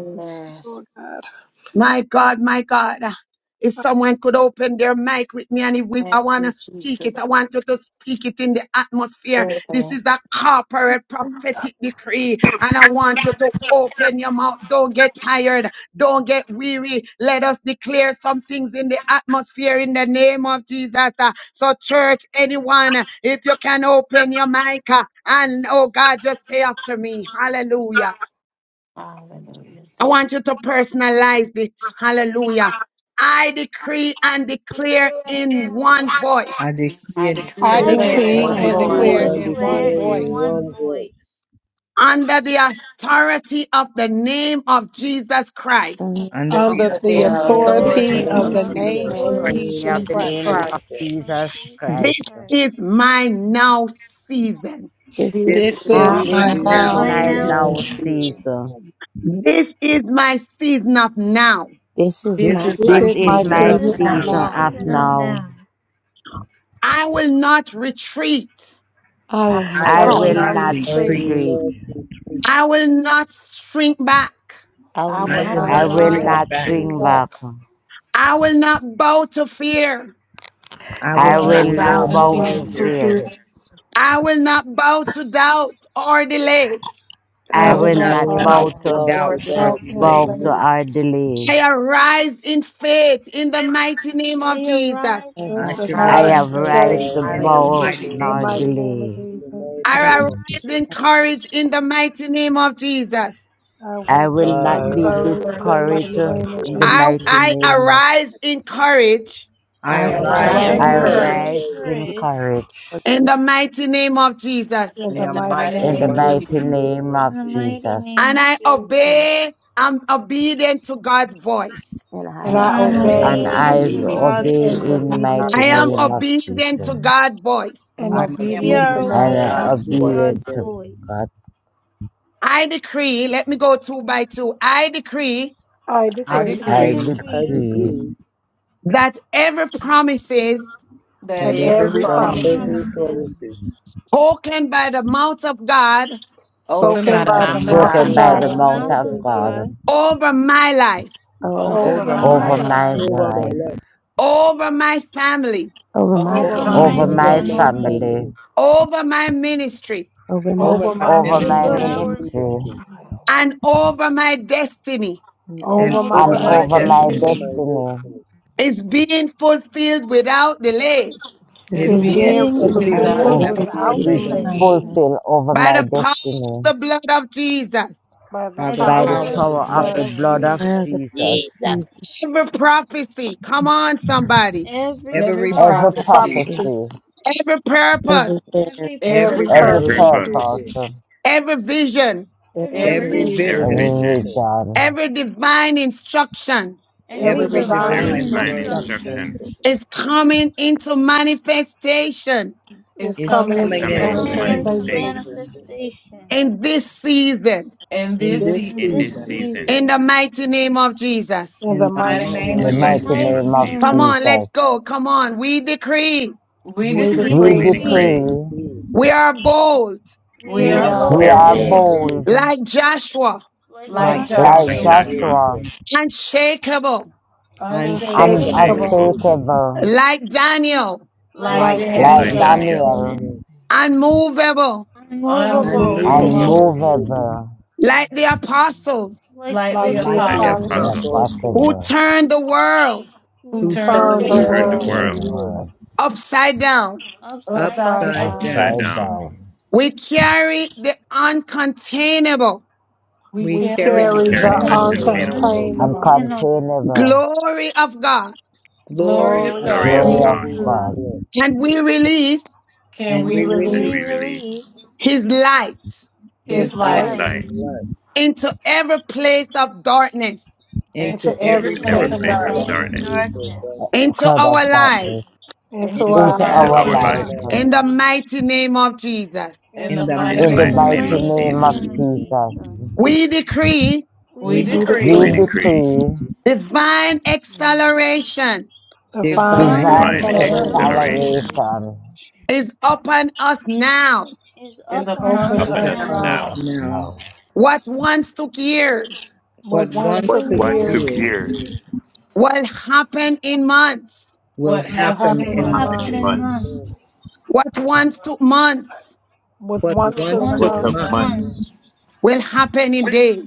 Speaker 14: Lord God.
Speaker 9: My God, my God. If someone could open their mic with me and if we, I want to
Speaker 11: you,
Speaker 9: speak
Speaker 11: Jesus.
Speaker 9: it, I want you to speak it in the atmosphere. This is a corporate prophetic decree and I want you to open your mouth. Don't get tired. Don't get weary. Let us declare some things in the atmosphere in the name of Jesus. Uh, So church, anyone, uh, if you can open your mic uh, and oh God, just say after me. Hallelujah.
Speaker 11: Hallelujah.
Speaker 9: I
Speaker 11: Thank you.
Speaker 9: want you to personalize this. Hallelujah. I decree and declare in one voice
Speaker 7: I decree
Speaker 11: I
Speaker 7: and
Speaker 11: decree and
Speaker 14: I
Speaker 4: I
Speaker 7: declare,
Speaker 13: Lord,
Speaker 11: declare in
Speaker 13: I
Speaker 8: I
Speaker 14: decree
Speaker 11: one
Speaker 4: decree
Speaker 13: can't
Speaker 14: and
Speaker 13: one
Speaker 14: declare
Speaker 4: and
Speaker 8: decree
Speaker 11: voice
Speaker 7: Lord,
Speaker 8: and
Speaker 13: place.
Speaker 4: declare
Speaker 8: declare
Speaker 4: in
Speaker 8: in
Speaker 4: one
Speaker 8: one
Speaker 4: voice,
Speaker 8: voice,
Speaker 9: under the authority of the name of Jesus Christ.
Speaker 7: under the
Speaker 14: under
Speaker 11: under
Speaker 14: the
Speaker 11: the
Speaker 7: authority of
Speaker 8: under the
Speaker 7: the
Speaker 4: under
Speaker 14: authority
Speaker 7: name
Speaker 11: authority
Speaker 7: of
Speaker 14: of
Speaker 13: Um,
Speaker 11: of
Speaker 14: the
Speaker 4: the
Speaker 8: authority
Speaker 11: the
Speaker 7: Jesus
Speaker 14: name
Speaker 8: of the
Speaker 11: name
Speaker 14: of
Speaker 4: authority
Speaker 11: of
Speaker 7: Christ.
Speaker 8: name
Speaker 14: Jesus
Speaker 16: In
Speaker 8: of
Speaker 16: the
Speaker 11: Jesus
Speaker 14: Christ.
Speaker 8: Jesus
Speaker 16: name
Speaker 11: Christ.
Speaker 16: of
Speaker 8: Christ.
Speaker 4: of
Speaker 16: Jesus
Speaker 4: Jesus
Speaker 9: This
Speaker 16: Christ.
Speaker 4: Christ.
Speaker 9: is my now season.
Speaker 13: This is
Speaker 11: This
Speaker 7: This
Speaker 14: This
Speaker 11: is
Speaker 7: is
Speaker 14: is
Speaker 13: my.
Speaker 11: my
Speaker 8: This
Speaker 7: my
Speaker 4: This
Speaker 14: my
Speaker 16: This
Speaker 11: now
Speaker 8: is
Speaker 4: is
Speaker 7: now.
Speaker 16: is
Speaker 14: now
Speaker 8: my
Speaker 4: my
Speaker 16: my
Speaker 11: season.
Speaker 4: now
Speaker 8: now
Speaker 14: season.
Speaker 16: now
Speaker 8: season.
Speaker 4: season.
Speaker 16: season.
Speaker 9: This is my season of now.
Speaker 13: This is
Speaker 7: This
Speaker 11: This
Speaker 13: my.
Speaker 7: is
Speaker 11: is my
Speaker 14: This
Speaker 7: my
Speaker 8: This
Speaker 16: This
Speaker 14: is my
Speaker 8: is
Speaker 16: is
Speaker 7: season
Speaker 11: season
Speaker 4: This
Speaker 16: my
Speaker 8: my
Speaker 11: of
Speaker 7: of
Speaker 4: is
Speaker 14: season
Speaker 13: time.
Speaker 4: my
Speaker 14: of
Speaker 11: now.
Speaker 7: now.
Speaker 16: season
Speaker 8: season
Speaker 14: now.
Speaker 8: of
Speaker 16: of
Speaker 4: season of
Speaker 8: now.
Speaker 16: now.
Speaker 4: now.
Speaker 9: I will not retreat.
Speaker 13: I
Speaker 11: I
Speaker 13: will
Speaker 11: will
Speaker 7: I
Speaker 14: I
Speaker 16: I
Speaker 7: will
Speaker 11: not
Speaker 13: not.
Speaker 14: will
Speaker 16: will
Speaker 14: not
Speaker 7: not
Speaker 11: retreat.
Speaker 16: not
Speaker 8: I
Speaker 14: retreat.
Speaker 7: retreat.
Speaker 8: will not
Speaker 16: retreat.
Speaker 8: retreat.
Speaker 9: I will not shrink back.
Speaker 13: I will
Speaker 11: I
Speaker 7: I
Speaker 11: will
Speaker 13: not.
Speaker 14: I
Speaker 7: will
Speaker 8: I
Speaker 11: not
Speaker 16: I
Speaker 14: will
Speaker 7: not
Speaker 8: will
Speaker 11: shrink
Speaker 16: will
Speaker 14: not
Speaker 7: shrink
Speaker 11: back.
Speaker 13: stop.
Speaker 8: not
Speaker 16: not
Speaker 7: back.
Speaker 8: shrink
Speaker 16: swing
Speaker 14: relax.
Speaker 8: back.
Speaker 16: back.
Speaker 9: I will not bow to fear.
Speaker 7: I
Speaker 11: I
Speaker 7: will
Speaker 16: I
Speaker 11: will
Speaker 8: I
Speaker 7: not
Speaker 14: I
Speaker 16: will
Speaker 11: not
Speaker 8: will
Speaker 14: will
Speaker 16: not
Speaker 11: bow
Speaker 8: not
Speaker 7: bow
Speaker 11: to
Speaker 14: not
Speaker 7: to
Speaker 16: bow
Speaker 8: bow
Speaker 11: fear.
Speaker 16: to
Speaker 14: mount
Speaker 8: to
Speaker 14: to
Speaker 7: fear.
Speaker 16: fear.
Speaker 8: fear.
Speaker 14: fear.
Speaker 9: I will not bow to doubt or delay.
Speaker 14: I
Speaker 11: I
Speaker 16: I
Speaker 7: I
Speaker 11: will
Speaker 14: will
Speaker 7: will
Speaker 16: will
Speaker 11: not
Speaker 8: I
Speaker 7: not
Speaker 14: not
Speaker 16: not
Speaker 17: will
Speaker 13: I
Speaker 8: will
Speaker 13: will
Speaker 17: not
Speaker 13: not
Speaker 7: bow
Speaker 14: bow
Speaker 8: not
Speaker 16: bow
Speaker 17: bow
Speaker 7: to
Speaker 11: bow
Speaker 16: to
Speaker 17: to
Speaker 8: bow
Speaker 11: or
Speaker 8: to
Speaker 7: doubt
Speaker 17: doubt
Speaker 7: or
Speaker 17: or
Speaker 8: doubt
Speaker 14: out
Speaker 13: stop.
Speaker 14: in
Speaker 8: or
Speaker 17: delay
Speaker 7: delay.
Speaker 16: bow
Speaker 14: delay.
Speaker 16: to
Speaker 8: delay.
Speaker 16: our delay.
Speaker 9: I arise in faith in the mighty name of
Speaker 4: We
Speaker 9: Jesus.
Speaker 4: arise
Speaker 13: I will
Speaker 4: in
Speaker 7: I
Speaker 14: Just
Speaker 13: not
Speaker 7: shall
Speaker 17: to
Speaker 4: faith.
Speaker 16: I
Speaker 11: Rise
Speaker 14: arise
Speaker 7: rise
Speaker 11: and
Speaker 16: have
Speaker 7: in
Speaker 14: and
Speaker 17: arise
Speaker 11: praise,
Speaker 17: and
Speaker 13: stop.
Speaker 14: say
Speaker 8: I
Speaker 16: rise to
Speaker 7: faith
Speaker 17: faith
Speaker 11: I
Speaker 13: I will
Speaker 7: in
Speaker 17: in
Speaker 11: am
Speaker 17: the
Speaker 7: the
Speaker 8: rise
Speaker 11: in
Speaker 16: bow
Speaker 17: mighty
Speaker 13: not
Speaker 7: mighty
Speaker 14: in
Speaker 8: in
Speaker 14: the
Speaker 11: Jude.
Speaker 7: name
Speaker 16: nor
Speaker 7: of
Speaker 17: nature.
Speaker 7: Jesus.
Speaker 14: mighty
Speaker 8: faith
Speaker 14: name of
Speaker 16: delay.
Speaker 8: in the
Speaker 14: Jesus.
Speaker 8: mighty
Speaker 13: stop. I will not
Speaker 9: I
Speaker 8: name of
Speaker 9: arise
Speaker 8: Jesus.
Speaker 9: in courage in the mighty name of Jesus.
Speaker 14: I will
Speaker 16: I will
Speaker 14: give
Speaker 16: not
Speaker 14: you
Speaker 8: I
Speaker 16: be
Speaker 8: rise
Speaker 14: courage
Speaker 8: in
Speaker 11: Hallelujah,
Speaker 14: in the
Speaker 13: stop.
Speaker 8: glory in
Speaker 14: mighty
Speaker 16: discouraged
Speaker 8: the mighty
Speaker 14: name of
Speaker 16: in
Speaker 7: I
Speaker 8: name of
Speaker 16: the
Speaker 7: will
Speaker 11: Jesus.
Speaker 7: not
Speaker 9: I,
Speaker 14: Jesus.
Speaker 7: be
Speaker 8: Jesus.
Speaker 16: mighty
Speaker 9: I
Speaker 7: discouraged.
Speaker 16: name of
Speaker 9: arise in courage
Speaker 7: I
Speaker 13: I will
Speaker 11: I
Speaker 13: not
Speaker 8: I
Speaker 14: I
Speaker 4: I
Speaker 7: arise
Speaker 11: arise
Speaker 14: rise
Speaker 7: in
Speaker 11: and
Speaker 16: I
Speaker 14: in
Speaker 8: arise
Speaker 4: arise
Speaker 8: in
Speaker 14: courage
Speaker 11: courage
Speaker 7: courage
Speaker 4: in
Speaker 16: rise
Speaker 8: glory
Speaker 16: in
Speaker 13: stop.
Speaker 4: courage
Speaker 16: courage
Speaker 9: in the mighty name of Jesus.
Speaker 14: in
Speaker 7: in
Speaker 14: the
Speaker 11: in
Speaker 7: the
Speaker 11: the
Speaker 14: mighty
Speaker 11: mighty
Speaker 8: in
Speaker 7: mighty
Speaker 8: the
Speaker 16: in
Speaker 14: name
Speaker 16: the
Speaker 11: name
Speaker 14: of
Speaker 7: name
Speaker 11: of
Speaker 8: mighty
Speaker 7: of
Speaker 16: mighty
Speaker 11: Jesus.
Speaker 14: Jesus.
Speaker 7: Jesus.
Speaker 8: name
Speaker 16: name
Speaker 8: of
Speaker 4: in
Speaker 16: of
Speaker 4: the
Speaker 8: Jesus.
Speaker 4: mighty
Speaker 16: Jesus.
Speaker 4: name
Speaker 9: And
Speaker 4: of
Speaker 9: I
Speaker 4: Jesus.
Speaker 9: obey, I'm obedient to God's voice.
Speaker 13: and I
Speaker 14: And
Speaker 7: And
Speaker 13: will
Speaker 11: And
Speaker 7: I
Speaker 4: and
Speaker 14: I
Speaker 11: I
Speaker 4: I'm
Speaker 7: am
Speaker 8: And I
Speaker 11: obey
Speaker 16: And
Speaker 14: obey
Speaker 4: obedient
Speaker 16: I
Speaker 8: obey
Speaker 13: be
Speaker 4: to
Speaker 11: obedient
Speaker 13: with
Speaker 8: and
Speaker 11: to
Speaker 4: God's
Speaker 11: the
Speaker 8: I'm
Speaker 16: obey
Speaker 14: in
Speaker 7: obedient
Speaker 11: word
Speaker 7: to
Speaker 14: the
Speaker 4: voice.
Speaker 16: in the
Speaker 8: obedient to
Speaker 11: of
Speaker 14: obedience
Speaker 7: God's
Speaker 16: mighty
Speaker 9: I
Speaker 8: God's
Speaker 14: of
Speaker 9: am
Speaker 8: word.
Speaker 16: name
Speaker 7: voice.
Speaker 16: of
Speaker 14: God
Speaker 9: obedient to
Speaker 16: Jesus.
Speaker 9: God's voice.
Speaker 14: and
Speaker 13: my
Speaker 7: I'm
Speaker 11: God. I am
Speaker 4: We
Speaker 14: obedient
Speaker 7: obedient
Speaker 4: are
Speaker 14: to
Speaker 8: I
Speaker 7: to
Speaker 11: obedient
Speaker 16: and
Speaker 11: to
Speaker 14: God's
Speaker 8: am
Speaker 16: an
Speaker 14: word.
Speaker 4: obedient
Speaker 7: God's
Speaker 11: God's
Speaker 4: to
Speaker 7: voice.
Speaker 8: motivated
Speaker 11: voice.
Speaker 16: obedient
Speaker 4: God's
Speaker 16: to
Speaker 8: because
Speaker 4: voice.
Speaker 16: God.
Speaker 9: I decree, let me go two by two. I decree
Speaker 14: I
Speaker 11: I
Speaker 7: I
Speaker 14: decree
Speaker 4: I
Speaker 16: I
Speaker 11: decree
Speaker 7: decree
Speaker 16: will
Speaker 8: I
Speaker 4: decree
Speaker 16: create,
Speaker 8: decree
Speaker 9: that every promises
Speaker 11: that
Speaker 14: that
Speaker 7: that
Speaker 4: that
Speaker 11: every
Speaker 7: every
Speaker 14: every
Speaker 8: that
Speaker 4: every
Speaker 11: promise
Speaker 7: promise
Speaker 14: promises
Speaker 8: every
Speaker 4: promises
Speaker 8: promises
Speaker 9: spoken by the mouth of God
Speaker 11: opened
Speaker 7: spoken
Speaker 11: by
Speaker 14: spoken
Speaker 11: the
Speaker 7: by
Speaker 14: by the
Speaker 7: the
Speaker 11: mouth of
Speaker 14: mouth
Speaker 7: mouth
Speaker 4: spoken
Speaker 16: spoken
Speaker 14: of
Speaker 7: of
Speaker 11: God
Speaker 8: came
Speaker 16: by
Speaker 4: by
Speaker 8: by
Speaker 16: the
Speaker 7: God
Speaker 4: the
Speaker 14: God
Speaker 8: the
Speaker 16: Mount
Speaker 4: mouth
Speaker 8: mouth
Speaker 16: of
Speaker 4: of
Speaker 8: of God
Speaker 4: God
Speaker 16: God,
Speaker 9: over my life
Speaker 13: Lord
Speaker 11: over
Speaker 14: over
Speaker 7: over
Speaker 4: over
Speaker 11: my
Speaker 14: my
Speaker 7: my
Speaker 4: my
Speaker 16: over
Speaker 14: life,
Speaker 11: life,
Speaker 7: life
Speaker 16: my
Speaker 4: life,
Speaker 8: over
Speaker 16: life,
Speaker 8: my life,
Speaker 9: over my family,
Speaker 13: over
Speaker 11: over
Speaker 13: my
Speaker 14: over
Speaker 7: over
Speaker 4: over
Speaker 11: my
Speaker 14: my
Speaker 7: my
Speaker 13: pain,
Speaker 4: my
Speaker 16: over
Speaker 11: family,
Speaker 8: over
Speaker 16: my
Speaker 14: family,
Speaker 7: family,
Speaker 8: my
Speaker 4: family,
Speaker 16: family,
Speaker 8: family,
Speaker 9: over my ministry,
Speaker 13: over my
Speaker 11: over
Speaker 7: over
Speaker 14: over
Speaker 7: my
Speaker 11: my
Speaker 14: my
Speaker 16: over my
Speaker 8: over
Speaker 4: over
Speaker 11: ministry,
Speaker 8: my
Speaker 14: ministry,
Speaker 7: ministry,
Speaker 4: our
Speaker 16: ministry,
Speaker 8: ministry,
Speaker 4: ministry,
Speaker 9: and over my destiny
Speaker 13: and over
Speaker 4: and
Speaker 7: and
Speaker 14: over my
Speaker 4: over
Speaker 16: and
Speaker 7: over
Speaker 11: over
Speaker 4: our
Speaker 7: my
Speaker 11: my
Speaker 16: over
Speaker 8: and
Speaker 14: destiny
Speaker 16: my
Speaker 11: destiny
Speaker 8: over
Speaker 7: destiny
Speaker 8: my
Speaker 4: destiny
Speaker 16: destiny.
Speaker 8: destiny
Speaker 9: is being fulfilled without delay
Speaker 13: is
Speaker 11: is
Speaker 4: is
Speaker 7: is
Speaker 14: is
Speaker 13: being
Speaker 11: being
Speaker 13: fulfilled
Speaker 7: being
Speaker 14: being
Speaker 4: being
Speaker 8: is
Speaker 16: It,
Speaker 11: filled
Speaker 13: by the
Speaker 7: fulfilled
Speaker 11: out.
Speaker 8: being
Speaker 14: fulfilled
Speaker 4: fulfilled
Speaker 13: blood
Speaker 16: o-
Speaker 13: of
Speaker 7: without
Speaker 8: fulfilled
Speaker 14: without
Speaker 4: without
Speaker 13: Jesus
Speaker 16: is
Speaker 7: delay
Speaker 14: delay
Speaker 8: without
Speaker 4: delay.
Speaker 13: Christ,
Speaker 8: delay.
Speaker 13: the
Speaker 16: fulfilled over
Speaker 9: by
Speaker 16: my
Speaker 9: the power of
Speaker 16: destiny
Speaker 9: the blood of Jesus.
Speaker 14: by the
Speaker 7: by
Speaker 4: By
Speaker 7: the
Speaker 4: the
Speaker 16: by the
Speaker 7: power
Speaker 4: blood
Speaker 14: power
Speaker 7: of
Speaker 4: of
Speaker 14: of
Speaker 7: the
Speaker 16: power
Speaker 14: the
Speaker 16: of
Speaker 7: blood
Speaker 14: blood
Speaker 16: the
Speaker 7: of
Speaker 14: of
Speaker 4: Jesus,
Speaker 16: blood of
Speaker 7: Jesus.
Speaker 13: power of the
Speaker 14: Jesus.
Speaker 13: blood
Speaker 16: Jesus.
Speaker 13: of Jesus,
Speaker 3: Jesus.
Speaker 9: Every prophecy, come on, somebody,
Speaker 4: every
Speaker 11: Every
Speaker 7: Every
Speaker 13: every
Speaker 16: Every
Speaker 11: promise,
Speaker 4: prophecy,
Speaker 7: prophecy,
Speaker 13: prophecy,
Speaker 14: Prophecy,
Speaker 16: prophecy,
Speaker 9: every purpose,
Speaker 13: every prayer,
Speaker 4: every
Speaker 11: every
Speaker 7: every
Speaker 14: every
Speaker 18: Every
Speaker 16: every
Speaker 4: purpose,
Speaker 7: purpose,
Speaker 8: Every
Speaker 11: purpose.
Speaker 14: purpose,
Speaker 18: purpose,
Speaker 8: purpose,
Speaker 16: purpose, every
Speaker 9: every vision,
Speaker 13: every
Speaker 4: Every
Speaker 14: every
Speaker 11: Every
Speaker 7: every
Speaker 13: word.
Speaker 14: vision,
Speaker 18: every
Speaker 11: vision,
Speaker 7: vision,
Speaker 4: vision,
Speaker 8: every
Speaker 18: vision,
Speaker 8: vision,
Speaker 16: return,
Speaker 9: every divine instruction
Speaker 14: every
Speaker 4: every
Speaker 11: every
Speaker 7: every
Speaker 11: divine
Speaker 14: divine
Speaker 17: every
Speaker 18: every
Speaker 8: every
Speaker 4: divine
Speaker 7: divine
Speaker 18: divine
Speaker 14: instruction
Speaker 11: instruction
Speaker 17: divine
Speaker 8: divine
Speaker 7: instruction
Speaker 4: instruction
Speaker 18: instruction
Speaker 8: instruction
Speaker 17: instruction
Speaker 9: is coming into manifestation
Speaker 11: is
Speaker 14: is
Speaker 7: is
Speaker 11: coming
Speaker 14: coming
Speaker 18: is
Speaker 17: is
Speaker 11: into
Speaker 8: is
Speaker 7: coming
Speaker 14: into
Speaker 4: is
Speaker 18: coming
Speaker 7: into
Speaker 18: into
Speaker 17: coming
Speaker 8: coming
Speaker 4: coming
Speaker 17: to
Speaker 16: in
Speaker 8: into
Speaker 4: into
Speaker 11: manifestation
Speaker 14: manifestation
Speaker 18: manifestation
Speaker 7: manifestation
Speaker 8: manifestation
Speaker 17: manifestation
Speaker 4: manifestation
Speaker 9: in
Speaker 4: in
Speaker 9: this season
Speaker 11: in
Speaker 14: in
Speaker 7: in
Speaker 11: this
Speaker 14: this
Speaker 7: this
Speaker 11: season, in
Speaker 18: in
Speaker 4: this
Speaker 14: season
Speaker 18: this
Speaker 7: season.
Speaker 17: in this
Speaker 8: this
Speaker 18: season
Speaker 9: in
Speaker 8: season
Speaker 4: season.
Speaker 9: the
Speaker 17: season
Speaker 9: mighty name of Jesus.
Speaker 14: in the
Speaker 7: In the
Speaker 11: the
Speaker 14: mighty
Speaker 8: in
Speaker 11: mighty
Speaker 8: the
Speaker 17: in the
Speaker 7: mighty
Speaker 14: name
Speaker 11: name
Speaker 14: of
Speaker 18: in
Speaker 16: the
Speaker 18: the
Speaker 11: of
Speaker 4: In
Speaker 7: name
Speaker 4: the
Speaker 18: mighty
Speaker 8: mighty
Speaker 7: of
Speaker 17: mighty
Speaker 16: mighty
Speaker 14: Jesus.
Speaker 18: name
Speaker 8: name
Speaker 11: Jesus.
Speaker 18: of
Speaker 4: mighty
Speaker 16: name
Speaker 8: of
Speaker 7: Jesus,
Speaker 16: of
Speaker 8: Jesus.
Speaker 4: name
Speaker 9: Come
Speaker 4: of
Speaker 18: Jesus.
Speaker 9: on, let's
Speaker 4: Jesus,
Speaker 16: Jesus.
Speaker 9: go. Come on, we decree
Speaker 11: We
Speaker 7: we
Speaker 14: We
Speaker 4: we
Speaker 11: decree
Speaker 16: We
Speaker 7: decree
Speaker 18: We
Speaker 14: decree
Speaker 8: I
Speaker 4: decree
Speaker 18: decree
Speaker 16: decree
Speaker 17: Should
Speaker 8: decree
Speaker 9: We are bold
Speaker 4: we
Speaker 11: we
Speaker 7: we
Speaker 4: are
Speaker 14: we
Speaker 11: are
Speaker 7: are
Speaker 14: are
Speaker 18: we
Speaker 16: we
Speaker 18: are
Speaker 11: bold,
Speaker 7: bold
Speaker 4: bold
Speaker 16: are
Speaker 8: we
Speaker 14: bold.
Speaker 8: are
Speaker 18: bold
Speaker 8: bold
Speaker 16: bold
Speaker 9: like Joshua,
Speaker 4: like
Speaker 11: like
Speaker 14: like
Speaker 7: like
Speaker 16: like
Speaker 4: Joshua,
Speaker 18: like
Speaker 8: like
Speaker 11: Joshua,
Speaker 7: Joshua,
Speaker 14: Joshua,
Speaker 18: Joshua,
Speaker 8: Joshua
Speaker 16: Joshua
Speaker 9: unshakable
Speaker 11: unshakable,
Speaker 16: and
Speaker 7: unshakable
Speaker 14: unshakable
Speaker 18: unshakable
Speaker 4: unshakable
Speaker 8: unshakable,
Speaker 16: unshakable
Speaker 9: like Daniel,
Speaker 4: like
Speaker 11: like
Speaker 7: like
Speaker 14: like
Speaker 11: Daniel,
Speaker 16: like
Speaker 18: like
Speaker 4: Daniel,
Speaker 8: like
Speaker 7: Daniel,
Speaker 14: Daniel,
Speaker 18: Daniel,
Speaker 16: Daniel,
Speaker 8: diamonds
Speaker 9: unmovable
Speaker 4: unmovable
Speaker 11: unmovable,
Speaker 8: from
Speaker 14: unmovable
Speaker 7: unmovable,
Speaker 18: unmovable
Speaker 8: moon waving
Speaker 16: unmovable,
Speaker 9: like the apostles
Speaker 4: like
Speaker 11: like
Speaker 4: the
Speaker 11: the
Speaker 14: like the
Speaker 7: like
Speaker 18: like
Speaker 7: the
Speaker 18: the
Speaker 8: like
Speaker 11: apostle
Speaker 8: the
Speaker 4: apostle
Speaker 16: yeah,
Speaker 14: apostle
Speaker 18: apostle
Speaker 7: apostle,
Speaker 8: apostles
Speaker 9: who
Speaker 16: possible,
Speaker 9: turned the world
Speaker 4: who
Speaker 11: who
Speaker 14: who
Speaker 7: who
Speaker 11: turned
Speaker 4: turned the
Speaker 14: turned
Speaker 7: turned
Speaker 11: the
Speaker 8: who
Speaker 18: who
Speaker 14: the
Speaker 11: world
Speaker 7: the
Speaker 18: turned the
Speaker 16: same
Speaker 8: turned
Speaker 14: world
Speaker 4: world
Speaker 8: the
Speaker 7: world
Speaker 18: world
Speaker 8: world
Speaker 16: word,
Speaker 9: upside down.
Speaker 4: upside
Speaker 11: upside
Speaker 14: upside
Speaker 11: down.
Speaker 4: down.
Speaker 7: upside
Speaker 18: upside
Speaker 14: down.
Speaker 7: down.
Speaker 8: upside
Speaker 16: upside
Speaker 18: down.
Speaker 8: down.
Speaker 16: down,
Speaker 9: We carry the uncontainable
Speaker 11: We
Speaker 7: We
Speaker 14: We
Speaker 11: carry
Speaker 7: carry
Speaker 4: We
Speaker 11: the
Speaker 18: We
Speaker 7: the
Speaker 14: carry
Speaker 8: We
Speaker 18: carry
Speaker 14: the
Speaker 18: the
Speaker 4: carry
Speaker 8: carry
Speaker 11: uncontainable
Speaker 8: the
Speaker 4: the
Speaker 18: uncontainable
Speaker 7: uncontainable
Speaker 14: uncontainable
Speaker 8: uncontainable
Speaker 4: uncontainable
Speaker 16: uncontainable,
Speaker 9: glory of God
Speaker 11: glory
Speaker 7: glory
Speaker 11: of
Speaker 14: glory
Speaker 7: of
Speaker 14: of
Speaker 18: glory
Speaker 11: God.
Speaker 18: of
Speaker 7: God,
Speaker 4: glory
Speaker 16: glory
Speaker 4: of
Speaker 16: of
Speaker 18: God
Speaker 14: God
Speaker 8: glory of
Speaker 4: God,
Speaker 16: God,
Speaker 8: God,
Speaker 9: and we release
Speaker 11: Can
Speaker 14: and
Speaker 7: and
Speaker 11: we
Speaker 14: we
Speaker 7: we
Speaker 4: and
Speaker 18: and
Speaker 11: release
Speaker 4: we
Speaker 14: release
Speaker 18: we
Speaker 7: release
Speaker 4: release
Speaker 18: release
Speaker 9: his light
Speaker 4: His
Speaker 7: His
Speaker 14: his
Speaker 11: his light
Speaker 18: his
Speaker 14: life
Speaker 7: light
Speaker 4: light
Speaker 8: His
Speaker 18: light
Speaker 8: light,
Speaker 9: into every place of darkness,
Speaker 11: into
Speaker 14: into
Speaker 7: into
Speaker 11: every
Speaker 18: into
Speaker 7: every
Speaker 14: every
Speaker 4: into
Speaker 18: every
Speaker 11: place
Speaker 14: place
Speaker 8: into
Speaker 7: place
Speaker 11: of
Speaker 4: every
Speaker 14: of
Speaker 18: place
Speaker 7: of
Speaker 18: of
Speaker 11: dark,
Speaker 4: place
Speaker 8: every
Speaker 4: of
Speaker 14: darkness,
Speaker 7: darkness,
Speaker 18: darkness,
Speaker 8: place of
Speaker 4: darkness,
Speaker 8: darkness,
Speaker 9: into
Speaker 16: cloud of
Speaker 9: our lives
Speaker 16: darkness,
Speaker 14: into
Speaker 11: into
Speaker 7: into
Speaker 14: our
Speaker 4: into
Speaker 11: our
Speaker 16: into
Speaker 18: into
Speaker 11: lives?
Speaker 7: our
Speaker 14: life.
Speaker 8: into
Speaker 16: our
Speaker 18: our
Speaker 4: our
Speaker 8: our
Speaker 18: life
Speaker 7: lives,
Speaker 4: lives.
Speaker 16: life.
Speaker 8: lives,
Speaker 9: in the mighty name of Jesus.
Speaker 11: In
Speaker 14: In
Speaker 11: the
Speaker 7: in
Speaker 14: the
Speaker 7: the
Speaker 18: in
Speaker 11: mighty
Speaker 18: the
Speaker 14: mighty
Speaker 16: In
Speaker 8: in
Speaker 16: the
Speaker 4: In
Speaker 8: the
Speaker 18: mighty
Speaker 11: name
Speaker 4: the
Speaker 14: name
Speaker 11: of
Speaker 14: of
Speaker 7: mighty
Speaker 18: name
Speaker 11: Jesus,
Speaker 7: name
Speaker 8: mighty
Speaker 16: mighty
Speaker 18: of
Speaker 7: of
Speaker 4: mighty
Speaker 14: Jesus,
Speaker 16: name of
Speaker 18: Jesus.
Speaker 7: Jesus.
Speaker 4: name of
Speaker 8: name of
Speaker 4: Jesus,
Speaker 16: Jesus,
Speaker 8: Jesus.
Speaker 9: We decree
Speaker 11: we
Speaker 7: We
Speaker 4: we
Speaker 14: we
Speaker 11: decree
Speaker 18: We
Speaker 7: decree
Speaker 16: we
Speaker 14: decree
Speaker 4: decree
Speaker 18: decree
Speaker 16: decree
Speaker 9: Divine acceleration
Speaker 11: the
Speaker 14: divine
Speaker 7: divine
Speaker 8: The
Speaker 11: divine
Speaker 8: giant
Speaker 4: divine
Speaker 16: divine
Speaker 18: divine
Speaker 11: acceleration
Speaker 14: acceleration
Speaker 7: acceleration
Speaker 18: acceleration
Speaker 8: revolution,
Speaker 4: acceleration
Speaker 16: acceleration.
Speaker 9: is upon us now.
Speaker 4: is
Speaker 11: is
Speaker 14: is
Speaker 4: upon
Speaker 11: upon
Speaker 14: open
Speaker 4: us
Speaker 11: us
Speaker 7: is
Speaker 18: upon
Speaker 14: up
Speaker 18: us
Speaker 11: now.
Speaker 4: now.
Speaker 16: Let
Speaker 7: upon
Speaker 18: now.
Speaker 7: us
Speaker 14: now
Speaker 16: us
Speaker 7: now.
Speaker 16: know.
Speaker 9: What once took years
Speaker 11: We
Speaker 14: What
Speaker 7: What
Speaker 14: one
Speaker 11: want to
Speaker 18: What
Speaker 4: What
Speaker 7: once
Speaker 14: took
Speaker 7: took
Speaker 8: what
Speaker 11: see
Speaker 18: once
Speaker 4: once
Speaker 14: years
Speaker 8: one
Speaker 18: took
Speaker 7: years
Speaker 8: took
Speaker 18: years,
Speaker 4: took,
Speaker 8: years,
Speaker 9: will happen in months.
Speaker 7: will
Speaker 11: What
Speaker 14: will
Speaker 11: happened
Speaker 7: happen
Speaker 11: in
Speaker 14: happen
Speaker 8: what
Speaker 4: what
Speaker 14: in
Speaker 11: month,
Speaker 7: in
Speaker 4: happened
Speaker 18: happening in
Speaker 14: months.
Speaker 8: happened
Speaker 4: in
Speaker 8: in
Speaker 18: months.
Speaker 4: months,
Speaker 8: men,
Speaker 9: What once took months
Speaker 14: What
Speaker 7: What
Speaker 14: one
Speaker 4: what
Speaker 8: but
Speaker 7: once
Speaker 14: took
Speaker 11: one
Speaker 4: once
Speaker 7: took
Speaker 18: What
Speaker 11: two
Speaker 8: one
Speaker 4: took
Speaker 18: took
Speaker 14: months
Speaker 11: months,
Speaker 8: took
Speaker 7: months
Speaker 8: you?
Speaker 4: months,
Speaker 18: months,
Speaker 9: will happen in days.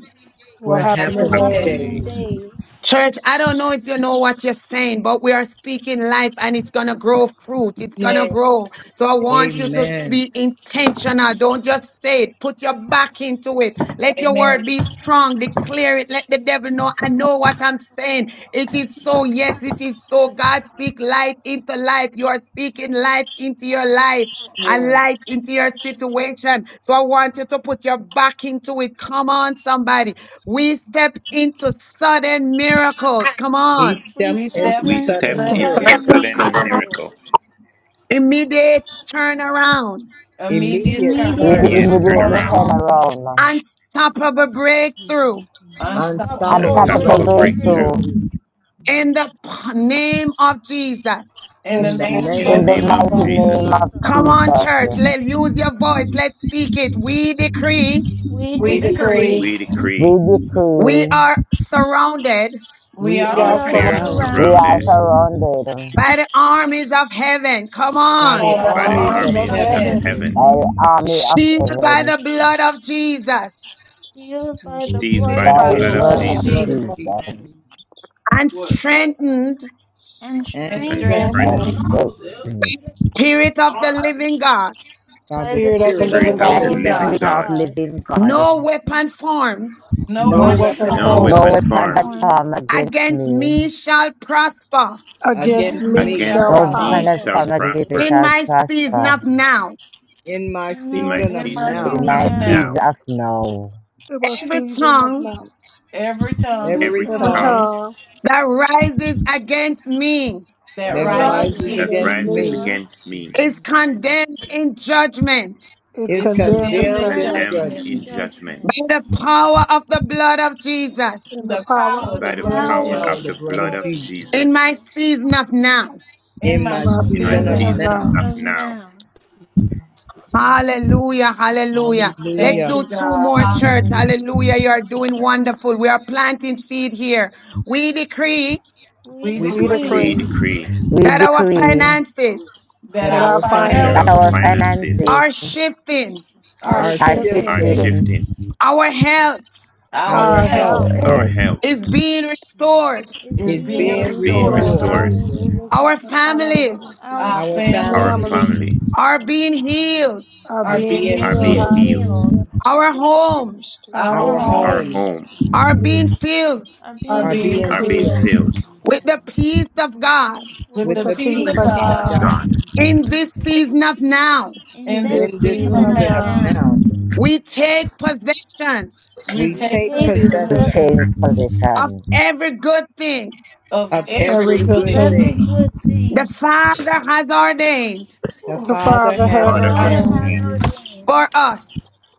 Speaker 14: will
Speaker 7: will
Speaker 11: will
Speaker 14: happen in
Speaker 4: will
Speaker 11: happen
Speaker 7: happen
Speaker 11: in
Speaker 7: in
Speaker 8: we
Speaker 18: happening
Speaker 8: have
Speaker 4: happen
Speaker 11: days.
Speaker 14: days.
Speaker 4: in
Speaker 8: one
Speaker 7: days.
Speaker 18: days.
Speaker 4: days.
Speaker 9: Church, I don't know if you know what you're saying, but we are speaking life and it's going to grow fruit. It's going to
Speaker 11: Yes,
Speaker 9: grow. So I want you to
Speaker 7: Amen.
Speaker 9: be intentional. Don't just say it. Put your back into it. Let your
Speaker 11: amen.
Speaker 9: word be strong. Declare it. Let the devil know I know what I'm saying. It is so. Yes, it is so. God speak life into life. You are speaking life into your life and
Speaker 11: Yeah,
Speaker 9: light into your situation. So I want you to put your back into it. Come on, somebody. We step into sudden miracles. Come
Speaker 7: We
Speaker 9: on.
Speaker 4: We
Speaker 7: step
Speaker 11: we
Speaker 4: step
Speaker 11: step
Speaker 7: into
Speaker 18: We
Speaker 11: into
Speaker 4: into
Speaker 18: step
Speaker 14: You
Speaker 7: sudden
Speaker 14: can
Speaker 11: sudden
Speaker 18: into
Speaker 14: serve
Speaker 4: sudden
Speaker 7: miracles,
Speaker 11: miracle,
Speaker 18: sudden miracle,
Speaker 4: miracles,
Speaker 9: Immediate turnaround.
Speaker 11: immediate
Speaker 7: immediate
Speaker 4: immediate
Speaker 16: would
Speaker 11: turnaround,
Speaker 18: immediate
Speaker 8: faith
Speaker 7: turnaround,
Speaker 8: on the
Speaker 14: all
Speaker 16: immediately
Speaker 18: turnaround,
Speaker 16: turn
Speaker 4: turnaround,
Speaker 14: around.
Speaker 8: on
Speaker 16: around
Speaker 9: Unstoppable breakthrough.
Speaker 11: unstoppable
Speaker 16: and
Speaker 4: unstoppable
Speaker 7: unstoppable
Speaker 16: tap
Speaker 14: Comparable
Speaker 18: unstoppable
Speaker 8: unstoppable
Speaker 11: breakthrough.
Speaker 16: Pepper
Speaker 7: breakthrough
Speaker 14: breakthrough.
Speaker 8: faith
Speaker 16: through
Speaker 18: breakthrough.
Speaker 4: breakthrough.
Speaker 8: through
Speaker 9: In the p- name of Jesus.
Speaker 11: In
Speaker 14: In the
Speaker 11: the
Speaker 7: in the
Speaker 14: name
Speaker 11: name
Speaker 4: In
Speaker 11: of
Speaker 18: In
Speaker 4: the
Speaker 18: the
Speaker 7: name
Speaker 16: in
Speaker 14: of
Speaker 16: the
Speaker 7: of
Speaker 18: name of
Speaker 11: Jesus,
Speaker 4: name
Speaker 16: mighty
Speaker 4: of
Speaker 14: Jesus,
Speaker 7: Jesus.
Speaker 16: name
Speaker 18: Jesus,
Speaker 4: Jesus,
Speaker 16: of
Speaker 8: Jesus.
Speaker 9: Come on,
Speaker 16: Jesus.
Speaker 9: church. Let use your voice. Let's speak it. We decree
Speaker 4: we
Speaker 11: we
Speaker 14: we
Speaker 7: We
Speaker 11: decree
Speaker 4: decree
Speaker 14: decree,
Speaker 7: decree
Speaker 18: we decree
Speaker 16: We
Speaker 9: we
Speaker 16: decree
Speaker 9: are surrounded
Speaker 11: we
Speaker 7: we
Speaker 11: are
Speaker 14: we
Speaker 4: we
Speaker 7: are
Speaker 4: are
Speaker 14: also
Speaker 18: we
Speaker 14: run
Speaker 18: are
Speaker 11: surrounded
Speaker 16: we
Speaker 8: I
Speaker 7: surrounded
Speaker 16: are
Speaker 18: surrounded
Speaker 4: surrounded
Speaker 8: surround the
Speaker 16: surrounded
Speaker 9: by the armies of heaven. Come
Speaker 7: by
Speaker 9: on.
Speaker 7: the
Speaker 14: all
Speaker 4: by
Speaker 14: the
Speaker 11: by
Speaker 18: by
Speaker 11: the
Speaker 18: the
Speaker 7: armies
Speaker 14: armies
Speaker 4: armies
Speaker 7: of
Speaker 11: armies
Speaker 14: of
Speaker 4: of
Speaker 11: of
Speaker 18: armies
Speaker 7: heaven,
Speaker 8: surround
Speaker 18: of
Speaker 14: heaven.
Speaker 8: the
Speaker 11: heaven,
Speaker 18: heaven,
Speaker 4: heaven,
Speaker 16: by the
Speaker 8: world,
Speaker 16: army of
Speaker 9: Shielded by the
Speaker 16: events,
Speaker 9: blood of Jesus
Speaker 4: sealed by the
Speaker 8: shaped
Speaker 17: be
Speaker 8: by
Speaker 18: seized
Speaker 17: the
Speaker 4: blood
Speaker 8: the
Speaker 18: by
Speaker 11: sealed
Speaker 4: of
Speaker 17: blood
Speaker 18: the
Speaker 16: by
Speaker 11: by
Speaker 17: of
Speaker 8: blood
Speaker 11: the
Speaker 16: the
Speaker 18: blood
Speaker 7: filled
Speaker 18: of
Speaker 8: of
Speaker 7: by
Speaker 11: blood
Speaker 16: blood
Speaker 11: of
Speaker 7: the
Speaker 14: Lord
Speaker 4: Jesus,
Speaker 17: Jesus.
Speaker 16: of
Speaker 7: blood of
Speaker 18: Jesus,
Speaker 14: Jesus,
Speaker 11: Jesus
Speaker 17: In the
Speaker 7: Jesus,
Speaker 16: Jesus
Speaker 9: and strengthened
Speaker 4: and
Speaker 7: and
Speaker 11: and
Speaker 18: and
Speaker 8: and
Speaker 14: grant
Speaker 11: strength
Speaker 4: strengthened
Speaker 14: me,
Speaker 7: strengthened
Speaker 16: and
Speaker 18: strengthened.
Speaker 8: strengthened
Speaker 16: strengthened
Speaker 9: spirit of the living God.
Speaker 7: by
Speaker 4: by
Speaker 7: the
Speaker 4: the
Speaker 14: Spirit of the
Speaker 7: Spirit
Speaker 11: Spirit
Speaker 17: spirit of
Speaker 7: of
Speaker 11: of the
Speaker 17: the
Speaker 18: Spirit
Speaker 7: the
Speaker 4: Spirit
Speaker 14: living
Speaker 17: Lord,
Speaker 18: of
Speaker 4: of
Speaker 16: by
Speaker 18: the
Speaker 14: God,
Speaker 4: the
Speaker 16: the
Speaker 7: living
Speaker 11: living
Speaker 7: God.
Speaker 11: God.
Speaker 18: living
Speaker 16: Spirit
Speaker 4: living
Speaker 18: God.
Speaker 16: of
Speaker 4: God.
Speaker 16: living God.
Speaker 9: No weapon formed
Speaker 11: No
Speaker 7: No
Speaker 14: no
Speaker 11: weapon
Speaker 7: weapon
Speaker 14: weapon
Speaker 18: No
Speaker 4: No
Speaker 11: formed
Speaker 17: and
Speaker 14: formed
Speaker 16: No
Speaker 17: we
Speaker 18: weapon
Speaker 7: formed
Speaker 4: weapon
Speaker 16: weapon that
Speaker 18: formed
Speaker 4: formed
Speaker 16: form against
Speaker 9: against
Speaker 16: me,
Speaker 9: me shall prosper
Speaker 14: against
Speaker 11: against
Speaker 7: against
Speaker 4: against
Speaker 11: me
Speaker 14: me
Speaker 4: us
Speaker 7: me
Speaker 11: shall
Speaker 16: no
Speaker 14: shall
Speaker 7: shall
Speaker 18: against
Speaker 4: shall
Speaker 17: have a
Speaker 11: prosper.
Speaker 16: weapon
Speaker 18: me
Speaker 16: that
Speaker 7: prosper.
Speaker 14: prosper.
Speaker 18: shall
Speaker 4: prosper
Speaker 16: form
Speaker 17: destination for
Speaker 16: against me
Speaker 17: us.
Speaker 18: prosper.
Speaker 9: in
Speaker 16: shall
Speaker 9: my season
Speaker 16: prosper
Speaker 9: of now.
Speaker 7: in my
Speaker 4: In
Speaker 18: In
Speaker 4: our
Speaker 18: my
Speaker 7: season of
Speaker 11: In my
Speaker 4: season
Speaker 18: season
Speaker 7: now.
Speaker 16: in
Speaker 4: of
Speaker 11: season
Speaker 16: my
Speaker 18: of
Speaker 4: now,
Speaker 16: seas
Speaker 11: now,
Speaker 18: now,
Speaker 16: of now.
Speaker 14: It was
Speaker 9: Every
Speaker 14: season of
Speaker 9: tongue
Speaker 14: mouth.
Speaker 11: every tongue
Speaker 4: every
Speaker 7: Every
Speaker 18: every
Speaker 14: Every
Speaker 4: tongue
Speaker 18: tongue
Speaker 7: tongue
Speaker 14: tongue
Speaker 9: that rises against me
Speaker 4: that
Speaker 11: that
Speaker 7: that
Speaker 14: that
Speaker 11: rises
Speaker 14: rises
Speaker 4: rises
Speaker 7: rises
Speaker 18: that
Speaker 11: against
Speaker 14: against
Speaker 7: against
Speaker 11: me
Speaker 4: against
Speaker 18: rises
Speaker 7: me
Speaker 14: me
Speaker 4: us
Speaker 18: against
Speaker 17: The
Speaker 18: me
Speaker 9: is
Speaker 17: Health is being
Speaker 9: condemned
Speaker 17: restored.
Speaker 9: in judgment
Speaker 14: is
Speaker 7: is
Speaker 11: is
Speaker 4: is
Speaker 14: condemned in
Speaker 18: is
Speaker 11: condemned
Speaker 7: condemned
Speaker 11: in
Speaker 7: in
Speaker 14: judgment.
Speaker 4: condemned
Speaker 18: condemned
Speaker 11: judgment.
Speaker 4: in
Speaker 18: in
Speaker 7: judgment
Speaker 4: judgment
Speaker 18: judgment
Speaker 9: by the power of the blood of Jesus
Speaker 14: In
Speaker 11: In
Speaker 14: the
Speaker 11: the
Speaker 14: power
Speaker 4: by
Speaker 11: power
Speaker 14: of
Speaker 11: of
Speaker 4: the
Speaker 14: the
Speaker 11: the
Speaker 18: by the
Speaker 17: My
Speaker 7: by
Speaker 14: blood
Speaker 11: blood
Speaker 7: the
Speaker 11: of
Speaker 14: of
Speaker 18: power
Speaker 4: power
Speaker 7: power
Speaker 4: of
Speaker 7: of
Speaker 18: of
Speaker 11: Jesus.
Speaker 14: Jesus,
Speaker 18: the
Speaker 7: the
Speaker 4: the
Speaker 7: blood
Speaker 18: blood
Speaker 7: of
Speaker 4: blood
Speaker 18: of
Speaker 4: of Jesus.
Speaker 9: in
Speaker 7: Jesus.
Speaker 9: my
Speaker 18: Jesus.
Speaker 4: In
Speaker 9: season of now.
Speaker 11: In
Speaker 7: In
Speaker 11: my
Speaker 14: in
Speaker 7: my
Speaker 14: my
Speaker 18: In my
Speaker 7: season
Speaker 11: season
Speaker 4: our
Speaker 7: of
Speaker 14: season of
Speaker 11: now,
Speaker 18: season
Speaker 14: now,
Speaker 7: now,
Speaker 4: season
Speaker 18: of
Speaker 4: of
Speaker 18: now,
Speaker 4: now,
Speaker 9: Hallelujah, hallelujah. Let's
Speaker 11: thank
Speaker 7: hallelujah,
Speaker 11: you,
Speaker 9: do two
Speaker 11: God.
Speaker 9: more, church.
Speaker 11: Hallelujah.
Speaker 9: Hallelujah. You are doing wonderful. We are planting seed here. We decree
Speaker 4: we
Speaker 11: We
Speaker 7: we
Speaker 14: we
Speaker 11: decree
Speaker 18: we
Speaker 4: decree
Speaker 7: decree
Speaker 14: decree
Speaker 18: decree
Speaker 16: We
Speaker 9: that our
Speaker 16: decree
Speaker 9: finances
Speaker 11: that
Speaker 7: that
Speaker 14: that
Speaker 11: our
Speaker 14: our
Speaker 7: our
Speaker 4: that
Speaker 8: Father,
Speaker 18: that
Speaker 4: our
Speaker 18: our
Speaker 16: that our
Speaker 11: finances
Speaker 14: finances
Speaker 7: finances
Speaker 4: finances
Speaker 18: finances
Speaker 9: are
Speaker 16: finances
Speaker 9: shifting,
Speaker 4: are
Speaker 11: are
Speaker 14: are
Speaker 7: are
Speaker 16: are
Speaker 11: shifting.
Speaker 18: are
Speaker 14: shifting,
Speaker 4: shifting.
Speaker 7: shifting,
Speaker 16: shifting
Speaker 18: shifting,
Speaker 9: our health
Speaker 4: Our
Speaker 11: Our
Speaker 7: our
Speaker 14: our
Speaker 7: health
Speaker 4: health
Speaker 11: health
Speaker 14: health
Speaker 16: and
Speaker 18: our health
Speaker 9: is being restored.
Speaker 4: is
Speaker 11: is
Speaker 14: is
Speaker 7: is
Speaker 4: being
Speaker 11: being
Speaker 14: being
Speaker 18: is
Speaker 7: being
Speaker 18: being
Speaker 11: restored.
Speaker 4: restored.
Speaker 14: restored.
Speaker 7: restored,
Speaker 18: restored,
Speaker 14: Hallelujah.
Speaker 9: Our families
Speaker 14: Shakatarabasi.
Speaker 4: Our
Speaker 11: Our
Speaker 7: our
Speaker 18: our
Speaker 4: family
Speaker 11: families
Speaker 7: families
Speaker 14: Families
Speaker 18: family
Speaker 9: are being healed.
Speaker 14: are
Speaker 7: are
Speaker 11: are
Speaker 14: being
Speaker 4: are
Speaker 7: being
Speaker 11: being
Speaker 18: are
Speaker 14: healed.
Speaker 18: being
Speaker 4: being
Speaker 11: healed.
Speaker 7: healed,
Speaker 18: healed,
Speaker 4: healed.
Speaker 14: Hallelujah.
Speaker 9: Our homes
Speaker 14: Our
Speaker 11: Our
Speaker 4: Our
Speaker 7: our
Speaker 14: homes
Speaker 11: homes
Speaker 18: our
Speaker 17: family
Speaker 4: homes
Speaker 17: is
Speaker 18: home
Speaker 7: homes
Speaker 17: being
Speaker 9: are
Speaker 17: healed.
Speaker 9: being filled
Speaker 4: are
Speaker 14: are
Speaker 11: are
Speaker 4: being
Speaker 7: are
Speaker 11: being
Speaker 14: being
Speaker 7: being
Speaker 18: are
Speaker 4: filled.
Speaker 18: being
Speaker 11: filled
Speaker 14: filled
Speaker 7: filled
Speaker 18: filled,
Speaker 9: with
Speaker 17: Mm-hmm.
Speaker 9: the peace of God.
Speaker 4: with
Speaker 11: with
Speaker 7: with
Speaker 14: with
Speaker 4: the
Speaker 11: the
Speaker 14: the
Speaker 7: the
Speaker 11: peace
Speaker 14: peace
Speaker 18: with
Speaker 4: peace
Speaker 7: peace
Speaker 11: of
Speaker 18: the
Speaker 4: of
Speaker 14: of
Speaker 18: peace
Speaker 7: of
Speaker 18: of
Speaker 11: God.
Speaker 4: God.
Speaker 14: God
Speaker 7: God.
Speaker 18: God,
Speaker 9: In this season of now,
Speaker 4: In
Speaker 11: In
Speaker 14: in
Speaker 4: this
Speaker 11: this
Speaker 14: this
Speaker 7: in this
Speaker 11: season
Speaker 14: season
Speaker 11: of
Speaker 4: season
Speaker 14: of
Speaker 4: of
Speaker 7: season
Speaker 11: now,
Speaker 7: of
Speaker 14: now.
Speaker 4: now,
Speaker 7: now.
Speaker 17: Mm-hmm.
Speaker 9: we take possession
Speaker 11: we
Speaker 7: We
Speaker 4: we
Speaker 11: take
Speaker 7: take
Speaker 14: In
Speaker 4: take
Speaker 16: to
Speaker 11: possession
Speaker 7: possession
Speaker 14: position
Speaker 16: change
Speaker 4: possession
Speaker 9: of
Speaker 16: position.
Speaker 9: every good thing
Speaker 11: of
Speaker 7: of
Speaker 14: of
Speaker 11: every
Speaker 14: every
Speaker 7: every
Speaker 8: from
Speaker 11: good
Speaker 14: good
Speaker 4: of
Speaker 7: good
Speaker 11: thing
Speaker 14: thing
Speaker 4: every
Speaker 7: thing
Speaker 4: good
Speaker 9: the
Speaker 4: thing
Speaker 9: Father has ordained
Speaker 7: the
Speaker 14: the
Speaker 7: Father
Speaker 14: Father
Speaker 11: my
Speaker 4: the
Speaker 7: has
Speaker 14: has
Speaker 18: Father,
Speaker 8: Father,
Speaker 4: Father
Speaker 7: ordained
Speaker 11: God,
Speaker 4: has
Speaker 14: ordained
Speaker 18: understanding
Speaker 4: ordained
Speaker 9: for us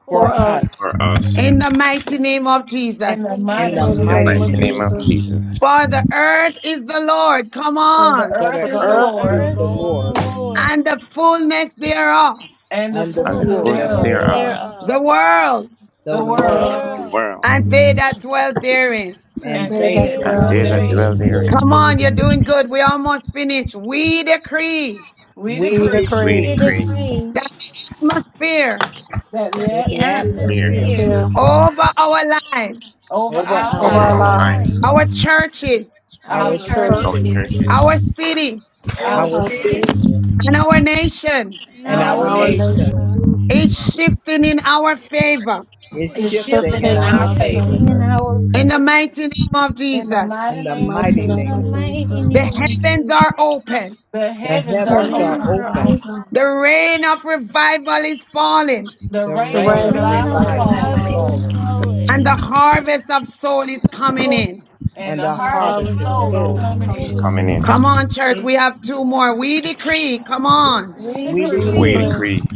Speaker 4: for
Speaker 11: for
Speaker 14: for
Speaker 7: for
Speaker 14: us
Speaker 11: us
Speaker 7: us
Speaker 4: us.
Speaker 18: for
Speaker 8: from Father.
Speaker 18: us,
Speaker 9: in the mighty name of
Speaker 11: in
Speaker 9: Jesus.
Speaker 4: In
Speaker 11: the
Speaker 4: the
Speaker 7: in
Speaker 11: mighty
Speaker 7: the
Speaker 4: mighty
Speaker 14: Mighty
Speaker 11: name
Speaker 18: the
Speaker 11: of
Speaker 4: name
Speaker 7: mighty
Speaker 14: name
Speaker 4: of
Speaker 14: of
Speaker 18: mighty
Speaker 11: Jesus.
Speaker 7: name
Speaker 18: name
Speaker 7: of
Speaker 18: of
Speaker 4: Jesus.
Speaker 14: Jesus.
Speaker 7: Jesus.
Speaker 18: Jesus,
Speaker 9: For the earth is the Lord, come
Speaker 11: For the
Speaker 9: on,
Speaker 7: For
Speaker 11: earth
Speaker 14: For
Speaker 7: the
Speaker 14: the
Speaker 11: is
Speaker 4: For
Speaker 11: the
Speaker 7: earth
Speaker 4: the
Speaker 14: earth is the
Speaker 7: is
Speaker 11: Lord,
Speaker 4: earth
Speaker 7: the
Speaker 4: is
Speaker 14: Lord,
Speaker 4: the
Speaker 7: Lord's
Speaker 9: and
Speaker 4: Lord,
Speaker 9: the fullness thereof,
Speaker 11: and the
Speaker 7: and the
Speaker 4: and
Speaker 18: and the
Speaker 4: the
Speaker 11: fullness
Speaker 14: fullness
Speaker 7: fullness
Speaker 18: fullness
Speaker 4: fullness
Speaker 11: thereof,
Speaker 18: thereof,
Speaker 14: thereof,
Speaker 7: thereof,
Speaker 9: the
Speaker 4: thereof,
Speaker 9: world
Speaker 7: the
Speaker 11: the
Speaker 14: the
Speaker 4: the
Speaker 11: world,
Speaker 7: world
Speaker 18: the
Speaker 14: world,
Speaker 4: world,
Speaker 18: world,
Speaker 9: and they that dwell therein.
Speaker 14: and
Speaker 7: and
Speaker 11: and
Speaker 14: they
Speaker 4: and
Speaker 11: they
Speaker 7: they
Speaker 14: that
Speaker 11: that
Speaker 4: they
Speaker 7: that
Speaker 18: and
Speaker 4: that
Speaker 11: dwell
Speaker 14: dwell.
Speaker 18: they
Speaker 7: dwell
Speaker 18: that
Speaker 4: dwell
Speaker 18: dwell
Speaker 11: therein.
Speaker 7: therein.
Speaker 8: you are
Speaker 4: therein.
Speaker 18: therein,
Speaker 9: Come on, you're
Speaker 8: the
Speaker 9: doing good. We almost finished. We decree
Speaker 11: We
Speaker 7: We
Speaker 14: Be the
Speaker 11: decree
Speaker 18: we
Speaker 4: We
Speaker 7: decree
Speaker 14: great
Speaker 18: decree,
Speaker 8: breathe
Speaker 4: decree
Speaker 9: that the atmosphere
Speaker 11: that the
Speaker 4: that
Speaker 7: that
Speaker 4: the
Speaker 7: the
Speaker 18: we
Speaker 8: that
Speaker 11: atmosphere
Speaker 8: the
Speaker 18: declare
Speaker 7: atmosphere
Speaker 4: atmosphere
Speaker 14: atmosphere
Speaker 8: atmosphere
Speaker 9: over our lives,
Speaker 11: over
Speaker 7: over
Speaker 11: our
Speaker 4: over
Speaker 7: our
Speaker 14: over
Speaker 18: over
Speaker 14: our
Speaker 8: over
Speaker 11: lives,
Speaker 4: our
Speaker 18: our
Speaker 8: our
Speaker 7: lives,
Speaker 18: life,
Speaker 14: lives,
Speaker 4: life,
Speaker 9: our churches,
Speaker 11: our
Speaker 7: our
Speaker 4: our
Speaker 14: our
Speaker 18: our
Speaker 11: churches,
Speaker 7: churches,
Speaker 4: churches,
Speaker 14: churches,
Speaker 9: our
Speaker 18: churches
Speaker 9: city,
Speaker 4: our
Speaker 11: our
Speaker 7: our
Speaker 14: our
Speaker 11: city,
Speaker 14: city,
Speaker 4: cities,
Speaker 7: cities,
Speaker 9: and our nation
Speaker 4: and
Speaker 7: and
Speaker 11: and
Speaker 4: our
Speaker 7: our
Speaker 11: our
Speaker 14: our
Speaker 7: nation
Speaker 11: nation
Speaker 4: nations
Speaker 14: nation.
Speaker 9: is shifting in our favor.
Speaker 7: is
Speaker 14: is
Speaker 11: is
Speaker 7: shifting
Speaker 11: shifted
Speaker 7: in
Speaker 14: shifted
Speaker 11: in
Speaker 4: is
Speaker 8: be
Speaker 14: in
Speaker 7: our
Speaker 11: our
Speaker 14: our
Speaker 8: shifted
Speaker 7: favor
Speaker 11: favor
Speaker 4: shifting
Speaker 8: in
Speaker 4: in
Speaker 14: favor.
Speaker 8: our
Speaker 4: our
Speaker 9: In
Speaker 8: favor.
Speaker 9: the
Speaker 4: favor.
Speaker 9: mighty name of
Speaker 11: In the
Speaker 9: Jesus,
Speaker 7: in
Speaker 11: mighty
Speaker 7: the
Speaker 14: In the
Speaker 11: name of
Speaker 14: Mighty
Speaker 8: In
Speaker 7: mighty
Speaker 8: the
Speaker 4: In
Speaker 14: name
Speaker 11: Jesus,
Speaker 4: the
Speaker 7: name
Speaker 14: of
Speaker 7: of Jesus.
Speaker 4: mighty
Speaker 14: Jesus.
Speaker 4: name
Speaker 9: the
Speaker 4: of
Speaker 9: heavens
Speaker 4: Jesus,
Speaker 9: are open,
Speaker 11: the
Speaker 7: The
Speaker 4: the
Speaker 11: heavens are
Speaker 14: Heaven
Speaker 7: heavens are
Speaker 4: heavens
Speaker 14: shall
Speaker 11: open,
Speaker 4: are
Speaker 7: open,
Speaker 14: open.
Speaker 4: open.
Speaker 9: the rain of revival is falling,
Speaker 11: the
Speaker 7: the
Speaker 4: The
Speaker 14: The
Speaker 11: rain of
Speaker 7: rain
Speaker 14: rain
Speaker 7: of
Speaker 14: of
Speaker 8: Thank
Speaker 4: rain
Speaker 11: revival
Speaker 4: of
Speaker 11: is
Speaker 14: revival
Speaker 7: revival
Speaker 14: is
Speaker 7: is
Speaker 11: falling,
Speaker 4: revival
Speaker 14: falling,
Speaker 4: is
Speaker 7: falling,
Speaker 4: falling,
Speaker 9: and the harvest of soul is coming in.
Speaker 11: and
Speaker 7: and
Speaker 11: the
Speaker 7: the
Speaker 14: and the
Speaker 4: and the
Speaker 11: harvest of
Speaker 7: harvest
Speaker 14: harvest
Speaker 7: of
Speaker 14: of
Speaker 4: harvest
Speaker 11: souls is
Speaker 4: of
Speaker 14: soul
Speaker 7: souls
Speaker 14: is
Speaker 11: coming
Speaker 18: is
Speaker 14: coming
Speaker 4: soul
Speaker 11: in.
Speaker 4: is
Speaker 14: in.
Speaker 18: coming
Speaker 7: coming
Speaker 18: in.
Speaker 7: in.
Speaker 9: Come
Speaker 4: coming in.
Speaker 9: on, church. We have two more. We decree. Come
Speaker 11: We,
Speaker 9: on.
Speaker 11: we
Speaker 4: We
Speaker 7: We
Speaker 14: We
Speaker 11: decree
Speaker 18: We
Speaker 7: decree
Speaker 4: decree
Speaker 14: decree
Speaker 18: decree,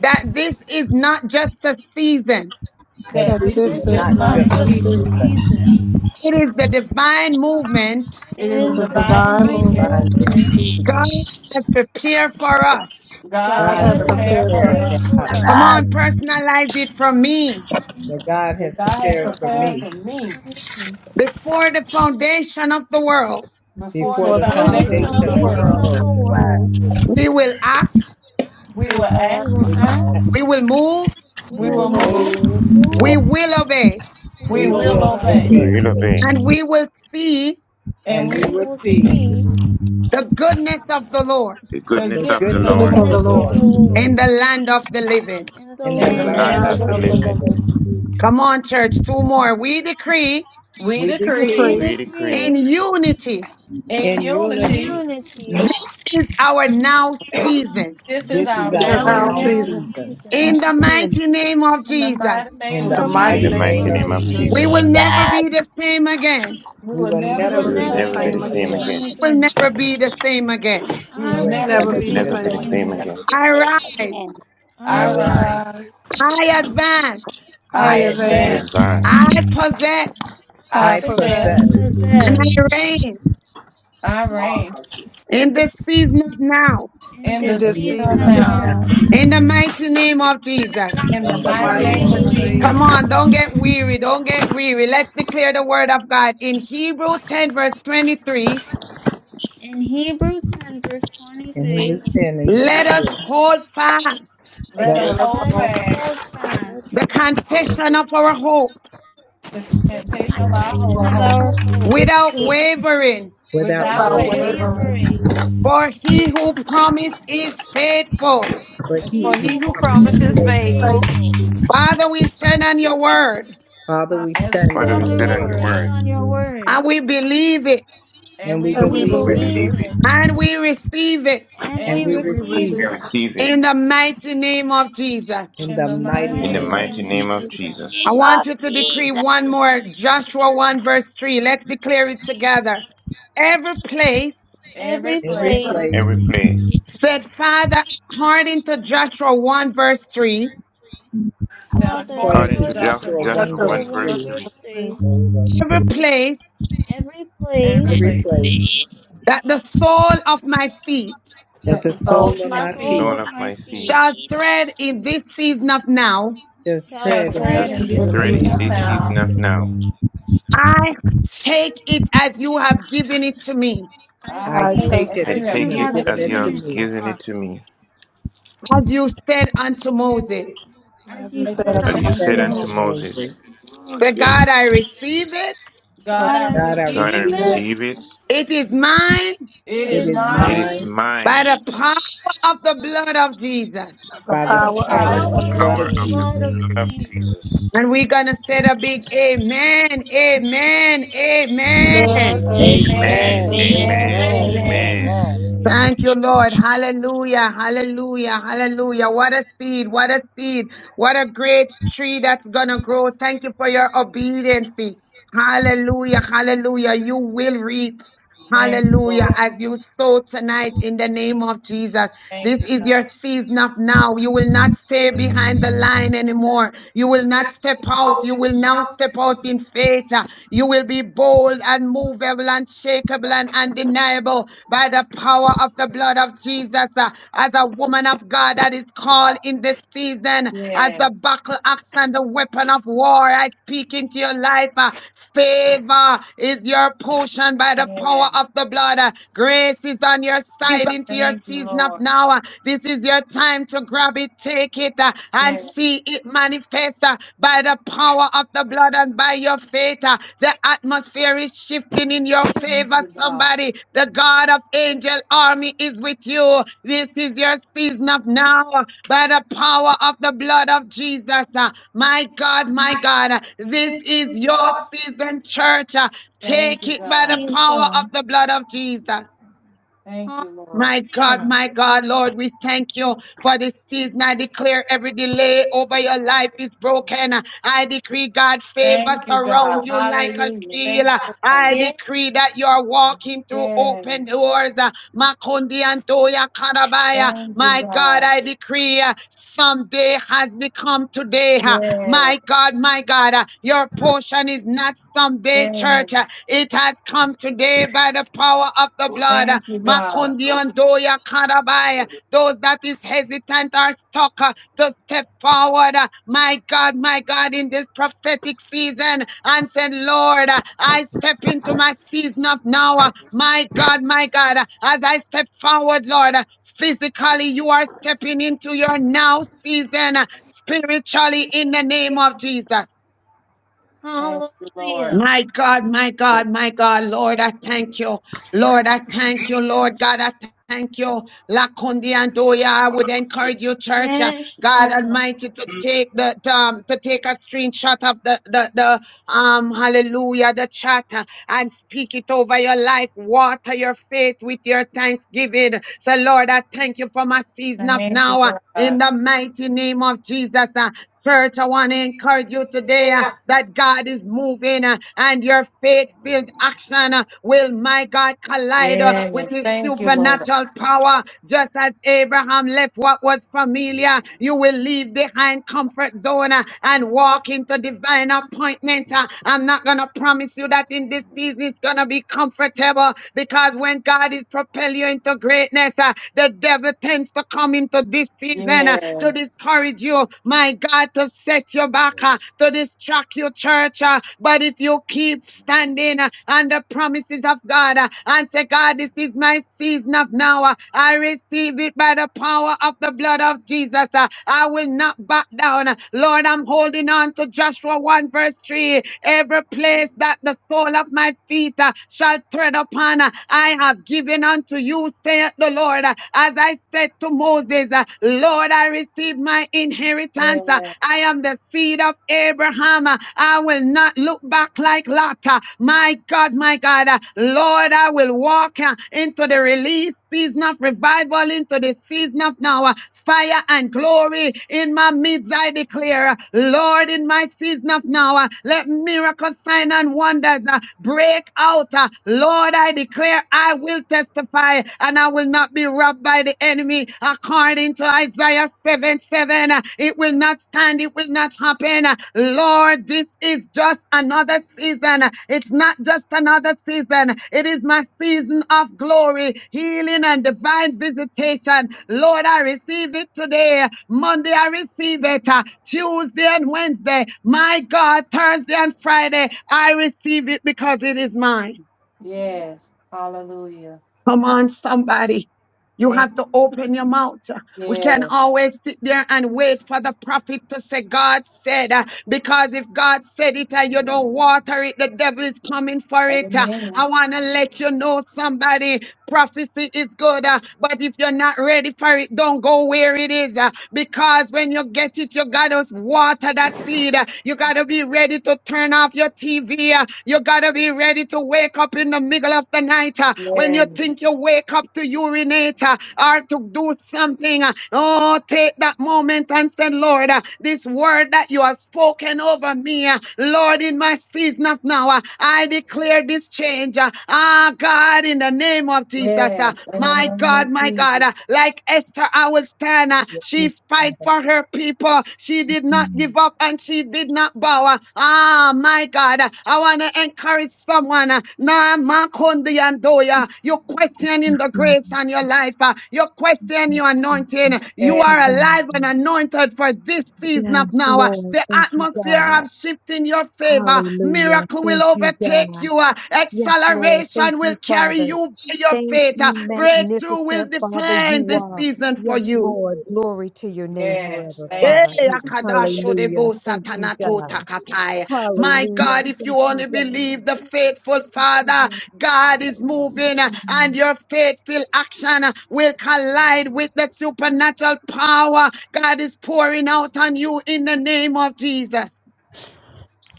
Speaker 9: that this is not just a season.
Speaker 7: that
Speaker 11: that
Speaker 14: that
Speaker 4: that
Speaker 7: this
Speaker 11: this
Speaker 7: is
Speaker 4: this
Speaker 14: this
Speaker 11: is
Speaker 14: is
Speaker 4: is
Speaker 11: just
Speaker 7: not
Speaker 11: not
Speaker 14: not
Speaker 4: not
Speaker 11: the
Speaker 7: just
Speaker 14: a
Speaker 7: the
Speaker 4: just a
Speaker 11: season,
Speaker 14: season.
Speaker 7: season
Speaker 4: season,
Speaker 9: It is the divine movement
Speaker 4: it
Speaker 11: it is the
Speaker 14: It's
Speaker 4: is
Speaker 14: a
Speaker 4: the
Speaker 11: divine
Speaker 14: divine
Speaker 7: of
Speaker 4: divine
Speaker 14: movement
Speaker 11: movement
Speaker 7: divine move.
Speaker 4: movement
Speaker 9: God has prepared for us.
Speaker 11: God
Speaker 14: God
Speaker 7: God
Speaker 11: has
Speaker 14: has
Speaker 4: God
Speaker 7: has
Speaker 4: has
Speaker 11: prepared
Speaker 14: prepared
Speaker 11: for
Speaker 7: prepared
Speaker 14: for
Speaker 11: us,
Speaker 4: prepared
Speaker 7: for
Speaker 14: us
Speaker 7: us,
Speaker 4: for
Speaker 9: Come
Speaker 4: us.
Speaker 9: on,
Speaker 3: Arise,
Speaker 9: personalize it for me.
Speaker 7: that God
Speaker 11: and
Speaker 7: has
Speaker 11: God has
Speaker 4: for
Speaker 7: prepared for
Speaker 11: prepared
Speaker 4: us,
Speaker 7: me
Speaker 11: for me
Speaker 4: for me,
Speaker 9: Before the foundation of the world,
Speaker 11: before
Speaker 7: before
Speaker 11: the
Speaker 14: before
Speaker 7: the
Speaker 14: the
Speaker 4: before the
Speaker 3: may
Speaker 11: foundation
Speaker 3: the
Speaker 11: of
Speaker 14: foundation
Speaker 7: foundation
Speaker 11: the
Speaker 14: of the
Speaker 7: of
Speaker 4: foundation
Speaker 7: the
Speaker 11: world.
Speaker 3: foundation
Speaker 4: of
Speaker 14: world.
Speaker 3: of
Speaker 4: the
Speaker 7: world.
Speaker 3: the world.
Speaker 4: world.
Speaker 9: we will act,
Speaker 11: We
Speaker 14: We
Speaker 11: will
Speaker 14: will
Speaker 4: We
Speaker 11: act,
Speaker 14: act,
Speaker 4: will
Speaker 7: We will,
Speaker 4: act,
Speaker 9: we will move,
Speaker 4: we
Speaker 11: we
Speaker 7: we
Speaker 4: will
Speaker 11: will
Speaker 7: will
Speaker 14: will
Speaker 4: move,
Speaker 11: move,
Speaker 7: move,
Speaker 14: move,
Speaker 3: Who
Speaker 9: we will obey,
Speaker 4: we
Speaker 14: we
Speaker 11: we
Speaker 7: we
Speaker 14: will
Speaker 11: will
Speaker 7: will
Speaker 4: will
Speaker 14: obey.
Speaker 4: obey,
Speaker 11: obey,
Speaker 18: we
Speaker 3: are
Speaker 7: obey,
Speaker 18: will
Speaker 3: you?
Speaker 18: obey
Speaker 9: and we will see
Speaker 11: and
Speaker 4: and
Speaker 7: and
Speaker 11: we
Speaker 7: we
Speaker 4: we
Speaker 11: will
Speaker 7: will
Speaker 4: will
Speaker 11: speak
Speaker 7: see
Speaker 4: see
Speaker 9: the goodness of the Lord
Speaker 18: the
Speaker 11: the
Speaker 7: the
Speaker 18: goodness of the
Speaker 4: the
Speaker 11: goodness of
Speaker 7: goodness
Speaker 11: the
Speaker 18: Lord
Speaker 14: Goodness
Speaker 7: of
Speaker 3: May
Speaker 14: of
Speaker 3: the
Speaker 14: the
Speaker 7: the
Speaker 4: goodness
Speaker 11: Lord
Speaker 4: of
Speaker 14: Lord
Speaker 4: the
Speaker 7: Lord
Speaker 9: in
Speaker 4: Lord
Speaker 9: the land of the living.
Speaker 4: in the
Speaker 7: in the
Speaker 11: in
Speaker 18: in
Speaker 14: in
Speaker 18: the
Speaker 11: the
Speaker 14: the
Speaker 4: land of
Speaker 7: land
Speaker 4: the
Speaker 11: land
Speaker 18: land
Speaker 11: of
Speaker 7: of
Speaker 14: land
Speaker 18: of
Speaker 11: the
Speaker 18: the
Speaker 7: the
Speaker 14: of
Speaker 11: living.
Speaker 14: the
Speaker 3: hand
Speaker 4: living.
Speaker 3: of
Speaker 7: living.
Speaker 18: living.
Speaker 3: the
Speaker 14: living.
Speaker 3: living.
Speaker 9: Come on, church, two more. We decree
Speaker 11: We
Speaker 7: We
Speaker 11: decree
Speaker 4: We
Speaker 7: decree
Speaker 14: Decree
Speaker 18: We
Speaker 9: in
Speaker 18: decree
Speaker 4: decree
Speaker 3: In
Speaker 9: unity.
Speaker 11: In
Speaker 7: in
Speaker 4: in
Speaker 7: unity
Speaker 11: unity,
Speaker 4: unity,
Speaker 9: This is our now season
Speaker 11: this is
Speaker 4: this
Speaker 7: this is
Speaker 11: our
Speaker 4: is
Speaker 14: in
Speaker 7: our
Speaker 11: now
Speaker 4: our
Speaker 14: now
Speaker 7: now
Speaker 4: now
Speaker 11: season.
Speaker 14: season.
Speaker 7: season.
Speaker 4: season.
Speaker 9: In the
Speaker 3: Satan.
Speaker 9: mighty name of
Speaker 11: In the
Speaker 9: Jesus,
Speaker 11: mighty
Speaker 7: In
Speaker 11: name
Speaker 4: In
Speaker 14: In
Speaker 7: the
Speaker 11: of
Speaker 14: the
Speaker 4: the
Speaker 18: in
Speaker 14: mighty
Speaker 18: the
Speaker 7: mighty
Speaker 4: mighty
Speaker 11: Jesus,
Speaker 14: name
Speaker 7: name
Speaker 18: mighty
Speaker 14: of
Speaker 4: name
Speaker 7: of
Speaker 18: name
Speaker 4: of
Speaker 18: of
Speaker 14: Jesus,
Speaker 9: we
Speaker 7: Jesus,
Speaker 9: will
Speaker 3: Jesus.
Speaker 4: Jesus,
Speaker 18: Jesus.
Speaker 9: never be the same again.
Speaker 11: we
Speaker 7: we
Speaker 11: will
Speaker 7: will
Speaker 4: we
Speaker 11: never
Speaker 7: never
Speaker 11: be
Speaker 4: will
Speaker 18: We
Speaker 14: never
Speaker 7: be
Speaker 11: the
Speaker 18: will
Speaker 14: be the
Speaker 7: the
Speaker 4: never
Speaker 18: never
Speaker 11: same
Speaker 18: be
Speaker 4: be
Speaker 18: the
Speaker 14: same
Speaker 7: same
Speaker 4: the
Speaker 18: same
Speaker 11: again.
Speaker 14: again.
Speaker 4: same
Speaker 18: again.
Speaker 3: And
Speaker 9: She
Speaker 7: again.
Speaker 9: will
Speaker 4: again.
Speaker 9: never be the same again.
Speaker 11: We
Speaker 7: We
Speaker 4: I
Speaker 11: will
Speaker 7: will
Speaker 4: will
Speaker 11: never
Speaker 18: We
Speaker 14: Never
Speaker 7: never
Speaker 11: be.
Speaker 4: never
Speaker 18: could
Speaker 14: be
Speaker 7: be
Speaker 14: the
Speaker 4: be
Speaker 7: the
Speaker 18: never
Speaker 4: the
Speaker 3: I
Speaker 18: be the
Speaker 14: same
Speaker 7: same
Speaker 3: might
Speaker 4: same
Speaker 18: same
Speaker 14: again.
Speaker 3: never
Speaker 7: again.
Speaker 3: be
Speaker 18: again.
Speaker 4: again.
Speaker 3: the
Speaker 9: I
Speaker 3: same
Speaker 9: rise,
Speaker 3: again.
Speaker 7: I
Speaker 4: I
Speaker 11: I
Speaker 14: All
Speaker 11: ride,
Speaker 7: rise,
Speaker 14: right.
Speaker 4: rise,
Speaker 9: I advance,
Speaker 4: I
Speaker 14: I
Speaker 7: I
Speaker 11: I
Speaker 14: am
Speaker 18: I
Speaker 4: dance,
Speaker 14: that
Speaker 7: advance,
Speaker 11: advance,
Speaker 18: advance.
Speaker 9: I possess,
Speaker 11: I
Speaker 14: I
Speaker 7: I
Speaker 14: possess
Speaker 11: possess,
Speaker 4: we
Speaker 7: possess
Speaker 9: and
Speaker 4: possess
Speaker 9: I reign
Speaker 11: I
Speaker 18: Tomorrow's
Speaker 11: reign
Speaker 18: type shit.
Speaker 9: in this season of now.
Speaker 4: in
Speaker 11: in
Speaker 14: in
Speaker 11: the
Speaker 4: this
Speaker 14: this
Speaker 7: in this
Speaker 11: season
Speaker 4: season
Speaker 14: season
Speaker 11: of
Speaker 14: and
Speaker 4: of
Speaker 7: season
Speaker 11: now.
Speaker 7: now.
Speaker 14: now.
Speaker 4: now,
Speaker 9: In the mighty name of Jesus.
Speaker 11: In the
Speaker 7: In
Speaker 14: The
Speaker 7: the
Speaker 4: in the
Speaker 11: mighty
Speaker 14: mighty
Speaker 7: mighty
Speaker 11: name
Speaker 4: mighty
Speaker 11: of
Speaker 14: name
Speaker 7: name
Speaker 14: of
Speaker 7: of
Speaker 4: name
Speaker 11: Jesus,
Speaker 4: of
Speaker 7: Jesus.
Speaker 9: Come
Speaker 14: Jesus.
Speaker 9: on, don't
Speaker 4: Jesus.
Speaker 9: get weary, don't get weary. Let's declare the word of God in Hebrew 10, verse 23.
Speaker 4: In Hebrew 10, verse
Speaker 7: And he
Speaker 4: 23,
Speaker 7: was
Speaker 3: Twenty.
Speaker 7: 10 and
Speaker 9: Let us
Speaker 7: 23.
Speaker 9: hold fast
Speaker 11: let
Speaker 7: Let
Speaker 11: us
Speaker 14: Let
Speaker 7: us
Speaker 14: us
Speaker 11: hold
Speaker 4: let
Speaker 14: hold
Speaker 4: us
Speaker 14: fast
Speaker 11: fast
Speaker 4: hold fast
Speaker 9: the confession of our hope
Speaker 11: the
Speaker 4: the
Speaker 3: I
Speaker 11: temptation
Speaker 3: start
Speaker 11: of our
Speaker 14: to
Speaker 4: confession
Speaker 14: our
Speaker 11: hope
Speaker 4: of
Speaker 14: hope
Speaker 4: our
Speaker 3: fighting.
Speaker 4: hope
Speaker 9: without wavering
Speaker 7: without
Speaker 11: without
Speaker 14: without
Speaker 4: without
Speaker 7: wavering,
Speaker 11: wavering.
Speaker 14: wavering.
Speaker 4: wavering,
Speaker 9: For he who promised is faithful.
Speaker 4: for
Speaker 7: for
Speaker 11: As
Speaker 7: he
Speaker 4: he
Speaker 11: for
Speaker 7: who
Speaker 11: he
Speaker 4: who
Speaker 11: who
Speaker 7: promised
Speaker 4: promised
Speaker 7: is
Speaker 11: promises
Speaker 4: is
Speaker 7: faithful.
Speaker 14: Faith,
Speaker 11: faithful,
Speaker 4: faithful.
Speaker 9: Father, we stand on your word
Speaker 7: Father, we
Speaker 11: as we
Speaker 7: stand
Speaker 18: Father,
Speaker 7: on
Speaker 11: stand
Speaker 18: we
Speaker 11: on
Speaker 7: your
Speaker 4: Father,
Speaker 18: sit
Speaker 11: your
Speaker 4: we
Speaker 18: on
Speaker 7: word
Speaker 18: your
Speaker 11: word,
Speaker 4: stand
Speaker 18: word.
Speaker 4: on your word, and
Speaker 9: and we believe it
Speaker 11: and
Speaker 7: and we
Speaker 11: we
Speaker 14: and we
Speaker 4: we
Speaker 7: believe
Speaker 11: believe
Speaker 18: We
Speaker 11: it,
Speaker 14: believe
Speaker 7: it
Speaker 4: believe
Speaker 18: believe
Speaker 14: it.
Speaker 18: it
Speaker 4: it,
Speaker 9: and we receive it
Speaker 4: and
Speaker 11: and
Speaker 7: and
Speaker 4: we
Speaker 7: we
Speaker 11: we
Speaker 18: and
Speaker 4: receive
Speaker 11: receive
Speaker 7: receive
Speaker 18: we
Speaker 4: it.
Speaker 7: it
Speaker 18: receive
Speaker 11: it.
Speaker 18: it
Speaker 9: in the mighty name of Jesus.
Speaker 7: in
Speaker 11: In
Speaker 7: the
Speaker 11: the
Speaker 4: In the
Speaker 11: mighty
Speaker 7: mighty
Speaker 18: in the
Speaker 4: mighty
Speaker 11: name
Speaker 7: name
Speaker 11: of
Speaker 18: mighty
Speaker 4: name
Speaker 7: of
Speaker 11: Jesus,
Speaker 4: of
Speaker 18: name of
Speaker 7: Jesus.
Speaker 4: Jesus.
Speaker 9: I
Speaker 18: Jesus.
Speaker 9: want you to decree one more Joshua 1 verse 3. Let's declare it together. Every place
Speaker 11: every
Speaker 4: Every
Speaker 7: Every
Speaker 11: place
Speaker 4: place,
Speaker 18: Every
Speaker 7: place,
Speaker 18: place,
Speaker 9: said, Father, according to Joshua 1 verse 3,
Speaker 11: that
Speaker 4: Father,
Speaker 11: according
Speaker 7: according
Speaker 18: according
Speaker 11: to
Speaker 7: to
Speaker 18: to
Speaker 4: according to
Speaker 11: Joshua
Speaker 18: Josh-
Speaker 7: Joshua
Speaker 11: 1
Speaker 14: That
Speaker 11: and
Speaker 7: 1
Speaker 18: Joshua
Speaker 4: Joshua
Speaker 14: shall
Speaker 7: verse
Speaker 11: 3,
Speaker 18: 1
Speaker 4: 1
Speaker 18: verse
Speaker 14: birth
Speaker 7: 3,
Speaker 18: 3,
Speaker 4: verse
Speaker 14: me
Speaker 4: 3,
Speaker 9: every place
Speaker 4: every
Speaker 11: every
Speaker 4: place
Speaker 7: every
Speaker 11: place
Speaker 7: place
Speaker 9: that the sole of my feet
Speaker 7: that
Speaker 14: as
Speaker 11: that
Speaker 14: a
Speaker 7: the
Speaker 11: the
Speaker 14: soul
Speaker 7: sole
Speaker 11: soles
Speaker 4: at
Speaker 11: of
Speaker 7: of
Speaker 4: the
Speaker 11: my
Speaker 7: my
Speaker 18: and
Speaker 11: feet
Speaker 7: feet
Speaker 4: sole
Speaker 18: soul
Speaker 4: of
Speaker 18: of
Speaker 4: my
Speaker 18: my seed
Speaker 4: feet
Speaker 9: shall tread in this season of now
Speaker 7: shall
Speaker 4: shall
Speaker 11: shall
Speaker 14: unto
Speaker 7: tread in
Speaker 4: thread
Speaker 18: shall
Speaker 11: tread
Speaker 7: this
Speaker 11: in
Speaker 4: in
Speaker 14: this
Speaker 11: this
Speaker 4: this
Speaker 7: season of
Speaker 18: thread
Speaker 14: season.
Speaker 11: season
Speaker 18: in
Speaker 11: of
Speaker 4: season
Speaker 18: this
Speaker 7: now,
Speaker 4: of
Speaker 11: now,
Speaker 18: season
Speaker 14: Now
Speaker 18: of
Speaker 4: now.
Speaker 18: now.
Speaker 9: I take it as you have given it to me,
Speaker 4: I
Speaker 11: I
Speaker 7: I
Speaker 14: I
Speaker 4: take
Speaker 11: take
Speaker 14: take,
Speaker 7: take
Speaker 11: as
Speaker 4: it
Speaker 7: it
Speaker 18: I
Speaker 4: as
Speaker 11: you
Speaker 7: as
Speaker 11: have
Speaker 4: you
Speaker 7: you
Speaker 18: take
Speaker 7: have
Speaker 4: have
Speaker 11: given
Speaker 18: it
Speaker 11: it
Speaker 7: given
Speaker 18: as
Speaker 11: to
Speaker 7: it
Speaker 18: you
Speaker 7: to
Speaker 4: given
Speaker 11: me,
Speaker 4: it
Speaker 18: have
Speaker 4: to
Speaker 7: me,
Speaker 18: given it
Speaker 4: us,
Speaker 18: to me,
Speaker 9: as you said unto Moses.
Speaker 4: as
Speaker 14: as you
Speaker 4: you
Speaker 11: as
Speaker 14: said,
Speaker 11: you
Speaker 7: as
Speaker 4: said
Speaker 18: as
Speaker 14: unto
Speaker 7: you
Speaker 11: said
Speaker 14: my
Speaker 18: you
Speaker 4: unto
Speaker 7: said
Speaker 18: said
Speaker 11: unto
Speaker 18: unto
Speaker 7: unto
Speaker 11: Moses.
Speaker 4: Moses.
Speaker 18: Moses.
Speaker 7: Moses.
Speaker 9: But God, I receive it.
Speaker 14: blood,
Speaker 11: God,
Speaker 4: God,
Speaker 11: I
Speaker 4: I
Speaker 7: God, I
Speaker 11: receive
Speaker 18: God, I
Speaker 11: it.
Speaker 4: receive
Speaker 7: receive
Speaker 4: it.
Speaker 7: it.
Speaker 18: receive it.
Speaker 9: It is mine
Speaker 11: It
Speaker 4: It
Speaker 7: It
Speaker 11: is
Speaker 4: is
Speaker 7: is
Speaker 18: It
Speaker 11: mine
Speaker 18: is
Speaker 4: mine
Speaker 7: mine
Speaker 9: by
Speaker 18: mine
Speaker 9: the power of the blood of Jesus.
Speaker 14: the
Speaker 7: by
Speaker 4: by
Speaker 7: the
Speaker 11: by
Speaker 4: the
Speaker 11: the
Speaker 14: power of
Speaker 7: power
Speaker 14: the
Speaker 7: of
Speaker 18: by the
Speaker 11: power of
Speaker 7: the
Speaker 11: the
Speaker 4: power of
Speaker 7: blood
Speaker 11: blood
Speaker 7: of
Speaker 18: power
Speaker 4: the
Speaker 11: of
Speaker 18: of the
Speaker 11: Jesus.
Speaker 4: blood of
Speaker 7: Jesus.
Speaker 18: blood
Speaker 8: you.
Speaker 18: of
Speaker 4: Jesus.
Speaker 18: Jesus.
Speaker 9: And we're going to say a big amen, amen,
Speaker 8: Amen.
Speaker 14: Amen,
Speaker 9: amen.
Speaker 4: Amen.
Speaker 14: amen,
Speaker 11: Amen,
Speaker 7: Amen,
Speaker 18: Amen,
Speaker 8: Amen.
Speaker 14: amen,
Speaker 11: amen,
Speaker 18: amen,
Speaker 7: amen,
Speaker 14: amen.
Speaker 11: amen.
Speaker 4: Amen.
Speaker 18: amen.
Speaker 7: amen.
Speaker 8: Amen.
Speaker 4: Amen.
Speaker 9: Thank you, Lord. Hallelujah. Hallelujah. Hallelujah. What a seed. What a seed. What a great tree that's going to grow. Thank you for your obedience. Hallelujah. Hallelujah. You will reap.
Speaker 11: Thank you,
Speaker 9: Hallelujah.
Speaker 11: Lord.
Speaker 9: As you sow tonight in the name of Jesus.
Speaker 11: Thank
Speaker 9: This
Speaker 11: you,
Speaker 9: is
Speaker 11: God.
Speaker 9: your season of now. You will not stay behind the line anymore. You will not step out. You will now step out in faith. Uh, You will be bold, and unmovable, unshakable, and undeniable by the power of the blood of Jesus. Uh, As a woman of God that is called in this season, as
Speaker 11: Yes,
Speaker 9: the buckle axe and the weapon of war, I speak into your life. uh, Faith favor is your portion by the power
Speaker 11: yes.
Speaker 9: of the blood. Grace is on your side into your
Speaker 11: Thank you,
Speaker 9: season of
Speaker 11: Lord.
Speaker 9: now. This is your time to grab it, take it, uh, and
Speaker 11: Yes.
Speaker 9: see it manifest uh, by the power of the blood and by your faith. uh, The atmosphere is shifting in your
Speaker 11: Thank
Speaker 9: favor,
Speaker 11: you, God.
Speaker 9: somebody. The God of angel army is with you. This is your season of now by the power of the blood of Jesus. Uh, My God, my God, uh, this is your season, church. Uh,
Speaker 11: Thank
Speaker 9: Take
Speaker 11: you,
Speaker 9: it
Speaker 4: Yes,
Speaker 9: by the
Speaker 11: God.
Speaker 4: Jesus.
Speaker 9: power of the blood of Jesus.
Speaker 11: Thank you, Lord.
Speaker 9: My God,
Speaker 4: Hallelujah.
Speaker 9: my God, Lord, we thank you for this season. I declare every delay over your life is broken. I decree God favor
Speaker 11: Thank you, God.
Speaker 9: surround you like a
Speaker 11: Hallelujah. Thank
Speaker 9: shield.
Speaker 11: you for
Speaker 9: I
Speaker 11: favor.
Speaker 4: Yes,
Speaker 9: decree that you are
Speaker 4: Jesus.
Speaker 9: walking through
Speaker 11: Yeah.
Speaker 9: open doors. Makundi Antoya Karabaya.
Speaker 11: Thank you,
Speaker 9: My God,
Speaker 11: God.
Speaker 9: I decree uh, someday has become today. uh,
Speaker 11: Yeah.
Speaker 9: My God, my God, uh, your portion is not someday,
Speaker 11: Yeah.
Speaker 9: church. uh, It has come today by the power of the blood.
Speaker 11: Thank you, God.
Speaker 18: Go sit-
Speaker 9: Makondiondoya Karabaya. Those that is hesitant are stuck uh, to step forward. uh, My God, my God, in this prophetic season and said, Lord, uh, I step into my season of now. uh, My God, my God, uh, as I step forward, Lord, uh, physically you are stepping into your now season uh, spiritually in the name of Jesus.
Speaker 11: Thank you, Lord.
Speaker 4: Hallelujah.
Speaker 9: My God, my God, my God, Lord, I thank you. Lord, I thank you. Lord God, I thank you. La Kundiandoya, I would encourage you, church, uh,
Speaker 4: Yes, Jesus.
Speaker 9: God Almighty, to take the, the, um, to take a screenshot of the, the, the, um, hallelujah, the chat uh, and speak it over your life. Water your faith with your thanksgiving. So, Lord, I thank you for my season of
Speaker 11: Thank you,
Speaker 9: now. uh, In
Speaker 11: God.
Speaker 9: the mighty name of Jesus, uh, Church, I want to encourage you today uh, that God is moving uh, and your faith filled action uh, will, my God, collide uh, with
Speaker 11: Yes.
Speaker 9: his
Speaker 11: Thank you, Lord.
Speaker 9: supernatural power. Just as Abraham left what was familiar, you will leave behind comfort zone uh, and walk into divine appointment. uh. I'm not going to promise you that in this season it's going to be comfortable because when God is propelling you into greatness, uh, the devil tends to come into this season Satan uh, to
Speaker 11: Yes.
Speaker 9: discourage you, my God, to set you back, uh, to distract your church. uh, But if you keep standing uh, on the promises of God uh, and say, God, this is my season of now, uh, I receive it by the power of the blood of Jesus. uh, I will not back down. uh, Lord, I'm holding on to Joshua 1 verse 3. Every place that the sole of my feet uh, shall tread upon, uh, I have given unto you, saith the Lord. uh, As as I said to Moses, uh, Lord, I receive my inheritance. Uh,
Speaker 11: Yes.
Speaker 9: I am the seed of Abraham. Uh, I will not look back like Lot. Uh, My God, my God, uh, Lord, I will walk uh, into the release season of revival, into the season of now. uh, Fire and glory in my midst, I declare. uh, Lord, in my season of now, uh, let miracles, sign and wonders uh, break out. uh, Lord, I declare, I will testify and I will not be robbed by the enemy. According to Isaiah 7 7, uh, it will not stand, it will not happen. Uh, Lord, this is just another season. Uh, It's not just another season, it is my season of glory, healing, and divine visitation. Lord, I receive it today. Monday, I receive it. Uh, Tuesday and Wednesday, my God, Thursday and Friday, I receive it because it is mine.
Speaker 11: Yes. Hallelujah.
Speaker 9: Come on, somebody. You
Speaker 11: Thank
Speaker 9: have to
Speaker 11: you.
Speaker 9: open your mouth. We can
Speaker 11: Yes.
Speaker 9: always sit there and wait for the prophet to say, God said, uh, because if God said it and you don't water it, the devil is coming for it. Uh,
Speaker 11: Amen.
Speaker 9: I want to let you know, somebody, Prophecy is good, uh, but if you're not ready for it, don't go where it is. uh, because when you get it, you gotta water that seed. uh, you gotta be ready to turn off your TV. uh, you gotta be ready to wake up in the middle of the night. uh, when you
Speaker 11: Yes.
Speaker 9: think you wake up to urinate uh, or to do something, uh, oh, take that moment and say, Lord, uh, uh, this word that you have spoken over me, uh, Lord, in my season of now, uh, I declare this change. uh, Ah, God, in the name of Jesus, uh,
Speaker 11: Yes. In the
Speaker 9: my
Speaker 11: name
Speaker 9: God,
Speaker 11: of
Speaker 9: my
Speaker 11: Jesus.
Speaker 9: God, uh, like Esther, I will stand. uh, She fight for her people. She did not
Speaker 19: Mm.
Speaker 9: give up and she did not bow. uh, Ah, my God, uh, I want to encourage someone. uh, Nah, Makondi and Doya, you're questioning
Speaker 19: Yes,
Speaker 9: the
Speaker 19: Lord,
Speaker 9: grace on your life. uh, You're
Speaker 19: thank
Speaker 9: questioning
Speaker 19: you,
Speaker 9: your anointing.
Speaker 19: Jesus. Thank
Speaker 9: You
Speaker 11: Yes.
Speaker 19: you,
Speaker 9: are
Speaker 19: God.
Speaker 9: alive and anointed for this season of
Speaker 19: Yes,
Speaker 9: now. uh,
Speaker 19: Lord,
Speaker 9: The
Speaker 19: thank you,
Speaker 9: atmosphere of
Speaker 19: God.
Speaker 9: shift in your favor.
Speaker 19: Hallelujah.
Speaker 9: Miracle will
Speaker 19: Thank you,
Speaker 9: overtake
Speaker 19: God.
Speaker 9: you. uh,
Speaker 19: Yes, Lord, thank
Speaker 9: Acceleration will
Speaker 19: you,
Speaker 9: carry
Speaker 19: Father.
Speaker 9: you by your
Speaker 19: Thank
Speaker 9: faith. uh,
Speaker 19: you,
Speaker 9: Breakthrough will
Speaker 19: magnificent Father,
Speaker 9: define
Speaker 19: you
Speaker 9: this
Speaker 19: are.
Speaker 9: season for
Speaker 19: Yes,
Speaker 9: you.
Speaker 19: Lord, glory to your name
Speaker 11: Yes.
Speaker 19: forever,
Speaker 11: Thank
Speaker 9: Eh,
Speaker 19: Father.
Speaker 11: you.
Speaker 9: akadasho
Speaker 19: Hallelujah.
Speaker 9: debo
Speaker 19: Thank you,
Speaker 9: satanato
Speaker 19: God.
Speaker 9: takatai. My God,
Speaker 19: Hallelujah.
Speaker 9: if you
Speaker 19: Thank you,
Speaker 9: only
Speaker 19: God.
Speaker 9: believe the faithful
Speaker 19: Thank you,
Speaker 9: Father, God is moving uh,
Speaker 19: Lord.
Speaker 9: and your faithful action uh, will collide with the supernatural power God is pouring out on you in the name of Jesus.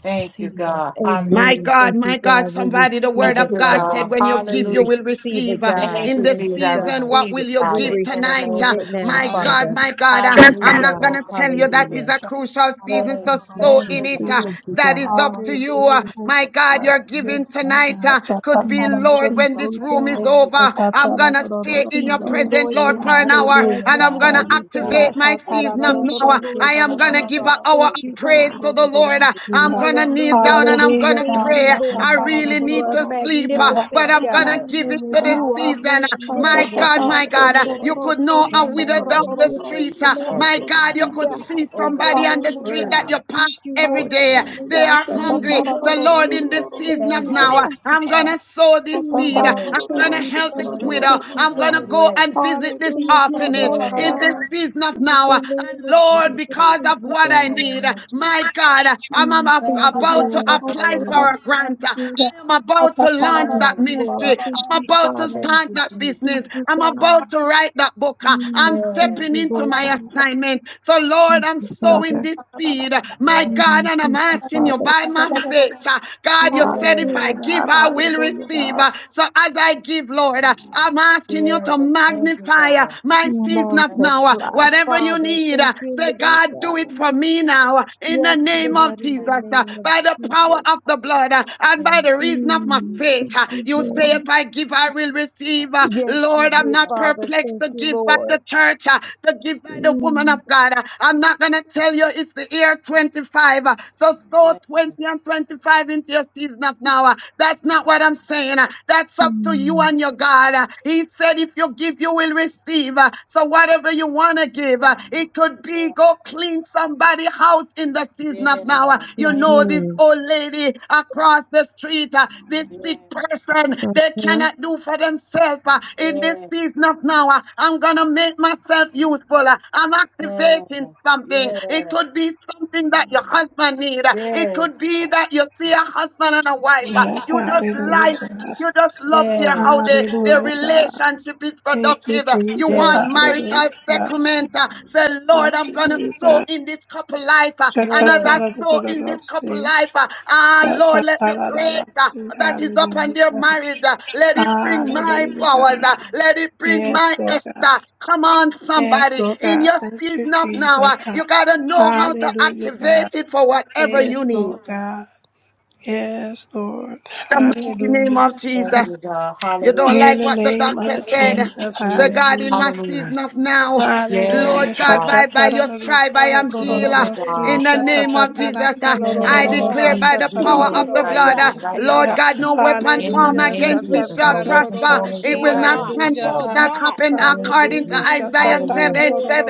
Speaker 11: Thank you,
Speaker 19: See this.
Speaker 11: God. Hallelujah.
Speaker 19: Amen.
Speaker 9: My God,
Speaker 19: Thank you,
Speaker 9: my God,
Speaker 19: God. We
Speaker 9: somebody, the
Speaker 19: receive
Speaker 9: word
Speaker 11: Thank
Speaker 19: it,
Speaker 9: of
Speaker 11: you,
Speaker 9: God
Speaker 19: Father.
Speaker 9: said,
Speaker 11: God.
Speaker 9: when you
Speaker 19: We
Speaker 9: give, you
Speaker 11: Hallelujah.
Speaker 9: will
Speaker 19: receive it,
Speaker 9: receive
Speaker 19: God.
Speaker 11: Thank
Speaker 9: in
Speaker 11: you,
Speaker 9: this
Speaker 19: Thank
Speaker 11: Jesus.
Speaker 19: you,
Speaker 11: I
Speaker 9: season.
Speaker 19: God.
Speaker 9: What
Speaker 11: receive
Speaker 9: will
Speaker 11: it,
Speaker 9: you
Speaker 19: We
Speaker 11: Father,
Speaker 9: give
Speaker 11: in the
Speaker 9: tonight?
Speaker 19: receive
Speaker 9: Uh,
Speaker 11: name
Speaker 19: it
Speaker 11: of
Speaker 19: now,
Speaker 9: my
Speaker 11: Jesus.
Speaker 9: God,
Speaker 14: Hallelujah.
Speaker 19: Father.
Speaker 9: my God, uh,
Speaker 19: Thank you,
Speaker 9: I'm
Speaker 11: Hallelujah.
Speaker 9: not going
Speaker 11: Oh,
Speaker 19: God.
Speaker 9: to tell you that
Speaker 11: God.
Speaker 9: is
Speaker 19: Hallelujah.
Speaker 9: a
Speaker 14: Shout
Speaker 9: crucial
Speaker 14: out
Speaker 9: season,
Speaker 14: to
Speaker 9: so
Speaker 19: Thank
Speaker 11: Yes.
Speaker 14: the
Speaker 19: you,
Speaker 14: Lord,
Speaker 9: sow
Speaker 11: Thank
Speaker 9: in
Speaker 14: Lord,
Speaker 11: you,
Speaker 9: it.
Speaker 14: see
Speaker 19: Jesus.
Speaker 9: uh,
Speaker 11: God.
Speaker 19: Thank you,
Speaker 9: that is
Speaker 19: God.
Speaker 9: up
Speaker 11: Oh,
Speaker 9: to
Speaker 11: that
Speaker 9: you.
Speaker 11: you
Speaker 9: uh,
Speaker 14: Hallelujah.
Speaker 11: do,
Speaker 14: Thank you,
Speaker 9: my
Speaker 11: oh,
Speaker 9: God,
Speaker 14: God.
Speaker 11: Father,
Speaker 9: your
Speaker 11: in the
Speaker 14: Yes,
Speaker 9: giving
Speaker 11: name
Speaker 14: my
Speaker 11: of
Speaker 9: tonight
Speaker 14: God.
Speaker 9: uh,
Speaker 14: Shout
Speaker 11: Jesus,
Speaker 9: could
Speaker 14: out to
Speaker 11: Father.
Speaker 9: be,
Speaker 19: Amen.
Speaker 14: the
Speaker 9: Lord,
Speaker 19: Thank
Speaker 9: when
Speaker 11: Father,
Speaker 14: Lord.
Speaker 9: this
Speaker 19: you,
Speaker 9: room
Speaker 11: I
Speaker 9: is
Speaker 19: God.
Speaker 11: bless you.
Speaker 14: Ta
Speaker 9: over.
Speaker 14: ta
Speaker 11: Lord.
Speaker 9: I'm
Speaker 14: ta
Speaker 11: Father,
Speaker 9: going
Speaker 14: da
Speaker 11: God,
Speaker 9: to
Speaker 14: da da da
Speaker 9: stay
Speaker 14: da
Speaker 9: in
Speaker 19: Thank
Speaker 14: da
Speaker 9: your
Speaker 11: I thank
Speaker 14: da
Speaker 19: you,
Speaker 14: da.
Speaker 9: presence,
Speaker 19: Lord
Speaker 9: Lord,
Speaker 11: you.
Speaker 14: See,
Speaker 11: Let
Speaker 9: for
Speaker 19: God.
Speaker 11: me
Speaker 9: an
Speaker 19: We
Speaker 11: say,
Speaker 9: hour,
Speaker 14: hallelujah,
Speaker 9: and I'm
Speaker 14: God.
Speaker 9: going
Speaker 19: magnify
Speaker 9: to
Speaker 14: Ah,
Speaker 19: you,
Speaker 11: forgive
Speaker 9: activate
Speaker 14: Ta
Speaker 19: God.
Speaker 11: us
Speaker 9: my
Speaker 14: ta ta
Speaker 11: what
Speaker 14: da
Speaker 11: you
Speaker 9: season
Speaker 14: da
Speaker 9: of
Speaker 14: da
Speaker 19: Thank
Speaker 14: da
Speaker 11: asked
Speaker 9: now.
Speaker 11: us.
Speaker 9: uh,
Speaker 14: da.
Speaker 19: you,
Speaker 11: to
Speaker 14: See,
Speaker 19: Lord
Speaker 9: I
Speaker 14: da
Speaker 9: am
Speaker 14: da
Speaker 11: do.
Speaker 9: going
Speaker 14: da
Speaker 9: to
Speaker 14: da
Speaker 11: Lord,
Speaker 9: give
Speaker 14: da
Speaker 9: an
Speaker 19: Jesus.
Speaker 14: da.
Speaker 9: hour
Speaker 11: I
Speaker 9: of
Speaker 11: ask
Speaker 19: Thank
Speaker 14: See,
Speaker 19: you,
Speaker 11: that you
Speaker 14: da
Speaker 9: praise
Speaker 14: da
Speaker 19: God.
Speaker 9: to
Speaker 14: da
Speaker 9: the
Speaker 14: da
Speaker 11: ask
Speaker 14: da
Speaker 11: us
Speaker 9: Lord.
Speaker 14: da.
Speaker 9: uh,
Speaker 14: See,
Speaker 9: I'm
Speaker 14: ah,
Speaker 9: going to
Speaker 11: right now,
Speaker 9: kneel
Speaker 19: Hallelujah,
Speaker 9: down
Speaker 11: Father.
Speaker 9: and
Speaker 19: God.
Speaker 9: I'm going
Speaker 14: hallelujah,
Speaker 9: to
Speaker 19: Thank
Speaker 11: In
Speaker 14: God.
Speaker 11: the
Speaker 9: pray.
Speaker 11: name
Speaker 19: you,
Speaker 14: Ta ta
Speaker 19: Lord
Speaker 9: I
Speaker 14: ta
Speaker 9: read
Speaker 14: da
Speaker 11: of
Speaker 19: God.
Speaker 9: really
Speaker 14: da da
Speaker 11: Jesus,
Speaker 19: You
Speaker 14: da
Speaker 9: need
Speaker 14: da
Speaker 19: are
Speaker 11: God,
Speaker 9: to
Speaker 14: da.
Speaker 9: sleep,
Speaker 14: See,
Speaker 9: uh,
Speaker 11: God, I
Speaker 14: ah,
Speaker 9: but
Speaker 19: magnificent,
Speaker 11: thank
Speaker 9: I'm
Speaker 11: you
Speaker 19: God.
Speaker 9: gonna
Speaker 11: right
Speaker 9: give
Speaker 11: now,
Speaker 9: it
Speaker 14: hallelujah,
Speaker 9: to
Speaker 11: God.
Speaker 9: the
Speaker 14: God.
Speaker 19: You are
Speaker 14: Ah,
Speaker 9: season. uh,
Speaker 14: ta sha
Speaker 9: My
Speaker 11: Everything
Speaker 14: ta
Speaker 11: that
Speaker 19: magnificent,
Speaker 9: God,
Speaker 11: you're
Speaker 14: ta da
Speaker 9: my
Speaker 19: Father,
Speaker 14: da
Speaker 9: God,
Speaker 14: da
Speaker 9: uh,
Speaker 14: da da
Speaker 9: you
Speaker 14: da.
Speaker 9: could
Speaker 14: Oh,
Speaker 9: know
Speaker 19: royalty,
Speaker 9: a
Speaker 11: doing in
Speaker 14: ta
Speaker 11: the
Speaker 9: widow
Speaker 14: da da
Speaker 9: down
Speaker 14: da
Speaker 11: name
Speaker 14: da
Speaker 9: the
Speaker 14: da.
Speaker 19: royalty,
Speaker 11: of
Speaker 9: street.
Speaker 14: See,
Speaker 9: uh,
Speaker 14: da da da
Speaker 9: My
Speaker 11: Jesus,
Speaker 14: da da.
Speaker 9: God, you
Speaker 11: God.
Speaker 19: majesty,
Speaker 9: could
Speaker 14: See,
Speaker 9: see
Speaker 19: God.
Speaker 11: Oh,
Speaker 19: You
Speaker 11: God,
Speaker 9: somebody
Speaker 11: this
Speaker 9: on the
Speaker 19: alone,
Speaker 9: street
Speaker 11: word
Speaker 14: hallelujah.
Speaker 9: that
Speaker 19: God.
Speaker 11: is
Speaker 9: you
Speaker 11: in
Speaker 19: Thank
Speaker 9: pass
Speaker 19: you,
Speaker 11: my
Speaker 9: every
Speaker 19: Lord
Speaker 14: Hallelujah.
Speaker 9: day. uh,
Speaker 11: Father.
Speaker 19: God.
Speaker 9: They
Speaker 14: God.
Speaker 9: are
Speaker 11: In the
Speaker 19: Thank
Speaker 11: name of
Speaker 9: hungry.
Speaker 19: you,
Speaker 9: So,
Speaker 19: Lord
Speaker 11: Jesus,
Speaker 9: Lord, in this
Speaker 11: God.
Speaker 19: Jesus. Thank
Speaker 9: season of
Speaker 11: Thank
Speaker 19: you,
Speaker 11: you, right
Speaker 9: now, uh,
Speaker 19: God.
Speaker 9: I'm
Speaker 11: now, Father.
Speaker 9: gonna sow this
Speaker 19: Oh,
Speaker 9: seed. uh,
Speaker 19: God.
Speaker 11: Yes,
Speaker 9: I'm
Speaker 19: Thank
Speaker 11: God.
Speaker 9: gonna
Speaker 19: you,
Speaker 9: help this
Speaker 11: For
Speaker 19: Jesus.
Speaker 11: this,
Speaker 9: widow.
Speaker 19: Thank you,
Speaker 9: I'm
Speaker 11: God.
Speaker 9: gonna
Speaker 19: God.
Speaker 9: go
Speaker 11: Yes,
Speaker 9: and visit this
Speaker 19: Thank
Speaker 11: yes.
Speaker 19: you, Lord
Speaker 9: orphanage in
Speaker 11: Yes,
Speaker 9: this
Speaker 19: God.
Speaker 9: season of
Speaker 19: In
Speaker 9: now. uh,
Speaker 19: the
Speaker 9: And
Speaker 19: name of
Speaker 11: God. In
Speaker 9: Lord,
Speaker 19: Jesus,
Speaker 9: because
Speaker 19: thank
Speaker 9: of
Speaker 19: you,
Speaker 9: what I
Speaker 11: the
Speaker 19: God.
Speaker 9: need,
Speaker 11: name
Speaker 9: uh,
Speaker 11: of
Speaker 9: my
Speaker 11: Jesus,
Speaker 9: God.
Speaker 11: God.
Speaker 9: God. I'm, I'm
Speaker 19: Mm,
Speaker 9: ab-
Speaker 19: thank
Speaker 11: Thank
Speaker 19: you,
Speaker 11: you, God.
Speaker 9: about to
Speaker 19: Lord.
Speaker 9: apply for
Speaker 11: Hallelujah.
Speaker 9: a grant. I am about to launch that
Speaker 11: Yes.
Speaker 19: Yes, Lord.
Speaker 9: ministry.
Speaker 19: Thank
Speaker 9: I'm
Speaker 19: you,
Speaker 9: about to
Speaker 19: Father.
Speaker 11: Thank
Speaker 9: start
Speaker 11: you,
Speaker 9: that
Speaker 11: Jesus.
Speaker 19: Thank
Speaker 9: business.
Speaker 19: you,
Speaker 9: I'm
Speaker 19: God.
Speaker 9: about to write that book. I'm
Speaker 19: Mm, thank
Speaker 11: Yes,
Speaker 9: stepping
Speaker 19: you,
Speaker 9: into
Speaker 19: Lord
Speaker 9: my
Speaker 19: God.
Speaker 9: assignment. So, Lord,
Speaker 19: Thank
Speaker 9: I'm
Speaker 19: you, Father.
Speaker 9: sowing this seed, my God,
Speaker 11: yes.
Speaker 19: Mm,
Speaker 9: and I'm
Speaker 19: Thank you,
Speaker 9: asking you
Speaker 19: Father.
Speaker 9: by my faith, uh, God, you said if I
Speaker 11: Yeah,
Speaker 9: give, I
Speaker 14: Hallelujah,
Speaker 9: will receive.
Speaker 14: God.
Speaker 9: Uh, So as I give, Lord, uh, I'm asking you to
Speaker 11: Yes, thank you,
Speaker 9: magnify uh,
Speaker 11: God.
Speaker 9: my season of
Speaker 11: Thank you,
Speaker 9: now. Uh,
Speaker 19: Multiply,
Speaker 9: Whatever you
Speaker 19: Father.
Speaker 9: need.
Speaker 19: Thank
Speaker 9: uh,
Speaker 19: you,
Speaker 9: Say,
Speaker 19: Lord
Speaker 9: God, do it
Speaker 11: Jesus.
Speaker 19: God.
Speaker 9: for me now uh, in the
Speaker 19: Yes,
Speaker 11: Thank
Speaker 9: name of
Speaker 19: Lord, in
Speaker 9: Jesus.
Speaker 19: the
Speaker 9: uh,
Speaker 19: name of
Speaker 9: By the
Speaker 11: you,
Speaker 9: power of
Speaker 19: Jesus.
Speaker 9: the blood uh,
Speaker 11: in the
Speaker 9: and by
Speaker 11: name of
Speaker 9: the reason of my
Speaker 19: Mm,
Speaker 11: Jesus.
Speaker 9: faith,
Speaker 19: Thank
Speaker 9: uh,
Speaker 11: God.
Speaker 19: you,
Speaker 9: you say,
Speaker 19: Lord.
Speaker 9: if I give, I will
Speaker 11: Thank
Speaker 9: receive. uh,
Speaker 19: Yes, you
Speaker 9: Lord,
Speaker 11: you,
Speaker 9: I'm
Speaker 19: did,
Speaker 11: God.
Speaker 9: not
Speaker 19: Father.
Speaker 9: perplexed
Speaker 19: Thank
Speaker 9: to
Speaker 19: you,
Speaker 9: give by the
Speaker 19: Lord.
Speaker 9: church, uh,
Speaker 11: Jesus.
Speaker 9: to give by the woman of
Speaker 19: Mm,
Speaker 9: God. uh, I'm not going to tell you it's the year 25. uh, So sow 20 and 25 into your season of now. uh, That's not what I'm saying. uh, That's up to you
Speaker 19: mm,
Speaker 9: and your God. uh, He said, if you you give, you will receive. Uh, So whatever you want to give, uh, it could be go clean somebody's house in the season
Speaker 11: Yes,
Speaker 9: of now. Uh,
Speaker 11: yes,
Speaker 9: You
Speaker 11: thank
Speaker 9: know
Speaker 11: you.
Speaker 9: this
Speaker 19: mhm,
Speaker 9: old lady across the street, uh, this sick
Speaker 11: Yes,
Speaker 9: person, they
Speaker 19: mhm.
Speaker 9: cannot do for themselves uh, in this
Speaker 11: yes,
Speaker 9: season of now. Uh, I'm going to make myself useful. Uh, I'm
Speaker 11: yes, yes,
Speaker 9: activating something. It
Speaker 11: yes,
Speaker 9: could be something that your husband need. Uh, It
Speaker 11: yes,
Speaker 9: could
Speaker 11: yes.
Speaker 9: be that you see a husband and a wife. uh,
Speaker 14: Yes,
Speaker 9: You just lie
Speaker 14: hallelujah, God.
Speaker 9: you just love their how they, their
Speaker 14: Hallelujah, God.
Speaker 9: relationship is
Speaker 14: Thank you,
Speaker 9: productive. You
Speaker 14: Jesus.
Speaker 11: Thank
Speaker 9: want
Speaker 14: Hallelujah,
Speaker 9: marital
Speaker 14: God.
Speaker 9: settlement. Uh, Say, Lord, I'm gonna
Speaker 14: Hallelujah,
Speaker 9: sow
Speaker 14: God.
Speaker 9: in this couple life. uh, And as I sow in this couple
Speaker 14: Shatatarabakarabashi.
Speaker 9: life, uh, ah Lord, let the grace uh,
Speaker 14: Shatatarabakarabashi.
Speaker 9: that is upon their
Speaker 14: Hallelujah. God.
Speaker 9: marriage, uh, let it bring my
Speaker 14: Hallelujah,
Speaker 9: powers, uh,
Speaker 14: God.
Speaker 9: let it bring
Speaker 14: Yes,
Speaker 9: my
Speaker 14: Lord God.
Speaker 9: Esther. Come on,
Speaker 14: Yes,
Speaker 9: somebody.
Speaker 14: Lord
Speaker 9: In
Speaker 14: God.
Speaker 9: your
Speaker 14: Thank you,
Speaker 9: season of now, uh,
Speaker 14: Jesus.
Speaker 9: you gotta know how to
Speaker 14: Hallelujah, God.
Speaker 9: activate it for whatever
Speaker 14: Yes,
Speaker 9: you need.
Speaker 14: Lord God. Yes, Lord.
Speaker 9: The mighty
Speaker 14: Hallelujah.
Speaker 9: name of Jesus.
Speaker 11: you, God.
Speaker 9: You
Speaker 11: Hallelujah.
Speaker 9: don't
Speaker 14: In
Speaker 9: like
Speaker 14: the
Speaker 9: what the
Speaker 14: name
Speaker 9: doctor
Speaker 14: of
Speaker 9: said.
Speaker 11: Thank you,
Speaker 14: Jesus.
Speaker 9: So
Speaker 11: Jesus.
Speaker 9: God, in
Speaker 14: Hallelujah.
Speaker 9: my
Speaker 11: Hallelujah.
Speaker 9: season of now, Lord
Speaker 11: Yes,
Speaker 14: Hallelujah.
Speaker 9: God,
Speaker 11: God.
Speaker 9: by, by your stripe, I am
Speaker 19: Yes,
Speaker 9: healed.
Speaker 11: Thank
Speaker 19: Lord.
Speaker 9: uh,
Speaker 11: you,
Speaker 19: Thank you,
Speaker 9: In
Speaker 11: God.
Speaker 9: the
Speaker 14: Hallelujah.
Speaker 9: name
Speaker 19: God, for
Speaker 9: of
Speaker 14: Hallelujah.
Speaker 19: this
Speaker 9: Jesus,
Speaker 14: ha.
Speaker 9: uh,
Speaker 11: In
Speaker 19: season
Speaker 11: the
Speaker 19: of
Speaker 9: I
Speaker 11: name of
Speaker 9: declare
Speaker 19: now.
Speaker 9: by
Speaker 11: Jesus,
Speaker 9: the
Speaker 11: we
Speaker 19: Thank
Speaker 9: power of
Speaker 19: you,
Speaker 9: the
Speaker 11: glorify
Speaker 19: Lord
Speaker 11: you
Speaker 9: blood,
Speaker 11: now,
Speaker 9: uh,
Speaker 19: God.
Speaker 11: right now,
Speaker 9: Lord God,
Speaker 11: Father.
Speaker 9: no
Speaker 19: Mm,
Speaker 9: weapon
Speaker 19: Thank
Speaker 11: In the
Speaker 9: formed
Speaker 19: you,
Speaker 14: Hallelujah.
Speaker 11: name of
Speaker 9: against me
Speaker 11: Jesus,
Speaker 19: Jesus.
Speaker 9: shall
Speaker 11: no weapon
Speaker 9: prosper.
Speaker 11: formed
Speaker 14: Shatatararosi.
Speaker 9: It will
Speaker 19: Shall
Speaker 9: not
Speaker 19: not,
Speaker 11: against
Speaker 9: stand,
Speaker 11: us,
Speaker 9: it
Speaker 19: shall
Speaker 11: Father.
Speaker 9: will not
Speaker 19: not.
Speaker 9: happen
Speaker 11: Thank you,
Speaker 9: according to
Speaker 11: Jesus.
Speaker 19: Mm,
Speaker 9: Isaiah
Speaker 19: Thank
Speaker 11: Hallelujah.
Speaker 19: you,
Speaker 9: 7,
Speaker 19: Lord.
Speaker 9: 7.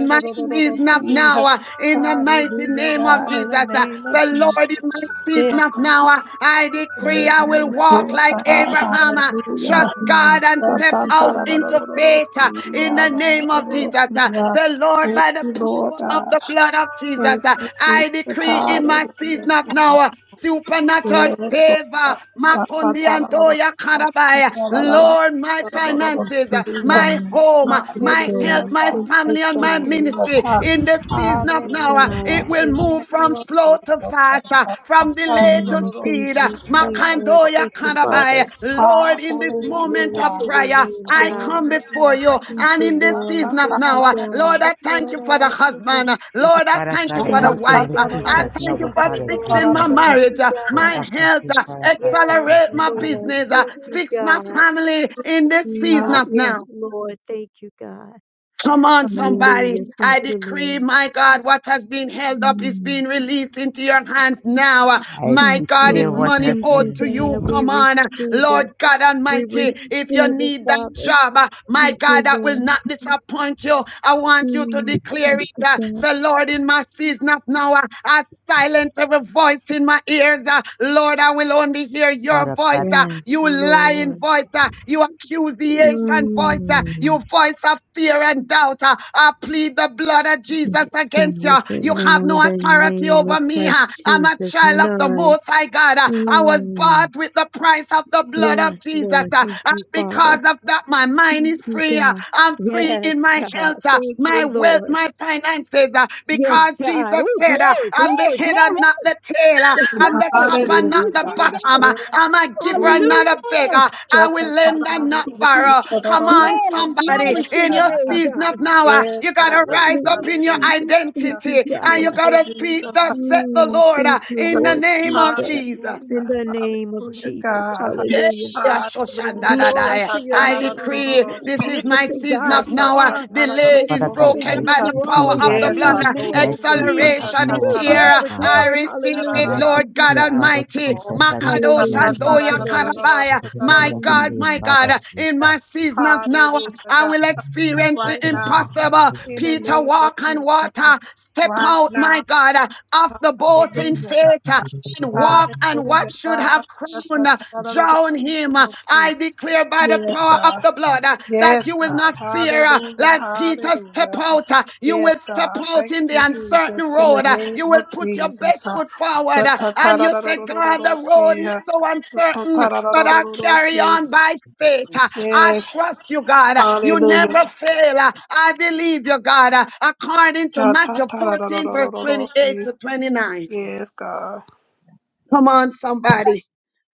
Speaker 9: In my
Speaker 19: Thank
Speaker 9: season of now, uh, in the mighty
Speaker 14: Hallelujah,
Speaker 9: name of
Speaker 14: God, in
Speaker 9: Jesus.
Speaker 14: the
Speaker 9: uh,
Speaker 14: name
Speaker 9: So
Speaker 14: of Jesus.
Speaker 9: Lord, in my season
Speaker 14: Yes,
Speaker 9: of
Speaker 14: God.
Speaker 9: now, uh, I decree I will
Speaker 14: Yes,
Speaker 9: walk like
Speaker 14: oh
Speaker 9: like
Speaker 14: God.
Speaker 9: Abraham. uh, Trust
Speaker 14: Hallelujah.
Speaker 9: God
Speaker 19: you,
Speaker 9: and
Speaker 19: thank
Speaker 9: step
Speaker 19: you,
Speaker 9: out
Speaker 19: God.
Speaker 9: into
Speaker 14: Shatatararosi.
Speaker 9: faith uh, in the name of Jesus. uh.
Speaker 14: Hallelujah.
Speaker 9: Say, Lord,
Speaker 14: Thank
Speaker 9: by the
Speaker 14: you, Lord
Speaker 9: power of
Speaker 14: God.
Speaker 9: the blood of Jesus,
Speaker 14: Thank
Speaker 9: uh,
Speaker 14: you,
Speaker 9: I
Speaker 14: Jesus.
Speaker 9: decree in my
Speaker 14: Hallelujah.
Speaker 9: season of now.
Speaker 14: God.
Speaker 9: uh, Supernatural
Speaker 14: Yes, Lord.
Speaker 9: favor,
Speaker 14: God. Ta- ta-
Speaker 9: Makondi
Speaker 14: ta- la- la- la-
Speaker 9: Antoya
Speaker 14: la.
Speaker 9: Karabaya.
Speaker 14: La- la- la- la.
Speaker 9: Lord, my
Speaker 14: Da- da- da- da- da.
Speaker 19: Thank
Speaker 9: finances, uh,
Speaker 19: you,
Speaker 14: Yeah.
Speaker 9: my
Speaker 19: God.
Speaker 9: home, uh,
Speaker 19: Thank you,
Speaker 9: my health,
Speaker 14: Hallelujah,
Speaker 19: God.
Speaker 9: my
Speaker 14: God.
Speaker 19: Thank you,
Speaker 14: Thank
Speaker 9: family, and
Speaker 14: you,
Speaker 9: my
Speaker 19: Father.
Speaker 14: Jesus.
Speaker 9: ministry
Speaker 14: Ha-
Speaker 9: in the season
Speaker 19: Thank
Speaker 9: of
Speaker 19: you,
Speaker 9: now. uh,
Speaker 14: Hallelujah,
Speaker 9: It
Speaker 19: God.
Speaker 9: it
Speaker 14: God.
Speaker 9: will
Speaker 14: In the
Speaker 9: move from
Speaker 14: name of
Speaker 9: slow
Speaker 14: Jesus.
Speaker 9: to
Speaker 14: Ta- ta-
Speaker 9: fast, uh,
Speaker 14: ta- ta-
Speaker 9: from
Speaker 14: la-
Speaker 9: delay
Speaker 14: la- la-
Speaker 9: to
Speaker 14: la-
Speaker 19: Mm,
Speaker 14: la.
Speaker 9: speed.
Speaker 19: Thank
Speaker 9: uh,
Speaker 19: you,
Speaker 14: Jesus. La- la- la-
Speaker 19: Jesus.
Speaker 14: la.
Speaker 9: Makandoya
Speaker 19: Thank you,
Speaker 14: Jesus.
Speaker 19: Father.
Speaker 9: Kanabai.
Speaker 14: Ha-
Speaker 9: Lord, in this
Speaker 19: Mm,
Speaker 14: Hallelujah,
Speaker 9: moment
Speaker 19: Glory
Speaker 9: of
Speaker 19: to
Speaker 14: God.
Speaker 19: your
Speaker 9: prayer,
Speaker 19: name,
Speaker 14: In
Speaker 9: I
Speaker 14: the
Speaker 19: God.
Speaker 14: name
Speaker 9: come
Speaker 14: of
Speaker 9: before
Speaker 14: Jesus.
Speaker 9: you.
Speaker 19: Thank
Speaker 9: And
Speaker 19: you,
Speaker 9: in this
Speaker 14: Ta-
Speaker 19: Lord.
Speaker 9: season
Speaker 14: ta-
Speaker 9: of
Speaker 14: ta-
Speaker 19: Thank
Speaker 14: la-
Speaker 19: you,
Speaker 9: now,
Speaker 14: la-
Speaker 9: uh,
Speaker 14: la. la-
Speaker 9: Lord,
Speaker 19: God.
Speaker 9: I
Speaker 14: la-
Speaker 9: thank you for
Speaker 14: la-
Speaker 9: the
Speaker 14: la- la- la-
Speaker 9: husband. uh, Lord, I
Speaker 16: Father
Speaker 9: thank
Speaker 16: God,
Speaker 9: you for
Speaker 19: Thank
Speaker 9: the
Speaker 14: Hallelujah,
Speaker 16: and
Speaker 19: you,
Speaker 16: in
Speaker 14: God.
Speaker 9: wife.
Speaker 16: the
Speaker 9: uh,
Speaker 19: God.
Speaker 9: I
Speaker 16: season
Speaker 9: thank you
Speaker 16: now,
Speaker 19: Thank
Speaker 9: for
Speaker 19: you,
Speaker 16: Father
Speaker 14: Yes,
Speaker 19: Lord.
Speaker 9: fixing my
Speaker 16: Jesus,
Speaker 19: Thank
Speaker 9: marriage,
Speaker 19: you,
Speaker 9: uh,
Speaker 16: we
Speaker 9: my
Speaker 19: God.
Speaker 16: ask of
Speaker 9: health,
Speaker 16: you,
Speaker 9: uh,
Speaker 16: Father God, to
Speaker 19: Yes,
Speaker 9: accelerate my
Speaker 16: Father
Speaker 19: Lord.
Speaker 16: God.
Speaker 9: business, uh,
Speaker 19: Thank you,
Speaker 9: fix my
Speaker 19: God.
Speaker 9: family in this season
Speaker 19: Mm,
Speaker 9: of now.
Speaker 19: Yes, Lord. Thank you, God.
Speaker 9: Come on, somebody.
Speaker 19: Hallelujah.
Speaker 9: I
Speaker 19: Thank you,
Speaker 9: decree,
Speaker 19: Lord.
Speaker 9: my God, what has been held up is
Speaker 19: Mm.
Speaker 9: being released into your hands now. Uh,
Speaker 16: I
Speaker 9: My
Speaker 19: Yes,
Speaker 9: God, if
Speaker 16: declare
Speaker 19: Lord.
Speaker 16: what
Speaker 9: money
Speaker 16: has
Speaker 19: Thank
Speaker 9: owed
Speaker 19: you,
Speaker 16: been,
Speaker 9: to you,
Speaker 19: God. We
Speaker 9: come on. Uh,
Speaker 19: receive
Speaker 9: Lord
Speaker 19: it.
Speaker 9: God
Speaker 19: We
Speaker 9: Almighty, if you
Speaker 19: receive it,
Speaker 9: need that
Speaker 19: Father.
Speaker 9: job, uh, my
Speaker 19: Thank you,
Speaker 9: God, that will
Speaker 19: Lord.
Speaker 9: not disappoint you. I want you to
Speaker 19: Mm.
Speaker 9: declare it.
Speaker 19: Thank you,
Speaker 9: uh,
Speaker 19: God.
Speaker 9: Say, Lord, in my season of now, uh, I Silence every voice in my ears. uh, Lord, I will only hear your
Speaker 16: Father
Speaker 9: voice.
Speaker 16: God,
Speaker 9: uh,
Speaker 19: Yeah,
Speaker 9: You lying
Speaker 19: Lord.
Speaker 9: voice. uh, You accusation voice. uh, You
Speaker 19: Mm.
Speaker 9: voice of fear and doubt. uh, I plead the blood of
Speaker 19: We
Speaker 9: Jesus against you.
Speaker 19: silence it
Speaker 9: You have
Speaker 19: now in
Speaker 9: no
Speaker 19: the
Speaker 9: authority
Speaker 19: name
Speaker 9: over
Speaker 19: of
Speaker 9: me. uh,
Speaker 19: Christ
Speaker 9: I'm a
Speaker 19: Jesus.
Speaker 9: child of the
Speaker 19: None.
Speaker 9: Most High God. uh, I was bought
Speaker 19: Mm.
Speaker 9: with the price of the blood of
Speaker 19: Yes,
Speaker 9: Jesus.
Speaker 19: Lord.
Speaker 9: uh,
Speaker 19: Thank
Speaker 9: And
Speaker 19: you,
Speaker 9: because
Speaker 19: Father.
Speaker 9: of that, my mind
Speaker 19: Thank
Speaker 9: is
Speaker 19: you,
Speaker 9: free. uh,
Speaker 19: God.
Speaker 9: I'm free in
Speaker 19: Yes,
Speaker 9: my
Speaker 19: God.
Speaker 9: health, uh,
Speaker 19: Thank
Speaker 9: my
Speaker 19: you,
Speaker 9: wealth,
Speaker 19: Lord.
Speaker 9: my finances, uh, because
Speaker 19: Yes, God.
Speaker 9: Jesus
Speaker 19: Oh,
Speaker 9: said, uh,
Speaker 19: glory,
Speaker 9: I'm the
Speaker 19: glory,
Speaker 9: head
Speaker 19: glory.
Speaker 9: and not the tail. uh,
Speaker 19: Yes,
Speaker 9: I'm the
Speaker 19: Lord.
Speaker 9: top
Speaker 19: Thank
Speaker 9: and
Speaker 14: hallelujah.
Speaker 9: not
Speaker 19: you,
Speaker 9: the bottom.
Speaker 19: Father.
Speaker 9: uh,
Speaker 14: Yes,
Speaker 9: I'm a giver
Speaker 14: God.
Speaker 9: and not a
Speaker 19: Hallelujah.
Speaker 9: beggar. I will lend and not borrow. Come on,
Speaker 19: Glory,
Speaker 9: somebody,
Speaker 19: glory to
Speaker 9: in
Speaker 19: your
Speaker 9: your
Speaker 19: name,
Speaker 9: season
Speaker 19: God.
Speaker 9: of now, uh,
Speaker 14: Yes,
Speaker 9: you got
Speaker 14: God.
Speaker 9: to rise up
Speaker 19: Hallelujah,
Speaker 9: in your
Speaker 14: Hallelujah.
Speaker 19: Jesus. Thank you,
Speaker 9: identity and
Speaker 14: Thank
Speaker 9: you
Speaker 19: God.
Speaker 9: got
Speaker 14: you,
Speaker 9: to speak,
Speaker 14: Jesus.
Speaker 9: thus said the
Speaker 19: Mm,
Speaker 9: Lord, uh,
Speaker 19: thank you,
Speaker 9: in the
Speaker 19: Lord
Speaker 9: name of
Speaker 19: Jesus.
Speaker 9: Jesus.
Speaker 19: In
Speaker 14: Hallelujah,
Speaker 19: the name of
Speaker 14: hallelujah,
Speaker 19: Jesus.
Speaker 14: God.
Speaker 19: Hallelujah.
Speaker 14: Hallelujah. Ta-
Speaker 19: Glory
Speaker 9: Yeshashandadadai.
Speaker 19: to
Speaker 14: ta-
Speaker 19: your
Speaker 14: ta-
Speaker 9: I
Speaker 14: ra- ra- ra- ra- ra-
Speaker 19: name.
Speaker 9: decree
Speaker 14: ra-
Speaker 9: this is
Speaker 14: see.
Speaker 9: my
Speaker 19: Magnificent
Speaker 9: season
Speaker 14: Ta-
Speaker 19: God,
Speaker 9: of
Speaker 19: you
Speaker 14: ta-
Speaker 9: now. Uh,
Speaker 14: ta-
Speaker 19: are.
Speaker 14: ta- ra- ra-
Speaker 9: Delay
Speaker 14: ra-
Speaker 9: is
Speaker 16: Father
Speaker 14: ra-
Speaker 16: God,
Speaker 19: Magnificent
Speaker 9: broken
Speaker 16: I
Speaker 14: see.
Speaker 19: God,
Speaker 9: by
Speaker 14: Ha-
Speaker 9: the
Speaker 19: you
Speaker 9: power
Speaker 16: decree,
Speaker 9: of
Speaker 19: always
Speaker 9: the
Speaker 16: Father
Speaker 14: Yes,
Speaker 9: blood.
Speaker 16: God,
Speaker 19: be.
Speaker 16: this is
Speaker 9: Uh,
Speaker 16: my
Speaker 14: hallelujah.
Speaker 19: Majesty.
Speaker 16: season
Speaker 14: Ta-
Speaker 16: of
Speaker 14: ta-
Speaker 9: Acceleration
Speaker 14: ta-
Speaker 9: is
Speaker 16: Noah,
Speaker 19: Ooh,
Speaker 14: ta-
Speaker 9: here.
Speaker 14: ra- ra-
Speaker 16: Father
Speaker 9: Uh,
Speaker 14: ra-
Speaker 19: glory,
Speaker 14: ra-
Speaker 16: God.
Speaker 9: I
Speaker 19: glory.
Speaker 9: receive
Speaker 14: ta ra-
Speaker 9: it,
Speaker 16: And
Speaker 19: Hallelujah.
Speaker 14: ra-
Speaker 16: I
Speaker 14: ra-
Speaker 19: Thank
Speaker 9: Lord
Speaker 19: you,
Speaker 9: God
Speaker 16: decree,
Speaker 19: God.
Speaker 14: ra-
Speaker 16: Father
Speaker 14: ra-
Speaker 9: Almighty.
Speaker 14: ra.
Speaker 16: Jesus, that this is
Speaker 14: Ta-
Speaker 9: Makadosh
Speaker 16: my
Speaker 14: ta-
Speaker 19: Hallelujah.
Speaker 9: and
Speaker 14: ta-
Speaker 19: Thank
Speaker 14: ra-
Speaker 19: you,
Speaker 16: season
Speaker 14: ra- ra-
Speaker 16: of,
Speaker 14: ra-
Speaker 19: Lord.
Speaker 14: ra- ra-
Speaker 9: Karabaya.
Speaker 20: Thank
Speaker 14: ta- ta- ra-
Speaker 16: of
Speaker 14: ra- ra-
Speaker 9: My
Speaker 20: you,
Speaker 9: God,
Speaker 16: delay,
Speaker 19: Mm.
Speaker 9: my God,
Speaker 14: ra.
Speaker 16: Father
Speaker 9: uh, in my
Speaker 14: Ha-
Speaker 16: Jesus.
Speaker 9: season of now, uh,
Speaker 14: Hallelujah,
Speaker 9: I
Speaker 14: God.
Speaker 9: will experience the
Speaker 14: Right now,
Speaker 9: impossible.
Speaker 14: in the
Speaker 9: Peter,
Speaker 14: name of
Speaker 9: walk on
Speaker 14: Jesus.
Speaker 9: water. Step
Speaker 14: Right
Speaker 9: out,
Speaker 14: now.
Speaker 9: my God, uh, off the boat in
Speaker 14: Hallelujah,
Speaker 9: faith uh,
Speaker 14: God.
Speaker 9: and walk and what
Speaker 14: Hallelujah,
Speaker 9: should have crowned uh,
Speaker 14: God.
Speaker 9: drown him. Uh, I declare by the
Speaker 14: Yes,
Speaker 9: power of
Speaker 14: God.
Speaker 9: the blood uh, that
Speaker 14: Yes,
Speaker 9: you will
Speaker 14: God.
Speaker 9: not fear. uh,
Speaker 14: Hallelujah,
Speaker 9: Let Peter step
Speaker 14: hallelujah.
Speaker 9: out. uh, You will
Speaker 14: Yes,
Speaker 9: step
Speaker 14: God.
Speaker 9: out
Speaker 14: Thank
Speaker 9: in the
Speaker 14: you,
Speaker 9: uncertain
Speaker 14: Jesus. In the
Speaker 9: road. uh, You
Speaker 14: name of
Speaker 9: will put your
Speaker 14: Jesus.
Speaker 9: best foot forward. uh, And you say, God, the road is so uncertain, but I carry on by faith. uh, I
Speaker 14: Yes,
Speaker 9: trust you, God. uh, You never
Speaker 14: hallelujah.
Speaker 9: fail. uh, I believe you, God. uh, According to Matthew 14, verse 28 to 29.
Speaker 14: Yes, God.
Speaker 9: Come on, somebody.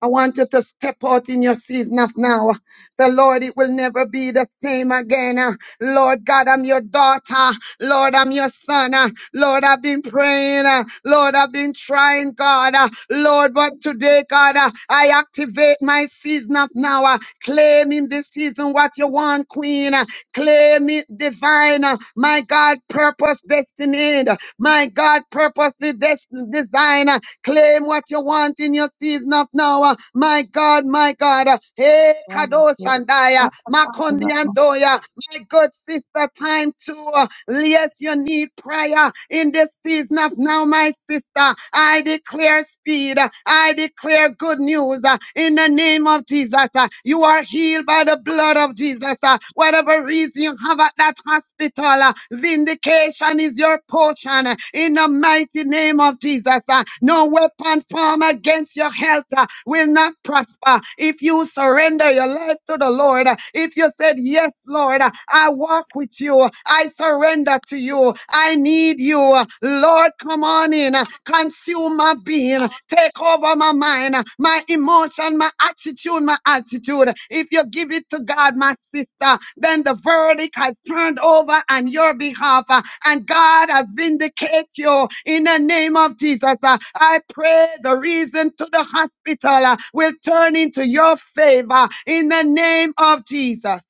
Speaker 9: I want you to step out in your season of now. The Lord, it will never be the same again. Uh, Lord God, I'm your daughter. Lord, I'm your son. Uh, Lord, I've been praying. Uh, Lord, I've been trying, God. Uh, Lord, but today, God, uh, I activate my season of now. Uh, Claim in this season what you want, Queen. Uh, Claim it divine. Uh, My God, purpose, destiny. Uh, My God, purpose us the des- design. uh, Claim what you want in your season of now. uh, My God, my God. uh, Hey, Kadosh and Daya, Makondi and Doya, my good sister, time to uh, Yes, you need prayer in this season of now, my sister. I declare speed. Uh, I declare good news uh, in the name of Jesus. Uh, You are healed by the blood blood of Jesus. uh, Whatever reason you have at that hospital, uh, vindication is your portion uh, in the mighty name of Jesus. uh, No weapon formed against your health uh, will not prosper if you surrender your life to the Lord. uh, If you said, Yes, Lord, uh, I walk with you, I surrender to you, I need you. uh, Lord, come on in. Uh, Consume my being. Take over my mind, my emotion, my attitude, my attitude. If you give it to God, my sister, then the verdict has turned over on your behalf. uh, And God has vindicated you in the name of Jesus. Uh, I pray the reason to the hospital uh, will turn into your favor in the name of Jesus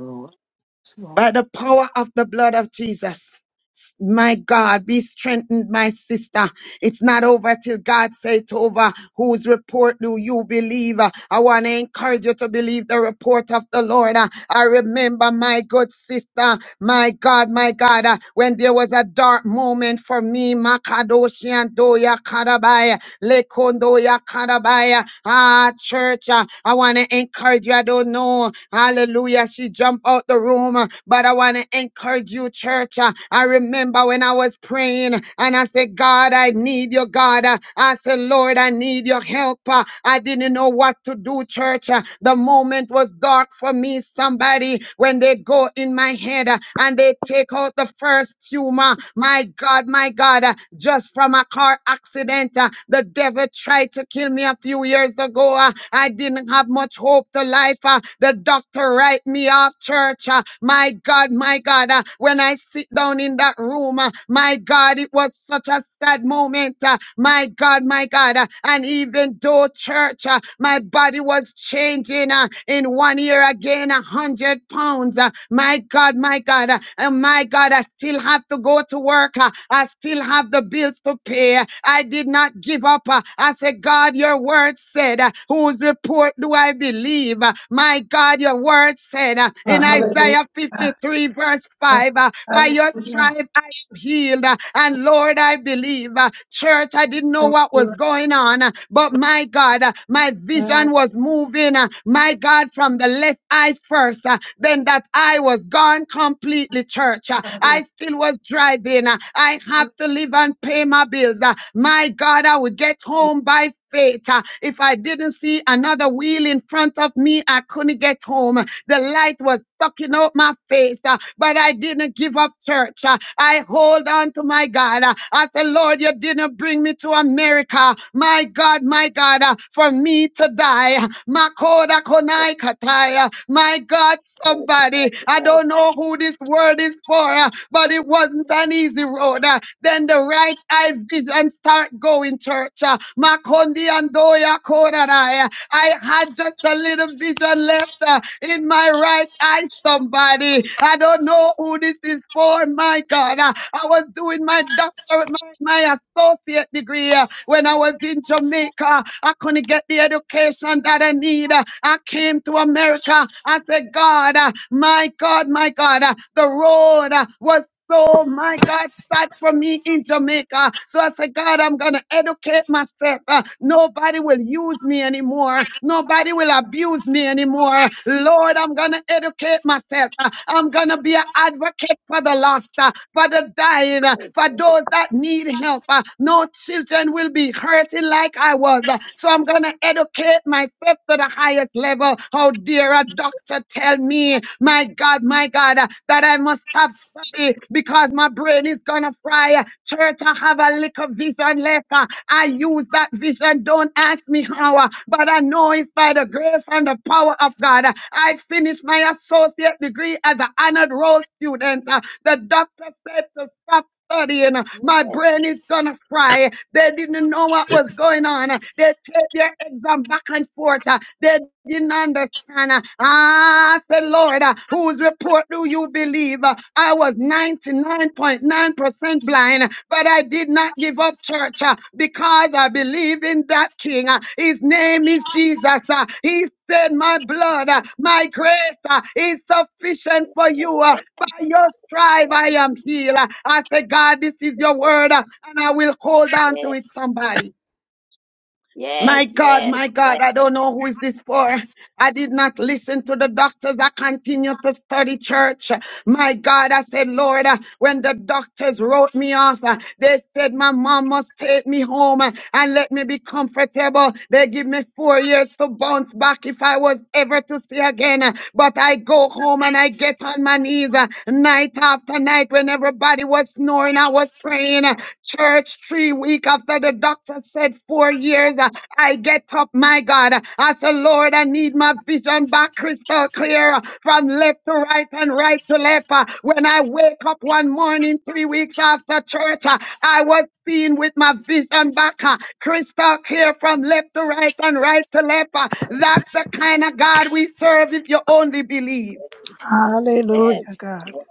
Speaker 20: Lord. Lord.
Speaker 9: by the power of the blood of Jesus. My God, be strengthened, my sister. It's not over till God says it's over. Whose report do you believe? Uh, I want to encourage you to believe the report of the Lord. Uh, I remember my good sister, my God, my God, uh, when there was a dark moment for me, Makadoshi and Doya Karabai. Lekondo ya karabaya. Ah, church, ah, I want to encourage you. I don't know. Hallelujah. She jumped out the room, ah, but I want to encourage you, church. ah. I remember when I was praying and I said, God, I need you, God. ah. I said, Lord, I need your help. ah. I didn't know what to do, church. ah. The moment was dark for me. Somebody, when they go in my head ah, and they they take out the first tumor. My God, my God, uh, just from a car accident, uh, the devil tried to kill me a few years ago. uh, I didn't have much hope to life. uh, The doctor write me off church. uh, My God, my God, uh, when I sit down in that room, uh, my God, it was such a sad moment. uh, My God, my God, uh, and even though church, uh, my body was changing uh, in one year again, a hundred pounds. uh, my God, my God, uh, uh, my God, I still have to go to work. uh, I still have the bills to pay. uh, I did not give up. uh, I said, God, your word said, uh, whose report do I believe? Uh, my God, your word said uh, in Isaiah
Speaker 14: Hallelujah.
Speaker 9: 53, verse 5, uh, by your
Speaker 14: Hallelujah.
Speaker 9: stripe I am healed. Uh, and Lord, I believe, uh, church, I didn't know
Speaker 14: Thank
Speaker 9: what
Speaker 14: you.
Speaker 9: was going on, uh, but my God, uh, my
Speaker 14: God.
Speaker 9: vision was moving, uh, my God, from the left eye first, uh, then that eye was gone completely, church. uh, I still was driving. uh, I have to live and pay my bills. uh, My God, I would get home by faith. uh, If I didn't see another wheel in front of me, I couldn't get home. The light was sucking out my face, uh, but I didn't give up church. uh, I hold on to my God. uh, I said, Lord, you didn't bring me to America. My God, my God, uh, for me to die. Makoda konai kataya. My God, somebody, I don't know who this word is for, uh, but it wasn't an easy road. uh, Then the right eye vision start going, church. uh, Makondi andoya koraraya. I had just a little vision left uh, in my right eye, somebody. I don't know who this is for, my God. Uh, I was doing my doctorate, my, my associate degree uh, when I was in Jamaica. I couldn't get the education that I need. Uh, I came to America. I said, God, uh, my God, my God, uh, the road uh, was so, my God, back for me in Jamaica. So I said, God, I'm going to educate myself. Uh, nobody will use me anymore. Nobody will abuse me anymore. Lord, I'm going to educate myself. Uh, I'm going to be an advocate for the lost, uh, for the dying, uh, for those that need help. Uh, no children will be hurting like I was. Uh, so I'm going to educate myself to the highest level. How dare a doctor tell me, my God, God, my God, uh, that I must stop study because my brain is gonna fry. Church, I have a little vision left. uh, I use that vision. Don't ask me how, uh, but I know it's by the grace and the power of God. Uh, I finished my associate degree as an honored roll student. Uh, The doctor said to stop studying. My brain is gonna fry. They didn't know what was going on. They take their exam back and forth. They didn't understand. Ah, say Lord, whose report do you believe? I was 99.9% blind, but I did not not give up, church, uh, because I believe in that King. uh, His name is Jesus. uh, He said, My blood, uh, my grace uh, is sufficient for you. uh, By your stripe, I am healed. Uh, I say, God, this is your word, uh, and I will hold on to it, somebody. My God, my God, I don't know who is this for. I did not listen to the doctors. I continued to study church. My God, I said, Lord, uh, when the doctors wrote me off, uh, they said my mom must take me home uh, and let me be comfortable. They give me four years to bounce back if I was ever to see again. Uh, But I go home and I get on my knees uh, night after night when everybody was snoring, I was praying. uh, Church, three weeks after the doctor said four years, uh, I get up, my God. I say, Lord, I need my vision back crystal clear uh, from left to right and right to left. uh. When I wake up one morning, three weeks after church, uh, I was seeing with my vision back uh, crystal clear from left to right and right to left. uh. That's the kind of God we serve if you only believe.
Speaker 14: Hallelujah,
Speaker 3: Yes,
Speaker 14: God.
Speaker 3: yes,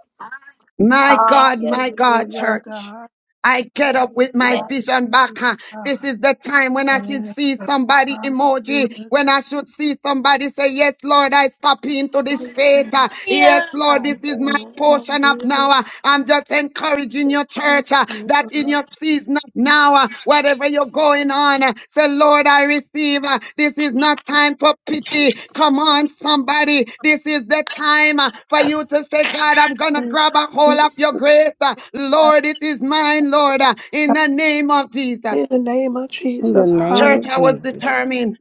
Speaker 9: My
Speaker 3: thank
Speaker 9: God,
Speaker 3: you,
Speaker 9: my
Speaker 3: Jesus.
Speaker 9: God,
Speaker 14: Hallelujah,
Speaker 9: church.
Speaker 14: God.
Speaker 9: I get up with
Speaker 14: Hallelujah,
Speaker 9: my
Speaker 3: Yes,
Speaker 14: God.
Speaker 9: vision back. huh?
Speaker 14: Yes,
Speaker 9: This is the time when I should see
Speaker 14: God.
Speaker 9: somebody emoji,
Speaker 14: Hallelujah,
Speaker 9: when I should see somebody say, Yes, Lord, I stop into this faith.
Speaker 14: God.
Speaker 9: Uh, Yes,
Speaker 4: Hallelujah.
Speaker 9: Lord, this
Speaker 14: Yes,
Speaker 9: is
Speaker 3: yes,
Speaker 9: my
Speaker 14: God.
Speaker 9: portion of now.
Speaker 14: Hallelujah.
Speaker 9: Uh, I'm just encouraging
Speaker 3: yes,
Speaker 9: your
Speaker 14: Yes,
Speaker 9: church uh,
Speaker 14: oh
Speaker 9: that in
Speaker 14: God.
Speaker 9: your season of now, uh, whatever you're going on, uh, say, Lord, I receive. Uh, This is not time for pity. Come on, somebody. This is the time uh, for you to say, God, I'm going to
Speaker 14: Thank
Speaker 9: grab a hold
Speaker 14: you,
Speaker 9: of your grace. Uh,
Speaker 14: God.
Speaker 9: Lord, it is mine, Lord, uh, in the name of Jesus.
Speaker 14: In the name of
Speaker 21: In the
Speaker 14: Jesus,
Speaker 21: name
Speaker 14: hallelujah.
Speaker 9: Church,
Speaker 21: of
Speaker 9: I was
Speaker 3: yes,
Speaker 21: Jesus,
Speaker 9: determined.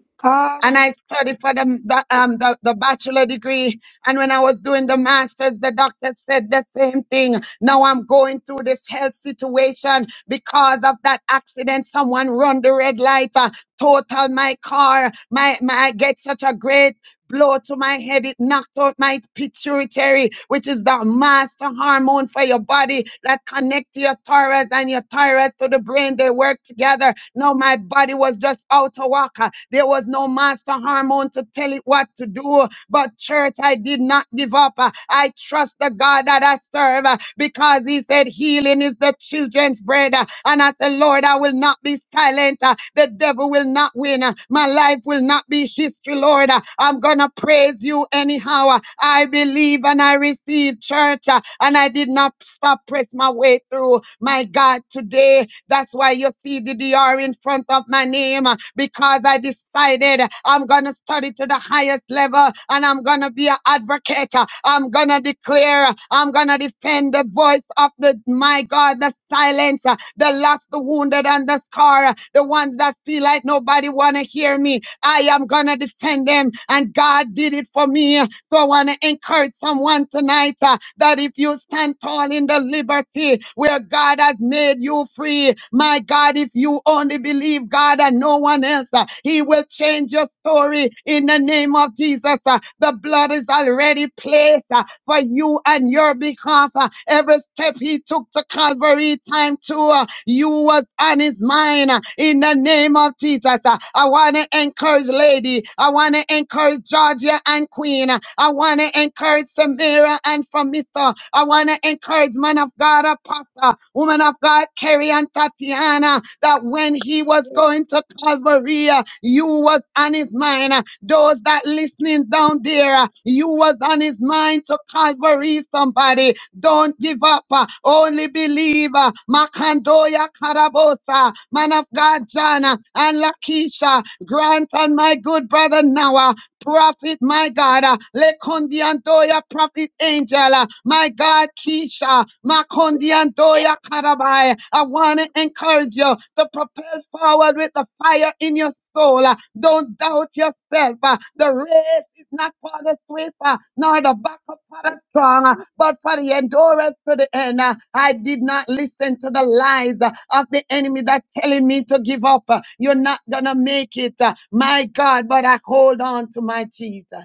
Speaker 9: And
Speaker 14: Hallelujah.
Speaker 9: I studied for the, the, um, the, the bachelor degree. And when I was doing the master's, the doctor said the same thing. Now I'm going through this health situation because of that accident. Someone run the red light, uh, total my car. My, my, I get such a great blow to my head. It knocked out my pituitary, which is the master hormone for your body that connects your thyroid and your thyroid to the brain. They work together. No, my body was just out of whacker. There was no master hormone to tell it what to do. But church, I did not give up. Uh, I trust the God that I serve uh, because because he said healing is the children's bread. Uh, And as the Lord, I will not be silent. Uh, The devil will not win. Uh, My life will not be history, Lord. Uh, I'm going to praise you anyhow. Uh, I believe and I receive church. uh, And I did not stop, press my way through. My God, today, that's why you see the DR in front of me my name uh, because I decided uh, I'm going to study to the highest level and I'm going to be an advocate. uh, I'm going to declare, uh, I'm going to defend the voice of the, my God, the silent, uh, the lost, the wounded, and the scar, uh, the ones that feel like nobody want to hear me. I am going to defend them. And God did it for me. So I want to encourage someone tonight uh, that if you stand tall in the liberty where God has made you free, my God, if you only believe God and no one else, uh, He will change your story in the name of Jesus. uh, the blood is already placed uh, for you and your behalf. uh, every step He took to Calvary, time to uh, you was on His mind uh, in the name of Jesus. uh, I want to encourage, lady. I want to encourage Georgia Savior and Queen. I want to encourage Samira and Famisa. I want to encourage man of God, Apostle, woman of God, Carrie and Tatiana, that when he was
Speaker 3: yes,
Speaker 9: going to Calvary, uh, you was on his mind. Uh, Those that listening down there, uh, you was on his mind to Calvary somebody. Don't give up. uh, Only believe. uh, Makandoya Karabosa, man of God, Jana and Lakisha, Grant, and my good brother Noah prophet, my God, uh, Lekondiantoya, prophet angel, uh, my God, Keisha, Makondiantoya, Karabai. I want to encourage you to propel forward with the fire in your soul. uh, Don't doubt yourself. uh, The faith is not for the swift, uh, nor the back of for the
Speaker 3: yes,
Speaker 9: strong, uh, but for the endurance to the end. Uh, I did not listen to the lies uh, of the enemy that telling me to give up. Uh, You're not gonna make it, uh, my God. But I hold on to my Jesus,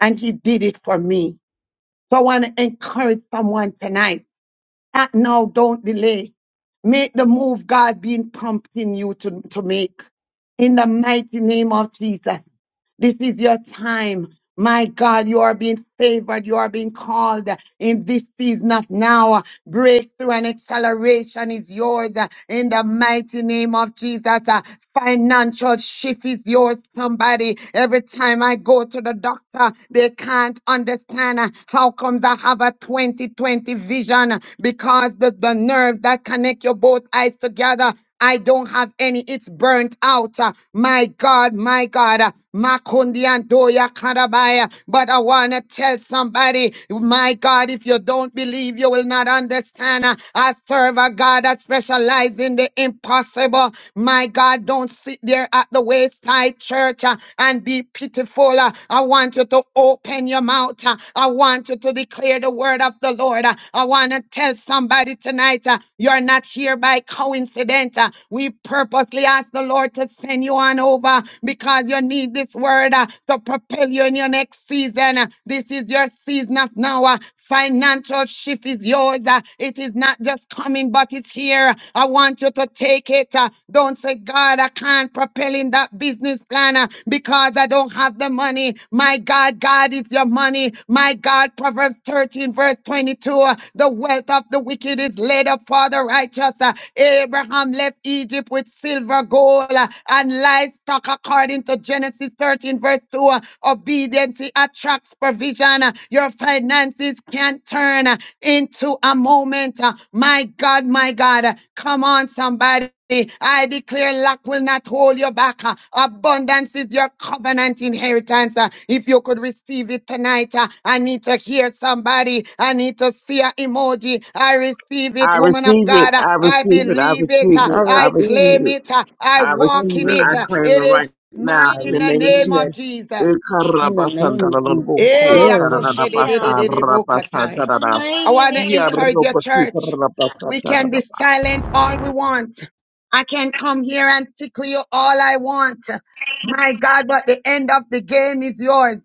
Speaker 9: and He did it for me. So I want to encourage someone tonight. Act now, don't delay. Make the move God been prompting you to, to make. In the mighty name of Jesus. This is your time. My God, you are being favored. You are being called in this season of now. Breakthrough and acceleration is yours uh, in the mighty name of Jesus. Uh, Financial shift is yours, somebody. Every time I go to the doctor, they can't understand uh, how comes I have a 2020 vision uh, because the, the nerves that connect your both eyes together I don't have any. It's burnt out. Uh, My God, my God. Uh, Makundi and Doya Karabaya. But I want to tell somebody, my God, if you don't believe, you will not understand. Uh, I serve a God that specializes in the impossible. My God, don't sit there at the wayside church uh, and be pitiful. Uh, I want you to open your mouth. Uh, I want you to declare the word of the Lord. Uh, I want to tell somebody tonight, uh, you're not here by coincidence. Uh, We purposely ask the Lord to send you on over because you need this word uh, to propel you in your next season. Uh, This is your season of now. uh, Financial shift is yours. Uh, It is not just coming, but it's here. I want you to take it. Uh, Don't say, God, I can't propel in that business plan uh, because I don't have the money. My God, God is your money. My God, Proverbs 13, verse 22. uh, The wealth of the wicked is laid up for the righteous. Uh, Abraham left Egypt with silver, gold, uh, and livestock, according to Genesis 13, verse 2. uh, Obedience obedience attracts provision. Your finances can turn into a moment. My God, my God, come on, somebody. I declare lack will not hold you back. Abundance is your covenant inheritance. If you could receive it tonight, I need to hear somebody. I need to see an emoji. I receive it,
Speaker 22: I
Speaker 9: woman of
Speaker 22: receive it.
Speaker 9: God.
Speaker 22: I
Speaker 9: I
Speaker 22: receive it. I
Speaker 9: believe it.
Speaker 22: receive
Speaker 21: I
Speaker 22: it. I
Speaker 9: I
Speaker 21: receive
Speaker 22: receive
Speaker 9: claim
Speaker 21: it.
Speaker 22: it.
Speaker 9: it. I
Speaker 22: I
Speaker 9: walk
Speaker 22: receive
Speaker 9: in
Speaker 22: it.
Speaker 9: it.
Speaker 22: I
Speaker 21: Amen.
Speaker 22: claim it
Speaker 9: It is
Speaker 22: right
Speaker 9: mine
Speaker 22: now
Speaker 7: I
Speaker 22: in
Speaker 9: in
Speaker 22: the
Speaker 9: the
Speaker 22: name of
Speaker 9: name
Speaker 7: receive it
Speaker 9: of
Speaker 22: Jesus.
Speaker 9: Jesus.
Speaker 21: In the name of Jesus,
Speaker 22: Ikarabasandarabuku,
Speaker 9: Eh,
Speaker 21: glory.
Speaker 22: tararabasa,
Speaker 4: Hallelujah.
Speaker 22: rabasa,
Speaker 4: In
Speaker 9: akoshededededebokasai.
Speaker 4: the
Speaker 22: tarara.
Speaker 9: I
Speaker 4: mighty
Speaker 9: want to
Speaker 4: name of
Speaker 9: encourage your
Speaker 4: Jesus.
Speaker 22: Yarobasi,
Speaker 9: church.
Speaker 22: tararabasa,
Speaker 9: We can be
Speaker 22: tararaba.
Speaker 9: silent all we want. I can come here and tickle you all I want. My God, but the end of the game is yours.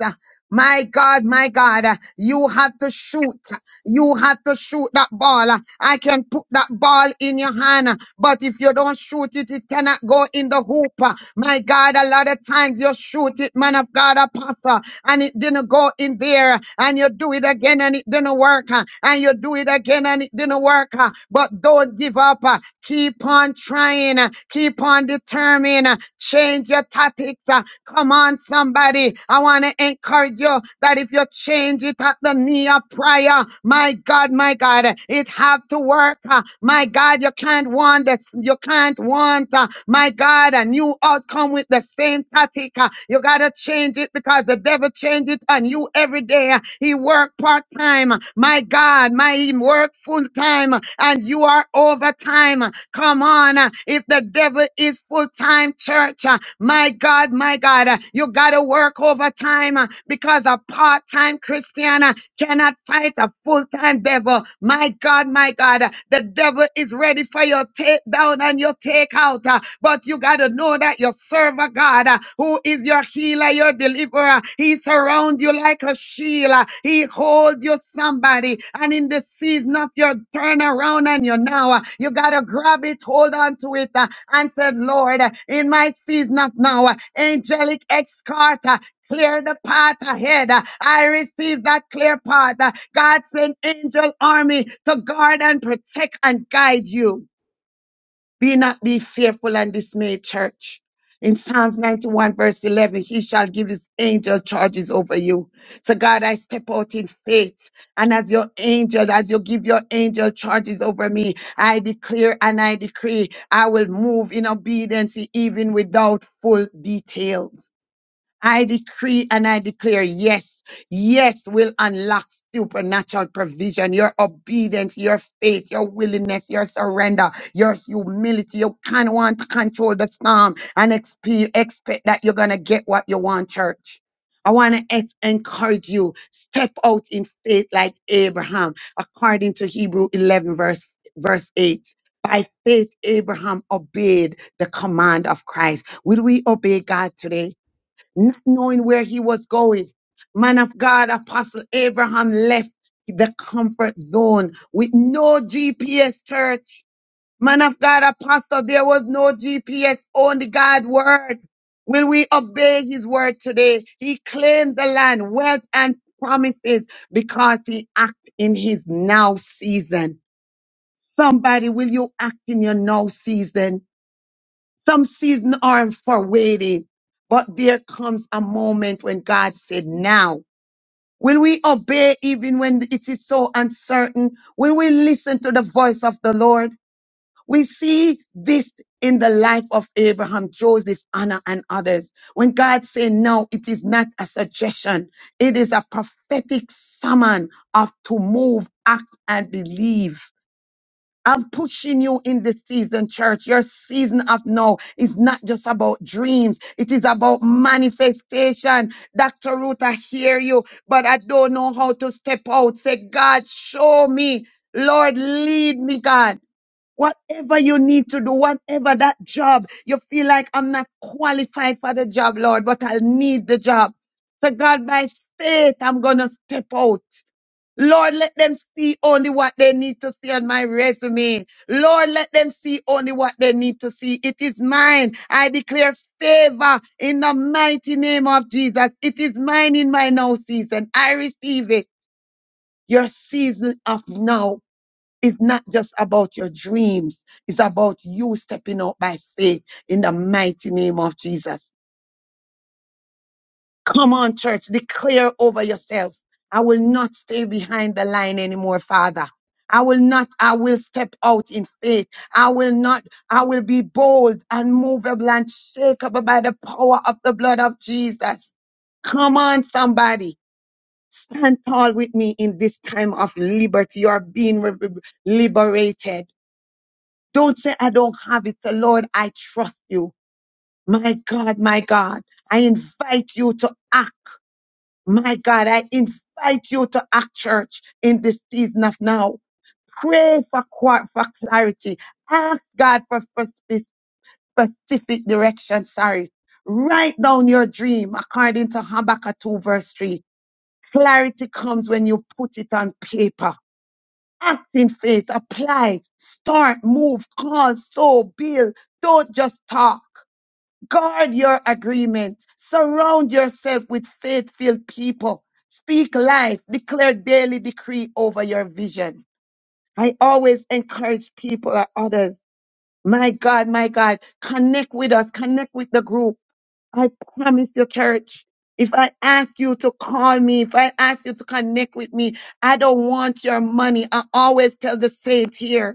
Speaker 9: My God, my God, you have to shoot. You have to shoot that ball. I can put that ball in your hand, but if you don't shoot it, it cannot go in the hoop. My God, a lot of times you shoot it, man of God, apostle, and it didn't go in there, and you do it again and it didn't work, and you do it again and and it didn't work, uh, but don't give up. uh, Keep on trying. uh, Keep on determining. uh, Change your tactics. uh, Come on, somebody. I want to encourage you that if you change it at the knee of prayer, my God, my God, it have to work. uh, My God, you can't want this. You can't want, uh, my God, a new outcome with the same tactic. uh, you got to change it because the devil change it on you every day. He work part time. My God, my he work full time and you are overtime. Come on. If the devil is full time church, my God, my God, you got to work overtime because a part time Christian cannot fight a full time devil. My God, my God, uh, The devil is ready for your take down and your take out. uh, But you got to know that your servant God, uh, who is your healer, your deliverer, he surrounds you like a shield. uh, He holds you somebody. And in the season of your turnaround and your now, uh, you got to grab it, hold on to it, uh, and said, Lord, uh, in my season of now, uh, angelic escort, uh, clear the path ahead. I receive that clear path. God sent angel army to guard and protect and guide you. Be not be fearful and dismayed, church. In Psalms 91, verse 11, he shall give his angel charges over you. So, God, I step out in faith. And as your angel, as you give your angel charges over me, I declare and I decree I will move in obedience even without full detail. I decree and I declare, yes, yes, will unlock supernatural provision, your obedience, your faith, your willingness, your surrender, your humility. You can't want to control the storm and expe- expect that you're going to get what you want, church. I want to encourage you, step out in faith like Abraham, according to Hebrew 11 verse, verse 8. By faith, Abraham obeyed the command of Christ. Will we obey God today? not knowing where he was going. Man of God, Apostle Abraham left the comfort zone with no GPS church. Man of God, Apostle, there was no GPS, only God's word. Will we obey his word today? He claimed the land, wealth and promises because he acted in his now season. Somebody, will you act in your now season? Some seasons aren't for waiting, but there comes a moment when God said, now. Will we obey even when it is so uncertain? Will we listen to the voice of the Lord? We see this in the life of Abraham, Joseph, Anna, and others. When God said no, it is not a suggestion. It is a prophetic summon of to move, act, and believe. I'm pushing you in this season, church. Your season of now is not just about dreams. It is about manifestation. Dr. Ruth, I hear you, but I don't know how to step out. Say, God, show me. Lord, lead me, God. Whatever you need to do, whatever that job, you feel like I'm not qualified for the job, Lord, but I'll need the job. So God, by faith, I'm going to step out. Lord, let them see only what they need to see on my resume. Lord, let them see only what they need to see. It is mine. I declare favor in the mighty name of Jesus. It is mine in my now season. I receive it. Your season of now is not just about your dreams. It's about you stepping out by faith in the mighty name of Jesus. Come on, church, declare over yourself. I will not stay behind the line anymore, Father. I will not, I will step out in faith. I will not, I will be bold and movable and shakeable by the power of the blood of Jesus. Come on, somebody. Stand tall with me in this time of liberty. You are being re- re- liberated. Don't say, I don't have it. Say, Lord, I trust you. My God, my God, I invite you to act. My God, I invite you to act church in this season of now. Pray for, qua- for clarity. Ask God for spec- specific direction. Sorry. Write down your dream according to Habakkuk 2 verse 3. Clarity comes when you put it on paper. Act in faith, apply, start, move, call, sow, build. Don't just talk. Guard your agreement. Surround yourself with faith filled people. Speak life. Declare daily decree over your vision. I always encourage people or others. My God, my God, connect with us. Connect with the group. I promise you, church. If I ask you to call me, if I ask you to connect with me, I don't want your money. I always tell the saints here.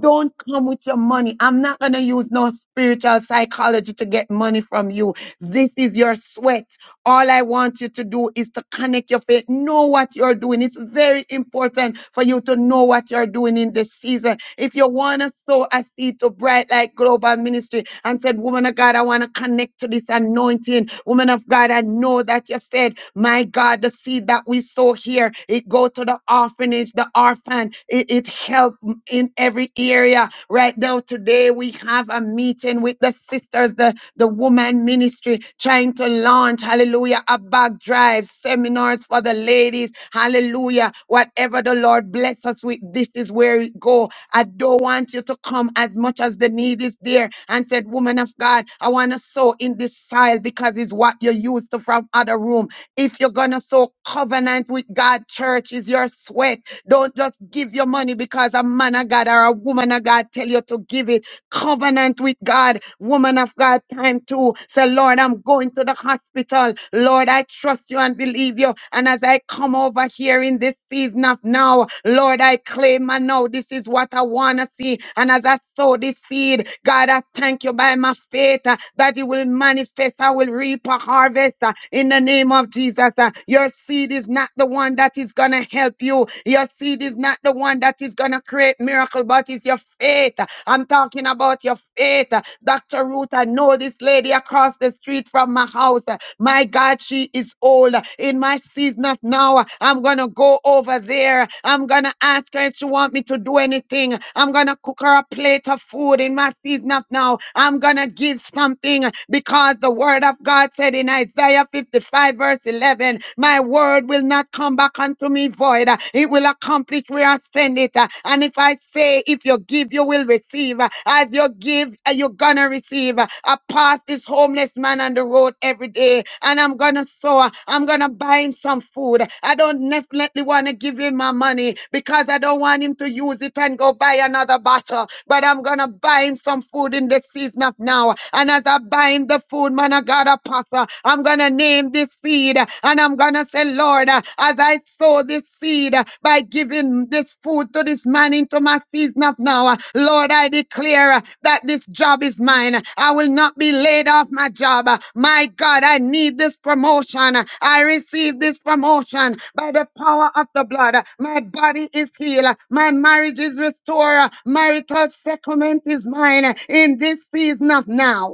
Speaker 9: Don't come with your money. I'm not going to use no spiritual psychology to get money from you. This is your sweat. All I want you to do is to connect your faith. Know what you're doing. It's very important for you to know what you're doing in this season. If you want to sow a seed to Bright Light Global Ministry and said, Woman of God, I want to connect to this anointing. Woman of God, I know that you said, My God, the seed that we sow here, it go to the orphanage, the orphan. It, it help in every area. Right now, today, we have a meeting with the sisters, the, the woman ministry, trying to launch, hallelujah, a bag drive, seminars for the ladies, hallelujah. Whatever the Lord bless us with, this is where it go. I don't want you to come as much as the need is there and said, woman of God, I want to sow in this soil because it's what you used to from other room. If you're going to sow covenant with God, church is your sweat. Don't just give your money because a man of God or a woman of God tell you to give it covenant with God. Woman of God, time to say, Lord, I'm going to the hospital. Lord, I trust you and believe you. And as I come over here in this season of now, Lord, I claim and now this is what I want to see. And as I sow this seed, God, I thank you by my faith uh, that it will manifest. I will reap a harvest uh, in the name of Jesus. uh. Your seed is not the one that is going to help you. Your seed is not the one that is gonna create miracle, but it's your faith. I'm talking about your faith. Dr. Ruth, I know this lady across the street from my house. My God, she is old. In my season of now, I'm gonna go over there. I'm gonna ask her if she want me to do anything. I'm gonna cook her a plate of food in my season of now. I'm gonna give something because the word of God said in Isaiah 55 verse 11, my word will not come back back unto me void. Uh, It will accomplish where I send it. Uh, And if I say, if you give, you will receive. Uh, As you give, uh, you're gonna receive. Uh, I pass this homeless man on the road every day, and I'm gonna sow. I'm gonna buy him some food. I don't definitely wanna give him my money because I don't want him to use it and go buy another bottle. But I'm gonna buy him some food in the season of now. And as I buy him the food, man, I got a pastor. I'm gonna name name this seed. And I'm going to say, Lord, uh, as I sow this seed uh, by giving this food to this man into my season of now, uh, Lord, I declare uh, that this job is mine. I will not be laid off my job. Uh, My God, I need this promotion. Uh, I receive this promotion by the power of the blood. Uh, My body is healed. Uh, My marriage is restored. Uh, Marital settlement is mine uh, in this season of now.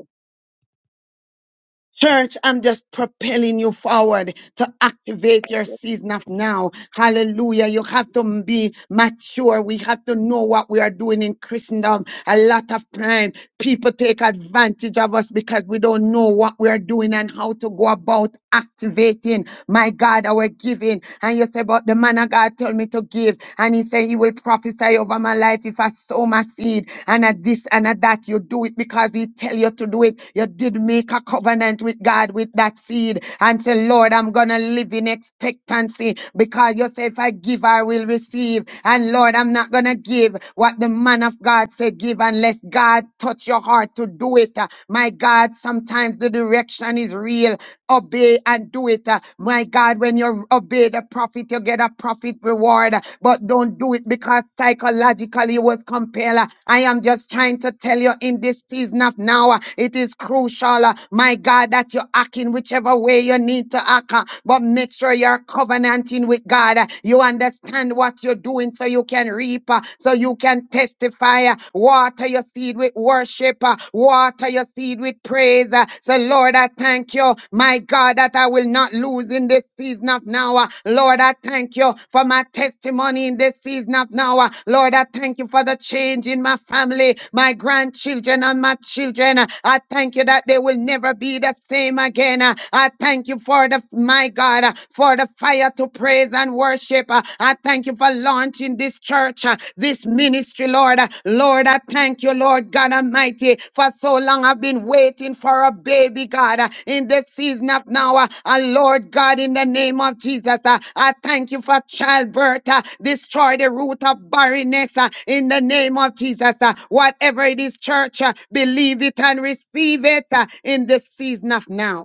Speaker 9: Church, I'm just propelling you forward to activate
Speaker 3: yes,
Speaker 9: your
Speaker 3: yes,
Speaker 9: season of now. Hallelujah. You have to be mature. We have to know what we are doing in Christendom. A lot of time, people take advantage of us because we don't know what we are doing and how to go about activating, my God, our giving. And you say, but the man of God told me to give. And he said, he will prophesy over my life if I sow my seed and at this and at that. You do it because He tell you to do it. You did make a covenant with God with that seed and say, Lord, I'm gonna live in expectancy because you say, if I give, I will receive. And Lord, I'm not gonna give what the man of God said give unless God touch your heart to do it. Uh, My God, sometimes the direction is real. Obey and do it. Uh, My God, God, when you obey the prophet, you get a prophet reward. But don't do it because psychologically you was compelled. Uh, I am just trying to tell you in this season of now, uh, it is crucial, uh, my God, that you act in whichever way you need to act. uh, But make sure you're covenanting with God. Uh, You understand what you're doing so you can reap, uh, so you can testify. uh, Water your seed with worship. uh, Water your seed with praise. Uh, So, Lord, I thank you, my God, that I will not lose in this season of now. Uh, Lord, I thank you for my testimony in this season of now. Uh, Lord, I thank you for the change in my family, my grandchildren, and my children. Uh, I thank you that they will never be the same again. Uh, I thank you for the, my God, uh, for the fire to praise and worship. Uh, I thank you for for launching this church, uh, this ministry, Lord. Uh, Lord, I thank you, Lord God Almighty, for so long I've been waiting for a baby, God, uh, in this season of now. Uh, uh, Lord God, in the name of Jesus, uh, I thank you for childbirth. uh, Destroy the root of barrenness uh, in the name of Jesus. uh, Whatever it is, church, uh, believe it and receive it uh, in this season of now.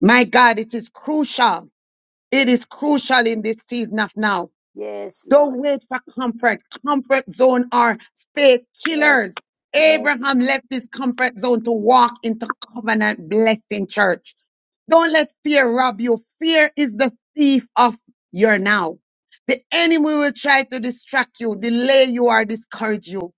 Speaker 9: My God, it is crucial. It is crucial in this season of now
Speaker 3: yes,
Speaker 9: don't
Speaker 3: Lord.
Speaker 9: wait for comfort. Comfort zone are faith
Speaker 3: Yes,
Speaker 9: killers.
Speaker 3: yes,
Speaker 9: Abraham left his comfort zone to walk into covenant blessing church. Don't let fear rob you. Fear is the thief of your now. The enemy will try to distract you, delay you, or discourage you.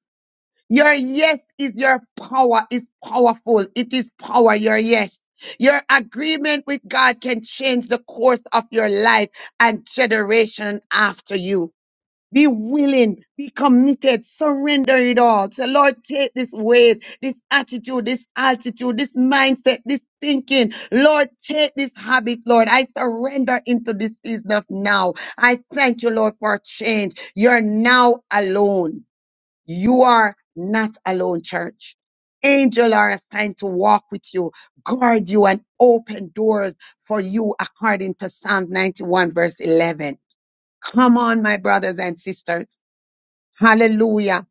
Speaker 9: Your yes is your power, is powerful. It is power, your yes. Your agreement with God can change the course of your life and generation after you. Be willing, be committed, surrender it all. Say, Lord, take this weight, this attitude, this altitude, this mindset, this thinking. Lord, take this habit, Lord. I surrender into this season of now. I thank you, Lord, for change. You're now alone. You are not alone, church. Angels are assigned to walk with you, guard you, and open doors for you according to Psalm 91, verse 11. Come on, my brothers and sisters. Hallelujah.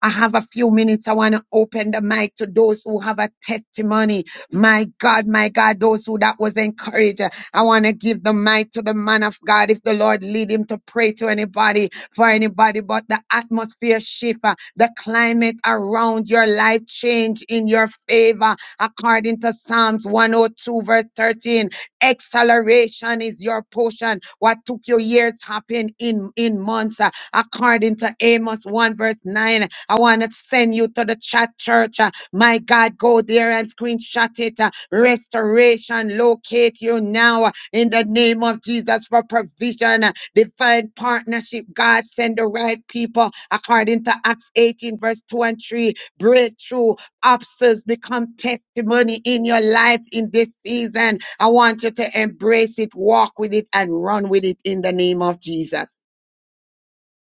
Speaker 9: I have a few minutes. I want to open the mic to those who have a testimony. My God, my God, those who that was encouraged. I want to give the mic to the man of God. If the Lord lead him to pray to anybody, for anybody, but the atmosphere shift, uh, the climate around your life change in your favor, according to Psalms 102 verse 13. Acceleration is your portion. What took you years happen in, in months according to Amos 1 verse 9. I want to send you to the chat church. uh, My God, go there and screenshot it. uh, Restoration locate you now uh, in the name of Jesus for provision. uh, Divine partnership. God send the right people according to Acts 18 verse 2 and 3. Breakthrough obstacles become testimony in your life in this season. I want you to embrace it, walk with it, and run with it in the name of Jesus.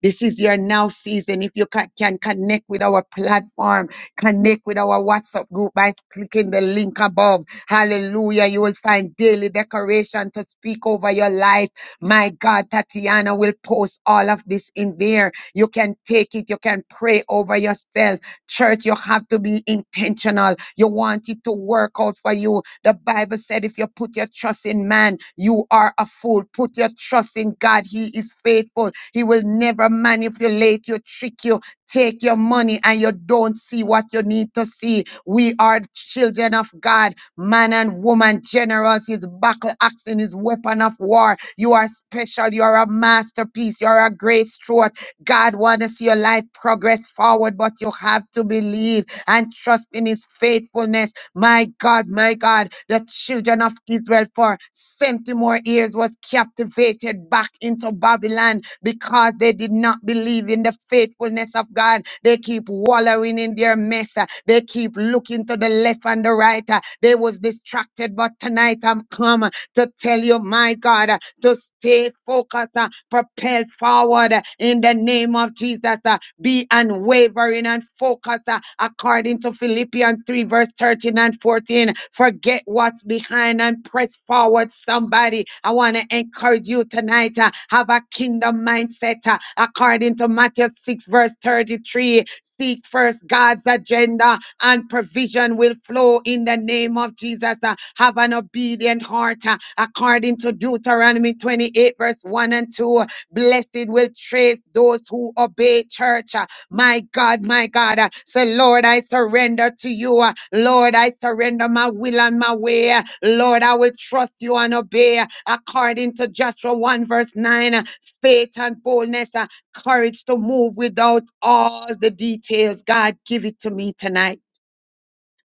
Speaker 9: This is your now season. If you ca- can connect with our platform, connect with our WhatsApp group by clicking the link above. Hallelujah. You will find daily decoration to speak over your life. My God, Tatiana will post all of this in there. You can take it. You can pray over yourself. Church, you have to be intentional. You want it to work out for you. The Bible said, if you put your trust in man, you are a fool. Put your trust in God. He is faithful. He will never manipulate you, trick you, take your money, and you don't see what you need to see. We are children of God, man and woman, generals, his battle axe and his weapon of war. You are special. You are a masterpiece. You are a great stroke. God wants to see your life progress forward, but you have to believe and trust in his faithfulness my God, my God, the children of Israel for 70 more years was captivated back into Babylon because they did not believe in the faithfulness of God. They keep wallowing in their mess. uh, They keep looking to the left and the right. uh, They was distracted, but tonight I'm come to tell you, my God, uh, to stay focused, uh, propel forward uh, in the name of Jesus. uh, Be unwavering and focused uh, according to Philippians 3, verse 13 and 14. Forget what's behind and press forward, somebody. I want to encourage encourage you tonight. uh, have a kingdom mindset uh, according to Matthew 6, verse 33. Seek first God's agenda and provision will flow in the name of Jesus. Uh, have an obedient heart uh, according to Deuteronomy 28, verse 1 and 2. Blessed will trace those who obey church. Uh, my God, my God. uh, Say, Lord, I surrender to you. uh, Lord, I surrender my will and my way. uh, Lord, I will trust you and obey. uh, According to Joshua 1, verse 9, uh, faith and boldness, uh, courage to move without all the details. God, give it to me tonight.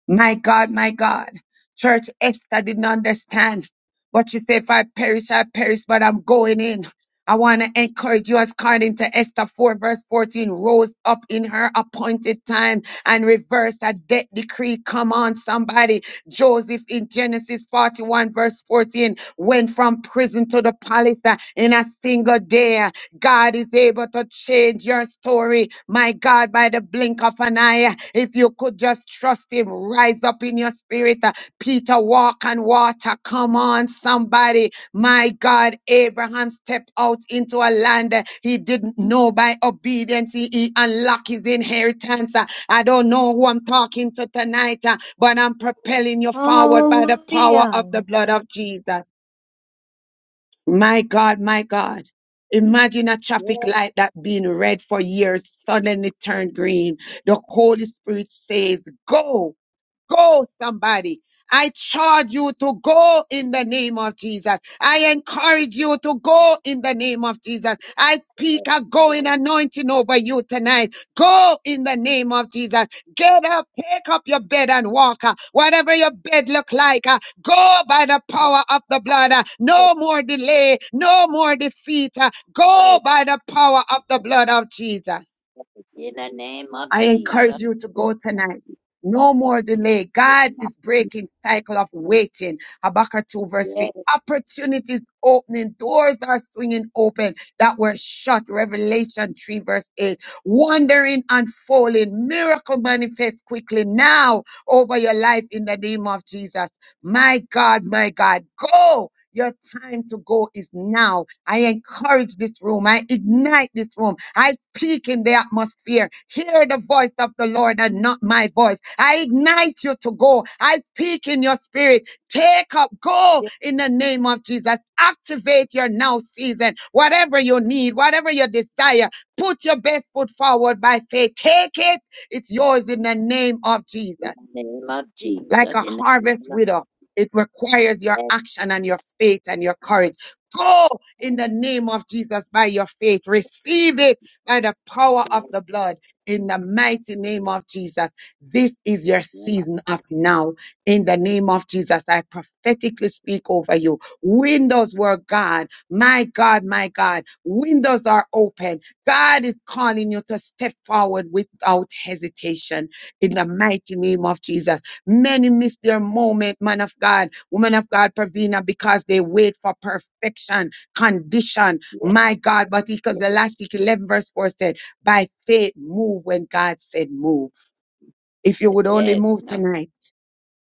Speaker 9: My God, my God. Church Esther didn't understand. But she said, if I perish, I perish, but I'm going in. I want to encourage you as according to Esther 4 verse 14, rose up in her appointed time and reverse a death decree. Come on, somebody. Joseph in Genesis 41 verse 14 went from prison to the palace uh, in a single day. God is able to change your story. My God, by the blink of an eye, if you could just trust Him, rise up in your spirit. Uh, Peter, walk on water. Come on, somebody. My God, Abraham stepped out into a land uh, he didn't know by obedience. He, he unlocked his inheritance. Uh, I don't know who I'm talking to tonight, uh, but I'm propelling you forward by the power of
Speaker 4: Hallelujah.
Speaker 9: the blood of Jesus. My God, my God. Imagine a traffic
Speaker 3: yes,
Speaker 9: light that been red for years suddenly turned green. The Holy Spirit says, go. Go, somebody. I charge you to go in the name of Jesus. I encourage
Speaker 3: yes,
Speaker 9: you to go in the name of Jesus. I
Speaker 3: yes,
Speaker 9: speak a going
Speaker 3: yes,
Speaker 9: anointing over you tonight. Go in the name of Jesus. Get up, take up your bed and walk. uh, Whatever your bed look like, uh, go by the power of the blood.
Speaker 3: yes. yes.
Speaker 9: uh, No more delay, no more defeat. uh, Go by the power of the blood of Jesus.
Speaker 3: In the name of
Speaker 9: I
Speaker 3: Jesus.
Speaker 9: encourage you to
Speaker 3: In
Speaker 9: go tonight. No more delay.
Speaker 3: the name
Speaker 9: God
Speaker 3: of
Speaker 9: is
Speaker 3: Jesus.
Speaker 9: breaking cycle of waiting. Habakkuk 2 verse 3.
Speaker 3: Yes,
Speaker 9: Opportunities opening. Doors are swinging open that were shut. Revelation 3 verse 8. Wandering unfolding. Miracle manifest quickly now over your life in the name of Jesus. My God, my God. Go! Your time to go is now. I encourage this room. I ignite this room. I speak in the atmosphere. Hear the voice of the Lord and not my voice. I ignite you to go. I speak in your spirit. Take up, go
Speaker 3: yes,
Speaker 9: in the name of Jesus. Activate your now season. Whatever you need, whatever you desire, put your best foot forward by faith. Take it. It's yours in the name of Jesus
Speaker 3: in the name of
Speaker 9: like
Speaker 3: Jesus.
Speaker 9: a
Speaker 3: In the
Speaker 9: harvest
Speaker 3: name of
Speaker 9: widow. It requires your
Speaker 3: yes,
Speaker 9: action and your faith and your
Speaker 3: I
Speaker 9: courage. Go
Speaker 3: thank
Speaker 9: in the name of Jesus by your faith. Receive it by the power of
Speaker 3: you.
Speaker 9: the blood in the mighty name of Jesus. This is your
Speaker 3: In the name of
Speaker 9: season of now. In the name of Jesus, I prophetically speak over you. Windows were God. My God, my God. Windows are open. God is calling you to step forward without hesitation in the mighty name of Jesus Many miss their moment, man of God, woman of God, Pravina, because they wait for perfection, condition.
Speaker 3: yes,
Speaker 9: My God, but because
Speaker 3: yes,
Speaker 9: the Elastic 11 verse 4 said, by faith, move when God said move. If you would only
Speaker 3: yes,
Speaker 9: move
Speaker 3: no,
Speaker 9: tonight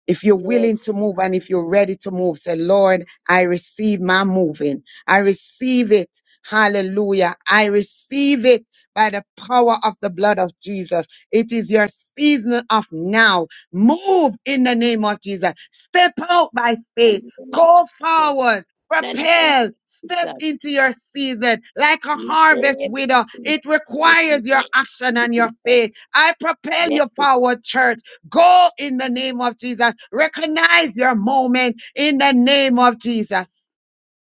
Speaker 9: if you're willing to
Speaker 3: yes.
Speaker 9: move and if you're ready to move, say, Lord, I receive my moving. I receive it. Hallelujah. I receive it by the power of the blood of Jesus. It is your season of now. Move in the name of Jesus. Step out by
Speaker 3: In
Speaker 9: faith.
Speaker 3: the name of
Speaker 9: Go
Speaker 3: Jesus.
Speaker 9: forward.
Speaker 3: the name of
Speaker 9: Propel. Step
Speaker 3: Jesus.
Speaker 9: into your season like a
Speaker 3: In the
Speaker 9: harvest
Speaker 3: name of
Speaker 9: widow.
Speaker 3: Jesus. In
Speaker 9: It requires
Speaker 3: the
Speaker 9: your
Speaker 3: name
Speaker 9: action
Speaker 3: of
Speaker 9: and your
Speaker 3: Jesus.
Speaker 9: faith. I propel
Speaker 3: Yes,
Speaker 9: you forward, church. Go in the name of Jesus. Recognize your moment in the name of Jesus.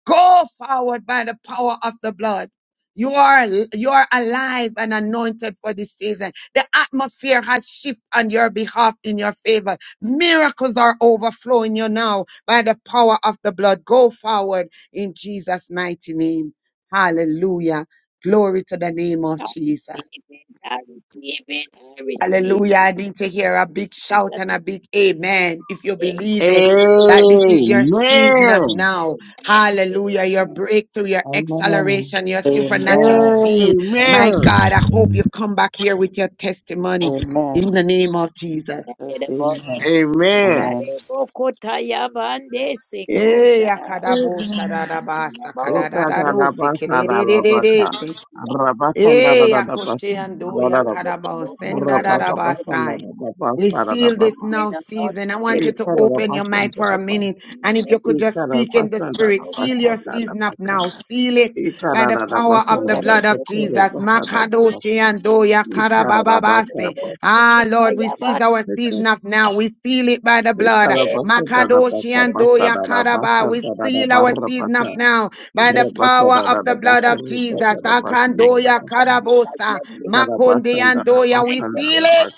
Speaker 9: Go forward by the power of the blood. You are, you are alive and anointed for this season. The atmosphere has shifted on your behalf in your favor. Miracles are overflowing you now by the power of the blood. Go forward in Jesus' mighty name. Hallelujah. Glory to the name of
Speaker 3: I
Speaker 9: Jesus.
Speaker 3: receive it. I receive it. I receive
Speaker 9: Hallelujah. I
Speaker 3: it.
Speaker 9: need to hear a big shout and a big amen if you
Speaker 3: In
Speaker 9: believe it.
Speaker 3: Jesus'
Speaker 9: That
Speaker 3: name.
Speaker 9: this is your season of
Speaker 22: Amen.
Speaker 9: now.
Speaker 3: Amen.
Speaker 9: Hallelujah. Your
Speaker 3: Amen.
Speaker 9: breakthrough, your
Speaker 20: Amen.
Speaker 9: acceleration, your
Speaker 23: Amen.
Speaker 9: supernatural speed.
Speaker 23: Amen.
Speaker 9: My
Speaker 22: Amen.
Speaker 9: God, I hope you come back here with your testimony
Speaker 23: Amen.
Speaker 9: in the name of Jesus.
Speaker 3: Amen.
Speaker 23: Yes, amen.
Speaker 3: Amen.
Speaker 22: Amen.
Speaker 23: Amen.
Speaker 3: Adarebo kota yabande seko
Speaker 9: Eh,
Speaker 3: shara.
Speaker 9: akadabo shadadaba
Speaker 3: Adarebo
Speaker 9: sakadadadado
Speaker 22: Ikarabasa,
Speaker 3: kota
Speaker 22: rabaka.
Speaker 9: sekededededese.
Speaker 3: ya
Speaker 9: Eh, Yakoshi and Do
Speaker 3: koso
Speaker 22: Rabasandarabasan,
Speaker 3: kota
Speaker 9: Yakarabao,
Speaker 3: bo
Speaker 22: Ikara
Speaker 3: kasere de
Speaker 9: Sendarabasai.
Speaker 3: kota.
Speaker 9: We seal this now season. I want
Speaker 3: Adarebo
Speaker 9: you to
Speaker 3: kota
Speaker 9: open your mic for a minute. And if you
Speaker 3: Thank you.
Speaker 9: could just speak in the
Speaker 22: basanda
Speaker 9: spirit, seal your season up now. Seal it by the power of the
Speaker 23: Yes,
Speaker 9: blood of Jesus. Makadoshi and Do Yakarabababase. Ah, Lord, we seize our season up now. We seal it by the blood. Makadoshi and Do Yakaraba. We seal our season up now by the power of the blood of Jesus. Akandoya karabosa, makonde andoya. We feel it.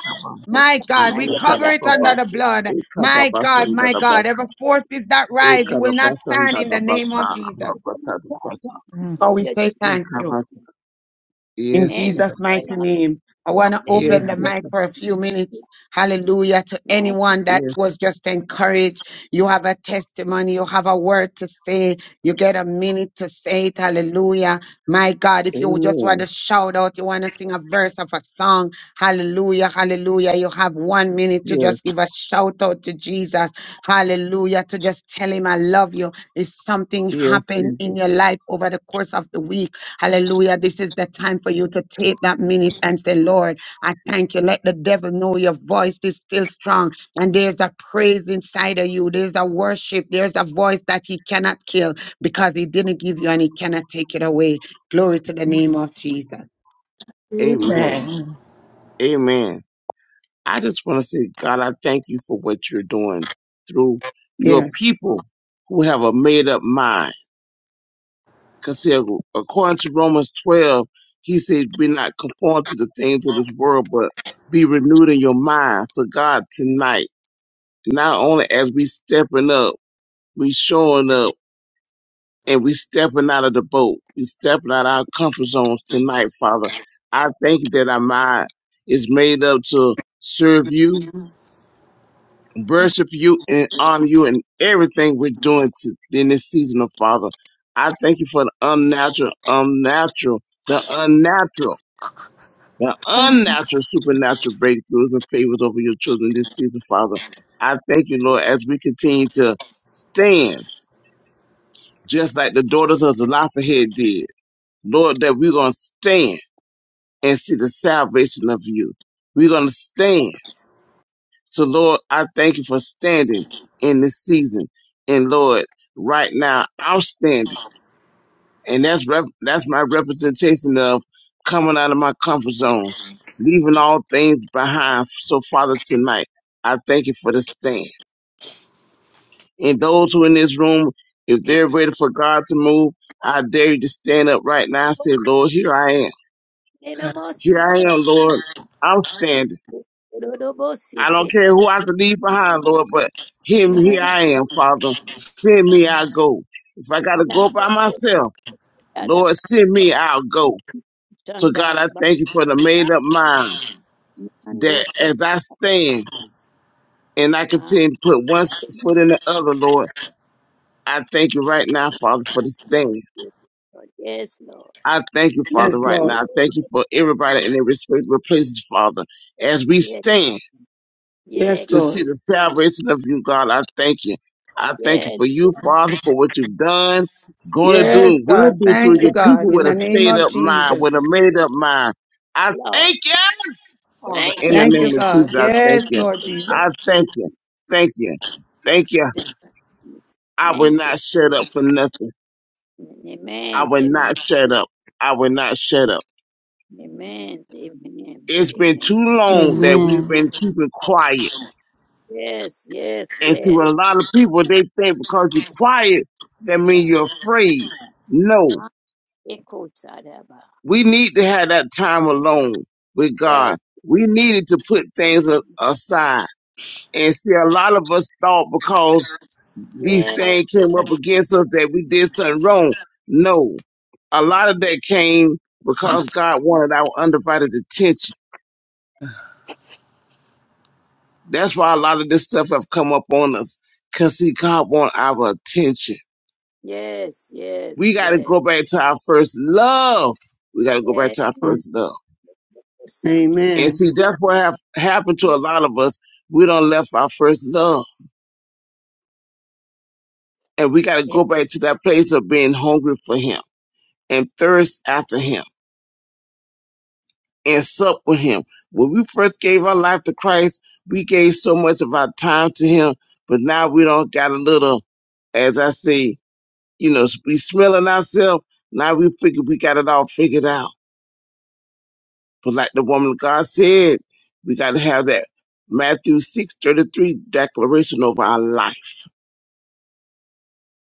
Speaker 9: My God, we
Speaker 3: Thank you for
Speaker 23: Jesus.
Speaker 9: cover
Speaker 3: that.
Speaker 9: it under the
Speaker 3: Make,
Speaker 9: blood. My God, my
Speaker 3: make,
Speaker 9: God, every forces that rise, it
Speaker 3: make, make,
Speaker 9: will not
Speaker 22: Ekarabasa
Speaker 9: stand in the name of
Speaker 22: ndadabata
Speaker 9: Jesus.
Speaker 22: rabata rabata.
Speaker 23: Mm.
Speaker 9: So we say thank you.
Speaker 22: Ekarabata.
Speaker 9: In
Speaker 22: Yes,
Speaker 3: and
Speaker 9: Jesus'
Speaker 22: Jesus.
Speaker 3: name
Speaker 9: mighty
Speaker 3: of
Speaker 9: name, I want to
Speaker 3: the
Speaker 9: open
Speaker 22: Yes,
Speaker 9: the
Speaker 23: Amen.
Speaker 9: mic for
Speaker 3: person.
Speaker 9: a
Speaker 22: Jesus.
Speaker 9: few minutes. Hallelujah. To
Speaker 3: Thank
Speaker 9: anyone that
Speaker 22: Yes.
Speaker 9: was just encouraged, you have a testimony, you have a word to say, you get a minute to say it. Hallelujah. My God, if you just want to
Speaker 22: Amen.
Speaker 9: shout out, you want to sing a verse of a song, hallelujah, hallelujah. You have one minute to just
Speaker 22: Yes.
Speaker 9: give a shout out to Jesus. Hallelujah. To just tell him, I love you. If something
Speaker 22: Yes,
Speaker 9: happened in your
Speaker 22: Jesus.
Speaker 9: life over the course of the week, Hallelujah. This is the time for you to take that minute and say, Lord, I thank you. Let the devil know your voice is still strong. And there's a praise inside of you. There's a worship. There's a voice that he cannot kill because he didn't give you and he cannot take it away. Glory to the name of Jesus.
Speaker 22: Amen.
Speaker 23: Amen.
Speaker 22: Amen. I just want to say, God, I thank you for what you're doing through your
Speaker 9: Yes,
Speaker 22: people who have a made up mind. Because according to Romans 12, he said, be not conformed to the things of this world, but be renewed in your mind. So God, tonight, Not only as we stepping up, we showing up and we stepping out of the boat. We stepping out of our comfort zones tonight, Father. I thank you that our mind is made up to serve you, worship you, and honor you in everything we're doing to, in this season of Father. I thank you for the unnatural, unnatural, the unnatural, the unnatural supernatural breakthroughs and favors over your children this season, Father. I thank you, Lord, as we continue to stand just like the daughters of Zelophehad did. Lord, that we're going to stand and see the salvation of you. We're going to stand. So, Lord, I thank you for standing in this season. And, Lord, right now, I'm standing. And that's, rep- that's my representation of coming out of my comfort zones, leaving all things behind. So, Father, tonight, I thank you for the stand. And those who in this room, if they're ready for God to move, I dare you to stand up right now and say, Lord, here I am.
Speaker 3: you. In the
Speaker 22: Here I
Speaker 3: most
Speaker 22: am, Lord. I'm standing. I don't care
Speaker 3: Rodobosiketa.
Speaker 22: who I have to leave behind, Lord, but him, here
Speaker 3: Melano
Speaker 22: I am, Father. Send me, I'll go. If I got to go
Speaker 3: alade
Speaker 22: by myself,
Speaker 3: bostada
Speaker 22: Lord, send me, I'll go. So
Speaker 3: chanda
Speaker 22: God, I
Speaker 3: haba.
Speaker 22: thank you for the made up mind
Speaker 3: Mando
Speaker 22: that
Speaker 3: so
Speaker 22: as I stand and I
Speaker 3: ma.
Speaker 22: continue to put one foot in the other, Lord, I thank you right now, Father, for the stand.
Speaker 3: Yes, Lord.
Speaker 22: I thank you,
Speaker 9: yes,
Speaker 22: Father, right
Speaker 9: Lord.
Speaker 22: now. I thank you for everybody in their respectable places, Father. As we
Speaker 3: Yes,
Speaker 22: stand
Speaker 3: yeah,
Speaker 9: Yes,
Speaker 22: to
Speaker 9: Lord.
Speaker 22: see
Speaker 3: God.
Speaker 22: the salvation of you, God, I thank you. I thank you
Speaker 3: Yes,
Speaker 22: for you, Father, for what you've done, going to
Speaker 3: yes,
Speaker 22: do,
Speaker 9: Yes,
Speaker 22: and will
Speaker 9: God.
Speaker 22: do
Speaker 9: Thank
Speaker 22: through
Speaker 9: you,
Speaker 22: your people
Speaker 9: God. In
Speaker 22: with a
Speaker 9: the name
Speaker 22: stayed
Speaker 9: of
Speaker 22: up mind,
Speaker 9: Jesus.
Speaker 22: with a made up mind. I
Speaker 3: Lord.
Speaker 22: thank you, Father,
Speaker 3: Thank
Speaker 22: in
Speaker 3: you.
Speaker 22: the
Speaker 9: Thank you,
Speaker 22: name
Speaker 3: Yes.
Speaker 22: of
Speaker 9: God.
Speaker 22: Jesus. I thank
Speaker 9: Yes,
Speaker 22: you.
Speaker 9: Lord Jesus.
Speaker 22: I thank you. Thank you. Thank you.
Speaker 3: Thank you.
Speaker 22: I will
Speaker 3: Thank you.
Speaker 22: not shut up for nothing. I
Speaker 3: Amen.
Speaker 22: will
Speaker 3: Amen.
Speaker 22: not shut up. I will not shut up.
Speaker 3: Amen. Amen.
Speaker 22: It's been
Speaker 3: Amen.
Speaker 22: too long that we've
Speaker 21: Amen.
Speaker 22: been keeping quiet.
Speaker 3: Yes, yes,
Speaker 22: And see, when a
Speaker 3: yes.
Speaker 22: lot of people, they think because you're quiet, that means
Speaker 3: God.
Speaker 22: you're afraid. No,
Speaker 3: Ma-
Speaker 22: we need to have that time alone with
Speaker 3: Yes.
Speaker 22: God. We needed to put things a- aside. And see, a lot of us thought because these things came up against us that we did something wrong. No, a lot of
Speaker 3: Yes.
Speaker 22: that came because God wanted our undivided attention. That's why a lot of this stuff have come up on us. Cause see, God want our attention.
Speaker 3: Yes,
Speaker 22: We
Speaker 3: yes,
Speaker 22: gotta
Speaker 3: yes,
Speaker 22: go back to our first love. We gotta go back
Speaker 3: yes,
Speaker 22: to our first love.
Speaker 3: Saki.
Speaker 22: And
Speaker 9: Amen.
Speaker 22: see, that's what have happened to
Speaker 3: No,
Speaker 22: a lot of us. We don't left our first love. And we gotta
Speaker 3: ye-
Speaker 22: go back to that place of being hungry for him and thirst after him and sup with him. When we first gave our life to Christ, we gave so much of our time to him, but now we don't got a little, as I say. you know, we smelling ourselves. Now we figure we got it all figured out. But like the woman of God said, we got to have that Matthew six thirty three declaration over our life.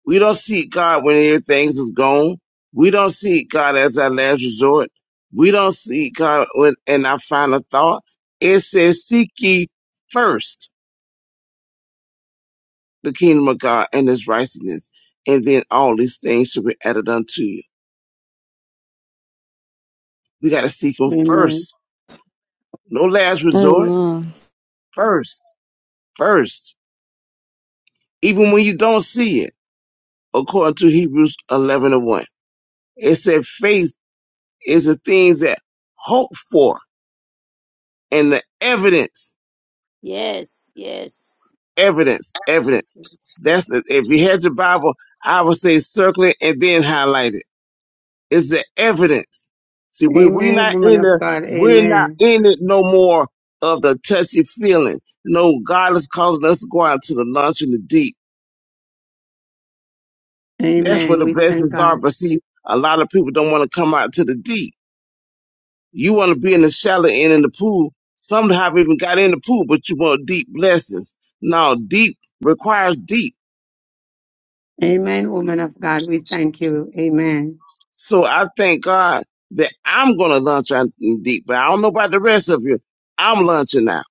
Speaker 22: We don't seek God when everything is gone. We don't seek God as our last resort. We don't seek God when, in our final thought. It says, seek ye first the kingdom of God and his righteousness, and then all these things shall be added unto you. We got to seek him
Speaker 9: Amen.
Speaker 22: first. No last resort
Speaker 21: Amen.
Speaker 22: first, first, even when you don't see it, according to Hebrews 11 and 1. It said faith is the things that hope for and the evidence,
Speaker 3: yes, yes.
Speaker 22: evidence, evidence. That's the, if you had your Bible, I would say circle it and then highlight it. It's the evidence. See, we, we
Speaker 9: Amen,
Speaker 22: not
Speaker 9: woman
Speaker 22: in
Speaker 9: of
Speaker 22: the,
Speaker 9: God.
Speaker 22: we're
Speaker 9: Amen.
Speaker 22: not in it no more of the touchy feeling. No, God is causing us to go out to the lunch and the deep. That's where
Speaker 9: Amen.
Speaker 22: the
Speaker 9: We thank
Speaker 22: blessings are.
Speaker 9: God.
Speaker 22: But see, a lot of people don't want to come out to the deep. You want to be in the shallow end in the pool. Some have even got in the pool, but you want deep blessings. Now, deep requires deep.
Speaker 9: Amen, woman of God. We thank you. Amen.
Speaker 22: So I thank God that I'm going to launch out in deep, but I don't know about the rest of you. I'm launching out.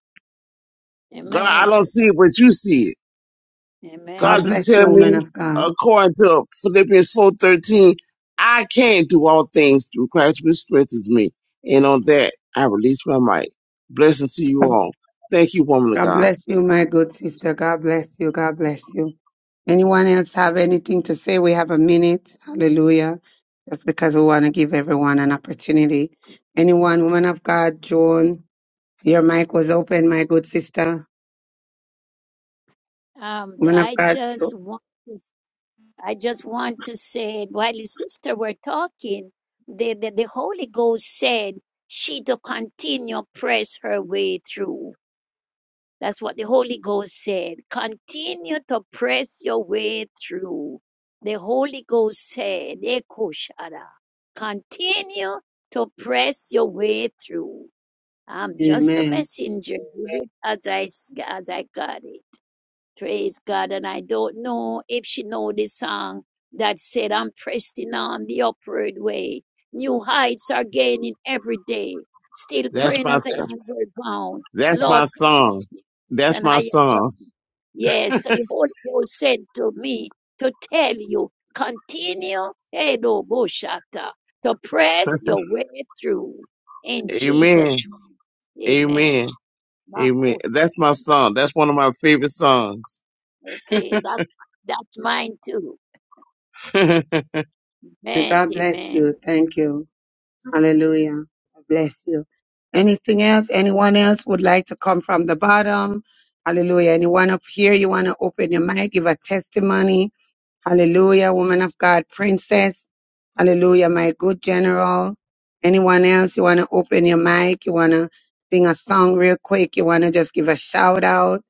Speaker 22: God, I
Speaker 3: Amen.
Speaker 22: don't see it, but you see it.
Speaker 9: God
Speaker 22: God,
Speaker 3: Amen.
Speaker 22: you
Speaker 9: bless you,
Speaker 22: tell
Speaker 9: woman
Speaker 22: me,
Speaker 9: of God.
Speaker 22: according to Philippians 4.13, I can do all things through Christ which strengthens me. And on that, I release my mic. Blessing to you
Speaker 9: God
Speaker 22: all. Thank you, woman of
Speaker 9: God
Speaker 22: God.
Speaker 9: bless you, my good sister. God bless you. God bless you. Anyone else have anything to say? We have a minute. Hallelujah. Just because we want to give everyone an opportunity. Anyone, woman of God, Joan, your mic was open, my good sister.
Speaker 3: Um,
Speaker 9: Woman of
Speaker 3: I
Speaker 9: God, Jo-
Speaker 3: just want, I just want to say, while his sister were talking, the, the, the Holy Ghost said she to continue press her way through. That's what the Holy Ghost said. Continue to press your way through. The Holy Ghost said, Ekoshara, continue to press your way through. I'm just a
Speaker 9: Amen.
Speaker 3: messenger, as I as I got it. Praise God. And I don't know if she know the song that said, I'm pressing on the upward way. New heights are gaining every day. Still
Speaker 22: That's
Speaker 3: praying
Speaker 22: my
Speaker 3: as I
Speaker 22: son.
Speaker 3: am bound.
Speaker 22: That's my
Speaker 3: Lord,
Speaker 22: song. That's
Speaker 3: and
Speaker 22: my
Speaker 3: higher ground.
Speaker 22: song.
Speaker 3: Yes, so the Holy Ghost said to me to tell you, continue, Edo Boshata, to press your way through in Jesus'
Speaker 22: Amen.
Speaker 3: name. Amen.
Speaker 22: Amen. Amen.
Speaker 3: Marcos,
Speaker 22: That's my song. That's one of my favorite songs.
Speaker 3: okay, that, that's mine too. Amen.
Speaker 9: God bless
Speaker 3: Amen.
Speaker 9: you. Thank you. Hallelujah. Bless you. Anything else? Anyone else would like to come from the bottom? Hallelujah. Anyone up here, you want to open your mic, give a testimony? Hallelujah, woman of God, princess. Hallelujah, my good general. Anyone else, you want to open your mic? You want to sing a song real quick? You want to just give a shout out?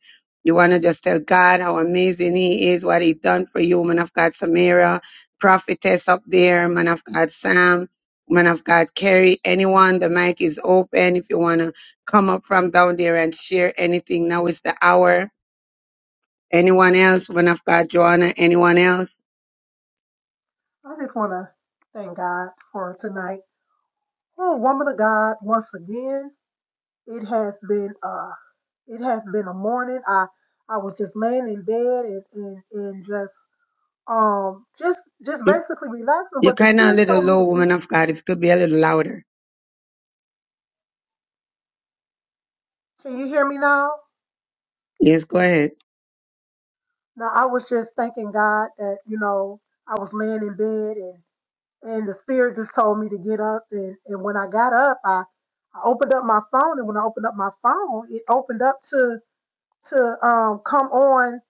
Speaker 9: You want to just tell God how amazing He is, what He done for you, woman of God, Samira, prophetess up there, man of God, Sam, man of God, Carrie. Anyone, the mic is open. If you want to come up from down there and share anything, now is the hour. Anyone else, woman of God, Joanna, anyone else?
Speaker 14: I just want to thank God for tonight. Oh, woman of God, once again, it has been uh, it has been a morning. I I was just laying in bed and and, and just um just just basically relaxing
Speaker 9: You're
Speaker 14: but the
Speaker 9: kind of a
Speaker 14: spirit
Speaker 9: little
Speaker 14: told me
Speaker 9: low,
Speaker 14: to
Speaker 9: woman
Speaker 14: get
Speaker 9: of God. If you could be a little louder.
Speaker 14: can you hear me now
Speaker 9: Yes, go ahead.
Speaker 14: now i was just thanking god that you know i was laying in bed and and the spirit just told me to get up and and when i got up i i opened up my phone and when i opened up my phone it opened up to to um come on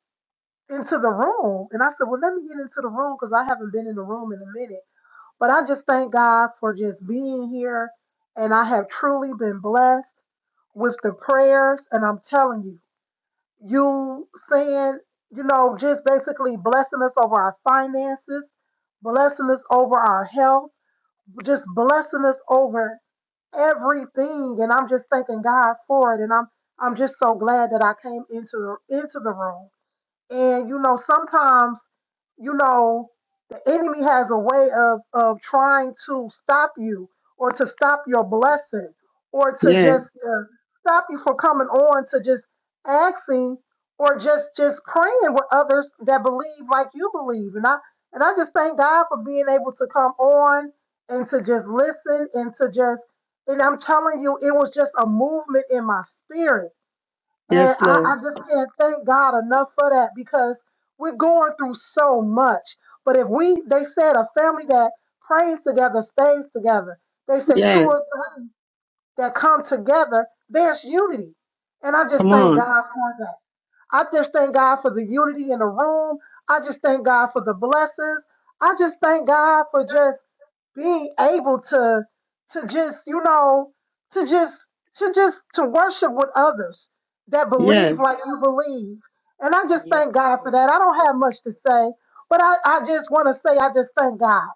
Speaker 14: into the room and i said well let me get into the room because i haven't been in the room in a minute but i just thank god for just being here and i have truly been blessed with the prayers, and I'm telling you, you saying, you know, just basically blessing us over our finances, blessing us over our health, just blessing us over everything. And I'm just thanking God for it. And I'm I'm just so glad that I came into the into the room. And you know, sometimes you know, the enemy has a way of, of trying to stop you or to stop your blessing or to
Speaker 9: Yes,
Speaker 14: just uh, stop you from coming on to just asking or just just praying with others that believe like you believe and i and i just thank god for being able to come on and to just listen and to just and i'm telling you it was just a movement in my spirit and
Speaker 9: yes,
Speaker 14: I, I
Speaker 9: Lord.
Speaker 14: just can't thank God enough for that because we're going through so much. But if we, they said, a family that prays together stays together. They said two
Speaker 9: Yes,
Speaker 14: or three that come together, there's unity. And I just
Speaker 9: come
Speaker 14: thank
Speaker 9: on.
Speaker 14: God for that. I just thank God for the unity in the room. I just thank God for the blessings. I just thank God for just being able to to just you know to just to just to worship with others that
Speaker 9: Yes,
Speaker 14: believe like you believe and i just
Speaker 3: Yes.
Speaker 14: thank god for that i don't have much to say but i, I just want to say i just thank god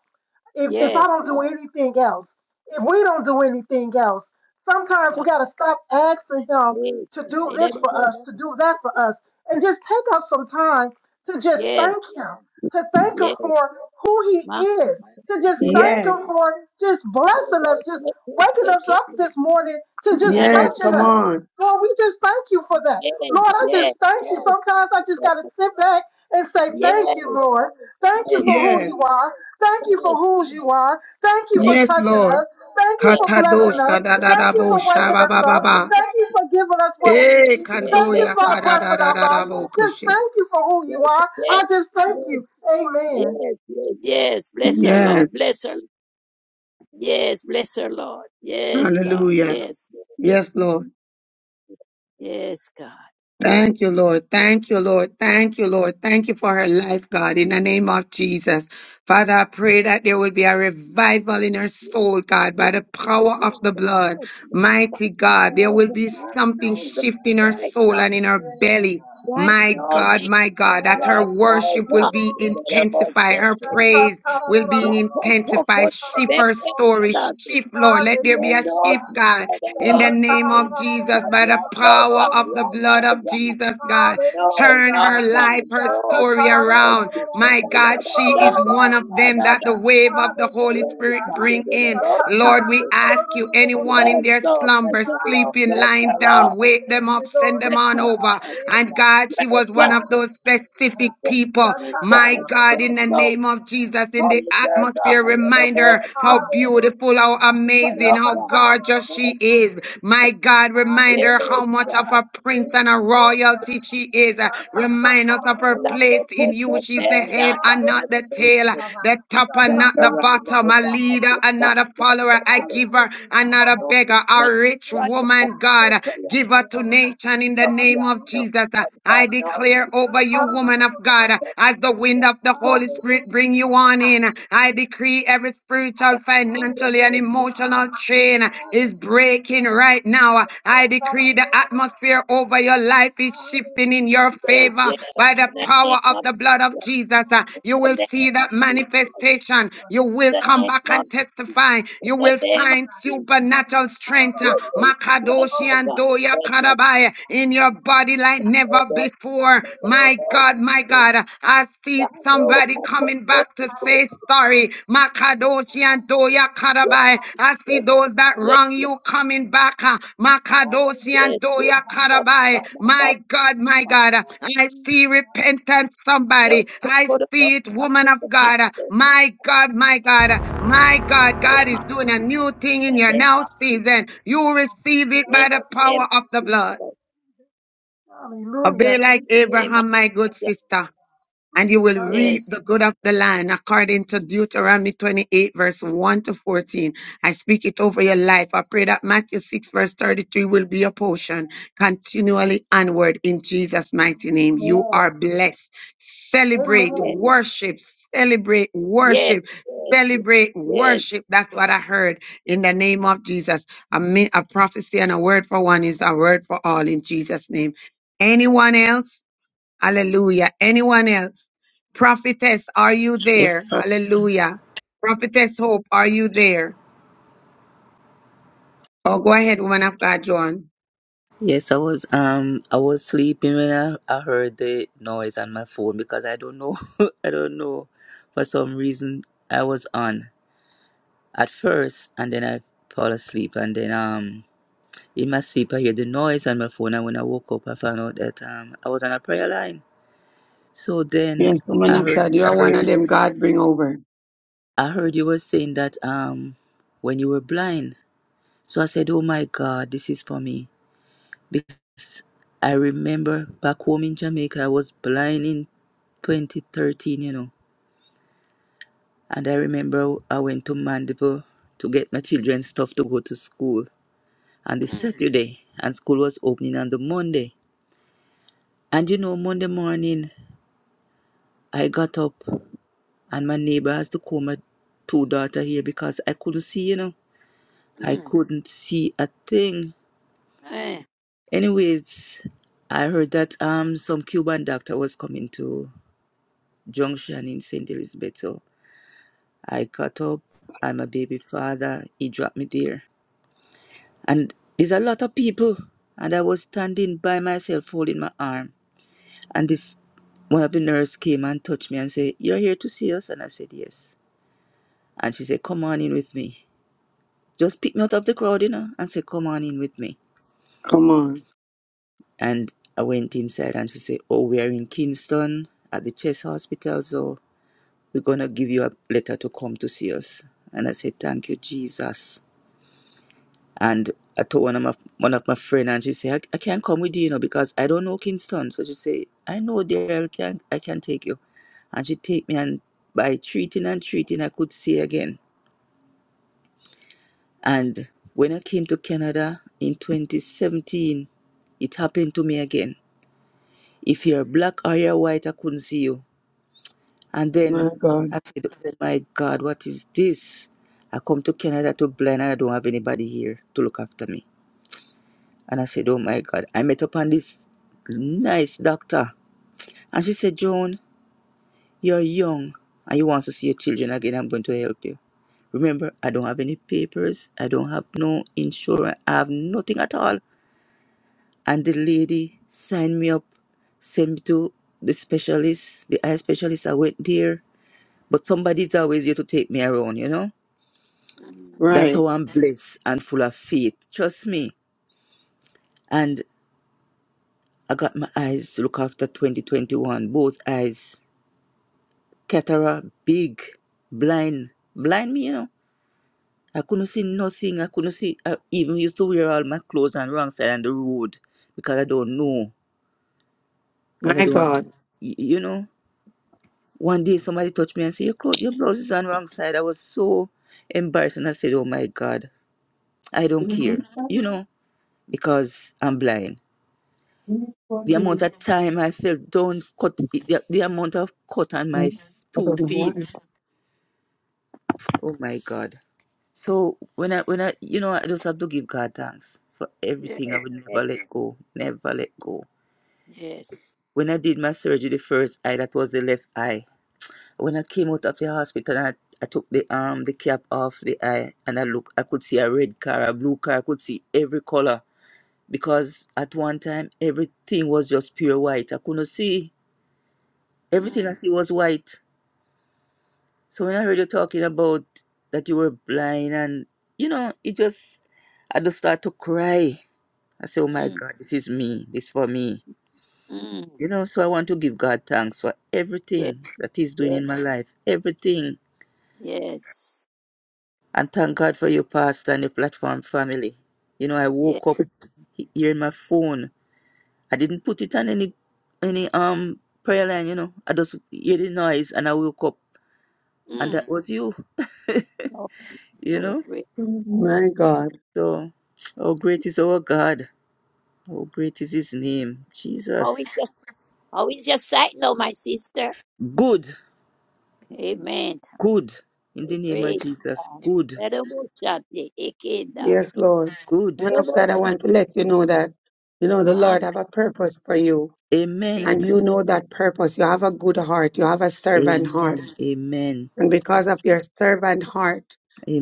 Speaker 14: if, if I
Speaker 3: Yes.
Speaker 14: don't do anything else, if we don't do anything else, sometimes we
Speaker 3: Yes.
Speaker 14: got to stop asking Him to do this for us, to do that for us, and just take up some time to just
Speaker 3: Yes.
Speaker 14: thank Him, to thank Him
Speaker 3: Yes.
Speaker 14: for who He
Speaker 3: Ma-
Speaker 14: is, to just thank
Speaker 9: yes,
Speaker 14: Him
Speaker 3: Rebecca,
Speaker 14: for just blessing
Speaker 3: Rebecca,
Speaker 14: us, just waking us
Speaker 3: Rebecca,
Speaker 14: up this morning, to just
Speaker 3: Ronaldo,
Speaker 9: yes,
Speaker 14: touching
Speaker 9: come
Speaker 14: us.
Speaker 9: on.
Speaker 14: Lord, we just thank you for that.
Speaker 3: Yes.
Speaker 14: Lord, I just
Speaker 3: Yes.
Speaker 14: thank you. Sometimes I just
Speaker 3: Yes.
Speaker 14: got to sit back and say,
Speaker 3: Yes,
Speaker 14: Thank you, Lord. Thank you
Speaker 3: yes,
Speaker 14: for who
Speaker 9: Yes,
Speaker 14: you are. Thank you for who you are. Thank you for
Speaker 3: yes, yes,
Speaker 9: yes,
Speaker 14: touching
Speaker 9: Lord.
Speaker 14: us. Thank you for blessing
Speaker 3: yes,
Speaker 14: us.
Speaker 9: Katadosha
Speaker 3: yes,
Speaker 9: da da
Speaker 14: Thank
Speaker 3: yes,
Speaker 9: da
Speaker 14: you
Speaker 9: bo
Speaker 14: for
Speaker 9: sha
Speaker 14: waking
Speaker 9: ba
Speaker 14: us
Speaker 9: ba ba
Speaker 3: yes. Bless
Speaker 14: up.
Speaker 3: her,
Speaker 9: ba.
Speaker 3: Lord,
Speaker 14: Thank
Speaker 3: bless
Speaker 14: you for giving us what we
Speaker 9: Eh,
Speaker 14: need.
Speaker 3: her, yeah,
Speaker 14: Thank you
Speaker 9: kandoya
Speaker 14: for our
Speaker 9: kada
Speaker 14: breath
Speaker 9: da
Speaker 14: in
Speaker 9: da
Speaker 14: our
Speaker 9: da
Speaker 3: bless
Speaker 9: da
Speaker 3: her,
Speaker 14: body.
Speaker 9: bo
Speaker 3: Lord,
Speaker 14: Just
Speaker 9: koshe.
Speaker 14: thank you for who you are. I
Speaker 3: bless her,
Speaker 14: just thank
Speaker 3: Lord, bless her, yes,
Speaker 14: you.
Speaker 3: yes,
Speaker 14: Amen.
Speaker 3: yes, yes, yes. Bless her,
Speaker 9: Yes,
Speaker 3: Lord, bless her, Yes, bless her, Lord. Yes, God.
Speaker 9: hallelujah.
Speaker 3: Yes,
Speaker 9: Yes, Lord.
Speaker 3: yes, God.
Speaker 9: Thank you, Lord. Thank you, Lord. Thank you, Lord. Thank you for her life, God, in the name of Jesus. Father, I pray that there will be a
Speaker 3: Yes,
Speaker 9: revival in her
Speaker 3: yes,
Speaker 9: soul, God, by the
Speaker 3: yes, God. Yes, God.
Speaker 9: power of
Speaker 3: Yes,
Speaker 9: the
Speaker 3: God.
Speaker 9: blood.
Speaker 3: Touch
Speaker 9: Mighty God,
Speaker 3: her,
Speaker 9: there
Speaker 3: oh,
Speaker 9: will
Speaker 3: God.
Speaker 9: be
Speaker 3: Right
Speaker 9: something
Speaker 3: now, God.
Speaker 9: shift in her
Speaker 3: Right
Speaker 9: soul
Speaker 3: now,
Speaker 9: and
Speaker 14: Hallelujah, God. Hallelujah.
Speaker 9: in her belly.
Speaker 14: Thank
Speaker 3: right
Speaker 14: you,
Speaker 9: My
Speaker 3: now,
Speaker 9: God,
Speaker 3: Jesus.
Speaker 9: my God, that her
Speaker 3: Right now,
Speaker 9: worship will
Speaker 3: God.
Speaker 9: be
Speaker 3: Whatever
Speaker 9: intensified.
Speaker 3: set
Speaker 9: Her
Speaker 3: her down.
Speaker 9: praise will be
Speaker 3: Not for so for
Speaker 9: intensified.
Speaker 3: she
Speaker 9: Shift
Speaker 3: make
Speaker 9: her
Speaker 3: it in the
Speaker 9: story.
Speaker 3: last day.
Speaker 9: Shift, Lord. Let there be
Speaker 3: Yeah,
Speaker 9: a
Speaker 3: no,
Speaker 9: shift,
Speaker 3: she
Speaker 9: God
Speaker 3: said it
Speaker 9: in the
Speaker 3: all.
Speaker 9: name of Jesus,
Speaker 3: Touch
Speaker 9: by the
Speaker 3: right now,
Speaker 9: power
Speaker 3: God.
Speaker 9: of the
Speaker 3: Right
Speaker 9: blood
Speaker 3: now,
Speaker 9: of
Speaker 3: God.
Speaker 9: Jesus, God.
Speaker 3: No,
Speaker 9: Turn her
Speaker 3: no,
Speaker 9: life,
Speaker 3: no,
Speaker 9: her
Speaker 3: Oh,
Speaker 9: story
Speaker 3: God.
Speaker 9: around. My God, she is one of them that the wave of the Holy Spirit bring in. Lord, we ask you, anyone in
Speaker 3: Yes,
Speaker 9: their
Speaker 3: Lord. Bless
Speaker 9: slumber,
Speaker 3: her, Lord.
Speaker 9: sleeping,
Speaker 3: Bless her,
Speaker 9: lying
Speaker 3: Lord.
Speaker 9: down, wake them up, send them
Speaker 3: Bless
Speaker 9: on
Speaker 3: her,
Speaker 9: over.
Speaker 3: Lord.
Speaker 9: And God, she
Speaker 3: Bless
Speaker 9: was one
Speaker 3: God.
Speaker 9: of those specific people.
Speaker 3: Yes,
Speaker 9: My
Speaker 3: God.
Speaker 9: God,
Speaker 3: Bless
Speaker 9: in the
Speaker 3: the Lord.
Speaker 9: name of Jesus, in the
Speaker 3: Holy Spirit,
Speaker 9: atmosphere,
Speaker 3: God. In the voice
Speaker 9: remind her
Speaker 3: of the
Speaker 9: how beautiful, how
Speaker 3: Son
Speaker 9: amazing,
Speaker 3: of
Speaker 9: how
Speaker 3: God.
Speaker 9: gorgeous she is. My God, remind
Speaker 3: Yes,
Speaker 9: her how much of
Speaker 3: God.
Speaker 9: a prince and a royalty she is. Remind us of her
Speaker 3: And I
Speaker 9: her place
Speaker 3: will
Speaker 9: in
Speaker 3: push
Speaker 9: you.
Speaker 3: your
Speaker 9: She's the
Speaker 3: hand down
Speaker 9: head and not
Speaker 3: that
Speaker 9: the
Speaker 3: ever
Speaker 9: tail, the top and
Speaker 3: That's
Speaker 9: not
Speaker 3: where I
Speaker 9: the bottom,
Speaker 3: know
Speaker 9: a
Speaker 3: that
Speaker 9: leader
Speaker 3: just
Speaker 9: and
Speaker 3: found
Speaker 9: not a
Speaker 3: that
Speaker 9: follower,
Speaker 3: that's
Speaker 9: a
Speaker 3: the big
Speaker 9: giver
Speaker 3: thing.
Speaker 9: and not a
Speaker 3: no,
Speaker 9: beggar, a
Speaker 3: that's
Speaker 9: rich
Speaker 3: right. That's
Speaker 9: woman,
Speaker 3: right.
Speaker 9: God.
Speaker 3: That's right. No,
Speaker 9: Give her to nation in the
Speaker 3: that's
Speaker 9: name
Speaker 3: right.
Speaker 9: of
Speaker 3: No,
Speaker 9: Jesus.
Speaker 3: that's
Speaker 9: I
Speaker 3: right. No,
Speaker 9: declare over you, woman of God, as the wind of the Holy Spirit bring you on in. I decree every spiritual,
Speaker 3: that's right. That's
Speaker 9: financial, and
Speaker 3: right.
Speaker 9: emotional chain is breaking shaking right now. I decree the atmosphere over your life is shifting in your
Speaker 3: Yes,
Speaker 9: favor by the
Speaker 3: in the name
Speaker 9: power of
Speaker 3: of
Speaker 9: the blood of
Speaker 3: Jesus,
Speaker 9: Jesus. Uh, You
Speaker 3: the
Speaker 9: will see
Speaker 3: name of
Speaker 9: that
Speaker 3: Jesus,
Speaker 9: manifestation. You will
Speaker 3: the
Speaker 9: come
Speaker 3: name
Speaker 9: back
Speaker 3: of
Speaker 9: and testify. You
Speaker 3: the
Speaker 9: will
Speaker 3: name of
Speaker 9: find
Speaker 3: Jesus.
Speaker 9: supernatural strength, uh,
Speaker 3: Yes, Lord. Yes,
Speaker 9: Makadoshi and
Speaker 3: Lord.
Speaker 9: Doya
Speaker 3: Yes, Lord.
Speaker 9: Karabai, in your body like
Speaker 3: Now, Lord,
Speaker 9: never
Speaker 3: Lord,
Speaker 9: before.
Speaker 3: Lord, Lord,
Speaker 9: My
Speaker 3: Lord, Lord,
Speaker 9: God, my God, I see
Speaker 3: Lord, Lord,
Speaker 9: somebody
Speaker 3: Lord,
Speaker 9: coming
Speaker 3: Lord, Lord, Lord,
Speaker 9: back to
Speaker 3: Lord,
Speaker 9: say sorry. Makadoshi and Toya
Speaker 3: Yes,
Speaker 9: Karabai. I see
Speaker 3: yes,
Speaker 9: those that wrong
Speaker 3: yes,
Speaker 9: you coming back. ah. Makadoshi
Speaker 3: Yes,
Speaker 9: and
Speaker 3: yes,
Speaker 9: Toya
Speaker 3: Father, Father,
Speaker 9: Karabai. My
Speaker 3: Father,
Speaker 9: God, my
Speaker 3: Father,
Speaker 9: God. uh, I see repentance,
Speaker 3: help
Speaker 9: somebody.
Speaker 3: the
Speaker 9: I
Speaker 3: Lord of us,
Speaker 9: see it,
Speaker 3: not
Speaker 9: woman
Speaker 3: to
Speaker 9: of
Speaker 3: forget
Speaker 9: God. uh,
Speaker 3: the
Speaker 9: My God, my God. uh, My God, God
Speaker 3: name
Speaker 9: is
Speaker 3: of
Speaker 9: doing a new thing in
Speaker 3: the
Speaker 9: your
Speaker 3: name
Speaker 9: now
Speaker 3: of Jesus,
Speaker 9: season. You receive it
Speaker 3: in the
Speaker 9: by
Speaker 3: name
Speaker 9: the power
Speaker 3: of
Speaker 9: of the
Speaker 3: Jesus,
Speaker 9: blood. Obey like
Speaker 3: name of
Speaker 9: Abraham, my good
Speaker 3: Jesus.
Speaker 9: sister and you will reap
Speaker 3: Yes,
Speaker 9: the good of the land according to Deuteronomy 28 verse 1 to 14. I speak it over your life. I pray that Matthew 6 verse 33 will be your portion continually onward in Jesus mighty name. You
Speaker 14: Lord.
Speaker 9: are blessed. Celebrate,
Speaker 3: yes,
Speaker 14: Amen.
Speaker 9: worship, celebrate,
Speaker 3: yes,
Speaker 9: worship.
Speaker 3: yes, yes,
Speaker 9: Celebrate
Speaker 3: yes.
Speaker 9: worship. That's what I heard in the name of Jesus. A, mi- a prophecy and a word for one is a word for all in Jesus' name. Anyone else? Hallelujah. Anyone else? Prophetess, are you
Speaker 23: Yes,
Speaker 9: there?
Speaker 23: uh,
Speaker 9: Hallelujah. Prophetess Hope, are you there? Oh, go ahead, woman of God, John.
Speaker 23: yes, I was um I was sleeping when I, I heard the noise on my phone because I don't know I don't know for some reason I was on at first and then I fall asleep and then um in my sleep I hear the noise on my phone and when I woke up I found out that um I was on a prayer line so then
Speaker 9: Yes, woman
Speaker 23: I
Speaker 9: of
Speaker 23: heard
Speaker 9: God, you
Speaker 23: I
Speaker 9: are one
Speaker 23: heard
Speaker 9: of them God bring over.
Speaker 23: I heard you were saying that um when you were blind. So I said, Oh my God, this is for me. Because I remember back home in Jamaica I was blind in twenty thirteen, you know. And I remember I went to Mandeville to get my children's stuff to go to school on the
Speaker 3: Mm,
Speaker 23: Saturday and school was opening on the Monday. And you know, Monday morning I got up and my neighbor has to call my two daughter here because I couldn't see, you know. I
Speaker 3: mm,
Speaker 23: couldn't see a thing
Speaker 3: eh,
Speaker 23: Anyways, I heard that um some Cuban doctor was coming to Junction in St. Elizabeth. So I caught up. I'm a baby father. He dropped me there. And there's a lot of people. And I was standing by myself holding my arm. And this one of the nurse came and touched me and said, You're here to see us? And I said, Yes. And she said, Come on in with me. Just pick me out of the crowd, you know, and said, Come on in with me.
Speaker 9: Come on.
Speaker 23: And I went inside and she said, Oh, we are in Kingston at the chest hospital. so." We're going to give you a letter to come to see us. And I said, Thank you, Jesus. And I told one of my one of my friend, and she said, I, I can't come with you, you know, because I don't know Kingston. So she said, I know there, I can I can take you. And she take me and by treating and treating, I could see again. And when I came to Canada in 2017, it happened to me again. If you're black or you're white, I couldn't see you And
Speaker 9: My
Speaker 23: then
Speaker 9: God.
Speaker 23: I said, Oh my God, what is this? I come to Canada to blind and I don't have anybody here to look after me. And I said, Oh my God. I met upon this nice doctor. And she said, Joan, you're young and you want to see your children again. I'm going to help you. Remember, I don't have any papers. I don't have no insurance. I have nothing at all. And the lady signed me up, sent me to the specialist, the eye specialist. I went there. But somebody's always here to take me around, you know?
Speaker 3: mm,
Speaker 23: That's
Speaker 9: Right.
Speaker 23: how I'm blessed and full of faith. Trust me. And I got my eyes look after 2021. Both eyes. Cataract, big, blind. Blind me, you know. I couldn't see nothing. I couldn't see. I even used to wear all my clothes on wrong side on the road because I don't know. Because I
Speaker 9: My
Speaker 23: don't have,
Speaker 9: God.
Speaker 23: y- you know. One day somebody touched me and said, your, clothes, your blouse is on wrong side. I was so embarrassed and I said, oh my God, I don't
Speaker 9: You know,
Speaker 23: care,
Speaker 9: you know,
Speaker 23: you know, because I'm blind.
Speaker 9: you know, God
Speaker 23: the amount
Speaker 9: be-
Speaker 23: of time I felt down, cut the, the amount of cut on
Speaker 9: Huh?
Speaker 23: my
Speaker 9: I
Speaker 23: two
Speaker 9: don't know why.
Speaker 23: feet. Oh my God! So when I when I you know I just have to give God thanks for everything. I
Speaker 3: yes,
Speaker 23: would
Speaker 3: yes,
Speaker 23: never let go, never let go.
Speaker 3: yes.
Speaker 23: When I did my surgery, the first eye that was the left eye. When I came out of the hospital, and I, I took the um the cap off the eye, and I look, I could see a red car, a blue car, I could see every color because at one time everything was just pure white. I couldn't see everything I
Speaker 3: Mm,
Speaker 23: see was white So when I heard you talking about that you were blind and you know, it just I just start to cry. I say, Oh my
Speaker 3: mm,
Speaker 23: God, this is me. This for me.
Speaker 3: mm,
Speaker 23: You know, so I want to give God thanks for
Speaker 3: yes,
Speaker 23: everything that He's doing
Speaker 3: yes,
Speaker 23: in my life. Everything.
Speaker 3: yes,
Speaker 23: And thank God for your pastor and your platform family. You know, I
Speaker 3: yes.
Speaker 23: woke up he- hearing my phone. I didn't put it on any any um prayer line, you know. I just hear the noise and I woke up and
Speaker 3: Mm,
Speaker 23: that was you,
Speaker 3: no,
Speaker 23: you
Speaker 3: no,
Speaker 23: know?
Speaker 3: great. God.
Speaker 9: My God.
Speaker 23: So how great is our God. Oh, great is his name. Jesus.
Speaker 3: Always just, always just sight, no, my sister.
Speaker 23: Good.
Speaker 3: Amen.
Speaker 23: Good. In the name of
Speaker 3: Praise
Speaker 23: Jesus.
Speaker 3: God.
Speaker 23: Good.
Speaker 3: Nerobosate, ekeda.
Speaker 9: Yes, Lord.
Speaker 23: Good.
Speaker 9: Woman of God, I want to
Speaker 3: Nerobosite.
Speaker 9: let you know that, you know, the
Speaker 3: Mom,
Speaker 9: Lord have a purpose for you.
Speaker 3: Nick,
Speaker 23: Amen.
Speaker 9: And you know that purpose. You have a good heart. You have a servant heart.
Speaker 23: Amen. Amen.
Speaker 9: and because of your servant heart,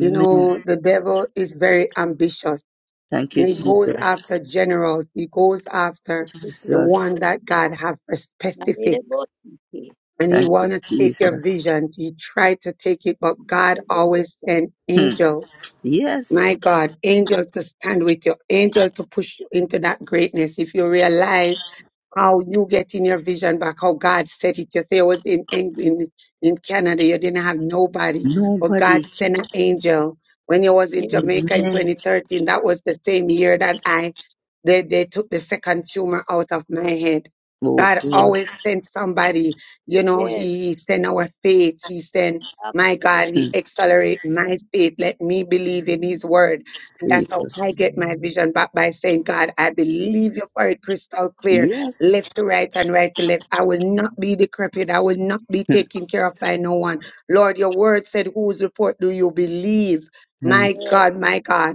Speaker 9: you know, the devil is very ambitious
Speaker 23: Thank you,
Speaker 9: and he
Speaker 3: mm,
Speaker 9: goes
Speaker 23: Jesus.
Speaker 9: after generals. He goes after the
Speaker 23: Jesus.
Speaker 3: ekekeke.
Speaker 9: one that God have for specific
Speaker 3: Nerobosite.
Speaker 9: and he
Speaker 23: Thank you,
Speaker 9: want to take your
Speaker 23: Jesus.
Speaker 9: vision. He tried to take it, but God
Speaker 3: Nerobosite.
Speaker 9: always sent
Speaker 23: Hmm.
Speaker 9: angels
Speaker 23: Yes.
Speaker 9: my God, angel to stand with you, angel to push you into that greatness. If you realize how you get in your vision back, how God set it. You say I was in Eng- in in Canada, you didn't have nobody, but God
Speaker 23: Nobody.
Speaker 9: sent an angel. When you was in
Speaker 3: Yes,
Speaker 9: Jamaica in
Speaker 23: Amen.
Speaker 9: 2013, that was the same year that I they, they took the second tumor out of my head.
Speaker 23: Oh,
Speaker 9: God
Speaker 23: God.
Speaker 9: always sent somebody, you know,
Speaker 3: yes,
Speaker 9: he, he sent our faith, he sent
Speaker 3: of
Speaker 9: my God,
Speaker 3: course.
Speaker 9: He
Speaker 23: Hmm.
Speaker 9: accelerate my faith. Let me believe in His word. And that's how I
Speaker 23: Jesus.
Speaker 9: get my vision back by saying, God, I believe your word crystal clear, left
Speaker 23: Yes.
Speaker 9: to right and right to left. I will not be decrepit. I will not be
Speaker 23: Hmm.
Speaker 9: taken care of by no one. Lord, your word said, whose report do you believe?
Speaker 23: Hmm.
Speaker 9: My
Speaker 3: Yes,
Speaker 9: God, my God.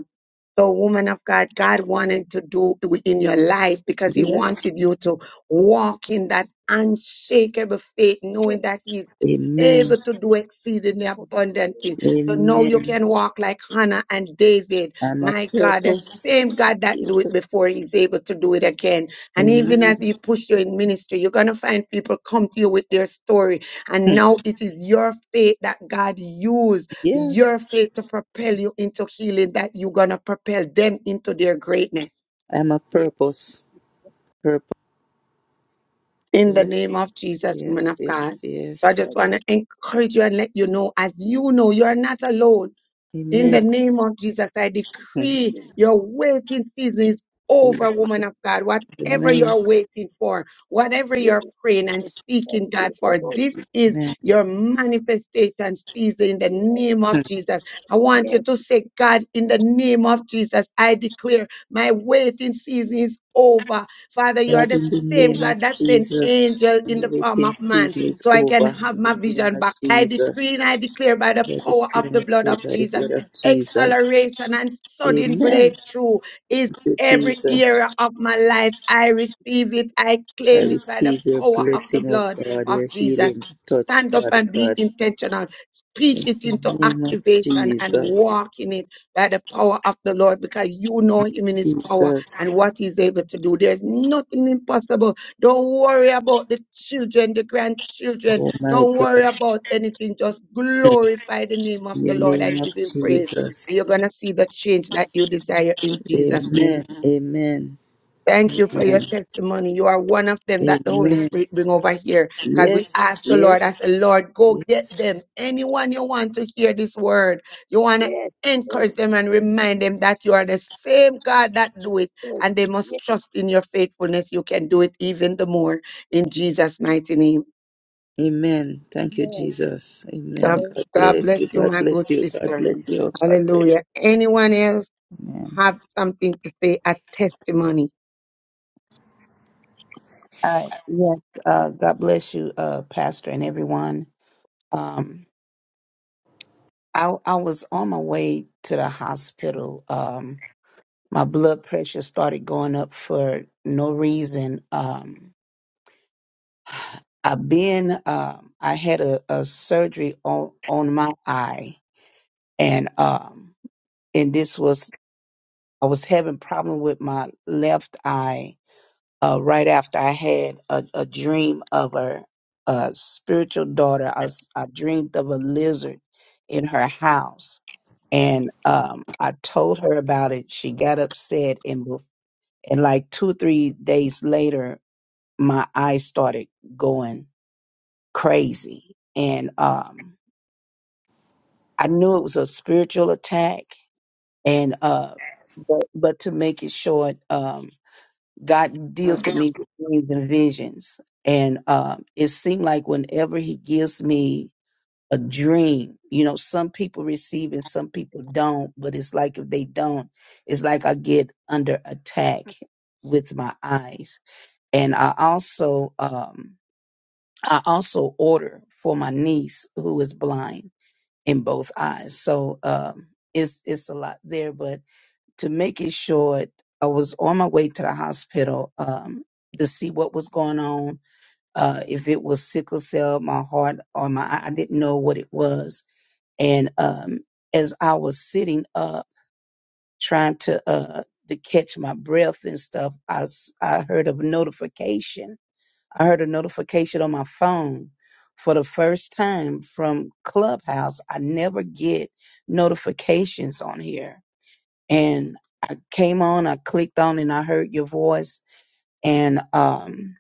Speaker 9: So, woman of God, God wanted to do in your life because He
Speaker 23: Yes.
Speaker 9: wanted you to walk in that unshakable faith, knowing
Speaker 3: yes,
Speaker 9: that He's
Speaker 23: Amen.
Speaker 9: able to do exceedingly abundantly. So now you
Speaker 23: Amen.
Speaker 9: can walk like Hannah and David.
Speaker 23: I'm a
Speaker 9: My God, the
Speaker 23: purpose.
Speaker 9: same God that do it
Speaker 23: Jesus.
Speaker 9: before He's able to do it again. And even
Speaker 23: Amen.
Speaker 9: as He push you in ministry, you're gonna find people come to you with their story, and
Speaker 23: Hmm.
Speaker 9: now it is your faith that God used your
Speaker 23: Yes.
Speaker 9: faith to propel you into healing that you're going to propel them into their greatness
Speaker 23: I'm a purpose. Purpose.
Speaker 9: in the
Speaker 23: Yes.
Speaker 9: name of Jesus,
Speaker 23: Yes.
Speaker 9: woman of
Speaker 23: Yes.
Speaker 9: God. So
Speaker 23: Yes.
Speaker 9: I just
Speaker 3: yes,
Speaker 9: want to encourage you and let you know, as you know, you are not alone. In
Speaker 23: Amen.
Speaker 9: the
Speaker 3: yes,
Speaker 9: name of Jesus, I decree
Speaker 3: yes,
Speaker 9: your waiting season is over,
Speaker 3: Ma,
Speaker 23: Jesus.
Speaker 9: woman of God.
Speaker 3: yes,
Speaker 9: Whatever
Speaker 23: Amen.
Speaker 9: you're waiting for, whatever you're
Speaker 3: yes,
Speaker 9: praying and seeking
Speaker 3: yes,
Speaker 9: God for,
Speaker 3: Nerobosite,
Speaker 9: this is
Speaker 23: Amen.
Speaker 9: your manifestation season in the name of Jesus. I want you
Speaker 3: yes,
Speaker 9: to say, God, in the name of Jesus, I declare my waiting season is over. Father, you are
Speaker 23: God,
Speaker 9: the
Speaker 23: in the
Speaker 9: same
Speaker 23: name of
Speaker 9: God that's an
Speaker 23: Jesus,
Speaker 9: angel in
Speaker 23: the
Speaker 9: the form of
Speaker 23: waiting
Speaker 9: man
Speaker 23: season is
Speaker 9: so I can
Speaker 23: over.
Speaker 9: have
Speaker 23: In
Speaker 9: my
Speaker 23: the name
Speaker 9: vision
Speaker 23: of
Speaker 9: back. I decree
Speaker 23: Jesus.
Speaker 9: and I declare by the
Speaker 23: Let it
Speaker 9: power of the
Speaker 23: and
Speaker 9: blood
Speaker 23: clear
Speaker 9: of
Speaker 23: by the
Speaker 9: Jesus
Speaker 23: blood of Jesus.
Speaker 9: acceleration and sudden
Speaker 23: Amen.
Speaker 9: breakthrough is
Speaker 23: Thank you,
Speaker 9: every
Speaker 23: Jesus.
Speaker 9: area of my life. I receive it. I
Speaker 23: I
Speaker 9: claim it by the
Speaker 23: receive your
Speaker 9: power of the
Speaker 23: blessing, oh
Speaker 9: blood
Speaker 23: God,
Speaker 9: of
Speaker 23: your
Speaker 9: Jesus.
Speaker 23: healing touch,
Speaker 9: Stand up
Speaker 23: Father
Speaker 9: and be
Speaker 23: God.
Speaker 9: intentional. Speak
Speaker 23: In
Speaker 9: it into
Speaker 23: the name of
Speaker 9: activation and
Speaker 23: Jesus.
Speaker 9: walk in it by the power of the Lord because you know Him in His power and
Speaker 23: Jesus.
Speaker 9: what He's able to do. There's nothing impossible. Don't worry about the children, the grandchildren.
Speaker 23: Oh my
Speaker 9: Don't
Speaker 23: God.
Speaker 9: worry about anything. Just glorify the name of
Speaker 23: In
Speaker 9: the
Speaker 23: the
Speaker 9: Lord and
Speaker 23: name of
Speaker 9: give Him praise and you're
Speaker 23: Jesus.
Speaker 9: going to see the change that you desire in Jesus'
Speaker 23: Amen.
Speaker 9: name.
Speaker 23: Amen.
Speaker 9: Thank you
Speaker 3: amen.
Speaker 9: for your
Speaker 23: Amen.
Speaker 9: testimony. You are one of them that the Holy
Speaker 23: Amen.
Speaker 9: Spirit bring over here because we
Speaker 23: Yes.
Speaker 9: ask the Lord, I
Speaker 23: Yes.
Speaker 9: said, Lord, go get them.
Speaker 23: Yes.
Speaker 9: Anyone you want to hear this word, you want to
Speaker 3: Yes,
Speaker 9: encourage
Speaker 3: yes,
Speaker 9: them and remind them that you are the same God that do it
Speaker 3: yes, yes,
Speaker 9: and they must
Speaker 3: yes,
Speaker 9: trust in your faithfulness. You can do it even the more in Jesus' mighty name.
Speaker 23: Amen. Thank you,
Speaker 3: yes, yes,
Speaker 23: Jesus. Amen.
Speaker 9: God
Speaker 23: God
Speaker 9: God
Speaker 23: bless
Speaker 9: bless
Speaker 23: you.
Speaker 9: you,
Speaker 23: God
Speaker 9: my good
Speaker 23: bless you. God
Speaker 9: sister.
Speaker 23: bless you. God bless
Speaker 9: Hallelujah. Anyone else
Speaker 23: you.
Speaker 9: have something to say, a testimony?
Speaker 20: Uh, yes, uh, God bless you, uh, Pastor, and everyone. Um, I, I was on my way to the hospital. Um, my blood pressure started going up for no reason. Um, I've been, um, I had a, a surgery on, on my eye, and um, and this was I was having problem with my left eye uh, right after I had a, a dream of a, a spiritual daughter. I, s- I dreamed of a lizard in her house, and um, I told her about it. She got upset, and bef- and like two or three days later, my eyes started going crazy, and um, I knew it was a spiritual attack. And uh, but but to make it short, um, God deals with
Speaker 23: Amen.
Speaker 20: me with dreams and visions. And um, it seemed like whenever He gives me a dream, you know, some people receive and some people don't, but it's like if they don't, it's like I get under attack with my eyes. And I also, um, I also order for my niece who is blind in both eyes. So um, it's it's a lot there, but to make it short, I was on my way to the hospital um, to see what was going on, uh, if it was sickle cell, my heart, or my, I I didn't know what it was. And um, as I was sitting up trying to, uh, to catch my breath and stuff, I, s- I heard of a notification. I heard a notification on my phone for the first time from Clubhouse. I never get notifications on here and I came on, I clicked on and I heard your voice and um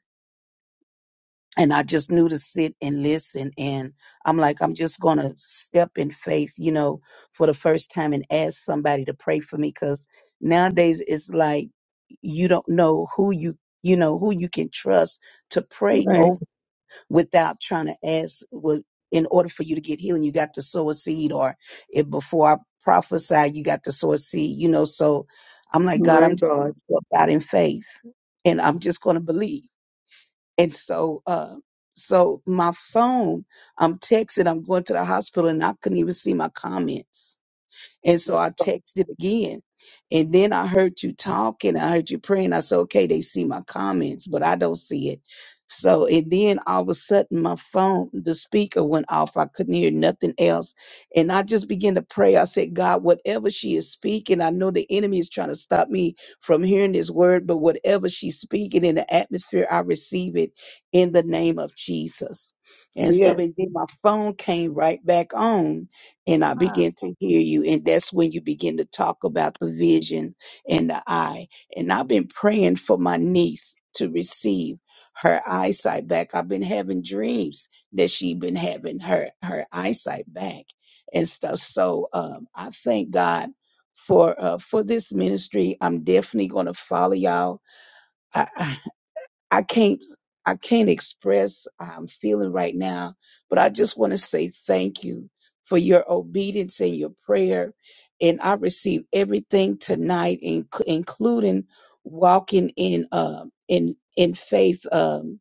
Speaker 20: and I just knew to sit and listen and I'm like I'm just going to step in faith, you know, for the first time and ask somebody to pray for me cuz nowadays it's like you don't know who you you know who you can trust to pray
Speaker 9: Right.
Speaker 20: without trying to ask well, in order for you to get healing you got to sow a seed or if before i prophesy you got to sow a seed you know so i'm like god
Speaker 9: My
Speaker 20: i'm just going to
Speaker 9: God.
Speaker 20: step out in faith and i'm just going to believe and so uh so my phone i'm texting i'm going to the hospital and i couldn't even see my comments and so
Speaker 9: My
Speaker 20: I
Speaker 9: God.
Speaker 20: texted again. And then I heard you talking. I heard you praying. I said, okay, they see my comments, but I don't see it. So, and then all of a sudden my phone, the speaker went off. I couldn't hear nothing else. And I just began to pray. I said, God, whatever she is speaking, I know the enemy is trying to stop me from hearing this word, but whatever she's speaking in the atmosphere, I receive it in the name of Jesus. And stuff.
Speaker 9: Yeah.
Speaker 20: And then my phone came right back on and I
Speaker 3: Ah,
Speaker 20: begin to hear you. And that's when you begin to talk about the vision and the eye. And I've been praying for my niece to receive her eyesight back. I've been having dreams that she's been having her, her eyesight back and stuff. So um, I thank God for uh, for this ministry. I'm definitely going to follow y'all. I, I can't I can't express how I'm feeling right now, but I just want to say thank you for your obedience and your prayer. And I received everything tonight, in, including walking in um in in faith. Um,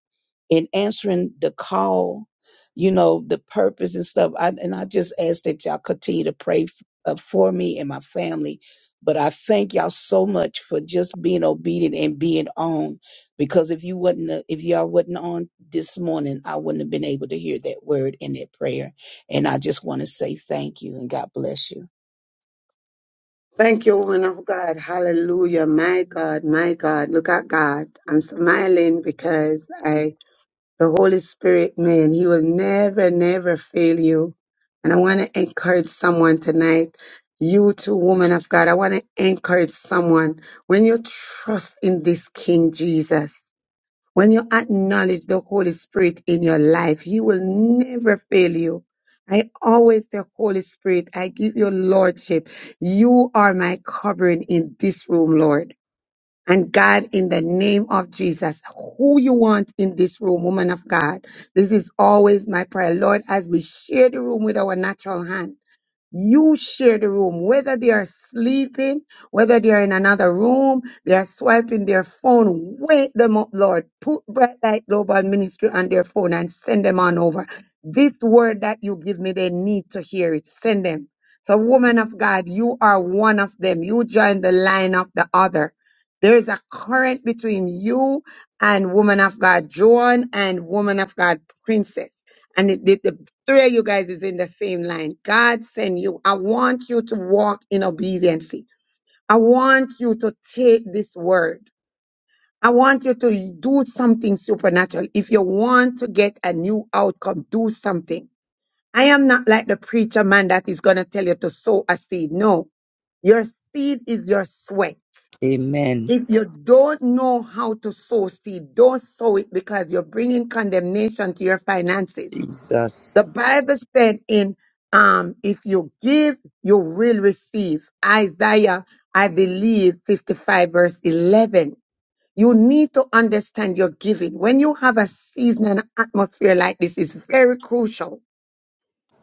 Speaker 20: in answering the call, you know, the purpose and stuff. I, and I just ask that y'all continue to pray f- uh, for me and my family. But I thank y'all so much for just being obedient and being on, because if you would not uh, if y'all wasn't on this morning, I wouldn't have been able to hear that word in that prayer. And I just want to say thank you and God bless you.
Speaker 9: Thank you, woman of God. Hallelujah. My God. My God. Look at God. I'm smiling because I, the Holy Spirit, man, He will never, never fail you. And I want to encourage someone tonight. You too, woman of God. I want to encourage someone. When you trust in this King Jesus, When you acknowledge the Holy Spirit in your life, He will never fail you. I always say, Holy Spirit, I give you Lordship. You are my covering in this room, Lord. And God, in the name of Jesus, who you want in this room, woman of God. This is always my prayer, Lord, as we share the room with our natural hand. You share the room, whether they are sleeping, whether they are in another room, they are swiping their phone. Wake them up, Lord. Put Bright Light Global Ministry on their phone and send them on over. This word that you give me, they need to hear it. Send them. So, woman of God, you are one of them. You join the line of the other. There is a current between you and woman of God, Joan, and woman of God, Princess. And it did Three of you guys is in the same line. God send you. I want you to walk in obedience. I want you to take this word. I want you to do something supernatural. If you want to get a new outcome, do something. I am not like the preacher man that is going to tell you to sow a seed. No, your seed is your sweat.
Speaker 23: Amen.
Speaker 9: If you don't know how to sow seed, don't sow it because you're bringing condemnation to your finances. The
Speaker 23: Jesus.
Speaker 9: Bible said in um, if you give, you will receive. Isaiah, I believe, 55 verse 11. You need to understand your giving. When you have a season and atmosphere like this, it's very crucial.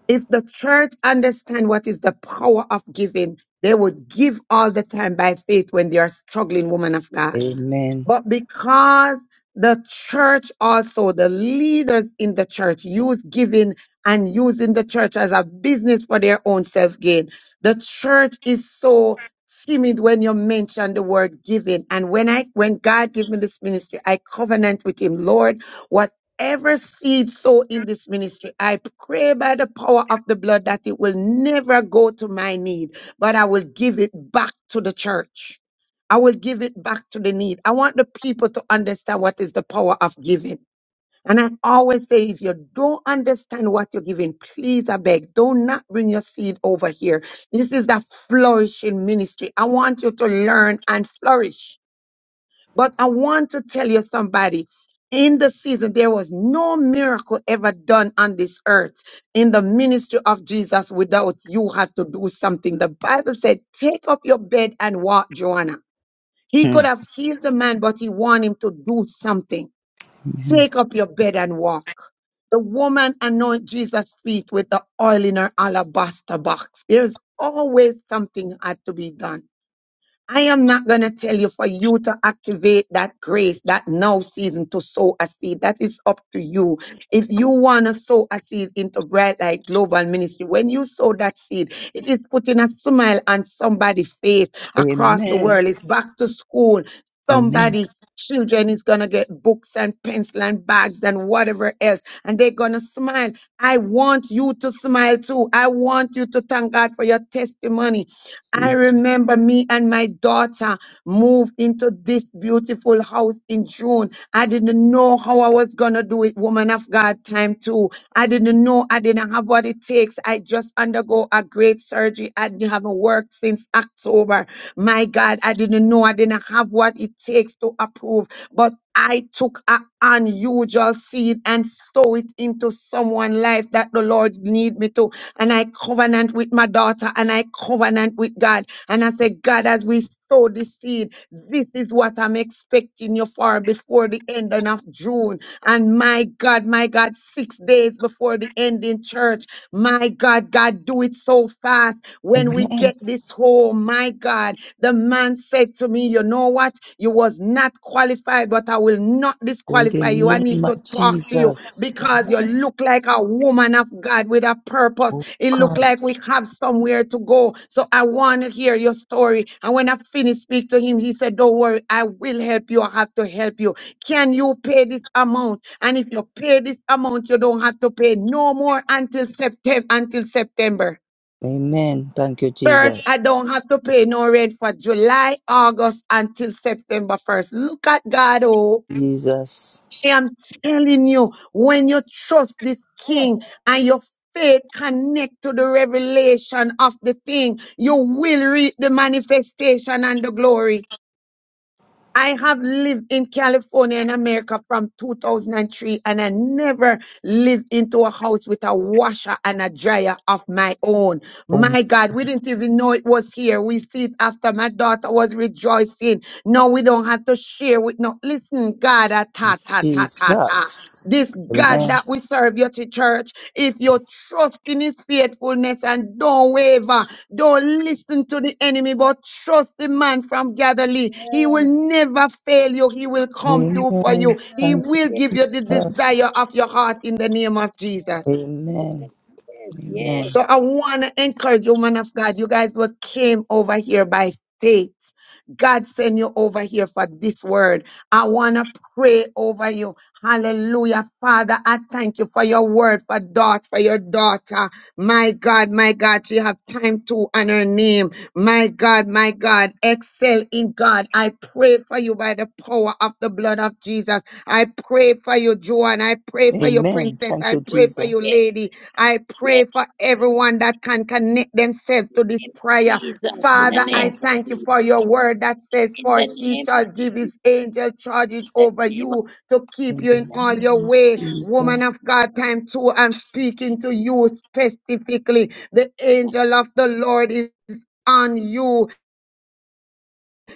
Speaker 9: If the church understand what is the power of giving, they would give all the time by faith when they are struggling, woman of God
Speaker 23: Amen.
Speaker 9: but because the church also, the leaders in the church use giving and using the church as a business for their own self gain. The church is so timid when you mention the word giving. And when I, when God gave me this ministry, I covenant with him, Lord, whatever seed sow in this ministry, I pray by the power of the blood that it will never go to my need, but I will give it back to the church. I will give it back to the need. I want the people to understand what is the power of giving. And I always say, if you don't understand what you're giving, please, I beg, do not bring your seed over here. This is the flourishing ministry. I want you to learn and flourish. But I want to tell you somebody, in the season, there was no miracle ever done on this earth in the ministry of Jesus without you had to do something. The Bible said, take up your bed and walk, Joanna. He
Speaker 23: Hmm.
Speaker 9: could have healed the man, but he wanted him to do something.
Speaker 23: Amen.
Speaker 9: Take up your bed and walk. The woman anointed Jesus' feet with the oil in her alabaster box. There's always something had to be done. I am not going to tell you for you to activate that grace, that now season to sow a seed. That is up to you. If you want to sow a seed into Bright Light Global Ministry, when you sow that seed, it is putting a smile on somebody's face across the
Speaker 23: Amen.
Speaker 9: world. It's back to school.
Speaker 23: Amen.
Speaker 9: Somebody. Children is gonna get books and pencil and bags and whatever else, and they're gonna smile. I want you to smile too. I want you to thank God for your testimony. I
Speaker 23: Jesus.
Speaker 9: remember me and my daughter moved into this beautiful house in June. I didn't know how I was going to do it, woman of God, time too. I didn't know. I didn't have what it takes. I just undergo a great surgery. I didn't- haven't worked since October. My God, I didn't know. I didn't have what it takes to approve, but I took an unusual seed and sow it into someone's life that the Lord need me to and I covenant with my daughter and I covenant with God. And I say, God, as we sow the seed, this is what I'm expecting you for before the ending of June. And my God, my God, six days before the ending church, my God, God, do it so fast when we
Speaker 23: Amen.
Speaker 9: get this home. My God, the man said to me, You know what? You was not qualified, but I will not
Speaker 23: In the
Speaker 9: disqualify you. I
Speaker 23: name
Speaker 9: need
Speaker 23: of
Speaker 9: to talk to you
Speaker 23: Jesus.
Speaker 9: because you look like a woman of God with a purpose.
Speaker 23: Oh
Speaker 9: It looked
Speaker 23: God.
Speaker 9: like we have somewhere to go. So I want to hear your story. And when I finished speak to him, he said, Don't worry, I will help you. I have to help you. Can you pay this amount? And if you pay this amount, you don't have to pay no more until September until September.
Speaker 23: Amen. Thank you,
Speaker 9: Church, I
Speaker 23: Jesus.
Speaker 9: don't have to pay no rent for July, August until September 1st. Look at God, oh.
Speaker 23: Jesus.
Speaker 9: I'm telling you, when you trust this king and your faith connect to the revelation of the thing, you will reap the manifestation and the glory. I have lived in California in America from 2003 and three, and I never lived into a house with a washer and a dryer of my own.
Speaker 23: Oh,
Speaker 9: My God, we didn't even know it was here. We see it after my daughter was rejoicing. No, we don't have to share with no. Listen, God, ah, ta, ta, ta, ta, ta.
Speaker 23: Jesus.
Speaker 9: This God
Speaker 23: Amen.
Speaker 9: that we serve you to church, if you trust in his faithfulness and don't waver, don't listen to the enemy, but trust the man from Galilee. He will never fail you. He will come through for
Speaker 23: Amen.
Speaker 9: you. He
Speaker 23: Thank you,
Speaker 9: will
Speaker 3: yes,
Speaker 9: give you the
Speaker 23: Jesus.
Speaker 9: desire of your heart in the name of Jesus.
Speaker 23: Amen.
Speaker 3: yes,
Speaker 23: Amen.
Speaker 3: yes,
Speaker 9: So I want to encourage you, man of God. You guys were came over here by faith. God sent you over here for this word. I want to pray over you. Hallelujah. Father, I thank you for your word, for daughter, for your daughter. My God, my God, she have time to on her name. My God, my God, excel in God. I pray for you by the power of the blood of Jesus. I pray for you, Joan. I pray for you,
Speaker 23: Amen.
Speaker 9: princess.
Speaker 23: Thank
Speaker 9: I
Speaker 23: you,
Speaker 9: pray for you,
Speaker 23: Jesus.
Speaker 3: yes,
Speaker 9: lady. I
Speaker 3: yes,
Speaker 9: pray for everyone that can connect themselves to this
Speaker 3: name of
Speaker 9: prayer.
Speaker 3: Jesus, in the
Speaker 9: Father,
Speaker 3: name
Speaker 9: I
Speaker 3: of
Speaker 23: Jesus.
Speaker 9: thank you
Speaker 3: Jesus,
Speaker 9: for your word that says,
Speaker 3: in
Speaker 9: For
Speaker 3: the
Speaker 9: he
Speaker 3: name
Speaker 9: shall
Speaker 3: of
Speaker 9: give
Speaker 3: Jesus,
Speaker 9: his angel
Speaker 3: in
Speaker 9: charges
Speaker 3: the
Speaker 9: over
Speaker 3: name of
Speaker 9: you to keep
Speaker 23: In
Speaker 9: you
Speaker 23: the
Speaker 9: in all your
Speaker 23: name of
Speaker 9: way. Woman
Speaker 23: Jesus.
Speaker 9: of God, time two, I'm speaking to you specifically. The angel
Speaker 3: Jesus.
Speaker 9: of the Lord is on you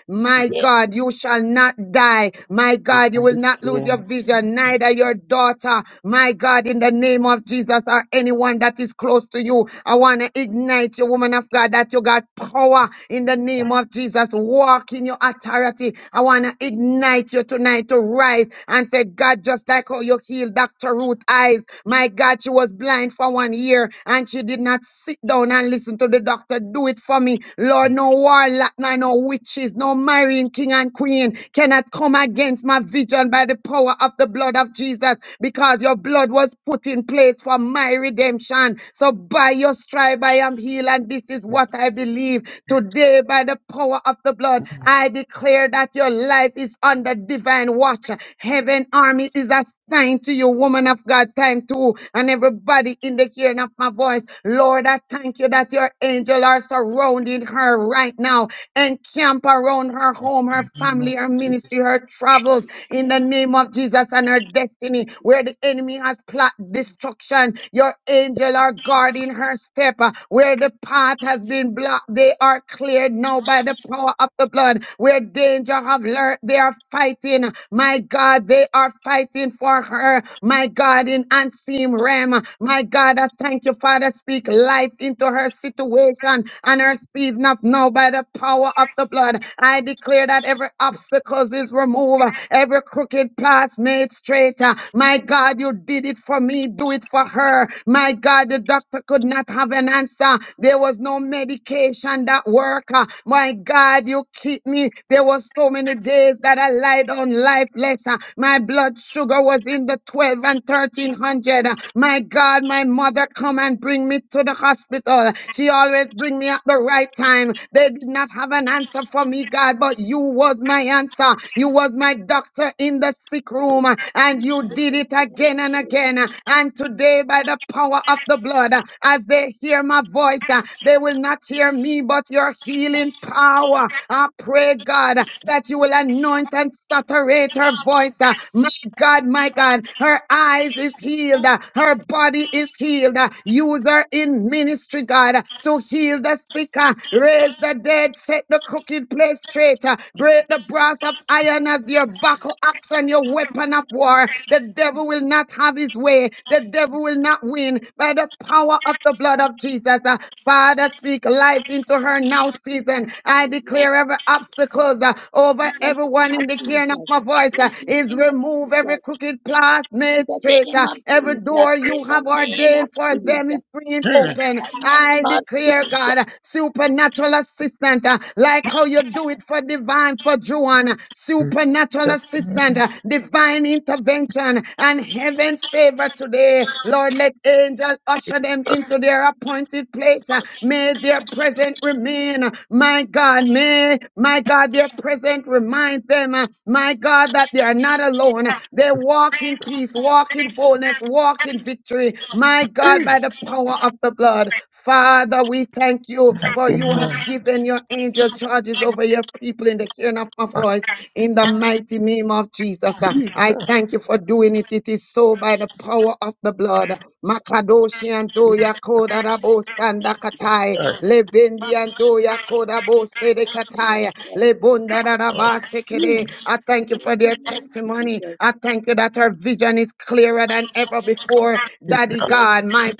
Speaker 9: my
Speaker 3: Yes,
Speaker 9: God, you shall not die. My God, you
Speaker 23: And
Speaker 9: will
Speaker 23: the
Speaker 9: not lose
Speaker 23: prayer
Speaker 9: your
Speaker 23: in
Speaker 9: vision, neither your daughter. My God, in the name of Jesus or anyone that is close to you, I want to ignite you, woman of God, that you got power in the name of Jesus. Walk in your authority. I want to ignite you tonight to rise and say, God, just like how you healed Dr. Ruth eyes. My God, she was blind for one year and she did not sit down and listen to the doctor. Do it for me. Lord, no warlock, no, no no witches, no marrying king and queen cannot come against my vision by the power of the blood of Jesus because your blood was put in place for my redemption. So by your stripe I am healed and this is what I believe. Today by the power of the blood I declare that your life is under divine watch. Heaven army is assembled Time to you, woman of God, time to and everybody in the hearing of my voice. Lord, I thank you that your angel are surrounding her right now and camp around her home, her
Speaker 23: the name of
Speaker 9: family, her ministry, her travels in the name of Jesus and her destiny. Where the enemy has plot destruction, your angel are guarding her step. Uh, Where the path has been blocked, they are cleared now by the power of the blood. Where danger have lurked, they are fighting. My God, they are fighting for her. My God, in unseen realm. My God, I thank you, Father. Speak life into her situation and her season of now by the power of the blood. I declare that every obstacle is removed, every crooked path made straight. Uh, My God, you did it for me. Do it for her. My God, the doctor could not have an answer. There was no medication that worked. My God, you keep me. There were so many days that I lied on lifeless. Uh, My blood sugar was in the 12 and 1300. Uh, My God, my mother come and bring me to the hospital. She always bring me at the right time. They did not have an answer for me, God, but you was my answer. You was my doctor in the sick room, uh, and you did it again and again. Uh, And today, by the power of the blood, uh, as they hear my voice, voice. uh, They will not hear me, but your healing power. I pray, God, that you will anoint and saturate her voice. uh, My God, my God, her eyes is healed. uh, Her body is healed. uh, Use her in ministry, God, uh, to heal the sick, uh, raise the dead, set the crooked place straight, uh, break the brass of iron as your buckle axe and your weapon of war. The devil will not have his way. The devil devil will not win by the power of the blood of Jesus. Uh, Father, speak life into her now season. I
Speaker 3: yes,
Speaker 9: declare every obstacle uh, over
Speaker 3: in the name
Speaker 9: everyone
Speaker 3: of
Speaker 9: in the hearing of
Speaker 3: Jesus,
Speaker 9: my voice uh,
Speaker 3: in the
Speaker 9: is
Speaker 3: name of
Speaker 9: removed. Every
Speaker 3: Jesus,
Speaker 9: crooked path
Speaker 3: in
Speaker 9: made
Speaker 3: the
Speaker 9: straight.
Speaker 3: name of Jesus, in the name
Speaker 9: uh,
Speaker 3: of Jesus,
Speaker 9: Every door you
Speaker 3: in the
Speaker 9: have
Speaker 3: name
Speaker 9: ordained
Speaker 3: of
Speaker 9: for them is
Speaker 3: Jesus.
Speaker 9: free and
Speaker 23: Jesus.
Speaker 3: Yes,
Speaker 9: open. I declare, God, uh, supernatural assistant, uh, like how you do it for divine, for Joan, uh, supernatural assistant,
Speaker 23: Name.
Speaker 9: uh, divine intervention and heaven favor today. Lord, let angels usher them into their appointed place. Uh, May their present remain. Uh, My God, may, my God, their present reminds them, uh, my God, that they are not alone. They walk in peace, walk in boldness, walk in victory. My God, by the power of the blood. Father, we thank you for
Speaker 23: Mighty
Speaker 9: you have
Speaker 23: name.
Speaker 9: given your angel charges over your people in the hearing of, of voice in the mighty name of Jesus. Uh,
Speaker 23: Jesus.
Speaker 9: I thank you for doing it. It is so by the power of the blood. Makadoshi and Doya Koda Rabo Sanda Katai. Lebendi and Doya Koda Bo Sede
Speaker 23: Jesus.
Speaker 9: Katai.
Speaker 3: Lord, yes,
Speaker 9: Lebunda
Speaker 23: Lord.
Speaker 9: Raba
Speaker 23: Mm.
Speaker 9: Sekede. I thank you for
Speaker 3: in the
Speaker 9: their
Speaker 3: name of
Speaker 9: testimony.
Speaker 3: Jesus,
Speaker 9: I thank you that our vision is clearer than ever before.
Speaker 23: Jesus,
Speaker 9: Daddy
Speaker 3: yes,
Speaker 9: God, my
Speaker 23: Jesus.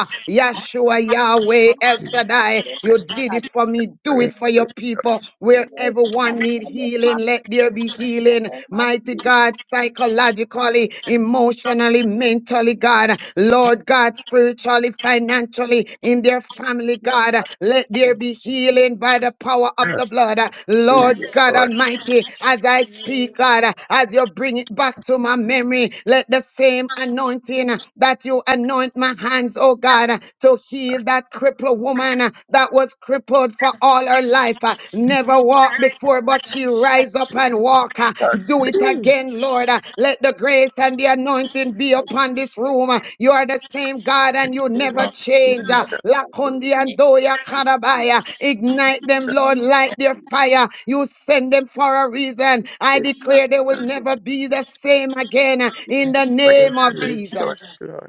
Speaker 23: Pray,
Speaker 9: Yahshua, Yahweh, El
Speaker 23: Lord.
Speaker 3: God,
Speaker 9: Shaddai,
Speaker 3: yes,
Speaker 9: you did
Speaker 3: God,
Speaker 9: it for me need. Do it for your people.
Speaker 23: Yes,
Speaker 9: Where
Speaker 3: Yes, God.
Speaker 9: everyone
Speaker 3: in
Speaker 9: need
Speaker 3: the name of,
Speaker 9: healing,
Speaker 3: the
Speaker 9: let there be healing.
Speaker 3: name of
Speaker 9: Mighty
Speaker 3: Jesus.
Speaker 9: God, psychologically, emotionally, mentally, God. Lord God, spiritually, financially, in their family,
Speaker 3: yes.
Speaker 23: Jesus,
Speaker 9: God. Let
Speaker 3: Yes,
Speaker 9: there be healing by
Speaker 23: Lord.
Speaker 9: the power of
Speaker 23: Yes.
Speaker 9: the blood.
Speaker 23: Mm. Name
Speaker 9: Lord God Almighty, as I speak, God, as you bring it back to my memory, let the same anointing that you anoint my hands, oh God, to healed that crippled woman uh, that was crippled for all her life. uh, Never walked before, but she rise up and walk. uh, Do it again, Lord. uh, Let the grace and the anointing be upon this room. uh, You are the same God and you never
Speaker 23: of Jesus.
Speaker 9: change. uh, Lakundi and Doya Karabaya. Ignite them, Lord, light their fire. You send them for a reason. I declare they will never be the same again uh, in the
Speaker 23: Pray,
Speaker 9: name of Jesus.
Speaker 23: Lord, Lord.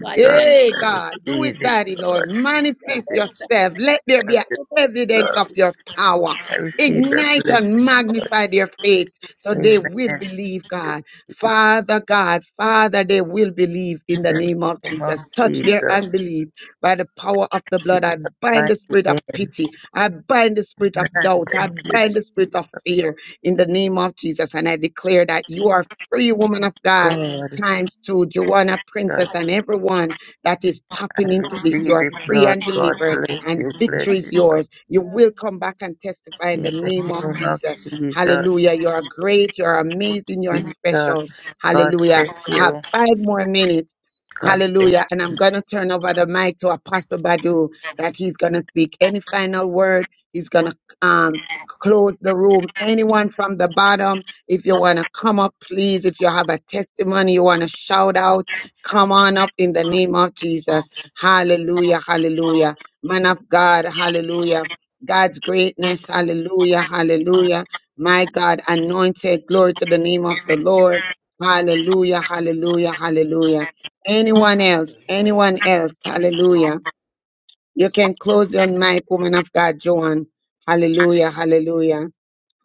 Speaker 3: God, in the
Speaker 23: Jesus,
Speaker 9: Yay,
Speaker 3: name
Speaker 9: God,
Speaker 23: I
Speaker 9: do it,
Speaker 23: receive it,
Speaker 9: Daddy Lord.
Speaker 23: Lord.
Speaker 3: of
Speaker 23: I
Speaker 3: the
Speaker 9: Manifest
Speaker 23: receive it,
Speaker 3: Lord, God,
Speaker 9: yourself. Let there
Speaker 3: let
Speaker 9: be
Speaker 23: thank
Speaker 9: an
Speaker 3: it all be.
Speaker 9: evidence of
Speaker 23: God.
Speaker 9: your power.
Speaker 23: I receive
Speaker 3: Yes,
Speaker 23: your
Speaker 9: Ignite and
Speaker 23: blessing, Lord.
Speaker 9: magnify their faith so they
Speaker 23: Amen.
Speaker 9: will
Speaker 23: Thank
Speaker 9: believe,
Speaker 23: you,
Speaker 9: God.
Speaker 23: Jesus,
Speaker 9: Father God, Father, they will believe in
Speaker 23: in
Speaker 9: the
Speaker 23: the
Speaker 9: name of
Speaker 23: name of
Speaker 9: Jesus. Touch their
Speaker 23: Jesus.
Speaker 9: unbelief by the power of the
Speaker 23: Jesus,
Speaker 9: blood. I bind
Speaker 23: mighty
Speaker 9: the spirit of
Speaker 23: name.
Speaker 9: pity. I bind the spirit of
Speaker 23: Man,
Speaker 9: doubt. I
Speaker 23: thank you,
Speaker 9: bind the spirit
Speaker 23: Jesus.
Speaker 9: of fear in the name of Jesus. And I declare that you are free, woman of God
Speaker 23: God,
Speaker 9: times through Joanna Princess and
Speaker 23: Jesus,
Speaker 9: everyone that is
Speaker 23: I
Speaker 9: tapping into this. You
Speaker 23: receive
Speaker 9: are
Speaker 23: it,
Speaker 9: free
Speaker 23: Lord.
Speaker 9: and
Speaker 23: God
Speaker 9: delivered,
Speaker 23: bless
Speaker 9: and
Speaker 23: you,
Speaker 9: victory
Speaker 23: bless you,
Speaker 9: is
Speaker 23: bless you.
Speaker 9: yours. You will come back and testify in
Speaker 23: In
Speaker 9: the name
Speaker 23: the
Speaker 9: of
Speaker 23: name of
Speaker 9: Jesus.
Speaker 23: Jesus.
Speaker 9: Hallelujah. You are great. You are amazing. You are special.
Speaker 23: Jesus, God
Speaker 9: Hallelujah.
Speaker 23: bless
Speaker 9: I have
Speaker 23: you.
Speaker 9: five more minutes.
Speaker 23: God
Speaker 9: Hallelujah. And I'm going to turn over the mic to Apostle Badu that he's going to speak any final word. He's going to um, close the room. Anyone from the bottom, if you want to come up, please. If you have a testimony you want to shout out, come on up in the
Speaker 23: bless
Speaker 9: name of Jesus. Hallelujah, hallelujah. Man of God, hallelujah. God's greatness, hallelujah, hallelujah. My God, anointed, glory to the name of the Lord. Hallelujah, hallelujah, hallelujah. Anyone else,
Speaker 24: Amen.
Speaker 9: anyone else, hallelujah. You can close your mic, woman of God, Joan. Hallelujah, hallelujah.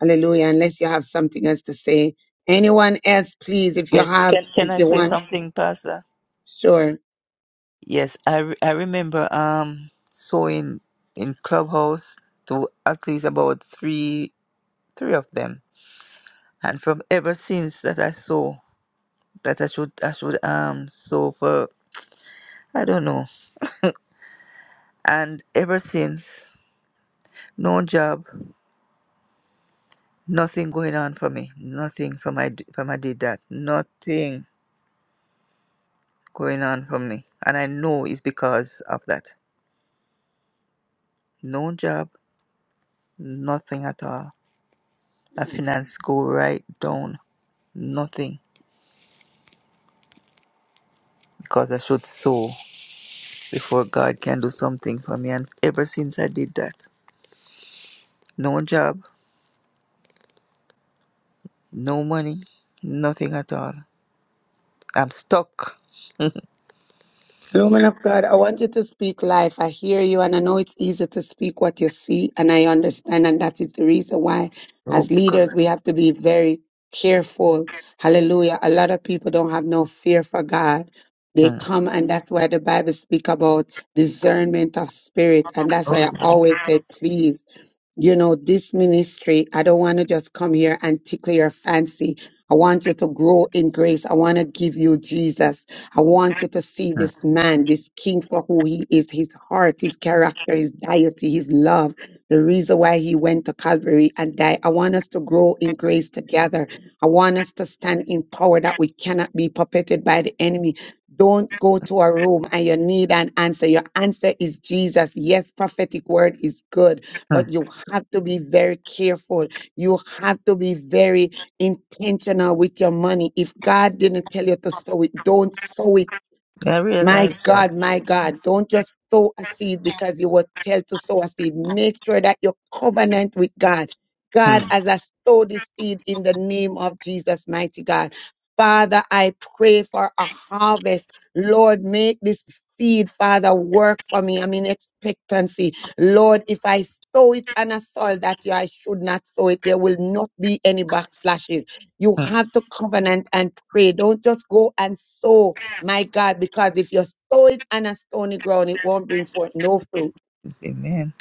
Speaker 9: Hallelujah. Unless you have something else to say. Anyone else, please, if you
Speaker 23: Yes,
Speaker 9: have,
Speaker 23: can can
Speaker 9: if
Speaker 23: I
Speaker 9: you
Speaker 23: say
Speaker 9: want.
Speaker 23: something, Pastor?
Speaker 9: Sure.
Speaker 23: Yes, I, re- I remember um so in in Clubhouse to at least about three three of them, and from ever since that I saw that I should I should um so for I don't know, and ever since no job, nothing going on for me, nothing from I d- from I did that, nothing. going on for me. And I know it's because of that. No job, nothing at all. My
Speaker 3: mm,
Speaker 23: finance go right down, nothing. Because I should sow before God can do something for me. And ever since I did that, no job, no money, nothing at all. I'm stuck.
Speaker 9: Woman of God, I want you to speak life. I hear you and I know it's easy to speak what you see and I understand and that is the reason why
Speaker 23: oh
Speaker 9: as leaders
Speaker 23: God.
Speaker 9: we have to be very careful. Hallelujah. A lot of people don't have no fear for God. They
Speaker 23: Mm,
Speaker 9: come and that's why the Bible speak about discernment of spirit and that's why I always say please you know, this ministry, I don't want to just come here and tickle your fancy. I want you to grow in grace. I want to give you Jesus. I want you to see
Speaker 23: mm,
Speaker 9: this man, this king for who he is, his heart, his character, his deity, his love, the reason why he went to Calvary and died. I want us to grow in grace together. I want us to stand in power that we cannot be puppeted by the enemy. Don't go to a room and you need an answer. Your answer is Jesus. Yes, prophetic word is good but
Speaker 23: mm.
Speaker 9: you have to be very careful. You have to be very intentional with your money. If God didn't tell you to sow it, don't sow it
Speaker 23: I
Speaker 9: my
Speaker 23: realize that.
Speaker 9: God, my God, don't just sow a seed because you were told to sow a seed. Make sure that your covenant with God. God,
Speaker 23: Mm,
Speaker 9: as I sow this seed in the name of Jesus, mighty God. Father, I pray for a harvest. Lord, make this seed, Father, work for me. I'm in expectancy. Lord, if I sow it on a soil that I should not sow it, there will not be any backslashes. You
Speaker 23: mm.
Speaker 9: have to covenant and pray. Don't just go and sow my God, because if you sow it on a stony ground, it won't bring forth no fruit.
Speaker 23: Amen.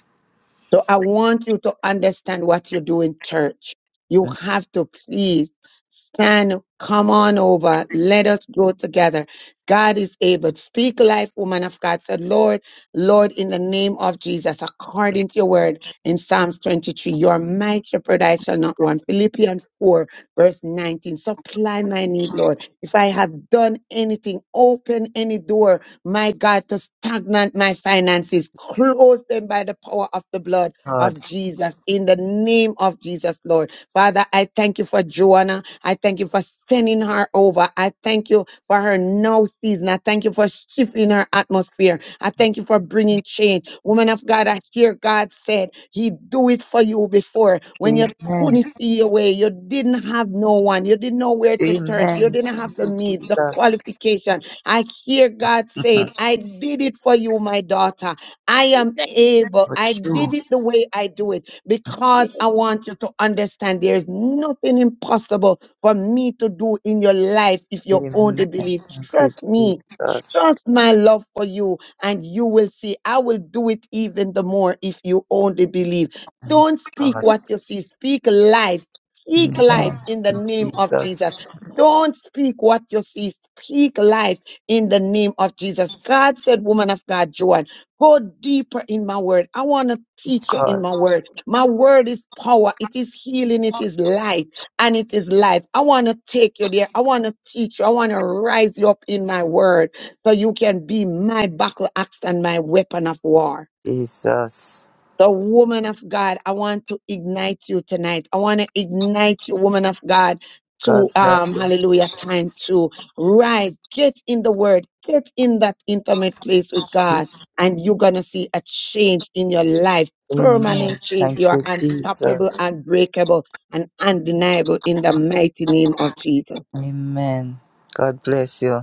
Speaker 9: So I want you to understand what you do in church. You
Speaker 23: Mm.
Speaker 9: have to please stand, come on over, let us grow together. God is able. Speak life, woman of God. Said, Lord, Lord, in the name of Jesus,
Speaker 23: It's
Speaker 9: according to your word in Psalms 23, your might shepherd I shall not want. Philippians 4, verse 19. Supply my need, Lord. If I have done anything, open any door my God, to stagnant my finances. Close them by the power of the blood of
Speaker 23: hard.
Speaker 9: Jesus in the name of Jesus, Lord. Father, I thank you for Joanna. I thank you for sending her over. I thank you for her now season. I thank you for shifting her atmosphere. I thank you for bringing change.
Speaker 23: It's-
Speaker 9: Woman of God, I hear God said he do it for you before when you
Speaker 23: okay. Amen.
Speaker 9: couldn't see your way. You didn't have no one. You didn't know where to turn. to. You
Speaker 23: Amen.
Speaker 9: didn't
Speaker 23: Thank
Speaker 9: have the
Speaker 23: you,
Speaker 9: means, the
Speaker 23: Jesus.
Speaker 9: qualification I hear God saying, I did it for you, my daughter. I am
Speaker 3: yes,
Speaker 9: able.
Speaker 23: For
Speaker 9: I
Speaker 23: true.
Speaker 9: did it the way I do it because
Speaker 3: yes,
Speaker 9: I want you to understand there is nothing impossible for me to do in your life if you only
Speaker 23: Amen.
Speaker 9: believe.
Speaker 23: Thank you,
Speaker 9: Trust me
Speaker 23: Jesus.
Speaker 9: Trust my love for you, and you will see. I will do it even the more if you only believe.
Speaker 23: Oh,
Speaker 9: Don't speak
Speaker 23: God.
Speaker 9: what you see, speak life. Speak life
Speaker 23: Amen.
Speaker 9: in the name of Jesus.
Speaker 23: Jesus.
Speaker 9: Don't speak what you see. Speak life in the name of Jesus. God said, Woman of God, Joan, go deeper in my word. I want to teach you in
Speaker 23: God.
Speaker 9: my word. My word is power, it is healing, it is life, and it is life. I want to take you there. I want to teach you. I want to rise you up in my word so you can be my buckle axe and my weapon of war.
Speaker 23: Jesus.
Speaker 9: So, woman of God, I want to ignite you tonight. I want to ignite you, woman of God,
Speaker 23: God
Speaker 9: to um,
Speaker 23: bless you.
Speaker 9: hallelujah time to rise. Get in the word, get in that intimate place with God,
Speaker 23: Je-
Speaker 9: and you're going to see a change in your life. Permanent
Speaker 23: Amen.
Speaker 9: change. You
Speaker 23: Thank
Speaker 9: are
Speaker 23: you,
Speaker 9: unstoppable,
Speaker 23: Jesus.
Speaker 9: unbreakable, and undeniable in the mighty name of Jesus.
Speaker 23: Amen. God bless you.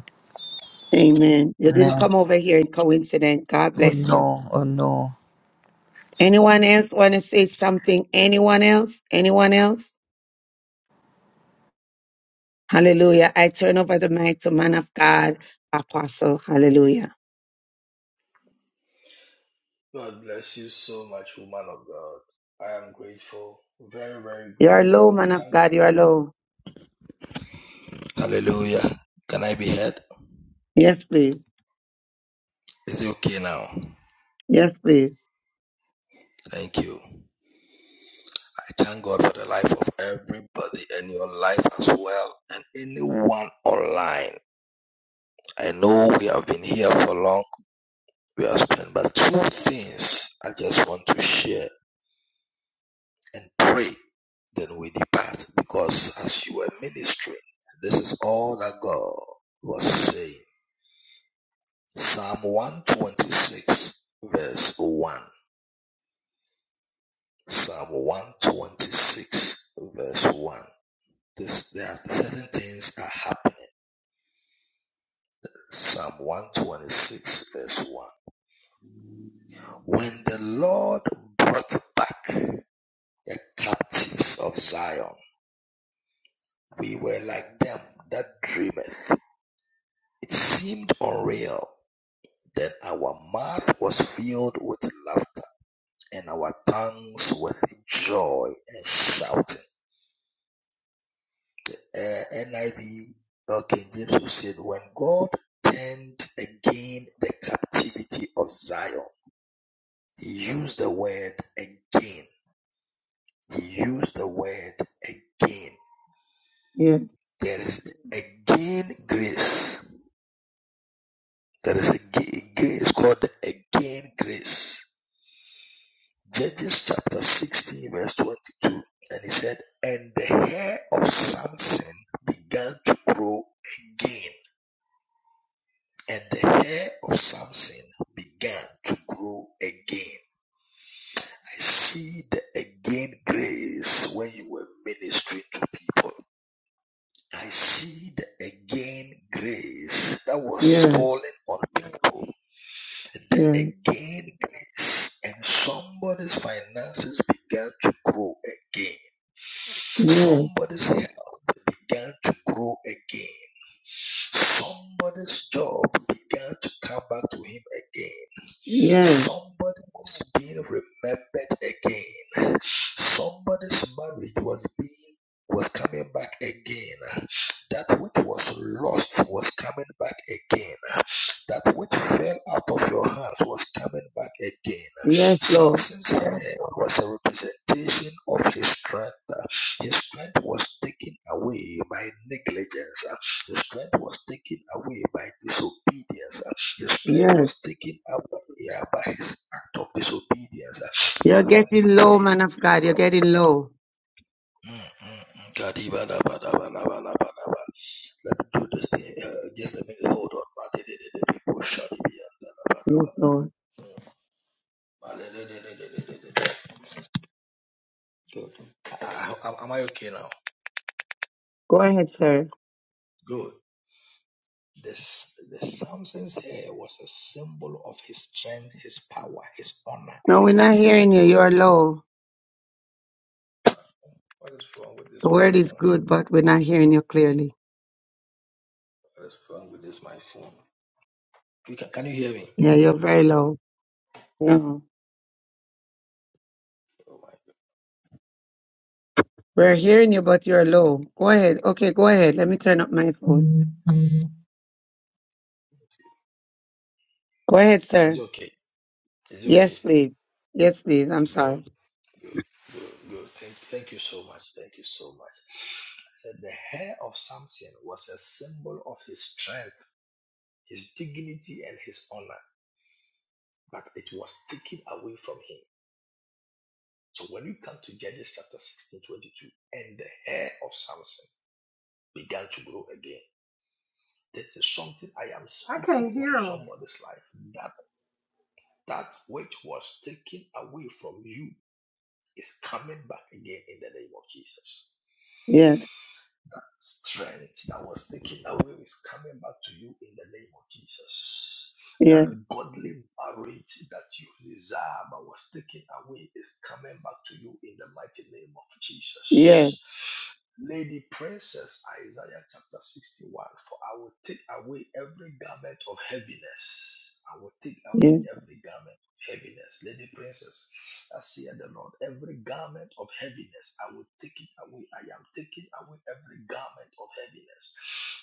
Speaker 9: Amen. You didn't come
Speaker 23: Amen.
Speaker 9: over here in coincidence. God
Speaker 23: Oh
Speaker 9: bless you.
Speaker 23: no, oh no.
Speaker 9: Anyone else want to say something? Anyone else? Anyone else? Hallelujah. I turn over the mic to man of God, apostle. Hallelujah.
Speaker 24: God bless you so much, woman of God. I am grateful, very, very
Speaker 9: You are
Speaker 24: grateful,
Speaker 9: low,
Speaker 24: and we
Speaker 9: man of
Speaker 24: thank God
Speaker 9: God. You
Speaker 24: for
Speaker 9: are low.
Speaker 24: that. Hallelujah. Can I be heard?
Speaker 9: Yes, please.
Speaker 24: Is it okay now?
Speaker 9: Yes, please.
Speaker 24: Thank you. I thank God for the life of everybody and your life as well, and anyone online. I know we have been here for long, we have spent, but two things I just want to share. and pray. Then we depart because as you were ministering, this is all that God was saying. Psalm 126 verse 1. Psalm 126 verse 1. This, there are certain things are happening. Psalm 126 verse 1. When the Lord brought back the captives of Zion, we were like them that dreameth. It seemed unreal Then our mouth was filled with laughter, and our tongues with joy and shouting. The uh, NIV, or King James, who said, When God turned again the captivity of Zion, he used the word again. He used the word again.
Speaker 9: Yes,
Speaker 24: There is again grace. There is a grace called the again grace Judges chapter 16, verse 22. And he said, And the hair of Samson began to grow again. And the hair of Samson began to grow again. I see the again grace when you were ministering to people. I see the again grace that was
Speaker 9: yes,
Speaker 24: falling on people. The
Speaker 9: yes,
Speaker 24: again grace. And somebody's finances began to grow again
Speaker 9: yes,
Speaker 24: Somebody's health began to grow again. Somebody's job began to come back to him again.
Speaker 9: yes,
Speaker 24: Somebody was being remembered again. Somebody's marriage was being was coming back again. That which was lost was coming back again. That which fell out of your hands was coming back again.
Speaker 9: yes, Lord.
Speaker 24: Samson's hair was a representation of his strength. His strength was taken away by negligence. His strength was taken away by disobedience. uh, His strength
Speaker 9: Yes.
Speaker 24: was taken away yeah, by his act of disobedience. uh,
Speaker 9: You're
Speaker 24: But when he
Speaker 9: getting low,
Speaker 24: prayed,
Speaker 9: man of
Speaker 24: oh
Speaker 9: God. You're
Speaker 24: God,
Speaker 9: getting low.
Speaker 24: mm, mm, mm, kadibadabadabadabadabadaba. let me do this thing. Uh, just let me hold on.
Speaker 9: Yes, Lord.
Speaker 24: Good. Am I okay now?
Speaker 9: Go ahead, sir.
Speaker 24: Good. This the Samson's hair was a symbol of his strength, his power, his honor, and
Speaker 9: No, we're
Speaker 24: his
Speaker 9: not
Speaker 24: dignity.
Speaker 9: hearing you. You are low.
Speaker 24: What is wrong with this
Speaker 9: The
Speaker 24: my
Speaker 9: word is
Speaker 24: phone?
Speaker 9: good, but we're not hearing you clearly.
Speaker 24: What is wrong with this my phone? You can can you hear me?
Speaker 9: Yeah, you're very low. No.
Speaker 24: Oh my god.
Speaker 9: We're hearing you, but you're low. Go ahead. Okay, go ahead. Let me turn up my phone. Go ahead,
Speaker 24: It's
Speaker 9: sir.
Speaker 24: okay. It's okay.
Speaker 9: Yes, please. Yes, please. I'm
Speaker 24: Good,
Speaker 9: sorry.
Speaker 24: good, good, good. Thank thank you so much. Thank you so much. I said the hair of Samson was a symbol of his strength, his dignity, and his honor, but it was taken away from him. So when you come to Judges chapter 16 22, and the hair of Samson began to grow again. This is something I am
Speaker 14: I
Speaker 24: speaking
Speaker 14: can't
Speaker 24: into
Speaker 14: hear 'em.
Speaker 24: somebody's life that. That which was taken away from you is coming back again in the name of Jesus.
Speaker 9: Yes,
Speaker 24: Strength that was taken away is coming back to you in the name of Jesus. That
Speaker 9: yes,
Speaker 24: godly marriage that you desire but was taken away is coming back to you in the mighty name of
Speaker 9: yes,
Speaker 24: Jesus. Lady Princess Isaiah chapter 61 For I will take away every garment of heaviness. I will take away
Speaker 9: yes,
Speaker 24: every garment heaviness. Lady Princess, I see the Lord, every garment of heaviness, I will take it away. I am taking away every garment of heaviness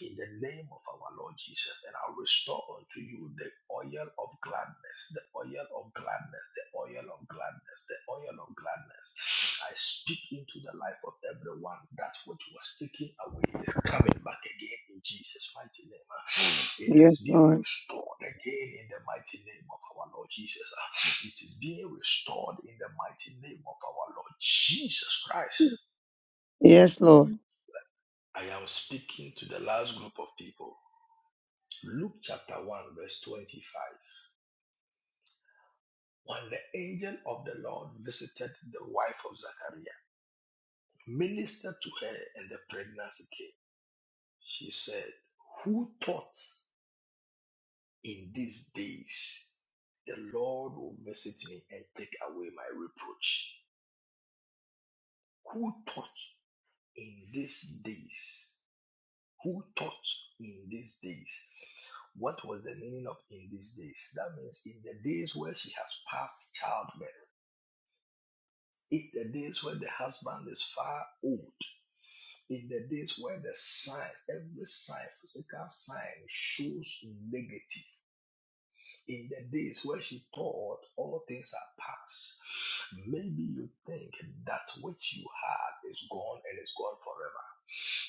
Speaker 24: in the name of our Lord Jesus. And I'll restore unto you the oil of gladness, the oil of gladness, the oil of gladness, the oil of gladness. I speak into the life of everyone that which was taken away is coming back again in Jesus' mighty name. Ah, It
Speaker 9: yes,
Speaker 24: is being
Speaker 9: Lord.
Speaker 24: restored again in the mighty name of our Lord Jesus. Ah, It is being restored in the mighty name of our Lord Jesus Christ.
Speaker 9: Yes, Lord.
Speaker 24: I am speaking to the last group of people. Luke chapter 1, verse 25. When the angel of the Lord visited the wife of Zachariah, ministered to her, and the pregnancy came. She said, Who thought in these days the Lord will visit me and take away my reproach? Who thought in these days? Who thought in these days? What was the meaning of in these days? That means in the days where she has passed childbirth, in the days where the husband is far old, in the days where the signs, every sign, physical sign shows negative in the days where she thought all things are past. Maybe you think that which you had is gone and is gone forever.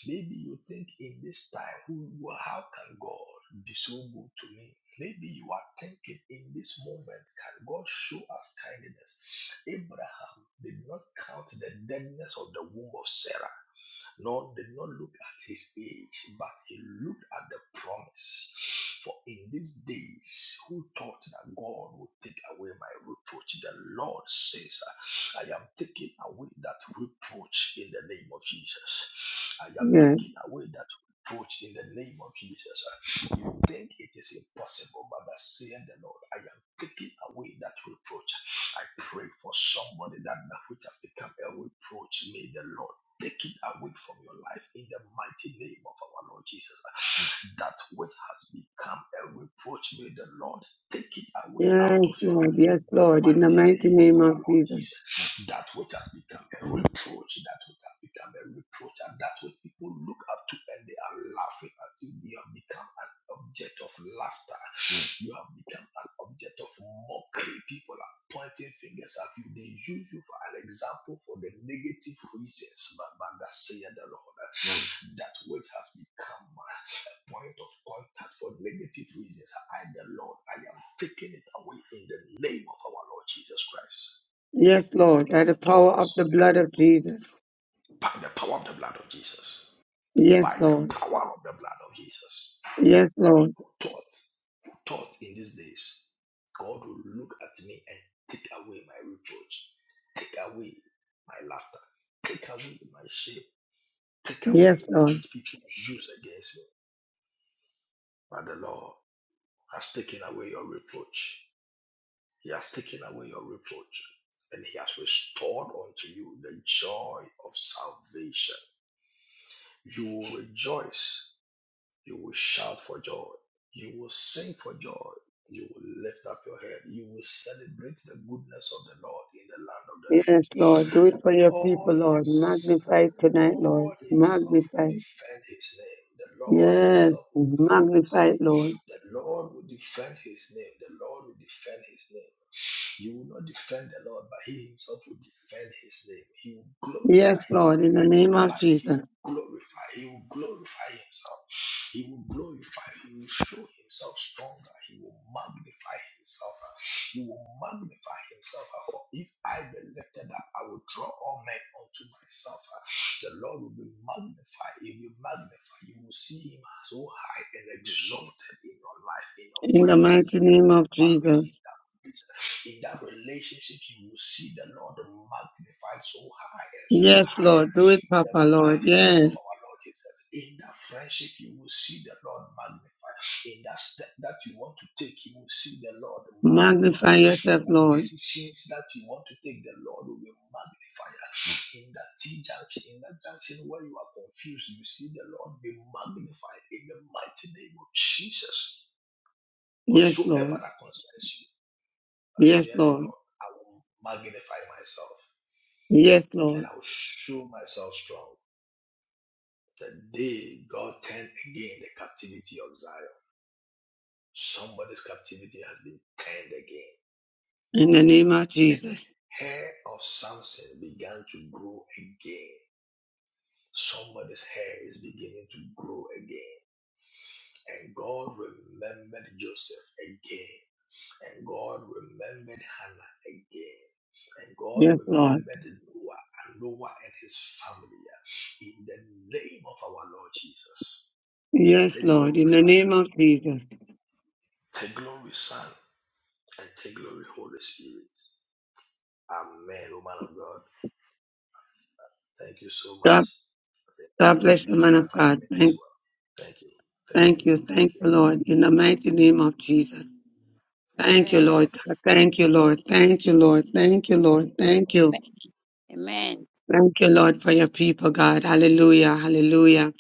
Speaker 24: Maybe you think in this time, who, how can God be so good to me? Maybe you are thinking in this moment, can God show us kindness? Abraham did not count the deadness of the womb of Sarah. Lord did not look at his age, but he looked at the promise. For in these days, who thought that God would take away my reproach? The Lord says, I am taking away that reproach in the name of Jesus. I am
Speaker 9: Yes,
Speaker 24: taking away that reproach in the name of Jesus. You think it is impossible, but by saying the Lord, I am taking away that reproach. I pray for somebody that that which has become a reproach. May the Lord Take it away from your life in the mighty name of our Lord Jesus. That which has become a reproach, may the Lord take it away out
Speaker 9: yes,
Speaker 24: of your
Speaker 9: Lord.
Speaker 24: life
Speaker 9: Yes,
Speaker 24: in the
Speaker 9: Lord. In the
Speaker 24: mighty
Speaker 9: mighty
Speaker 24: name of
Speaker 9: name
Speaker 24: our
Speaker 9: of
Speaker 24: Lord
Speaker 9: Jesus.
Speaker 24: Jesus. That which has become a reproach, that which has become a reproach, and that which people look up to and they are laughing at you, you have become an object of laughter. You have become an object of mockery. People are pointing fingers at you. They use you for an example for the negative reasons, but, but that saith the Lord, mm. that which has become a point of contact for negative reasons. I, the Lord, I am taking it away in the name of our Lord Jesus Christ.
Speaker 9: Yes, Lord. By
Speaker 24: Who
Speaker 9: the power
Speaker 24: thought?
Speaker 9: of the blood of Jesus.
Speaker 24: By the power of the blood of Jesus.
Speaker 9: Yes,
Speaker 24: By the
Speaker 9: Lord.
Speaker 24: power of the blood of Jesus.
Speaker 9: Yes, Lord.
Speaker 24: Who thought, who thought in these days God will look at me and take away my reproach, take away my laughter, take away my shame, take away
Speaker 9: Yes,
Speaker 24: that
Speaker 9: Lord.
Speaker 24: which people use against me. But the Lord has taken away your reproach. He has taken away your reproach. And he has restored unto you the joy of salvation. You will rejoice You will shout for joy. You will sing for joy. You will lift up your head. You will celebrate the goodness of the Lord in the land of the living.
Speaker 9: Yes, Lord. Do it for your
Speaker 24: All
Speaker 9: people, Lord.
Speaker 24: his, the
Speaker 9: Magnify it tonight, Lord.
Speaker 24: Lord Himself will
Speaker 9: Magnify.
Speaker 24: defend His name. The Lord
Speaker 9: Yes.
Speaker 24: Himself will defend His
Speaker 9: Magnify, it,
Speaker 24: name.
Speaker 9: Lord.
Speaker 24: The Lord will defend His name. The Lord will defend His name. You will not defend the Lord, but He Himself will defend His name. He will glorify
Speaker 9: Yes,
Speaker 24: His
Speaker 9: Lord, in
Speaker 24: name
Speaker 9: the
Speaker 24: in
Speaker 9: name
Speaker 24: your
Speaker 9: of
Speaker 24: life. He
Speaker 9: Jesus.
Speaker 24: will glorify. He will glorify Himself. He will glorify. He will show Himself stronger. He will magnify Himself. He will magnify himself. uh, For if I be lifted up, I will draw all men unto myself. uh. The Lord will be magnified. He will magnify. You will see him so high and exalted in your life, in your
Speaker 9: In the
Speaker 24: finances,
Speaker 9: mighty
Speaker 24: in
Speaker 9: name
Speaker 24: that
Speaker 9: of
Speaker 24: marriage,
Speaker 9: Jesus.
Speaker 24: in that business, in that relationship. You will see the Lord magnified so high and so
Speaker 9: Yes,
Speaker 24: high
Speaker 9: Lord. Do it,
Speaker 24: the
Speaker 9: Papa, Lord.
Speaker 24: mighty name
Speaker 9: Yes.
Speaker 24: of our Lord Jesus. In that friendship, you will see the Lord magnified. In that step that you want to take, you will see the Lord magnified.
Speaker 9: Magnify
Speaker 24: In
Speaker 9: yourself,
Speaker 24: that
Speaker 9: Lord.
Speaker 24: decisions that you want to take, the Lord will be magnified. In that T junction, in that junction where you are confused, you see the Lord be magnified in the mighty name of Jesus.
Speaker 9: Yes,
Speaker 24: Whatsoever
Speaker 9: Lord.
Speaker 24: that concerns you, I
Speaker 9: Yes,
Speaker 24: say the
Speaker 9: Lord.
Speaker 24: Lord, I will magnify myself
Speaker 9: Yes,
Speaker 24: and
Speaker 9: Lord.
Speaker 24: I will show myself strong. Today, God turned again the captivity of Zion. Somebody's captivity has been turned again.
Speaker 9: In the name of
Speaker 24: And the
Speaker 9: Jesus.
Speaker 24: hair of Samson began to grow again. Somebody's hair is beginning to grow again. And God remembered Joseph again. And God remembered Hannah again. And God
Speaker 9: Yes, Lord.
Speaker 24: remembered Noah and Noah and his family in the name of our Lord Jesus.
Speaker 9: Yes,
Speaker 24: Take
Speaker 9: Lord.
Speaker 24: glory,
Speaker 9: In the
Speaker 24: Father.
Speaker 9: name of Jesus.
Speaker 24: Take glory, Son. and take glory, Holy Spirit. Amen, Oh, man of God. Thank you so much.
Speaker 9: God,
Speaker 24: I think
Speaker 9: God
Speaker 24: I've
Speaker 9: bless the
Speaker 24: used
Speaker 9: man
Speaker 24: my
Speaker 9: of
Speaker 24: five
Speaker 9: God.
Speaker 24: minutes
Speaker 9: Thank,
Speaker 24: well. Thank you. Thank you.
Speaker 9: thank you.
Speaker 24: Thank
Speaker 9: Thank
Speaker 24: you.
Speaker 9: you, Lord. In the mighty name of Jesus. Thank you,
Speaker 3: amen,
Speaker 24: Mm,
Speaker 9: Lord. Thank you, Lord. Thank you, Lord. Thank you,
Speaker 24: mm,
Speaker 9: Lord. Thank you.
Speaker 24: mm.
Speaker 3: amen, amen.
Speaker 9: Thank you, Lord, for your people, God. Hallelujah. Hallelujah.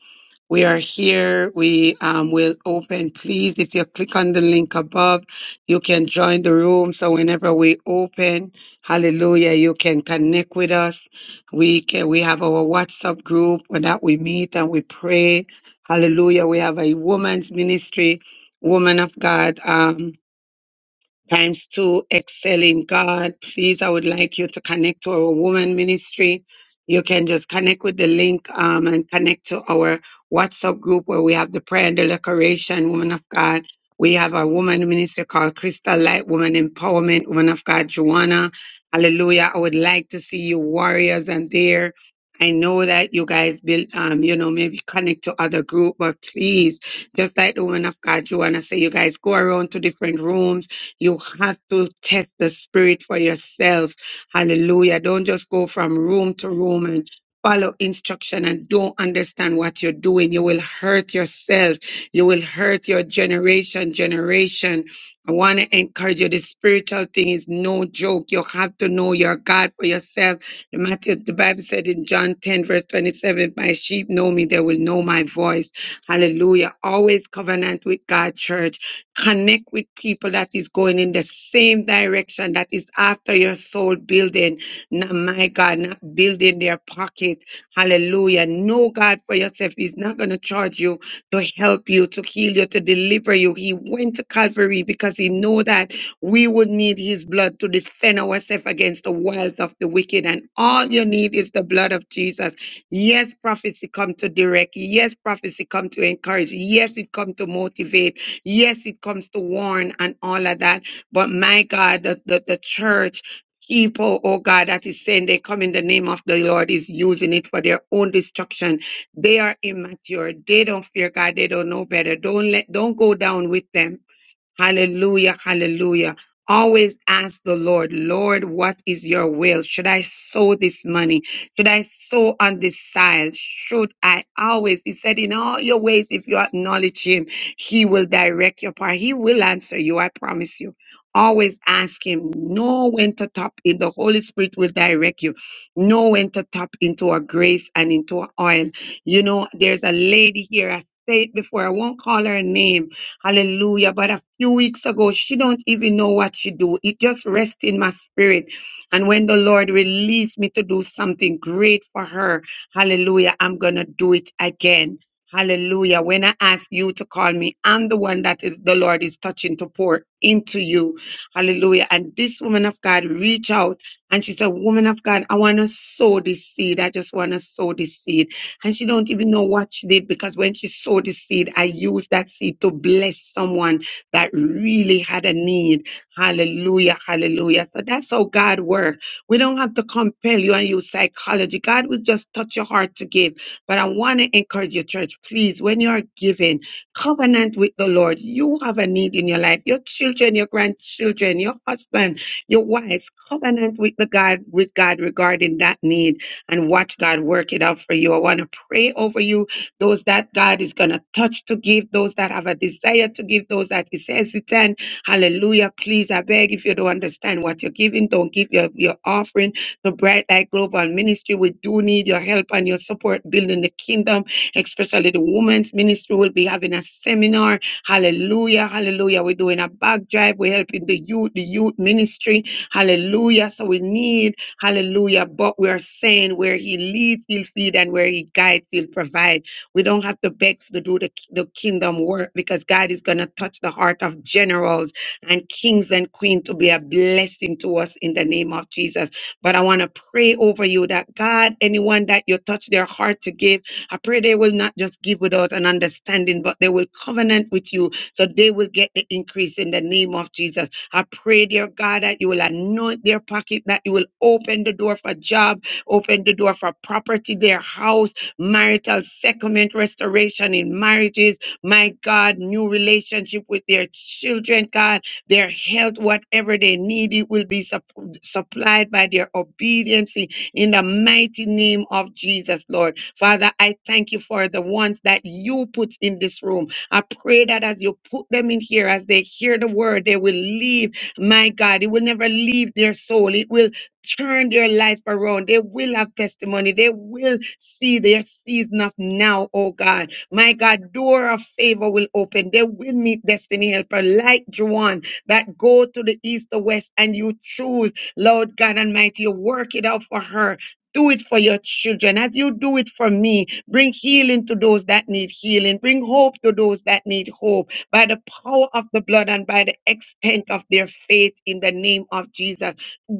Speaker 9: We are here. We um, will open. Please, if you click on the link above, you can join the room. So whenever we open, hallelujah, you can connect with us. We can, we have our WhatsApp group where that we meet and we pray. Hallelujah. We have a woman's ministry, woman of God. Um times two, excel in God. Please, I would like you to connect to our woman ministry. You can just connect with the link um, and connect to our WhatsApp group where we have the prayer and the decoration, woman of God. We have a woman ministry called Crystal Light Woman Empowerment, woman of God, Joanna. Hallelujah. I would like to see you warriors and there. I know that you guys build, um, you know, maybe connect to other group, but please, just like the woman of God, Joanna say, you guys go around to different rooms you have to test the spirit for yourself. Hallelujah. Don't just go from room to room and follow instruction and don't understand what you're doing. You will hurt yourself. You will hurt your generation, generation. I want to encourage you. The spiritual thing is no joke. You have to know your God for yourself. The, Matthew, the Bible said in John 10, verse 27, My sheep know me, they will know my voice. Hallelujah. Always covenant with God, church connect with people that is going in the same direction that is after your soul building not my god not building their pocket hallelujah know god for yourself he's not going to charge you to help you to heal you to deliver you he went to calvary because he know that we would need his blood to defend ourselves against the wiles of the wicked and all you need is the blood of jesus yes prophecy come to direct yes prophecy come to encourage yes it come to motivate Yes, it comes to warn and all of that. But my God, the, the, the church, people, oh God, that is saying they come in the name of the Lord is using it for their own destruction. They are immature. They don't fear God. They don't know better. Don't let, don't go down with them Hallelujah, hallelujah. Always ask the Lord, Lord, what is your will? Should I sow this money? Should I sow on this side? Should I always? He said, in all your ways, if you acknowledge him, he will direct your path. He will answer you, I promise you. Always ask him, know when to tap in. The Holy Spirit will direct you. Know when to tap into our grace and into our oil. You know, there's a lady here. I say it before. I won't call her name Hallelujah. But a few weeks ago, she don't even know what she do. It just rests in my spirit. And when the Lord released me to do something great for her, hallelujah, I'm going to do it again. Hallelujah. When I ask you to call me, I'm the one that is the Lord is touching to pour into you. Hallelujah. And this woman of God reached out and she said, Woman of God, I want to sow this seed. I just want to sow this seed. And she don't even know what she did because when she sowed the seed, I used that seed to bless someone that really had a need. Hallelujah, hallelujah. So that's how God works. We don't have to compel you and use psychology. God will just touch your heart to give. But I want to encourage you, church, please, when you are giving, covenant with the Lord. You have a need in your life. Your children, your grandchildren, your husband, your wives, covenant with the God, with God regarding that need and watch God work it out for you. I want to pray over you, those that God is going to touch to give, those that have a desire to give, those that is hesitant. Hallelujah. Please, I beg if you don't understand what you're giving, don't give your, your offering to Bright Light Global Ministry. We do need your help and your support building the kingdom, especially the women's ministry. will be having a seminar. Hallelujah. Hallelujah. We're doing a bag drive. We're helping the youth, the youth ministry. Hallelujah. So we need Hallelujah. But we are saying where he leads, he'll feed, and where he guides, he'll provide. We don't have to beg to do the, the kingdom work because God is going to touch the heart of generals and kings and queens to be a blessing to us in the name of Jesus. But I want to pray over you that God, anyone that you touch their heart to give, I pray they will not just give without an understanding, but they will covenant with you so they will get the increase in the name of Jesus. I pray, dear God, that you will anoint their pocket, that you will open the door for job, open the door for property, their house, marital settlement, restoration in marriages. My God, new relationship with their children, God, their health, whatever they need, it will be sup- supplied by their obedience in the mighty name of Jesus, Lord. Father, I thank you for the ones that you put in this room. I pray that as you put them in here, as they hear the word, they will leave. My God, it will never leave their soul. It will turn their life around. They will have testimony. They will see their season of now, oh God. My God, door of favor will open. They will meet destiny helper like Juan that go to the east or west and you choose, Lord God Almighty, you work it out for her. Do it for your children as you do it for me. Bring healing to those that need healing. Bring hope to those that need hope by the power of the blood and by the extent of their faith in the name of Jesus.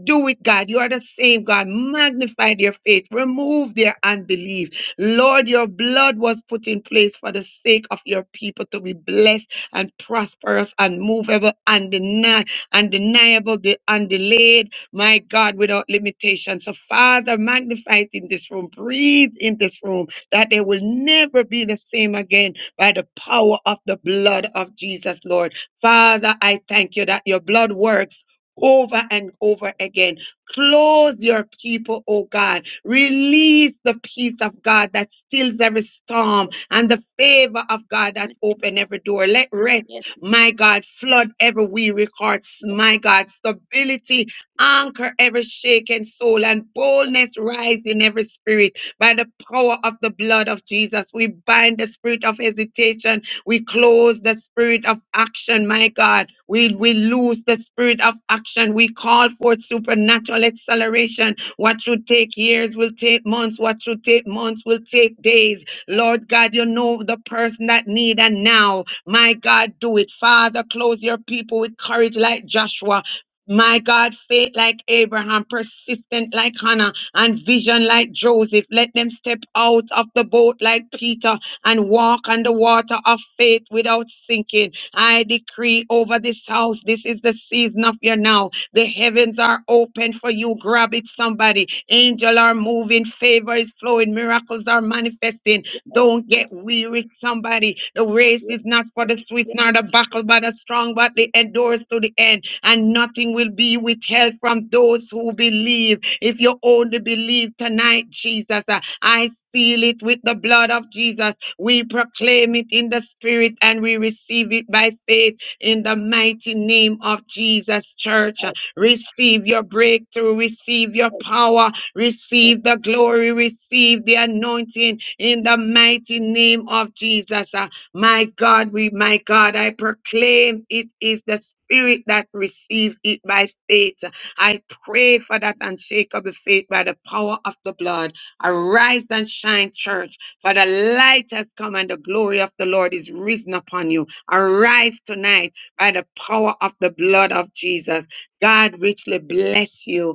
Speaker 9: Do it, God. You are the same, God. Magnify their faith. Remove their unbelief. Lord, your blood was put in place for the sake of your people to be blessed and prosperous, unmovable, undeni- undeniable, de- undelayed. My God, without limitation. So, Father, magnify it in this room. Breathe in this room that they will never be the same again by the power of the blood of Jesus, Lord. Father, I thank you that your blood works. Over and over again. Clothe your people, oh God. Release the peace of God that stills every storm and the favor of God that open every door. Let rest,
Speaker 3: Yes,
Speaker 9: my God, flood every weary heart, my God. Stability, anchor every shaken soul and boldness rise in every spirit by the power of the blood of Jesus. We bind the spirit of hesitation. We close the spirit of action, my God. We, we lose the spirit of action. We call forth supernatural acceleration. What should take years will take months. What should take months will take days. Lord God, you know the person that need and now. My God, do it. Father, close your people with courage like Joshua. My God, faith like Abraham, persistent like Hannah, and vision like Joseph. Let them step out of the boat like Peter and walk on the water of faith without sinking. I decree over this house, this is the season of your now. The heavens are open for you. Grab it, somebody. Angels are moving, favor is flowing, miracles are manifesting. Don't
Speaker 3: yes,
Speaker 9: get weary, somebody. The race
Speaker 3: yes,
Speaker 9: is not for
Speaker 3: yes,
Speaker 9: the swift
Speaker 3: yes,
Speaker 9: nor the buckle but the strong, but
Speaker 3: yes,
Speaker 9: the endures to the end. And nothing will be withheld from those who believe. If you only believe tonight, Jesus, uh, I seal it with the blood of Jesus. We proclaim it in the spirit and we receive it by faith in the mighty name of Jesus, church. Uh, Receive your breakthrough, receive your power, Receive the glory, receive the anointing in the mighty name of Jesus. Ah, my God, we, my God, I proclaim it is the Spirit that receive it by faith. I pray for that unshakable faith by the power of the blood. Arise and shine, church, for the light has come and the glory of the Lord is risen upon you. Arise tonight by the power of the blood of Jesus. God richly bless you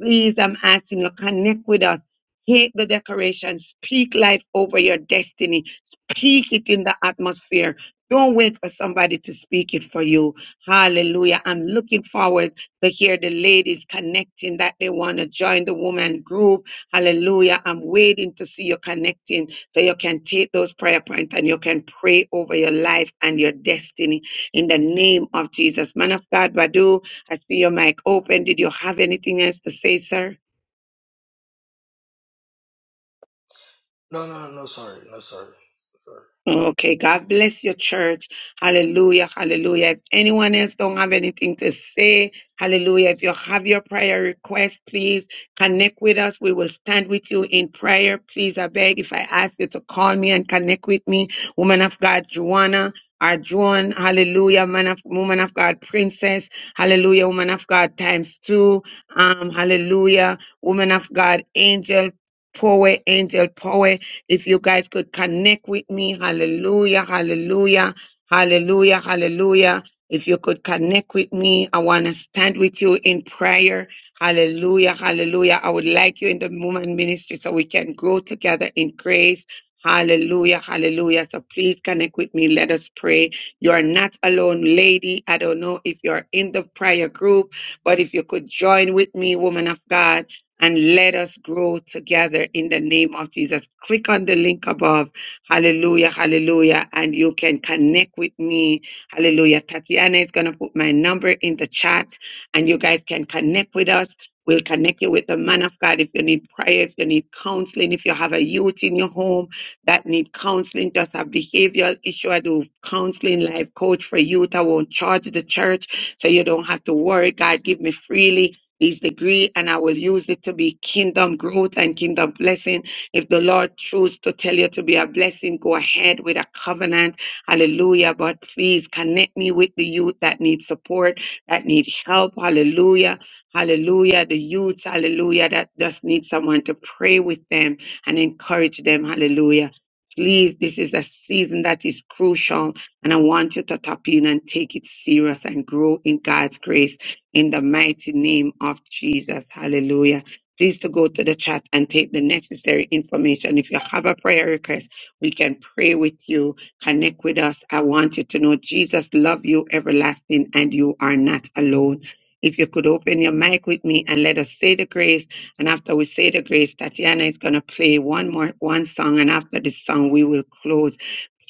Speaker 9: Please, I'm asking you, connect with us. Take the decoration. Speak life over your destiny. Speak it in the atmosphere. Don't wait for somebody to speak it for you. Hallelujah. I'm looking forward to hear the ladies connecting that they want to join the woman group. Hallelujah. I'm waiting to see you connecting so you can take those prayer points and you can pray over your life and your destiny in the name of Jesus. Man of God, Badu, I see your mic open. Did you have anything else to say, sir?
Speaker 24: No, no, no, sorry. No, sorry. Sorry.
Speaker 9: Okay, God bless your church. Hallelujah, hallelujah. If anyone else don't have anything to say, hallelujah. If you have your prayer request, please connect with us. We will stand with you in prayer. Please, I beg, if I ask you to call me and connect with me, woman of God, Joanna. Our Joan, hallelujah, man of woman of God, princess, hallelujah, woman of God times two, um, hallelujah, woman of God, angel, power, angel, power. If you guys could connect with me, hallelujah, hallelujah, hallelujah, hallelujah. If you could connect with me, I want to stand with you in prayer. Hallelujah, hallelujah. I would like you in the movement ministry so we can grow together in grace. Hallelujah, hallelujah. So please connect with me. Let us pray. You are not alone, lady. I don't know if you're in the prayer group, but if you could join with me, woman of God and let us grow together in the name of Jesus. Click on the link above. Hallelujah, hallelujah. And you can connect with me. Hallelujah. Tatiana is going to put my number in the chat and you guys can connect with us. We'll connect you with the man of God if you need prayer, if you need counseling, if you have a youth in your home that need counseling, just a behavioral issue. I do counseling, life coach for youth. I won't charge the church, so you don't have to worry. God give me freely. His degree, and I will use it to be kingdom growth and kingdom blessing. If the Lord chooses to tell you to be a blessing, go ahead with a covenant. Hallelujah. But please connect me with the youth that need support, that need help. Hallelujah. Hallelujah. The youth, hallelujah, that just need someone to pray with them and encourage them. Hallelujah. Please, this is a season that is crucial, and I want you to tap in and take it serious and grow in God's grace in the mighty name of Jesus. Hallelujah. Please to go to the chat and take the necessary information. If you have a prayer request, we can pray with you. Connect with us. I want you to know Jesus love you everlasting and you are not alone. If you could open your mic with me and let us say the grace. And after we say the grace, Tatiana is going to play one more, one song. And after this song, we will close.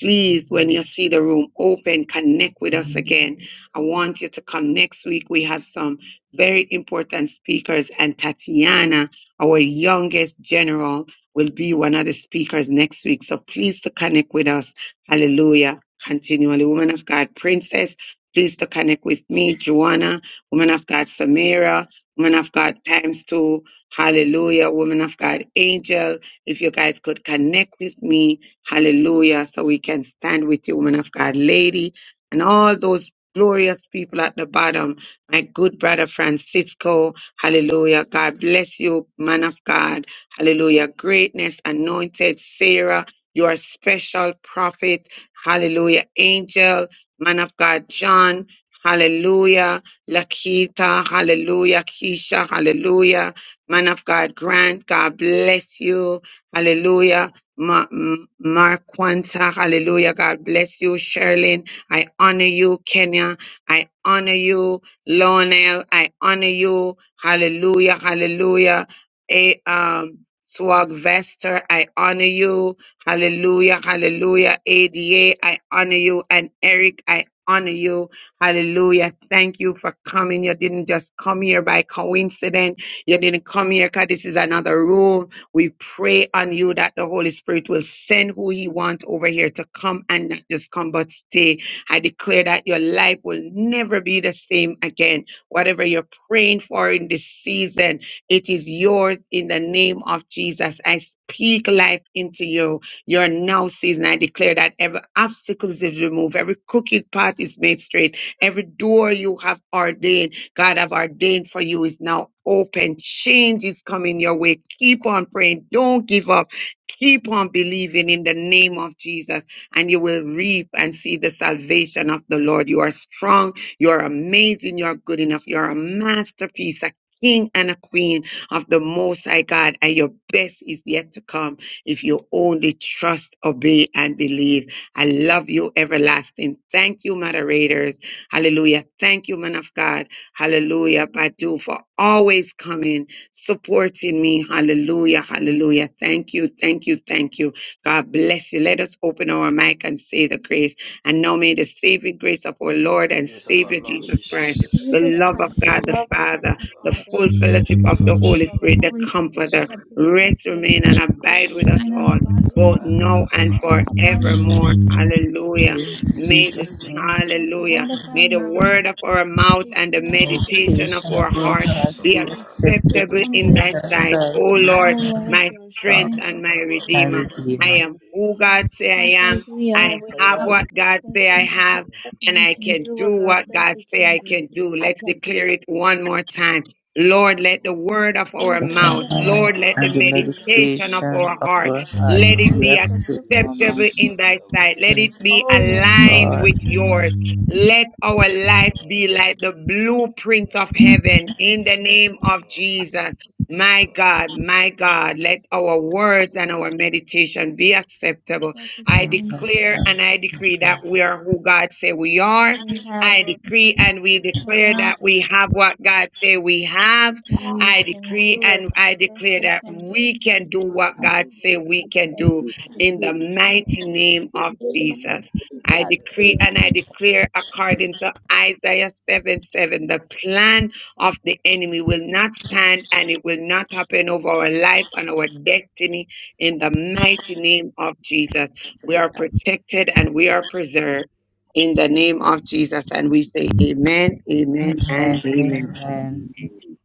Speaker 9: Please, when you see the room open, connect with us again I want you to come next week. We have some very important speakers, and Tatiana, our youngest general, will be one of the speakers next week. So please to connect with us. Hallelujah. Continually, woman of God, Princess. Please to connect with me, Joanna, woman of God, Samira, woman of God, times two. Hallelujah, woman of God, Angel. If you guys could connect with me, hallelujah, so we can stand with you, woman of God, lady, and all those glorious people at the bottom. My good brother Francisco, hallelujah. God bless you, man of God, hallelujah. Greatness, anointed Sarah, you are special prophet, hallelujah. Angel, man of God, John, hallelujah. Lakita, hallelujah. Keisha, hallelujah. Man of God, Grant, God bless you, hallelujah. Ma- M- Marquanta, hallelujah. God bless you, Sherlyn. I honor you, Kenya. I honor you, Lionel. I honor you. Hallelujah. Hallelujah. A um Swag Vester, I honor you. Hallelujah. Hallelujah. ADA, I honor you. And Eric, I honor you. Hallelujah. Thank you for coming. You didn't just come here by coincidence. You didn't come here because this is another room. We pray on you that the Holy Spirit will send who He wants over here to come and not just come, but stay. I declare that your life will never be the same again. Whatever you're praying for in this season, it is yours in the name of Jesus. I speak life into you. Your now season. I declare that every obstacle is removed, every crooked path is made straight, every door you have ordained, God have ordained for you is now open. Change is coming your way. Keep on praying. Don't give up. Keep on believing in the name of Jesus and you will reap and see the salvation of the Lord. You are strong. You're amazing. You're good enough. You're a masterpiece, a king and a queen of the Most High God, and your best is yet to come if you only trust, obey, and believe. I love you, everlasting. Thank you, moderators. Hallelujah. Thank you, man of God. Hallelujah, Badu, for always coming, supporting me. Hallelujah. Hallelujah. Thank you. Thank you. Thank you. God bless you. Let us open our mic and say the grace. And now may the saving grace of our Lord and
Speaker 24: Yes, of our
Speaker 9: Savior
Speaker 24: Lord
Speaker 9: Jesus
Speaker 24: Jesus
Speaker 9: Christ, the
Speaker 24: Christ,
Speaker 4: Jesus
Speaker 3: God,
Speaker 9: love of
Speaker 4: Christ, the
Speaker 9: God the
Speaker 4: love
Speaker 24: the
Speaker 4: of God
Speaker 24: love
Speaker 9: Father,
Speaker 24: of
Speaker 4: the
Speaker 24: God,
Speaker 9: the
Speaker 4: Father,
Speaker 9: full
Speaker 4: the full
Speaker 9: fellowship
Speaker 24: the
Speaker 9: of the
Speaker 4: fellowship
Speaker 9: Holy
Speaker 24: fellowship
Speaker 4: of
Speaker 24: of
Speaker 4: the
Speaker 24: the
Speaker 9: Spirit, the
Speaker 4: Holy
Speaker 3: Yes,
Speaker 24: Holy
Speaker 4: Spirit,
Speaker 9: Comforter,
Speaker 3: God,
Speaker 24: Spirit,
Speaker 3: yes,
Speaker 4: our
Speaker 3: God.
Speaker 9: rest, remain,
Speaker 4: Comforter,
Speaker 9: and
Speaker 3: Yes, in
Speaker 24: rest
Speaker 9: abide
Speaker 4: rest
Speaker 9: with
Speaker 4: in
Speaker 9: us
Speaker 24: through,
Speaker 3: my
Speaker 4: and
Speaker 9: all,
Speaker 4: abide with
Speaker 9: both
Speaker 4: us
Speaker 24: abide with
Speaker 9: now
Speaker 4: all,
Speaker 24: us
Speaker 3: report
Speaker 9: and
Speaker 24: now
Speaker 4: both
Speaker 3: now,
Speaker 24: and
Speaker 4: now and
Speaker 9: forevermore.
Speaker 24: forevermore.
Speaker 4: forevermore.
Speaker 23: In
Speaker 9: Hallelujah. May this,
Speaker 23: Jesus' name,
Speaker 4: Let the
Speaker 9: hallelujah.
Speaker 4: word of our
Speaker 9: May the
Speaker 4: mouth
Speaker 9: word
Speaker 4: and
Speaker 9: of our
Speaker 4: the
Speaker 9: mouth and the
Speaker 4: meditation
Speaker 23: the
Speaker 4: of our heart
Speaker 9: meditation of
Speaker 23: meditation
Speaker 9: our
Speaker 23: of our
Speaker 9: heart
Speaker 23: heart
Speaker 24: Patience of
Speaker 9: be
Speaker 23: be
Speaker 24: our
Speaker 4: be
Speaker 24: heart,
Speaker 23: acceptable
Speaker 9: acceptable
Speaker 4: acceptable in
Speaker 9: in
Speaker 23: in
Speaker 4: thy
Speaker 9: thy
Speaker 23: thy
Speaker 4: sight,
Speaker 24: September,
Speaker 9: sight, O
Speaker 24: on
Speaker 23: sight,
Speaker 3: so
Speaker 23: O
Speaker 4: O
Speaker 9: Lord,
Speaker 24: the
Speaker 4: Lord,
Speaker 9: my
Speaker 4: your
Speaker 23: God,
Speaker 9: strength
Speaker 4: strength
Speaker 24: Ba,
Speaker 4: and
Speaker 9: and my
Speaker 24: ba, ba,
Speaker 4: our
Speaker 24: ba,
Speaker 23: my
Speaker 9: redeemer.
Speaker 24: ba,
Speaker 4: Redeemer.
Speaker 24: ba,
Speaker 9: I
Speaker 24: my
Speaker 23: Redeemer.
Speaker 9: am who
Speaker 24: Redeemer.
Speaker 9: God say
Speaker 4: Just
Speaker 9: I am.
Speaker 4: as we are,
Speaker 9: I
Speaker 24: I
Speaker 4: we
Speaker 9: have
Speaker 4: have
Speaker 24: have
Speaker 9: what
Speaker 4: what
Speaker 9: God
Speaker 4: God says
Speaker 9: say
Speaker 4: we
Speaker 9: I
Speaker 4: have,
Speaker 9: have,
Speaker 24: mm,
Speaker 4: and
Speaker 9: and
Speaker 4: we
Speaker 9: I
Speaker 4: can
Speaker 24: mm,
Speaker 9: can
Speaker 4: do
Speaker 9: do
Speaker 4: what God
Speaker 9: what
Speaker 4: says
Speaker 9: God
Speaker 4: we
Speaker 9: say
Speaker 4: can
Speaker 9: I
Speaker 4: do.
Speaker 9: can do.
Speaker 3: I
Speaker 9: Let's
Speaker 3: can do
Speaker 9: declare it one more time.
Speaker 4: May
Speaker 9: Lord, let the word of our
Speaker 4: the
Speaker 24: the
Speaker 4: word
Speaker 9: mouth,
Speaker 4: of
Speaker 24: God of
Speaker 4: our mouth
Speaker 23: Amen.
Speaker 24: our
Speaker 9: Lord, let
Speaker 4: and
Speaker 9: the
Speaker 23: And the
Speaker 24: heart
Speaker 4: the
Speaker 24: and the,
Speaker 9: meditation
Speaker 24: the
Speaker 4: meditation
Speaker 9: of
Speaker 4: of
Speaker 23: meditation
Speaker 9: our
Speaker 4: our
Speaker 23: of
Speaker 9: heart,
Speaker 23: our
Speaker 4: heart
Speaker 24: wishes of
Speaker 23: heart
Speaker 24: our
Speaker 9: let it
Speaker 4: be
Speaker 23: be
Speaker 24: heart.
Speaker 9: be
Speaker 23: acceptance
Speaker 24: Be
Speaker 4: acceptable in
Speaker 3: this.
Speaker 4: thy
Speaker 9: acceptable in
Speaker 4: sight.
Speaker 9: thy
Speaker 24: acceptable.
Speaker 9: sight. Let it
Speaker 23: of
Speaker 9: be
Speaker 4: O Lord, judge
Speaker 9: aligned
Speaker 23: God.
Speaker 9: with
Speaker 4: and
Speaker 9: yours. Let our life be
Speaker 24: Mm,
Speaker 9: like the blueprint of
Speaker 24: mm,
Speaker 9: heaven in the name of
Speaker 24: mm,
Speaker 3: My
Speaker 9: Jesus. My
Speaker 24: mm,
Speaker 9: God, my God, let our
Speaker 24: mm,
Speaker 9: words and our meditation be acceptable.
Speaker 4: judgeable
Speaker 9: I
Speaker 23: and
Speaker 4: and both
Speaker 23: the
Speaker 9: declare
Speaker 23: sight
Speaker 9: and I
Speaker 23: of
Speaker 9: decree that
Speaker 23: God.
Speaker 9: we are who God say we are.
Speaker 4: we have,
Speaker 9: I
Speaker 4: O God,
Speaker 9: decree
Speaker 4: that
Speaker 9: and we
Speaker 4: we
Speaker 9: declare
Speaker 4: have,
Speaker 9: that we have what God say we have.
Speaker 4: and
Speaker 3: God,
Speaker 4: we
Speaker 9: I
Speaker 4: can
Speaker 9: decree
Speaker 24: mm,
Speaker 4: do, O
Speaker 9: and
Speaker 4: God,
Speaker 9: I
Speaker 4: that
Speaker 9: declare
Speaker 4: we
Speaker 9: that
Speaker 4: can do.
Speaker 9: we can do what
Speaker 3: I
Speaker 9: God
Speaker 3: do this.
Speaker 9: say we
Speaker 3: I
Speaker 9: can do
Speaker 3: can
Speaker 9: in
Speaker 3: do
Speaker 9: the mighty
Speaker 24: mm,
Speaker 9: name
Speaker 3: In
Speaker 9: of
Speaker 3: the name
Speaker 9: Jesus. I
Speaker 3: of Jesus.
Speaker 24: mm.
Speaker 9: decree and I declare according to Isaiah 7 7, the plan of the enemy will not stand and it will not happen over our life and our destiny in the mighty name of Jesus. We are protected and we are preserved in the name of Jesus. And we say amen, amen, and
Speaker 23: Amen.
Speaker 3: Amen.
Speaker 9: amen.
Speaker 23: Amen.
Speaker 3: In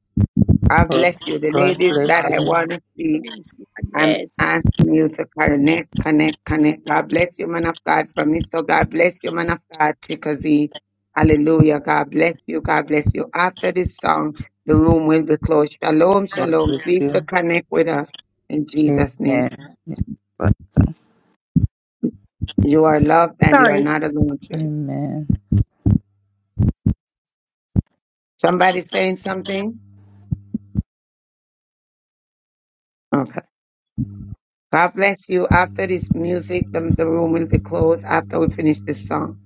Speaker 9: God bless you. The
Speaker 23: God
Speaker 9: ladies that
Speaker 23: bless
Speaker 9: I
Speaker 23: you.
Speaker 9: want to see.
Speaker 3: the name of Jesus. Amen.
Speaker 9: I'm
Speaker 3: Yes, Agnes.
Speaker 9: asking you to connect, connect, connect. God bless you, man of God, from me. So God bless you, man of God, Chickasee. Hallelujah. God bless you. God bless you. After this song, the room will be closed. Shalom,
Speaker 23: God
Speaker 9: shalom.
Speaker 23: bless
Speaker 9: Please to
Speaker 23: you.
Speaker 9: connect with us in Jesus' name.
Speaker 23: Amen.
Speaker 9: You are loved and you are not alone, church.
Speaker 23: Amen.
Speaker 9: Somebody saying something? Okay. God bless you. After this music, the, the room will be closed after we finish this song.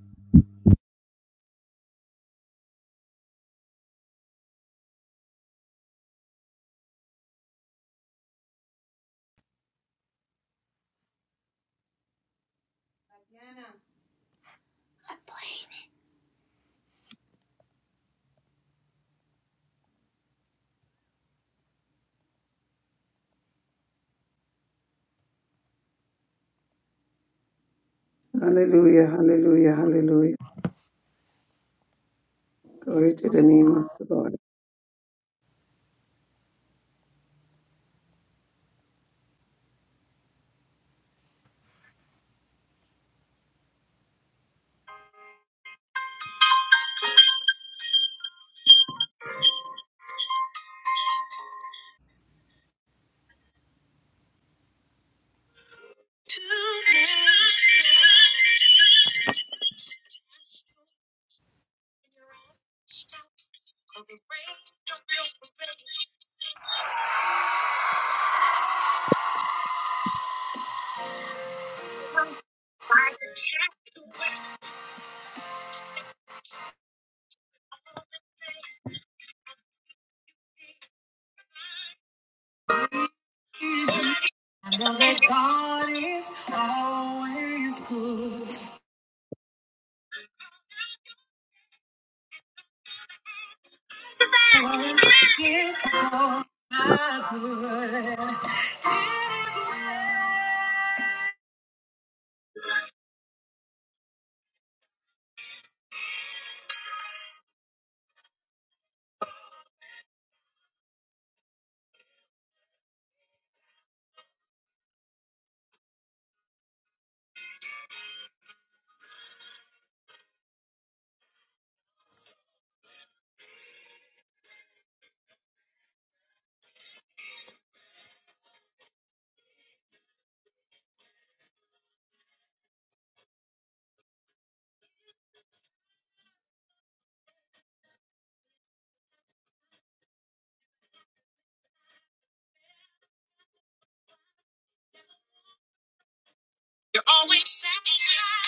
Speaker 9: Hallelujah, hallelujah, hallelujah. Glory to the name of the Lord.
Speaker 1: That God is always good.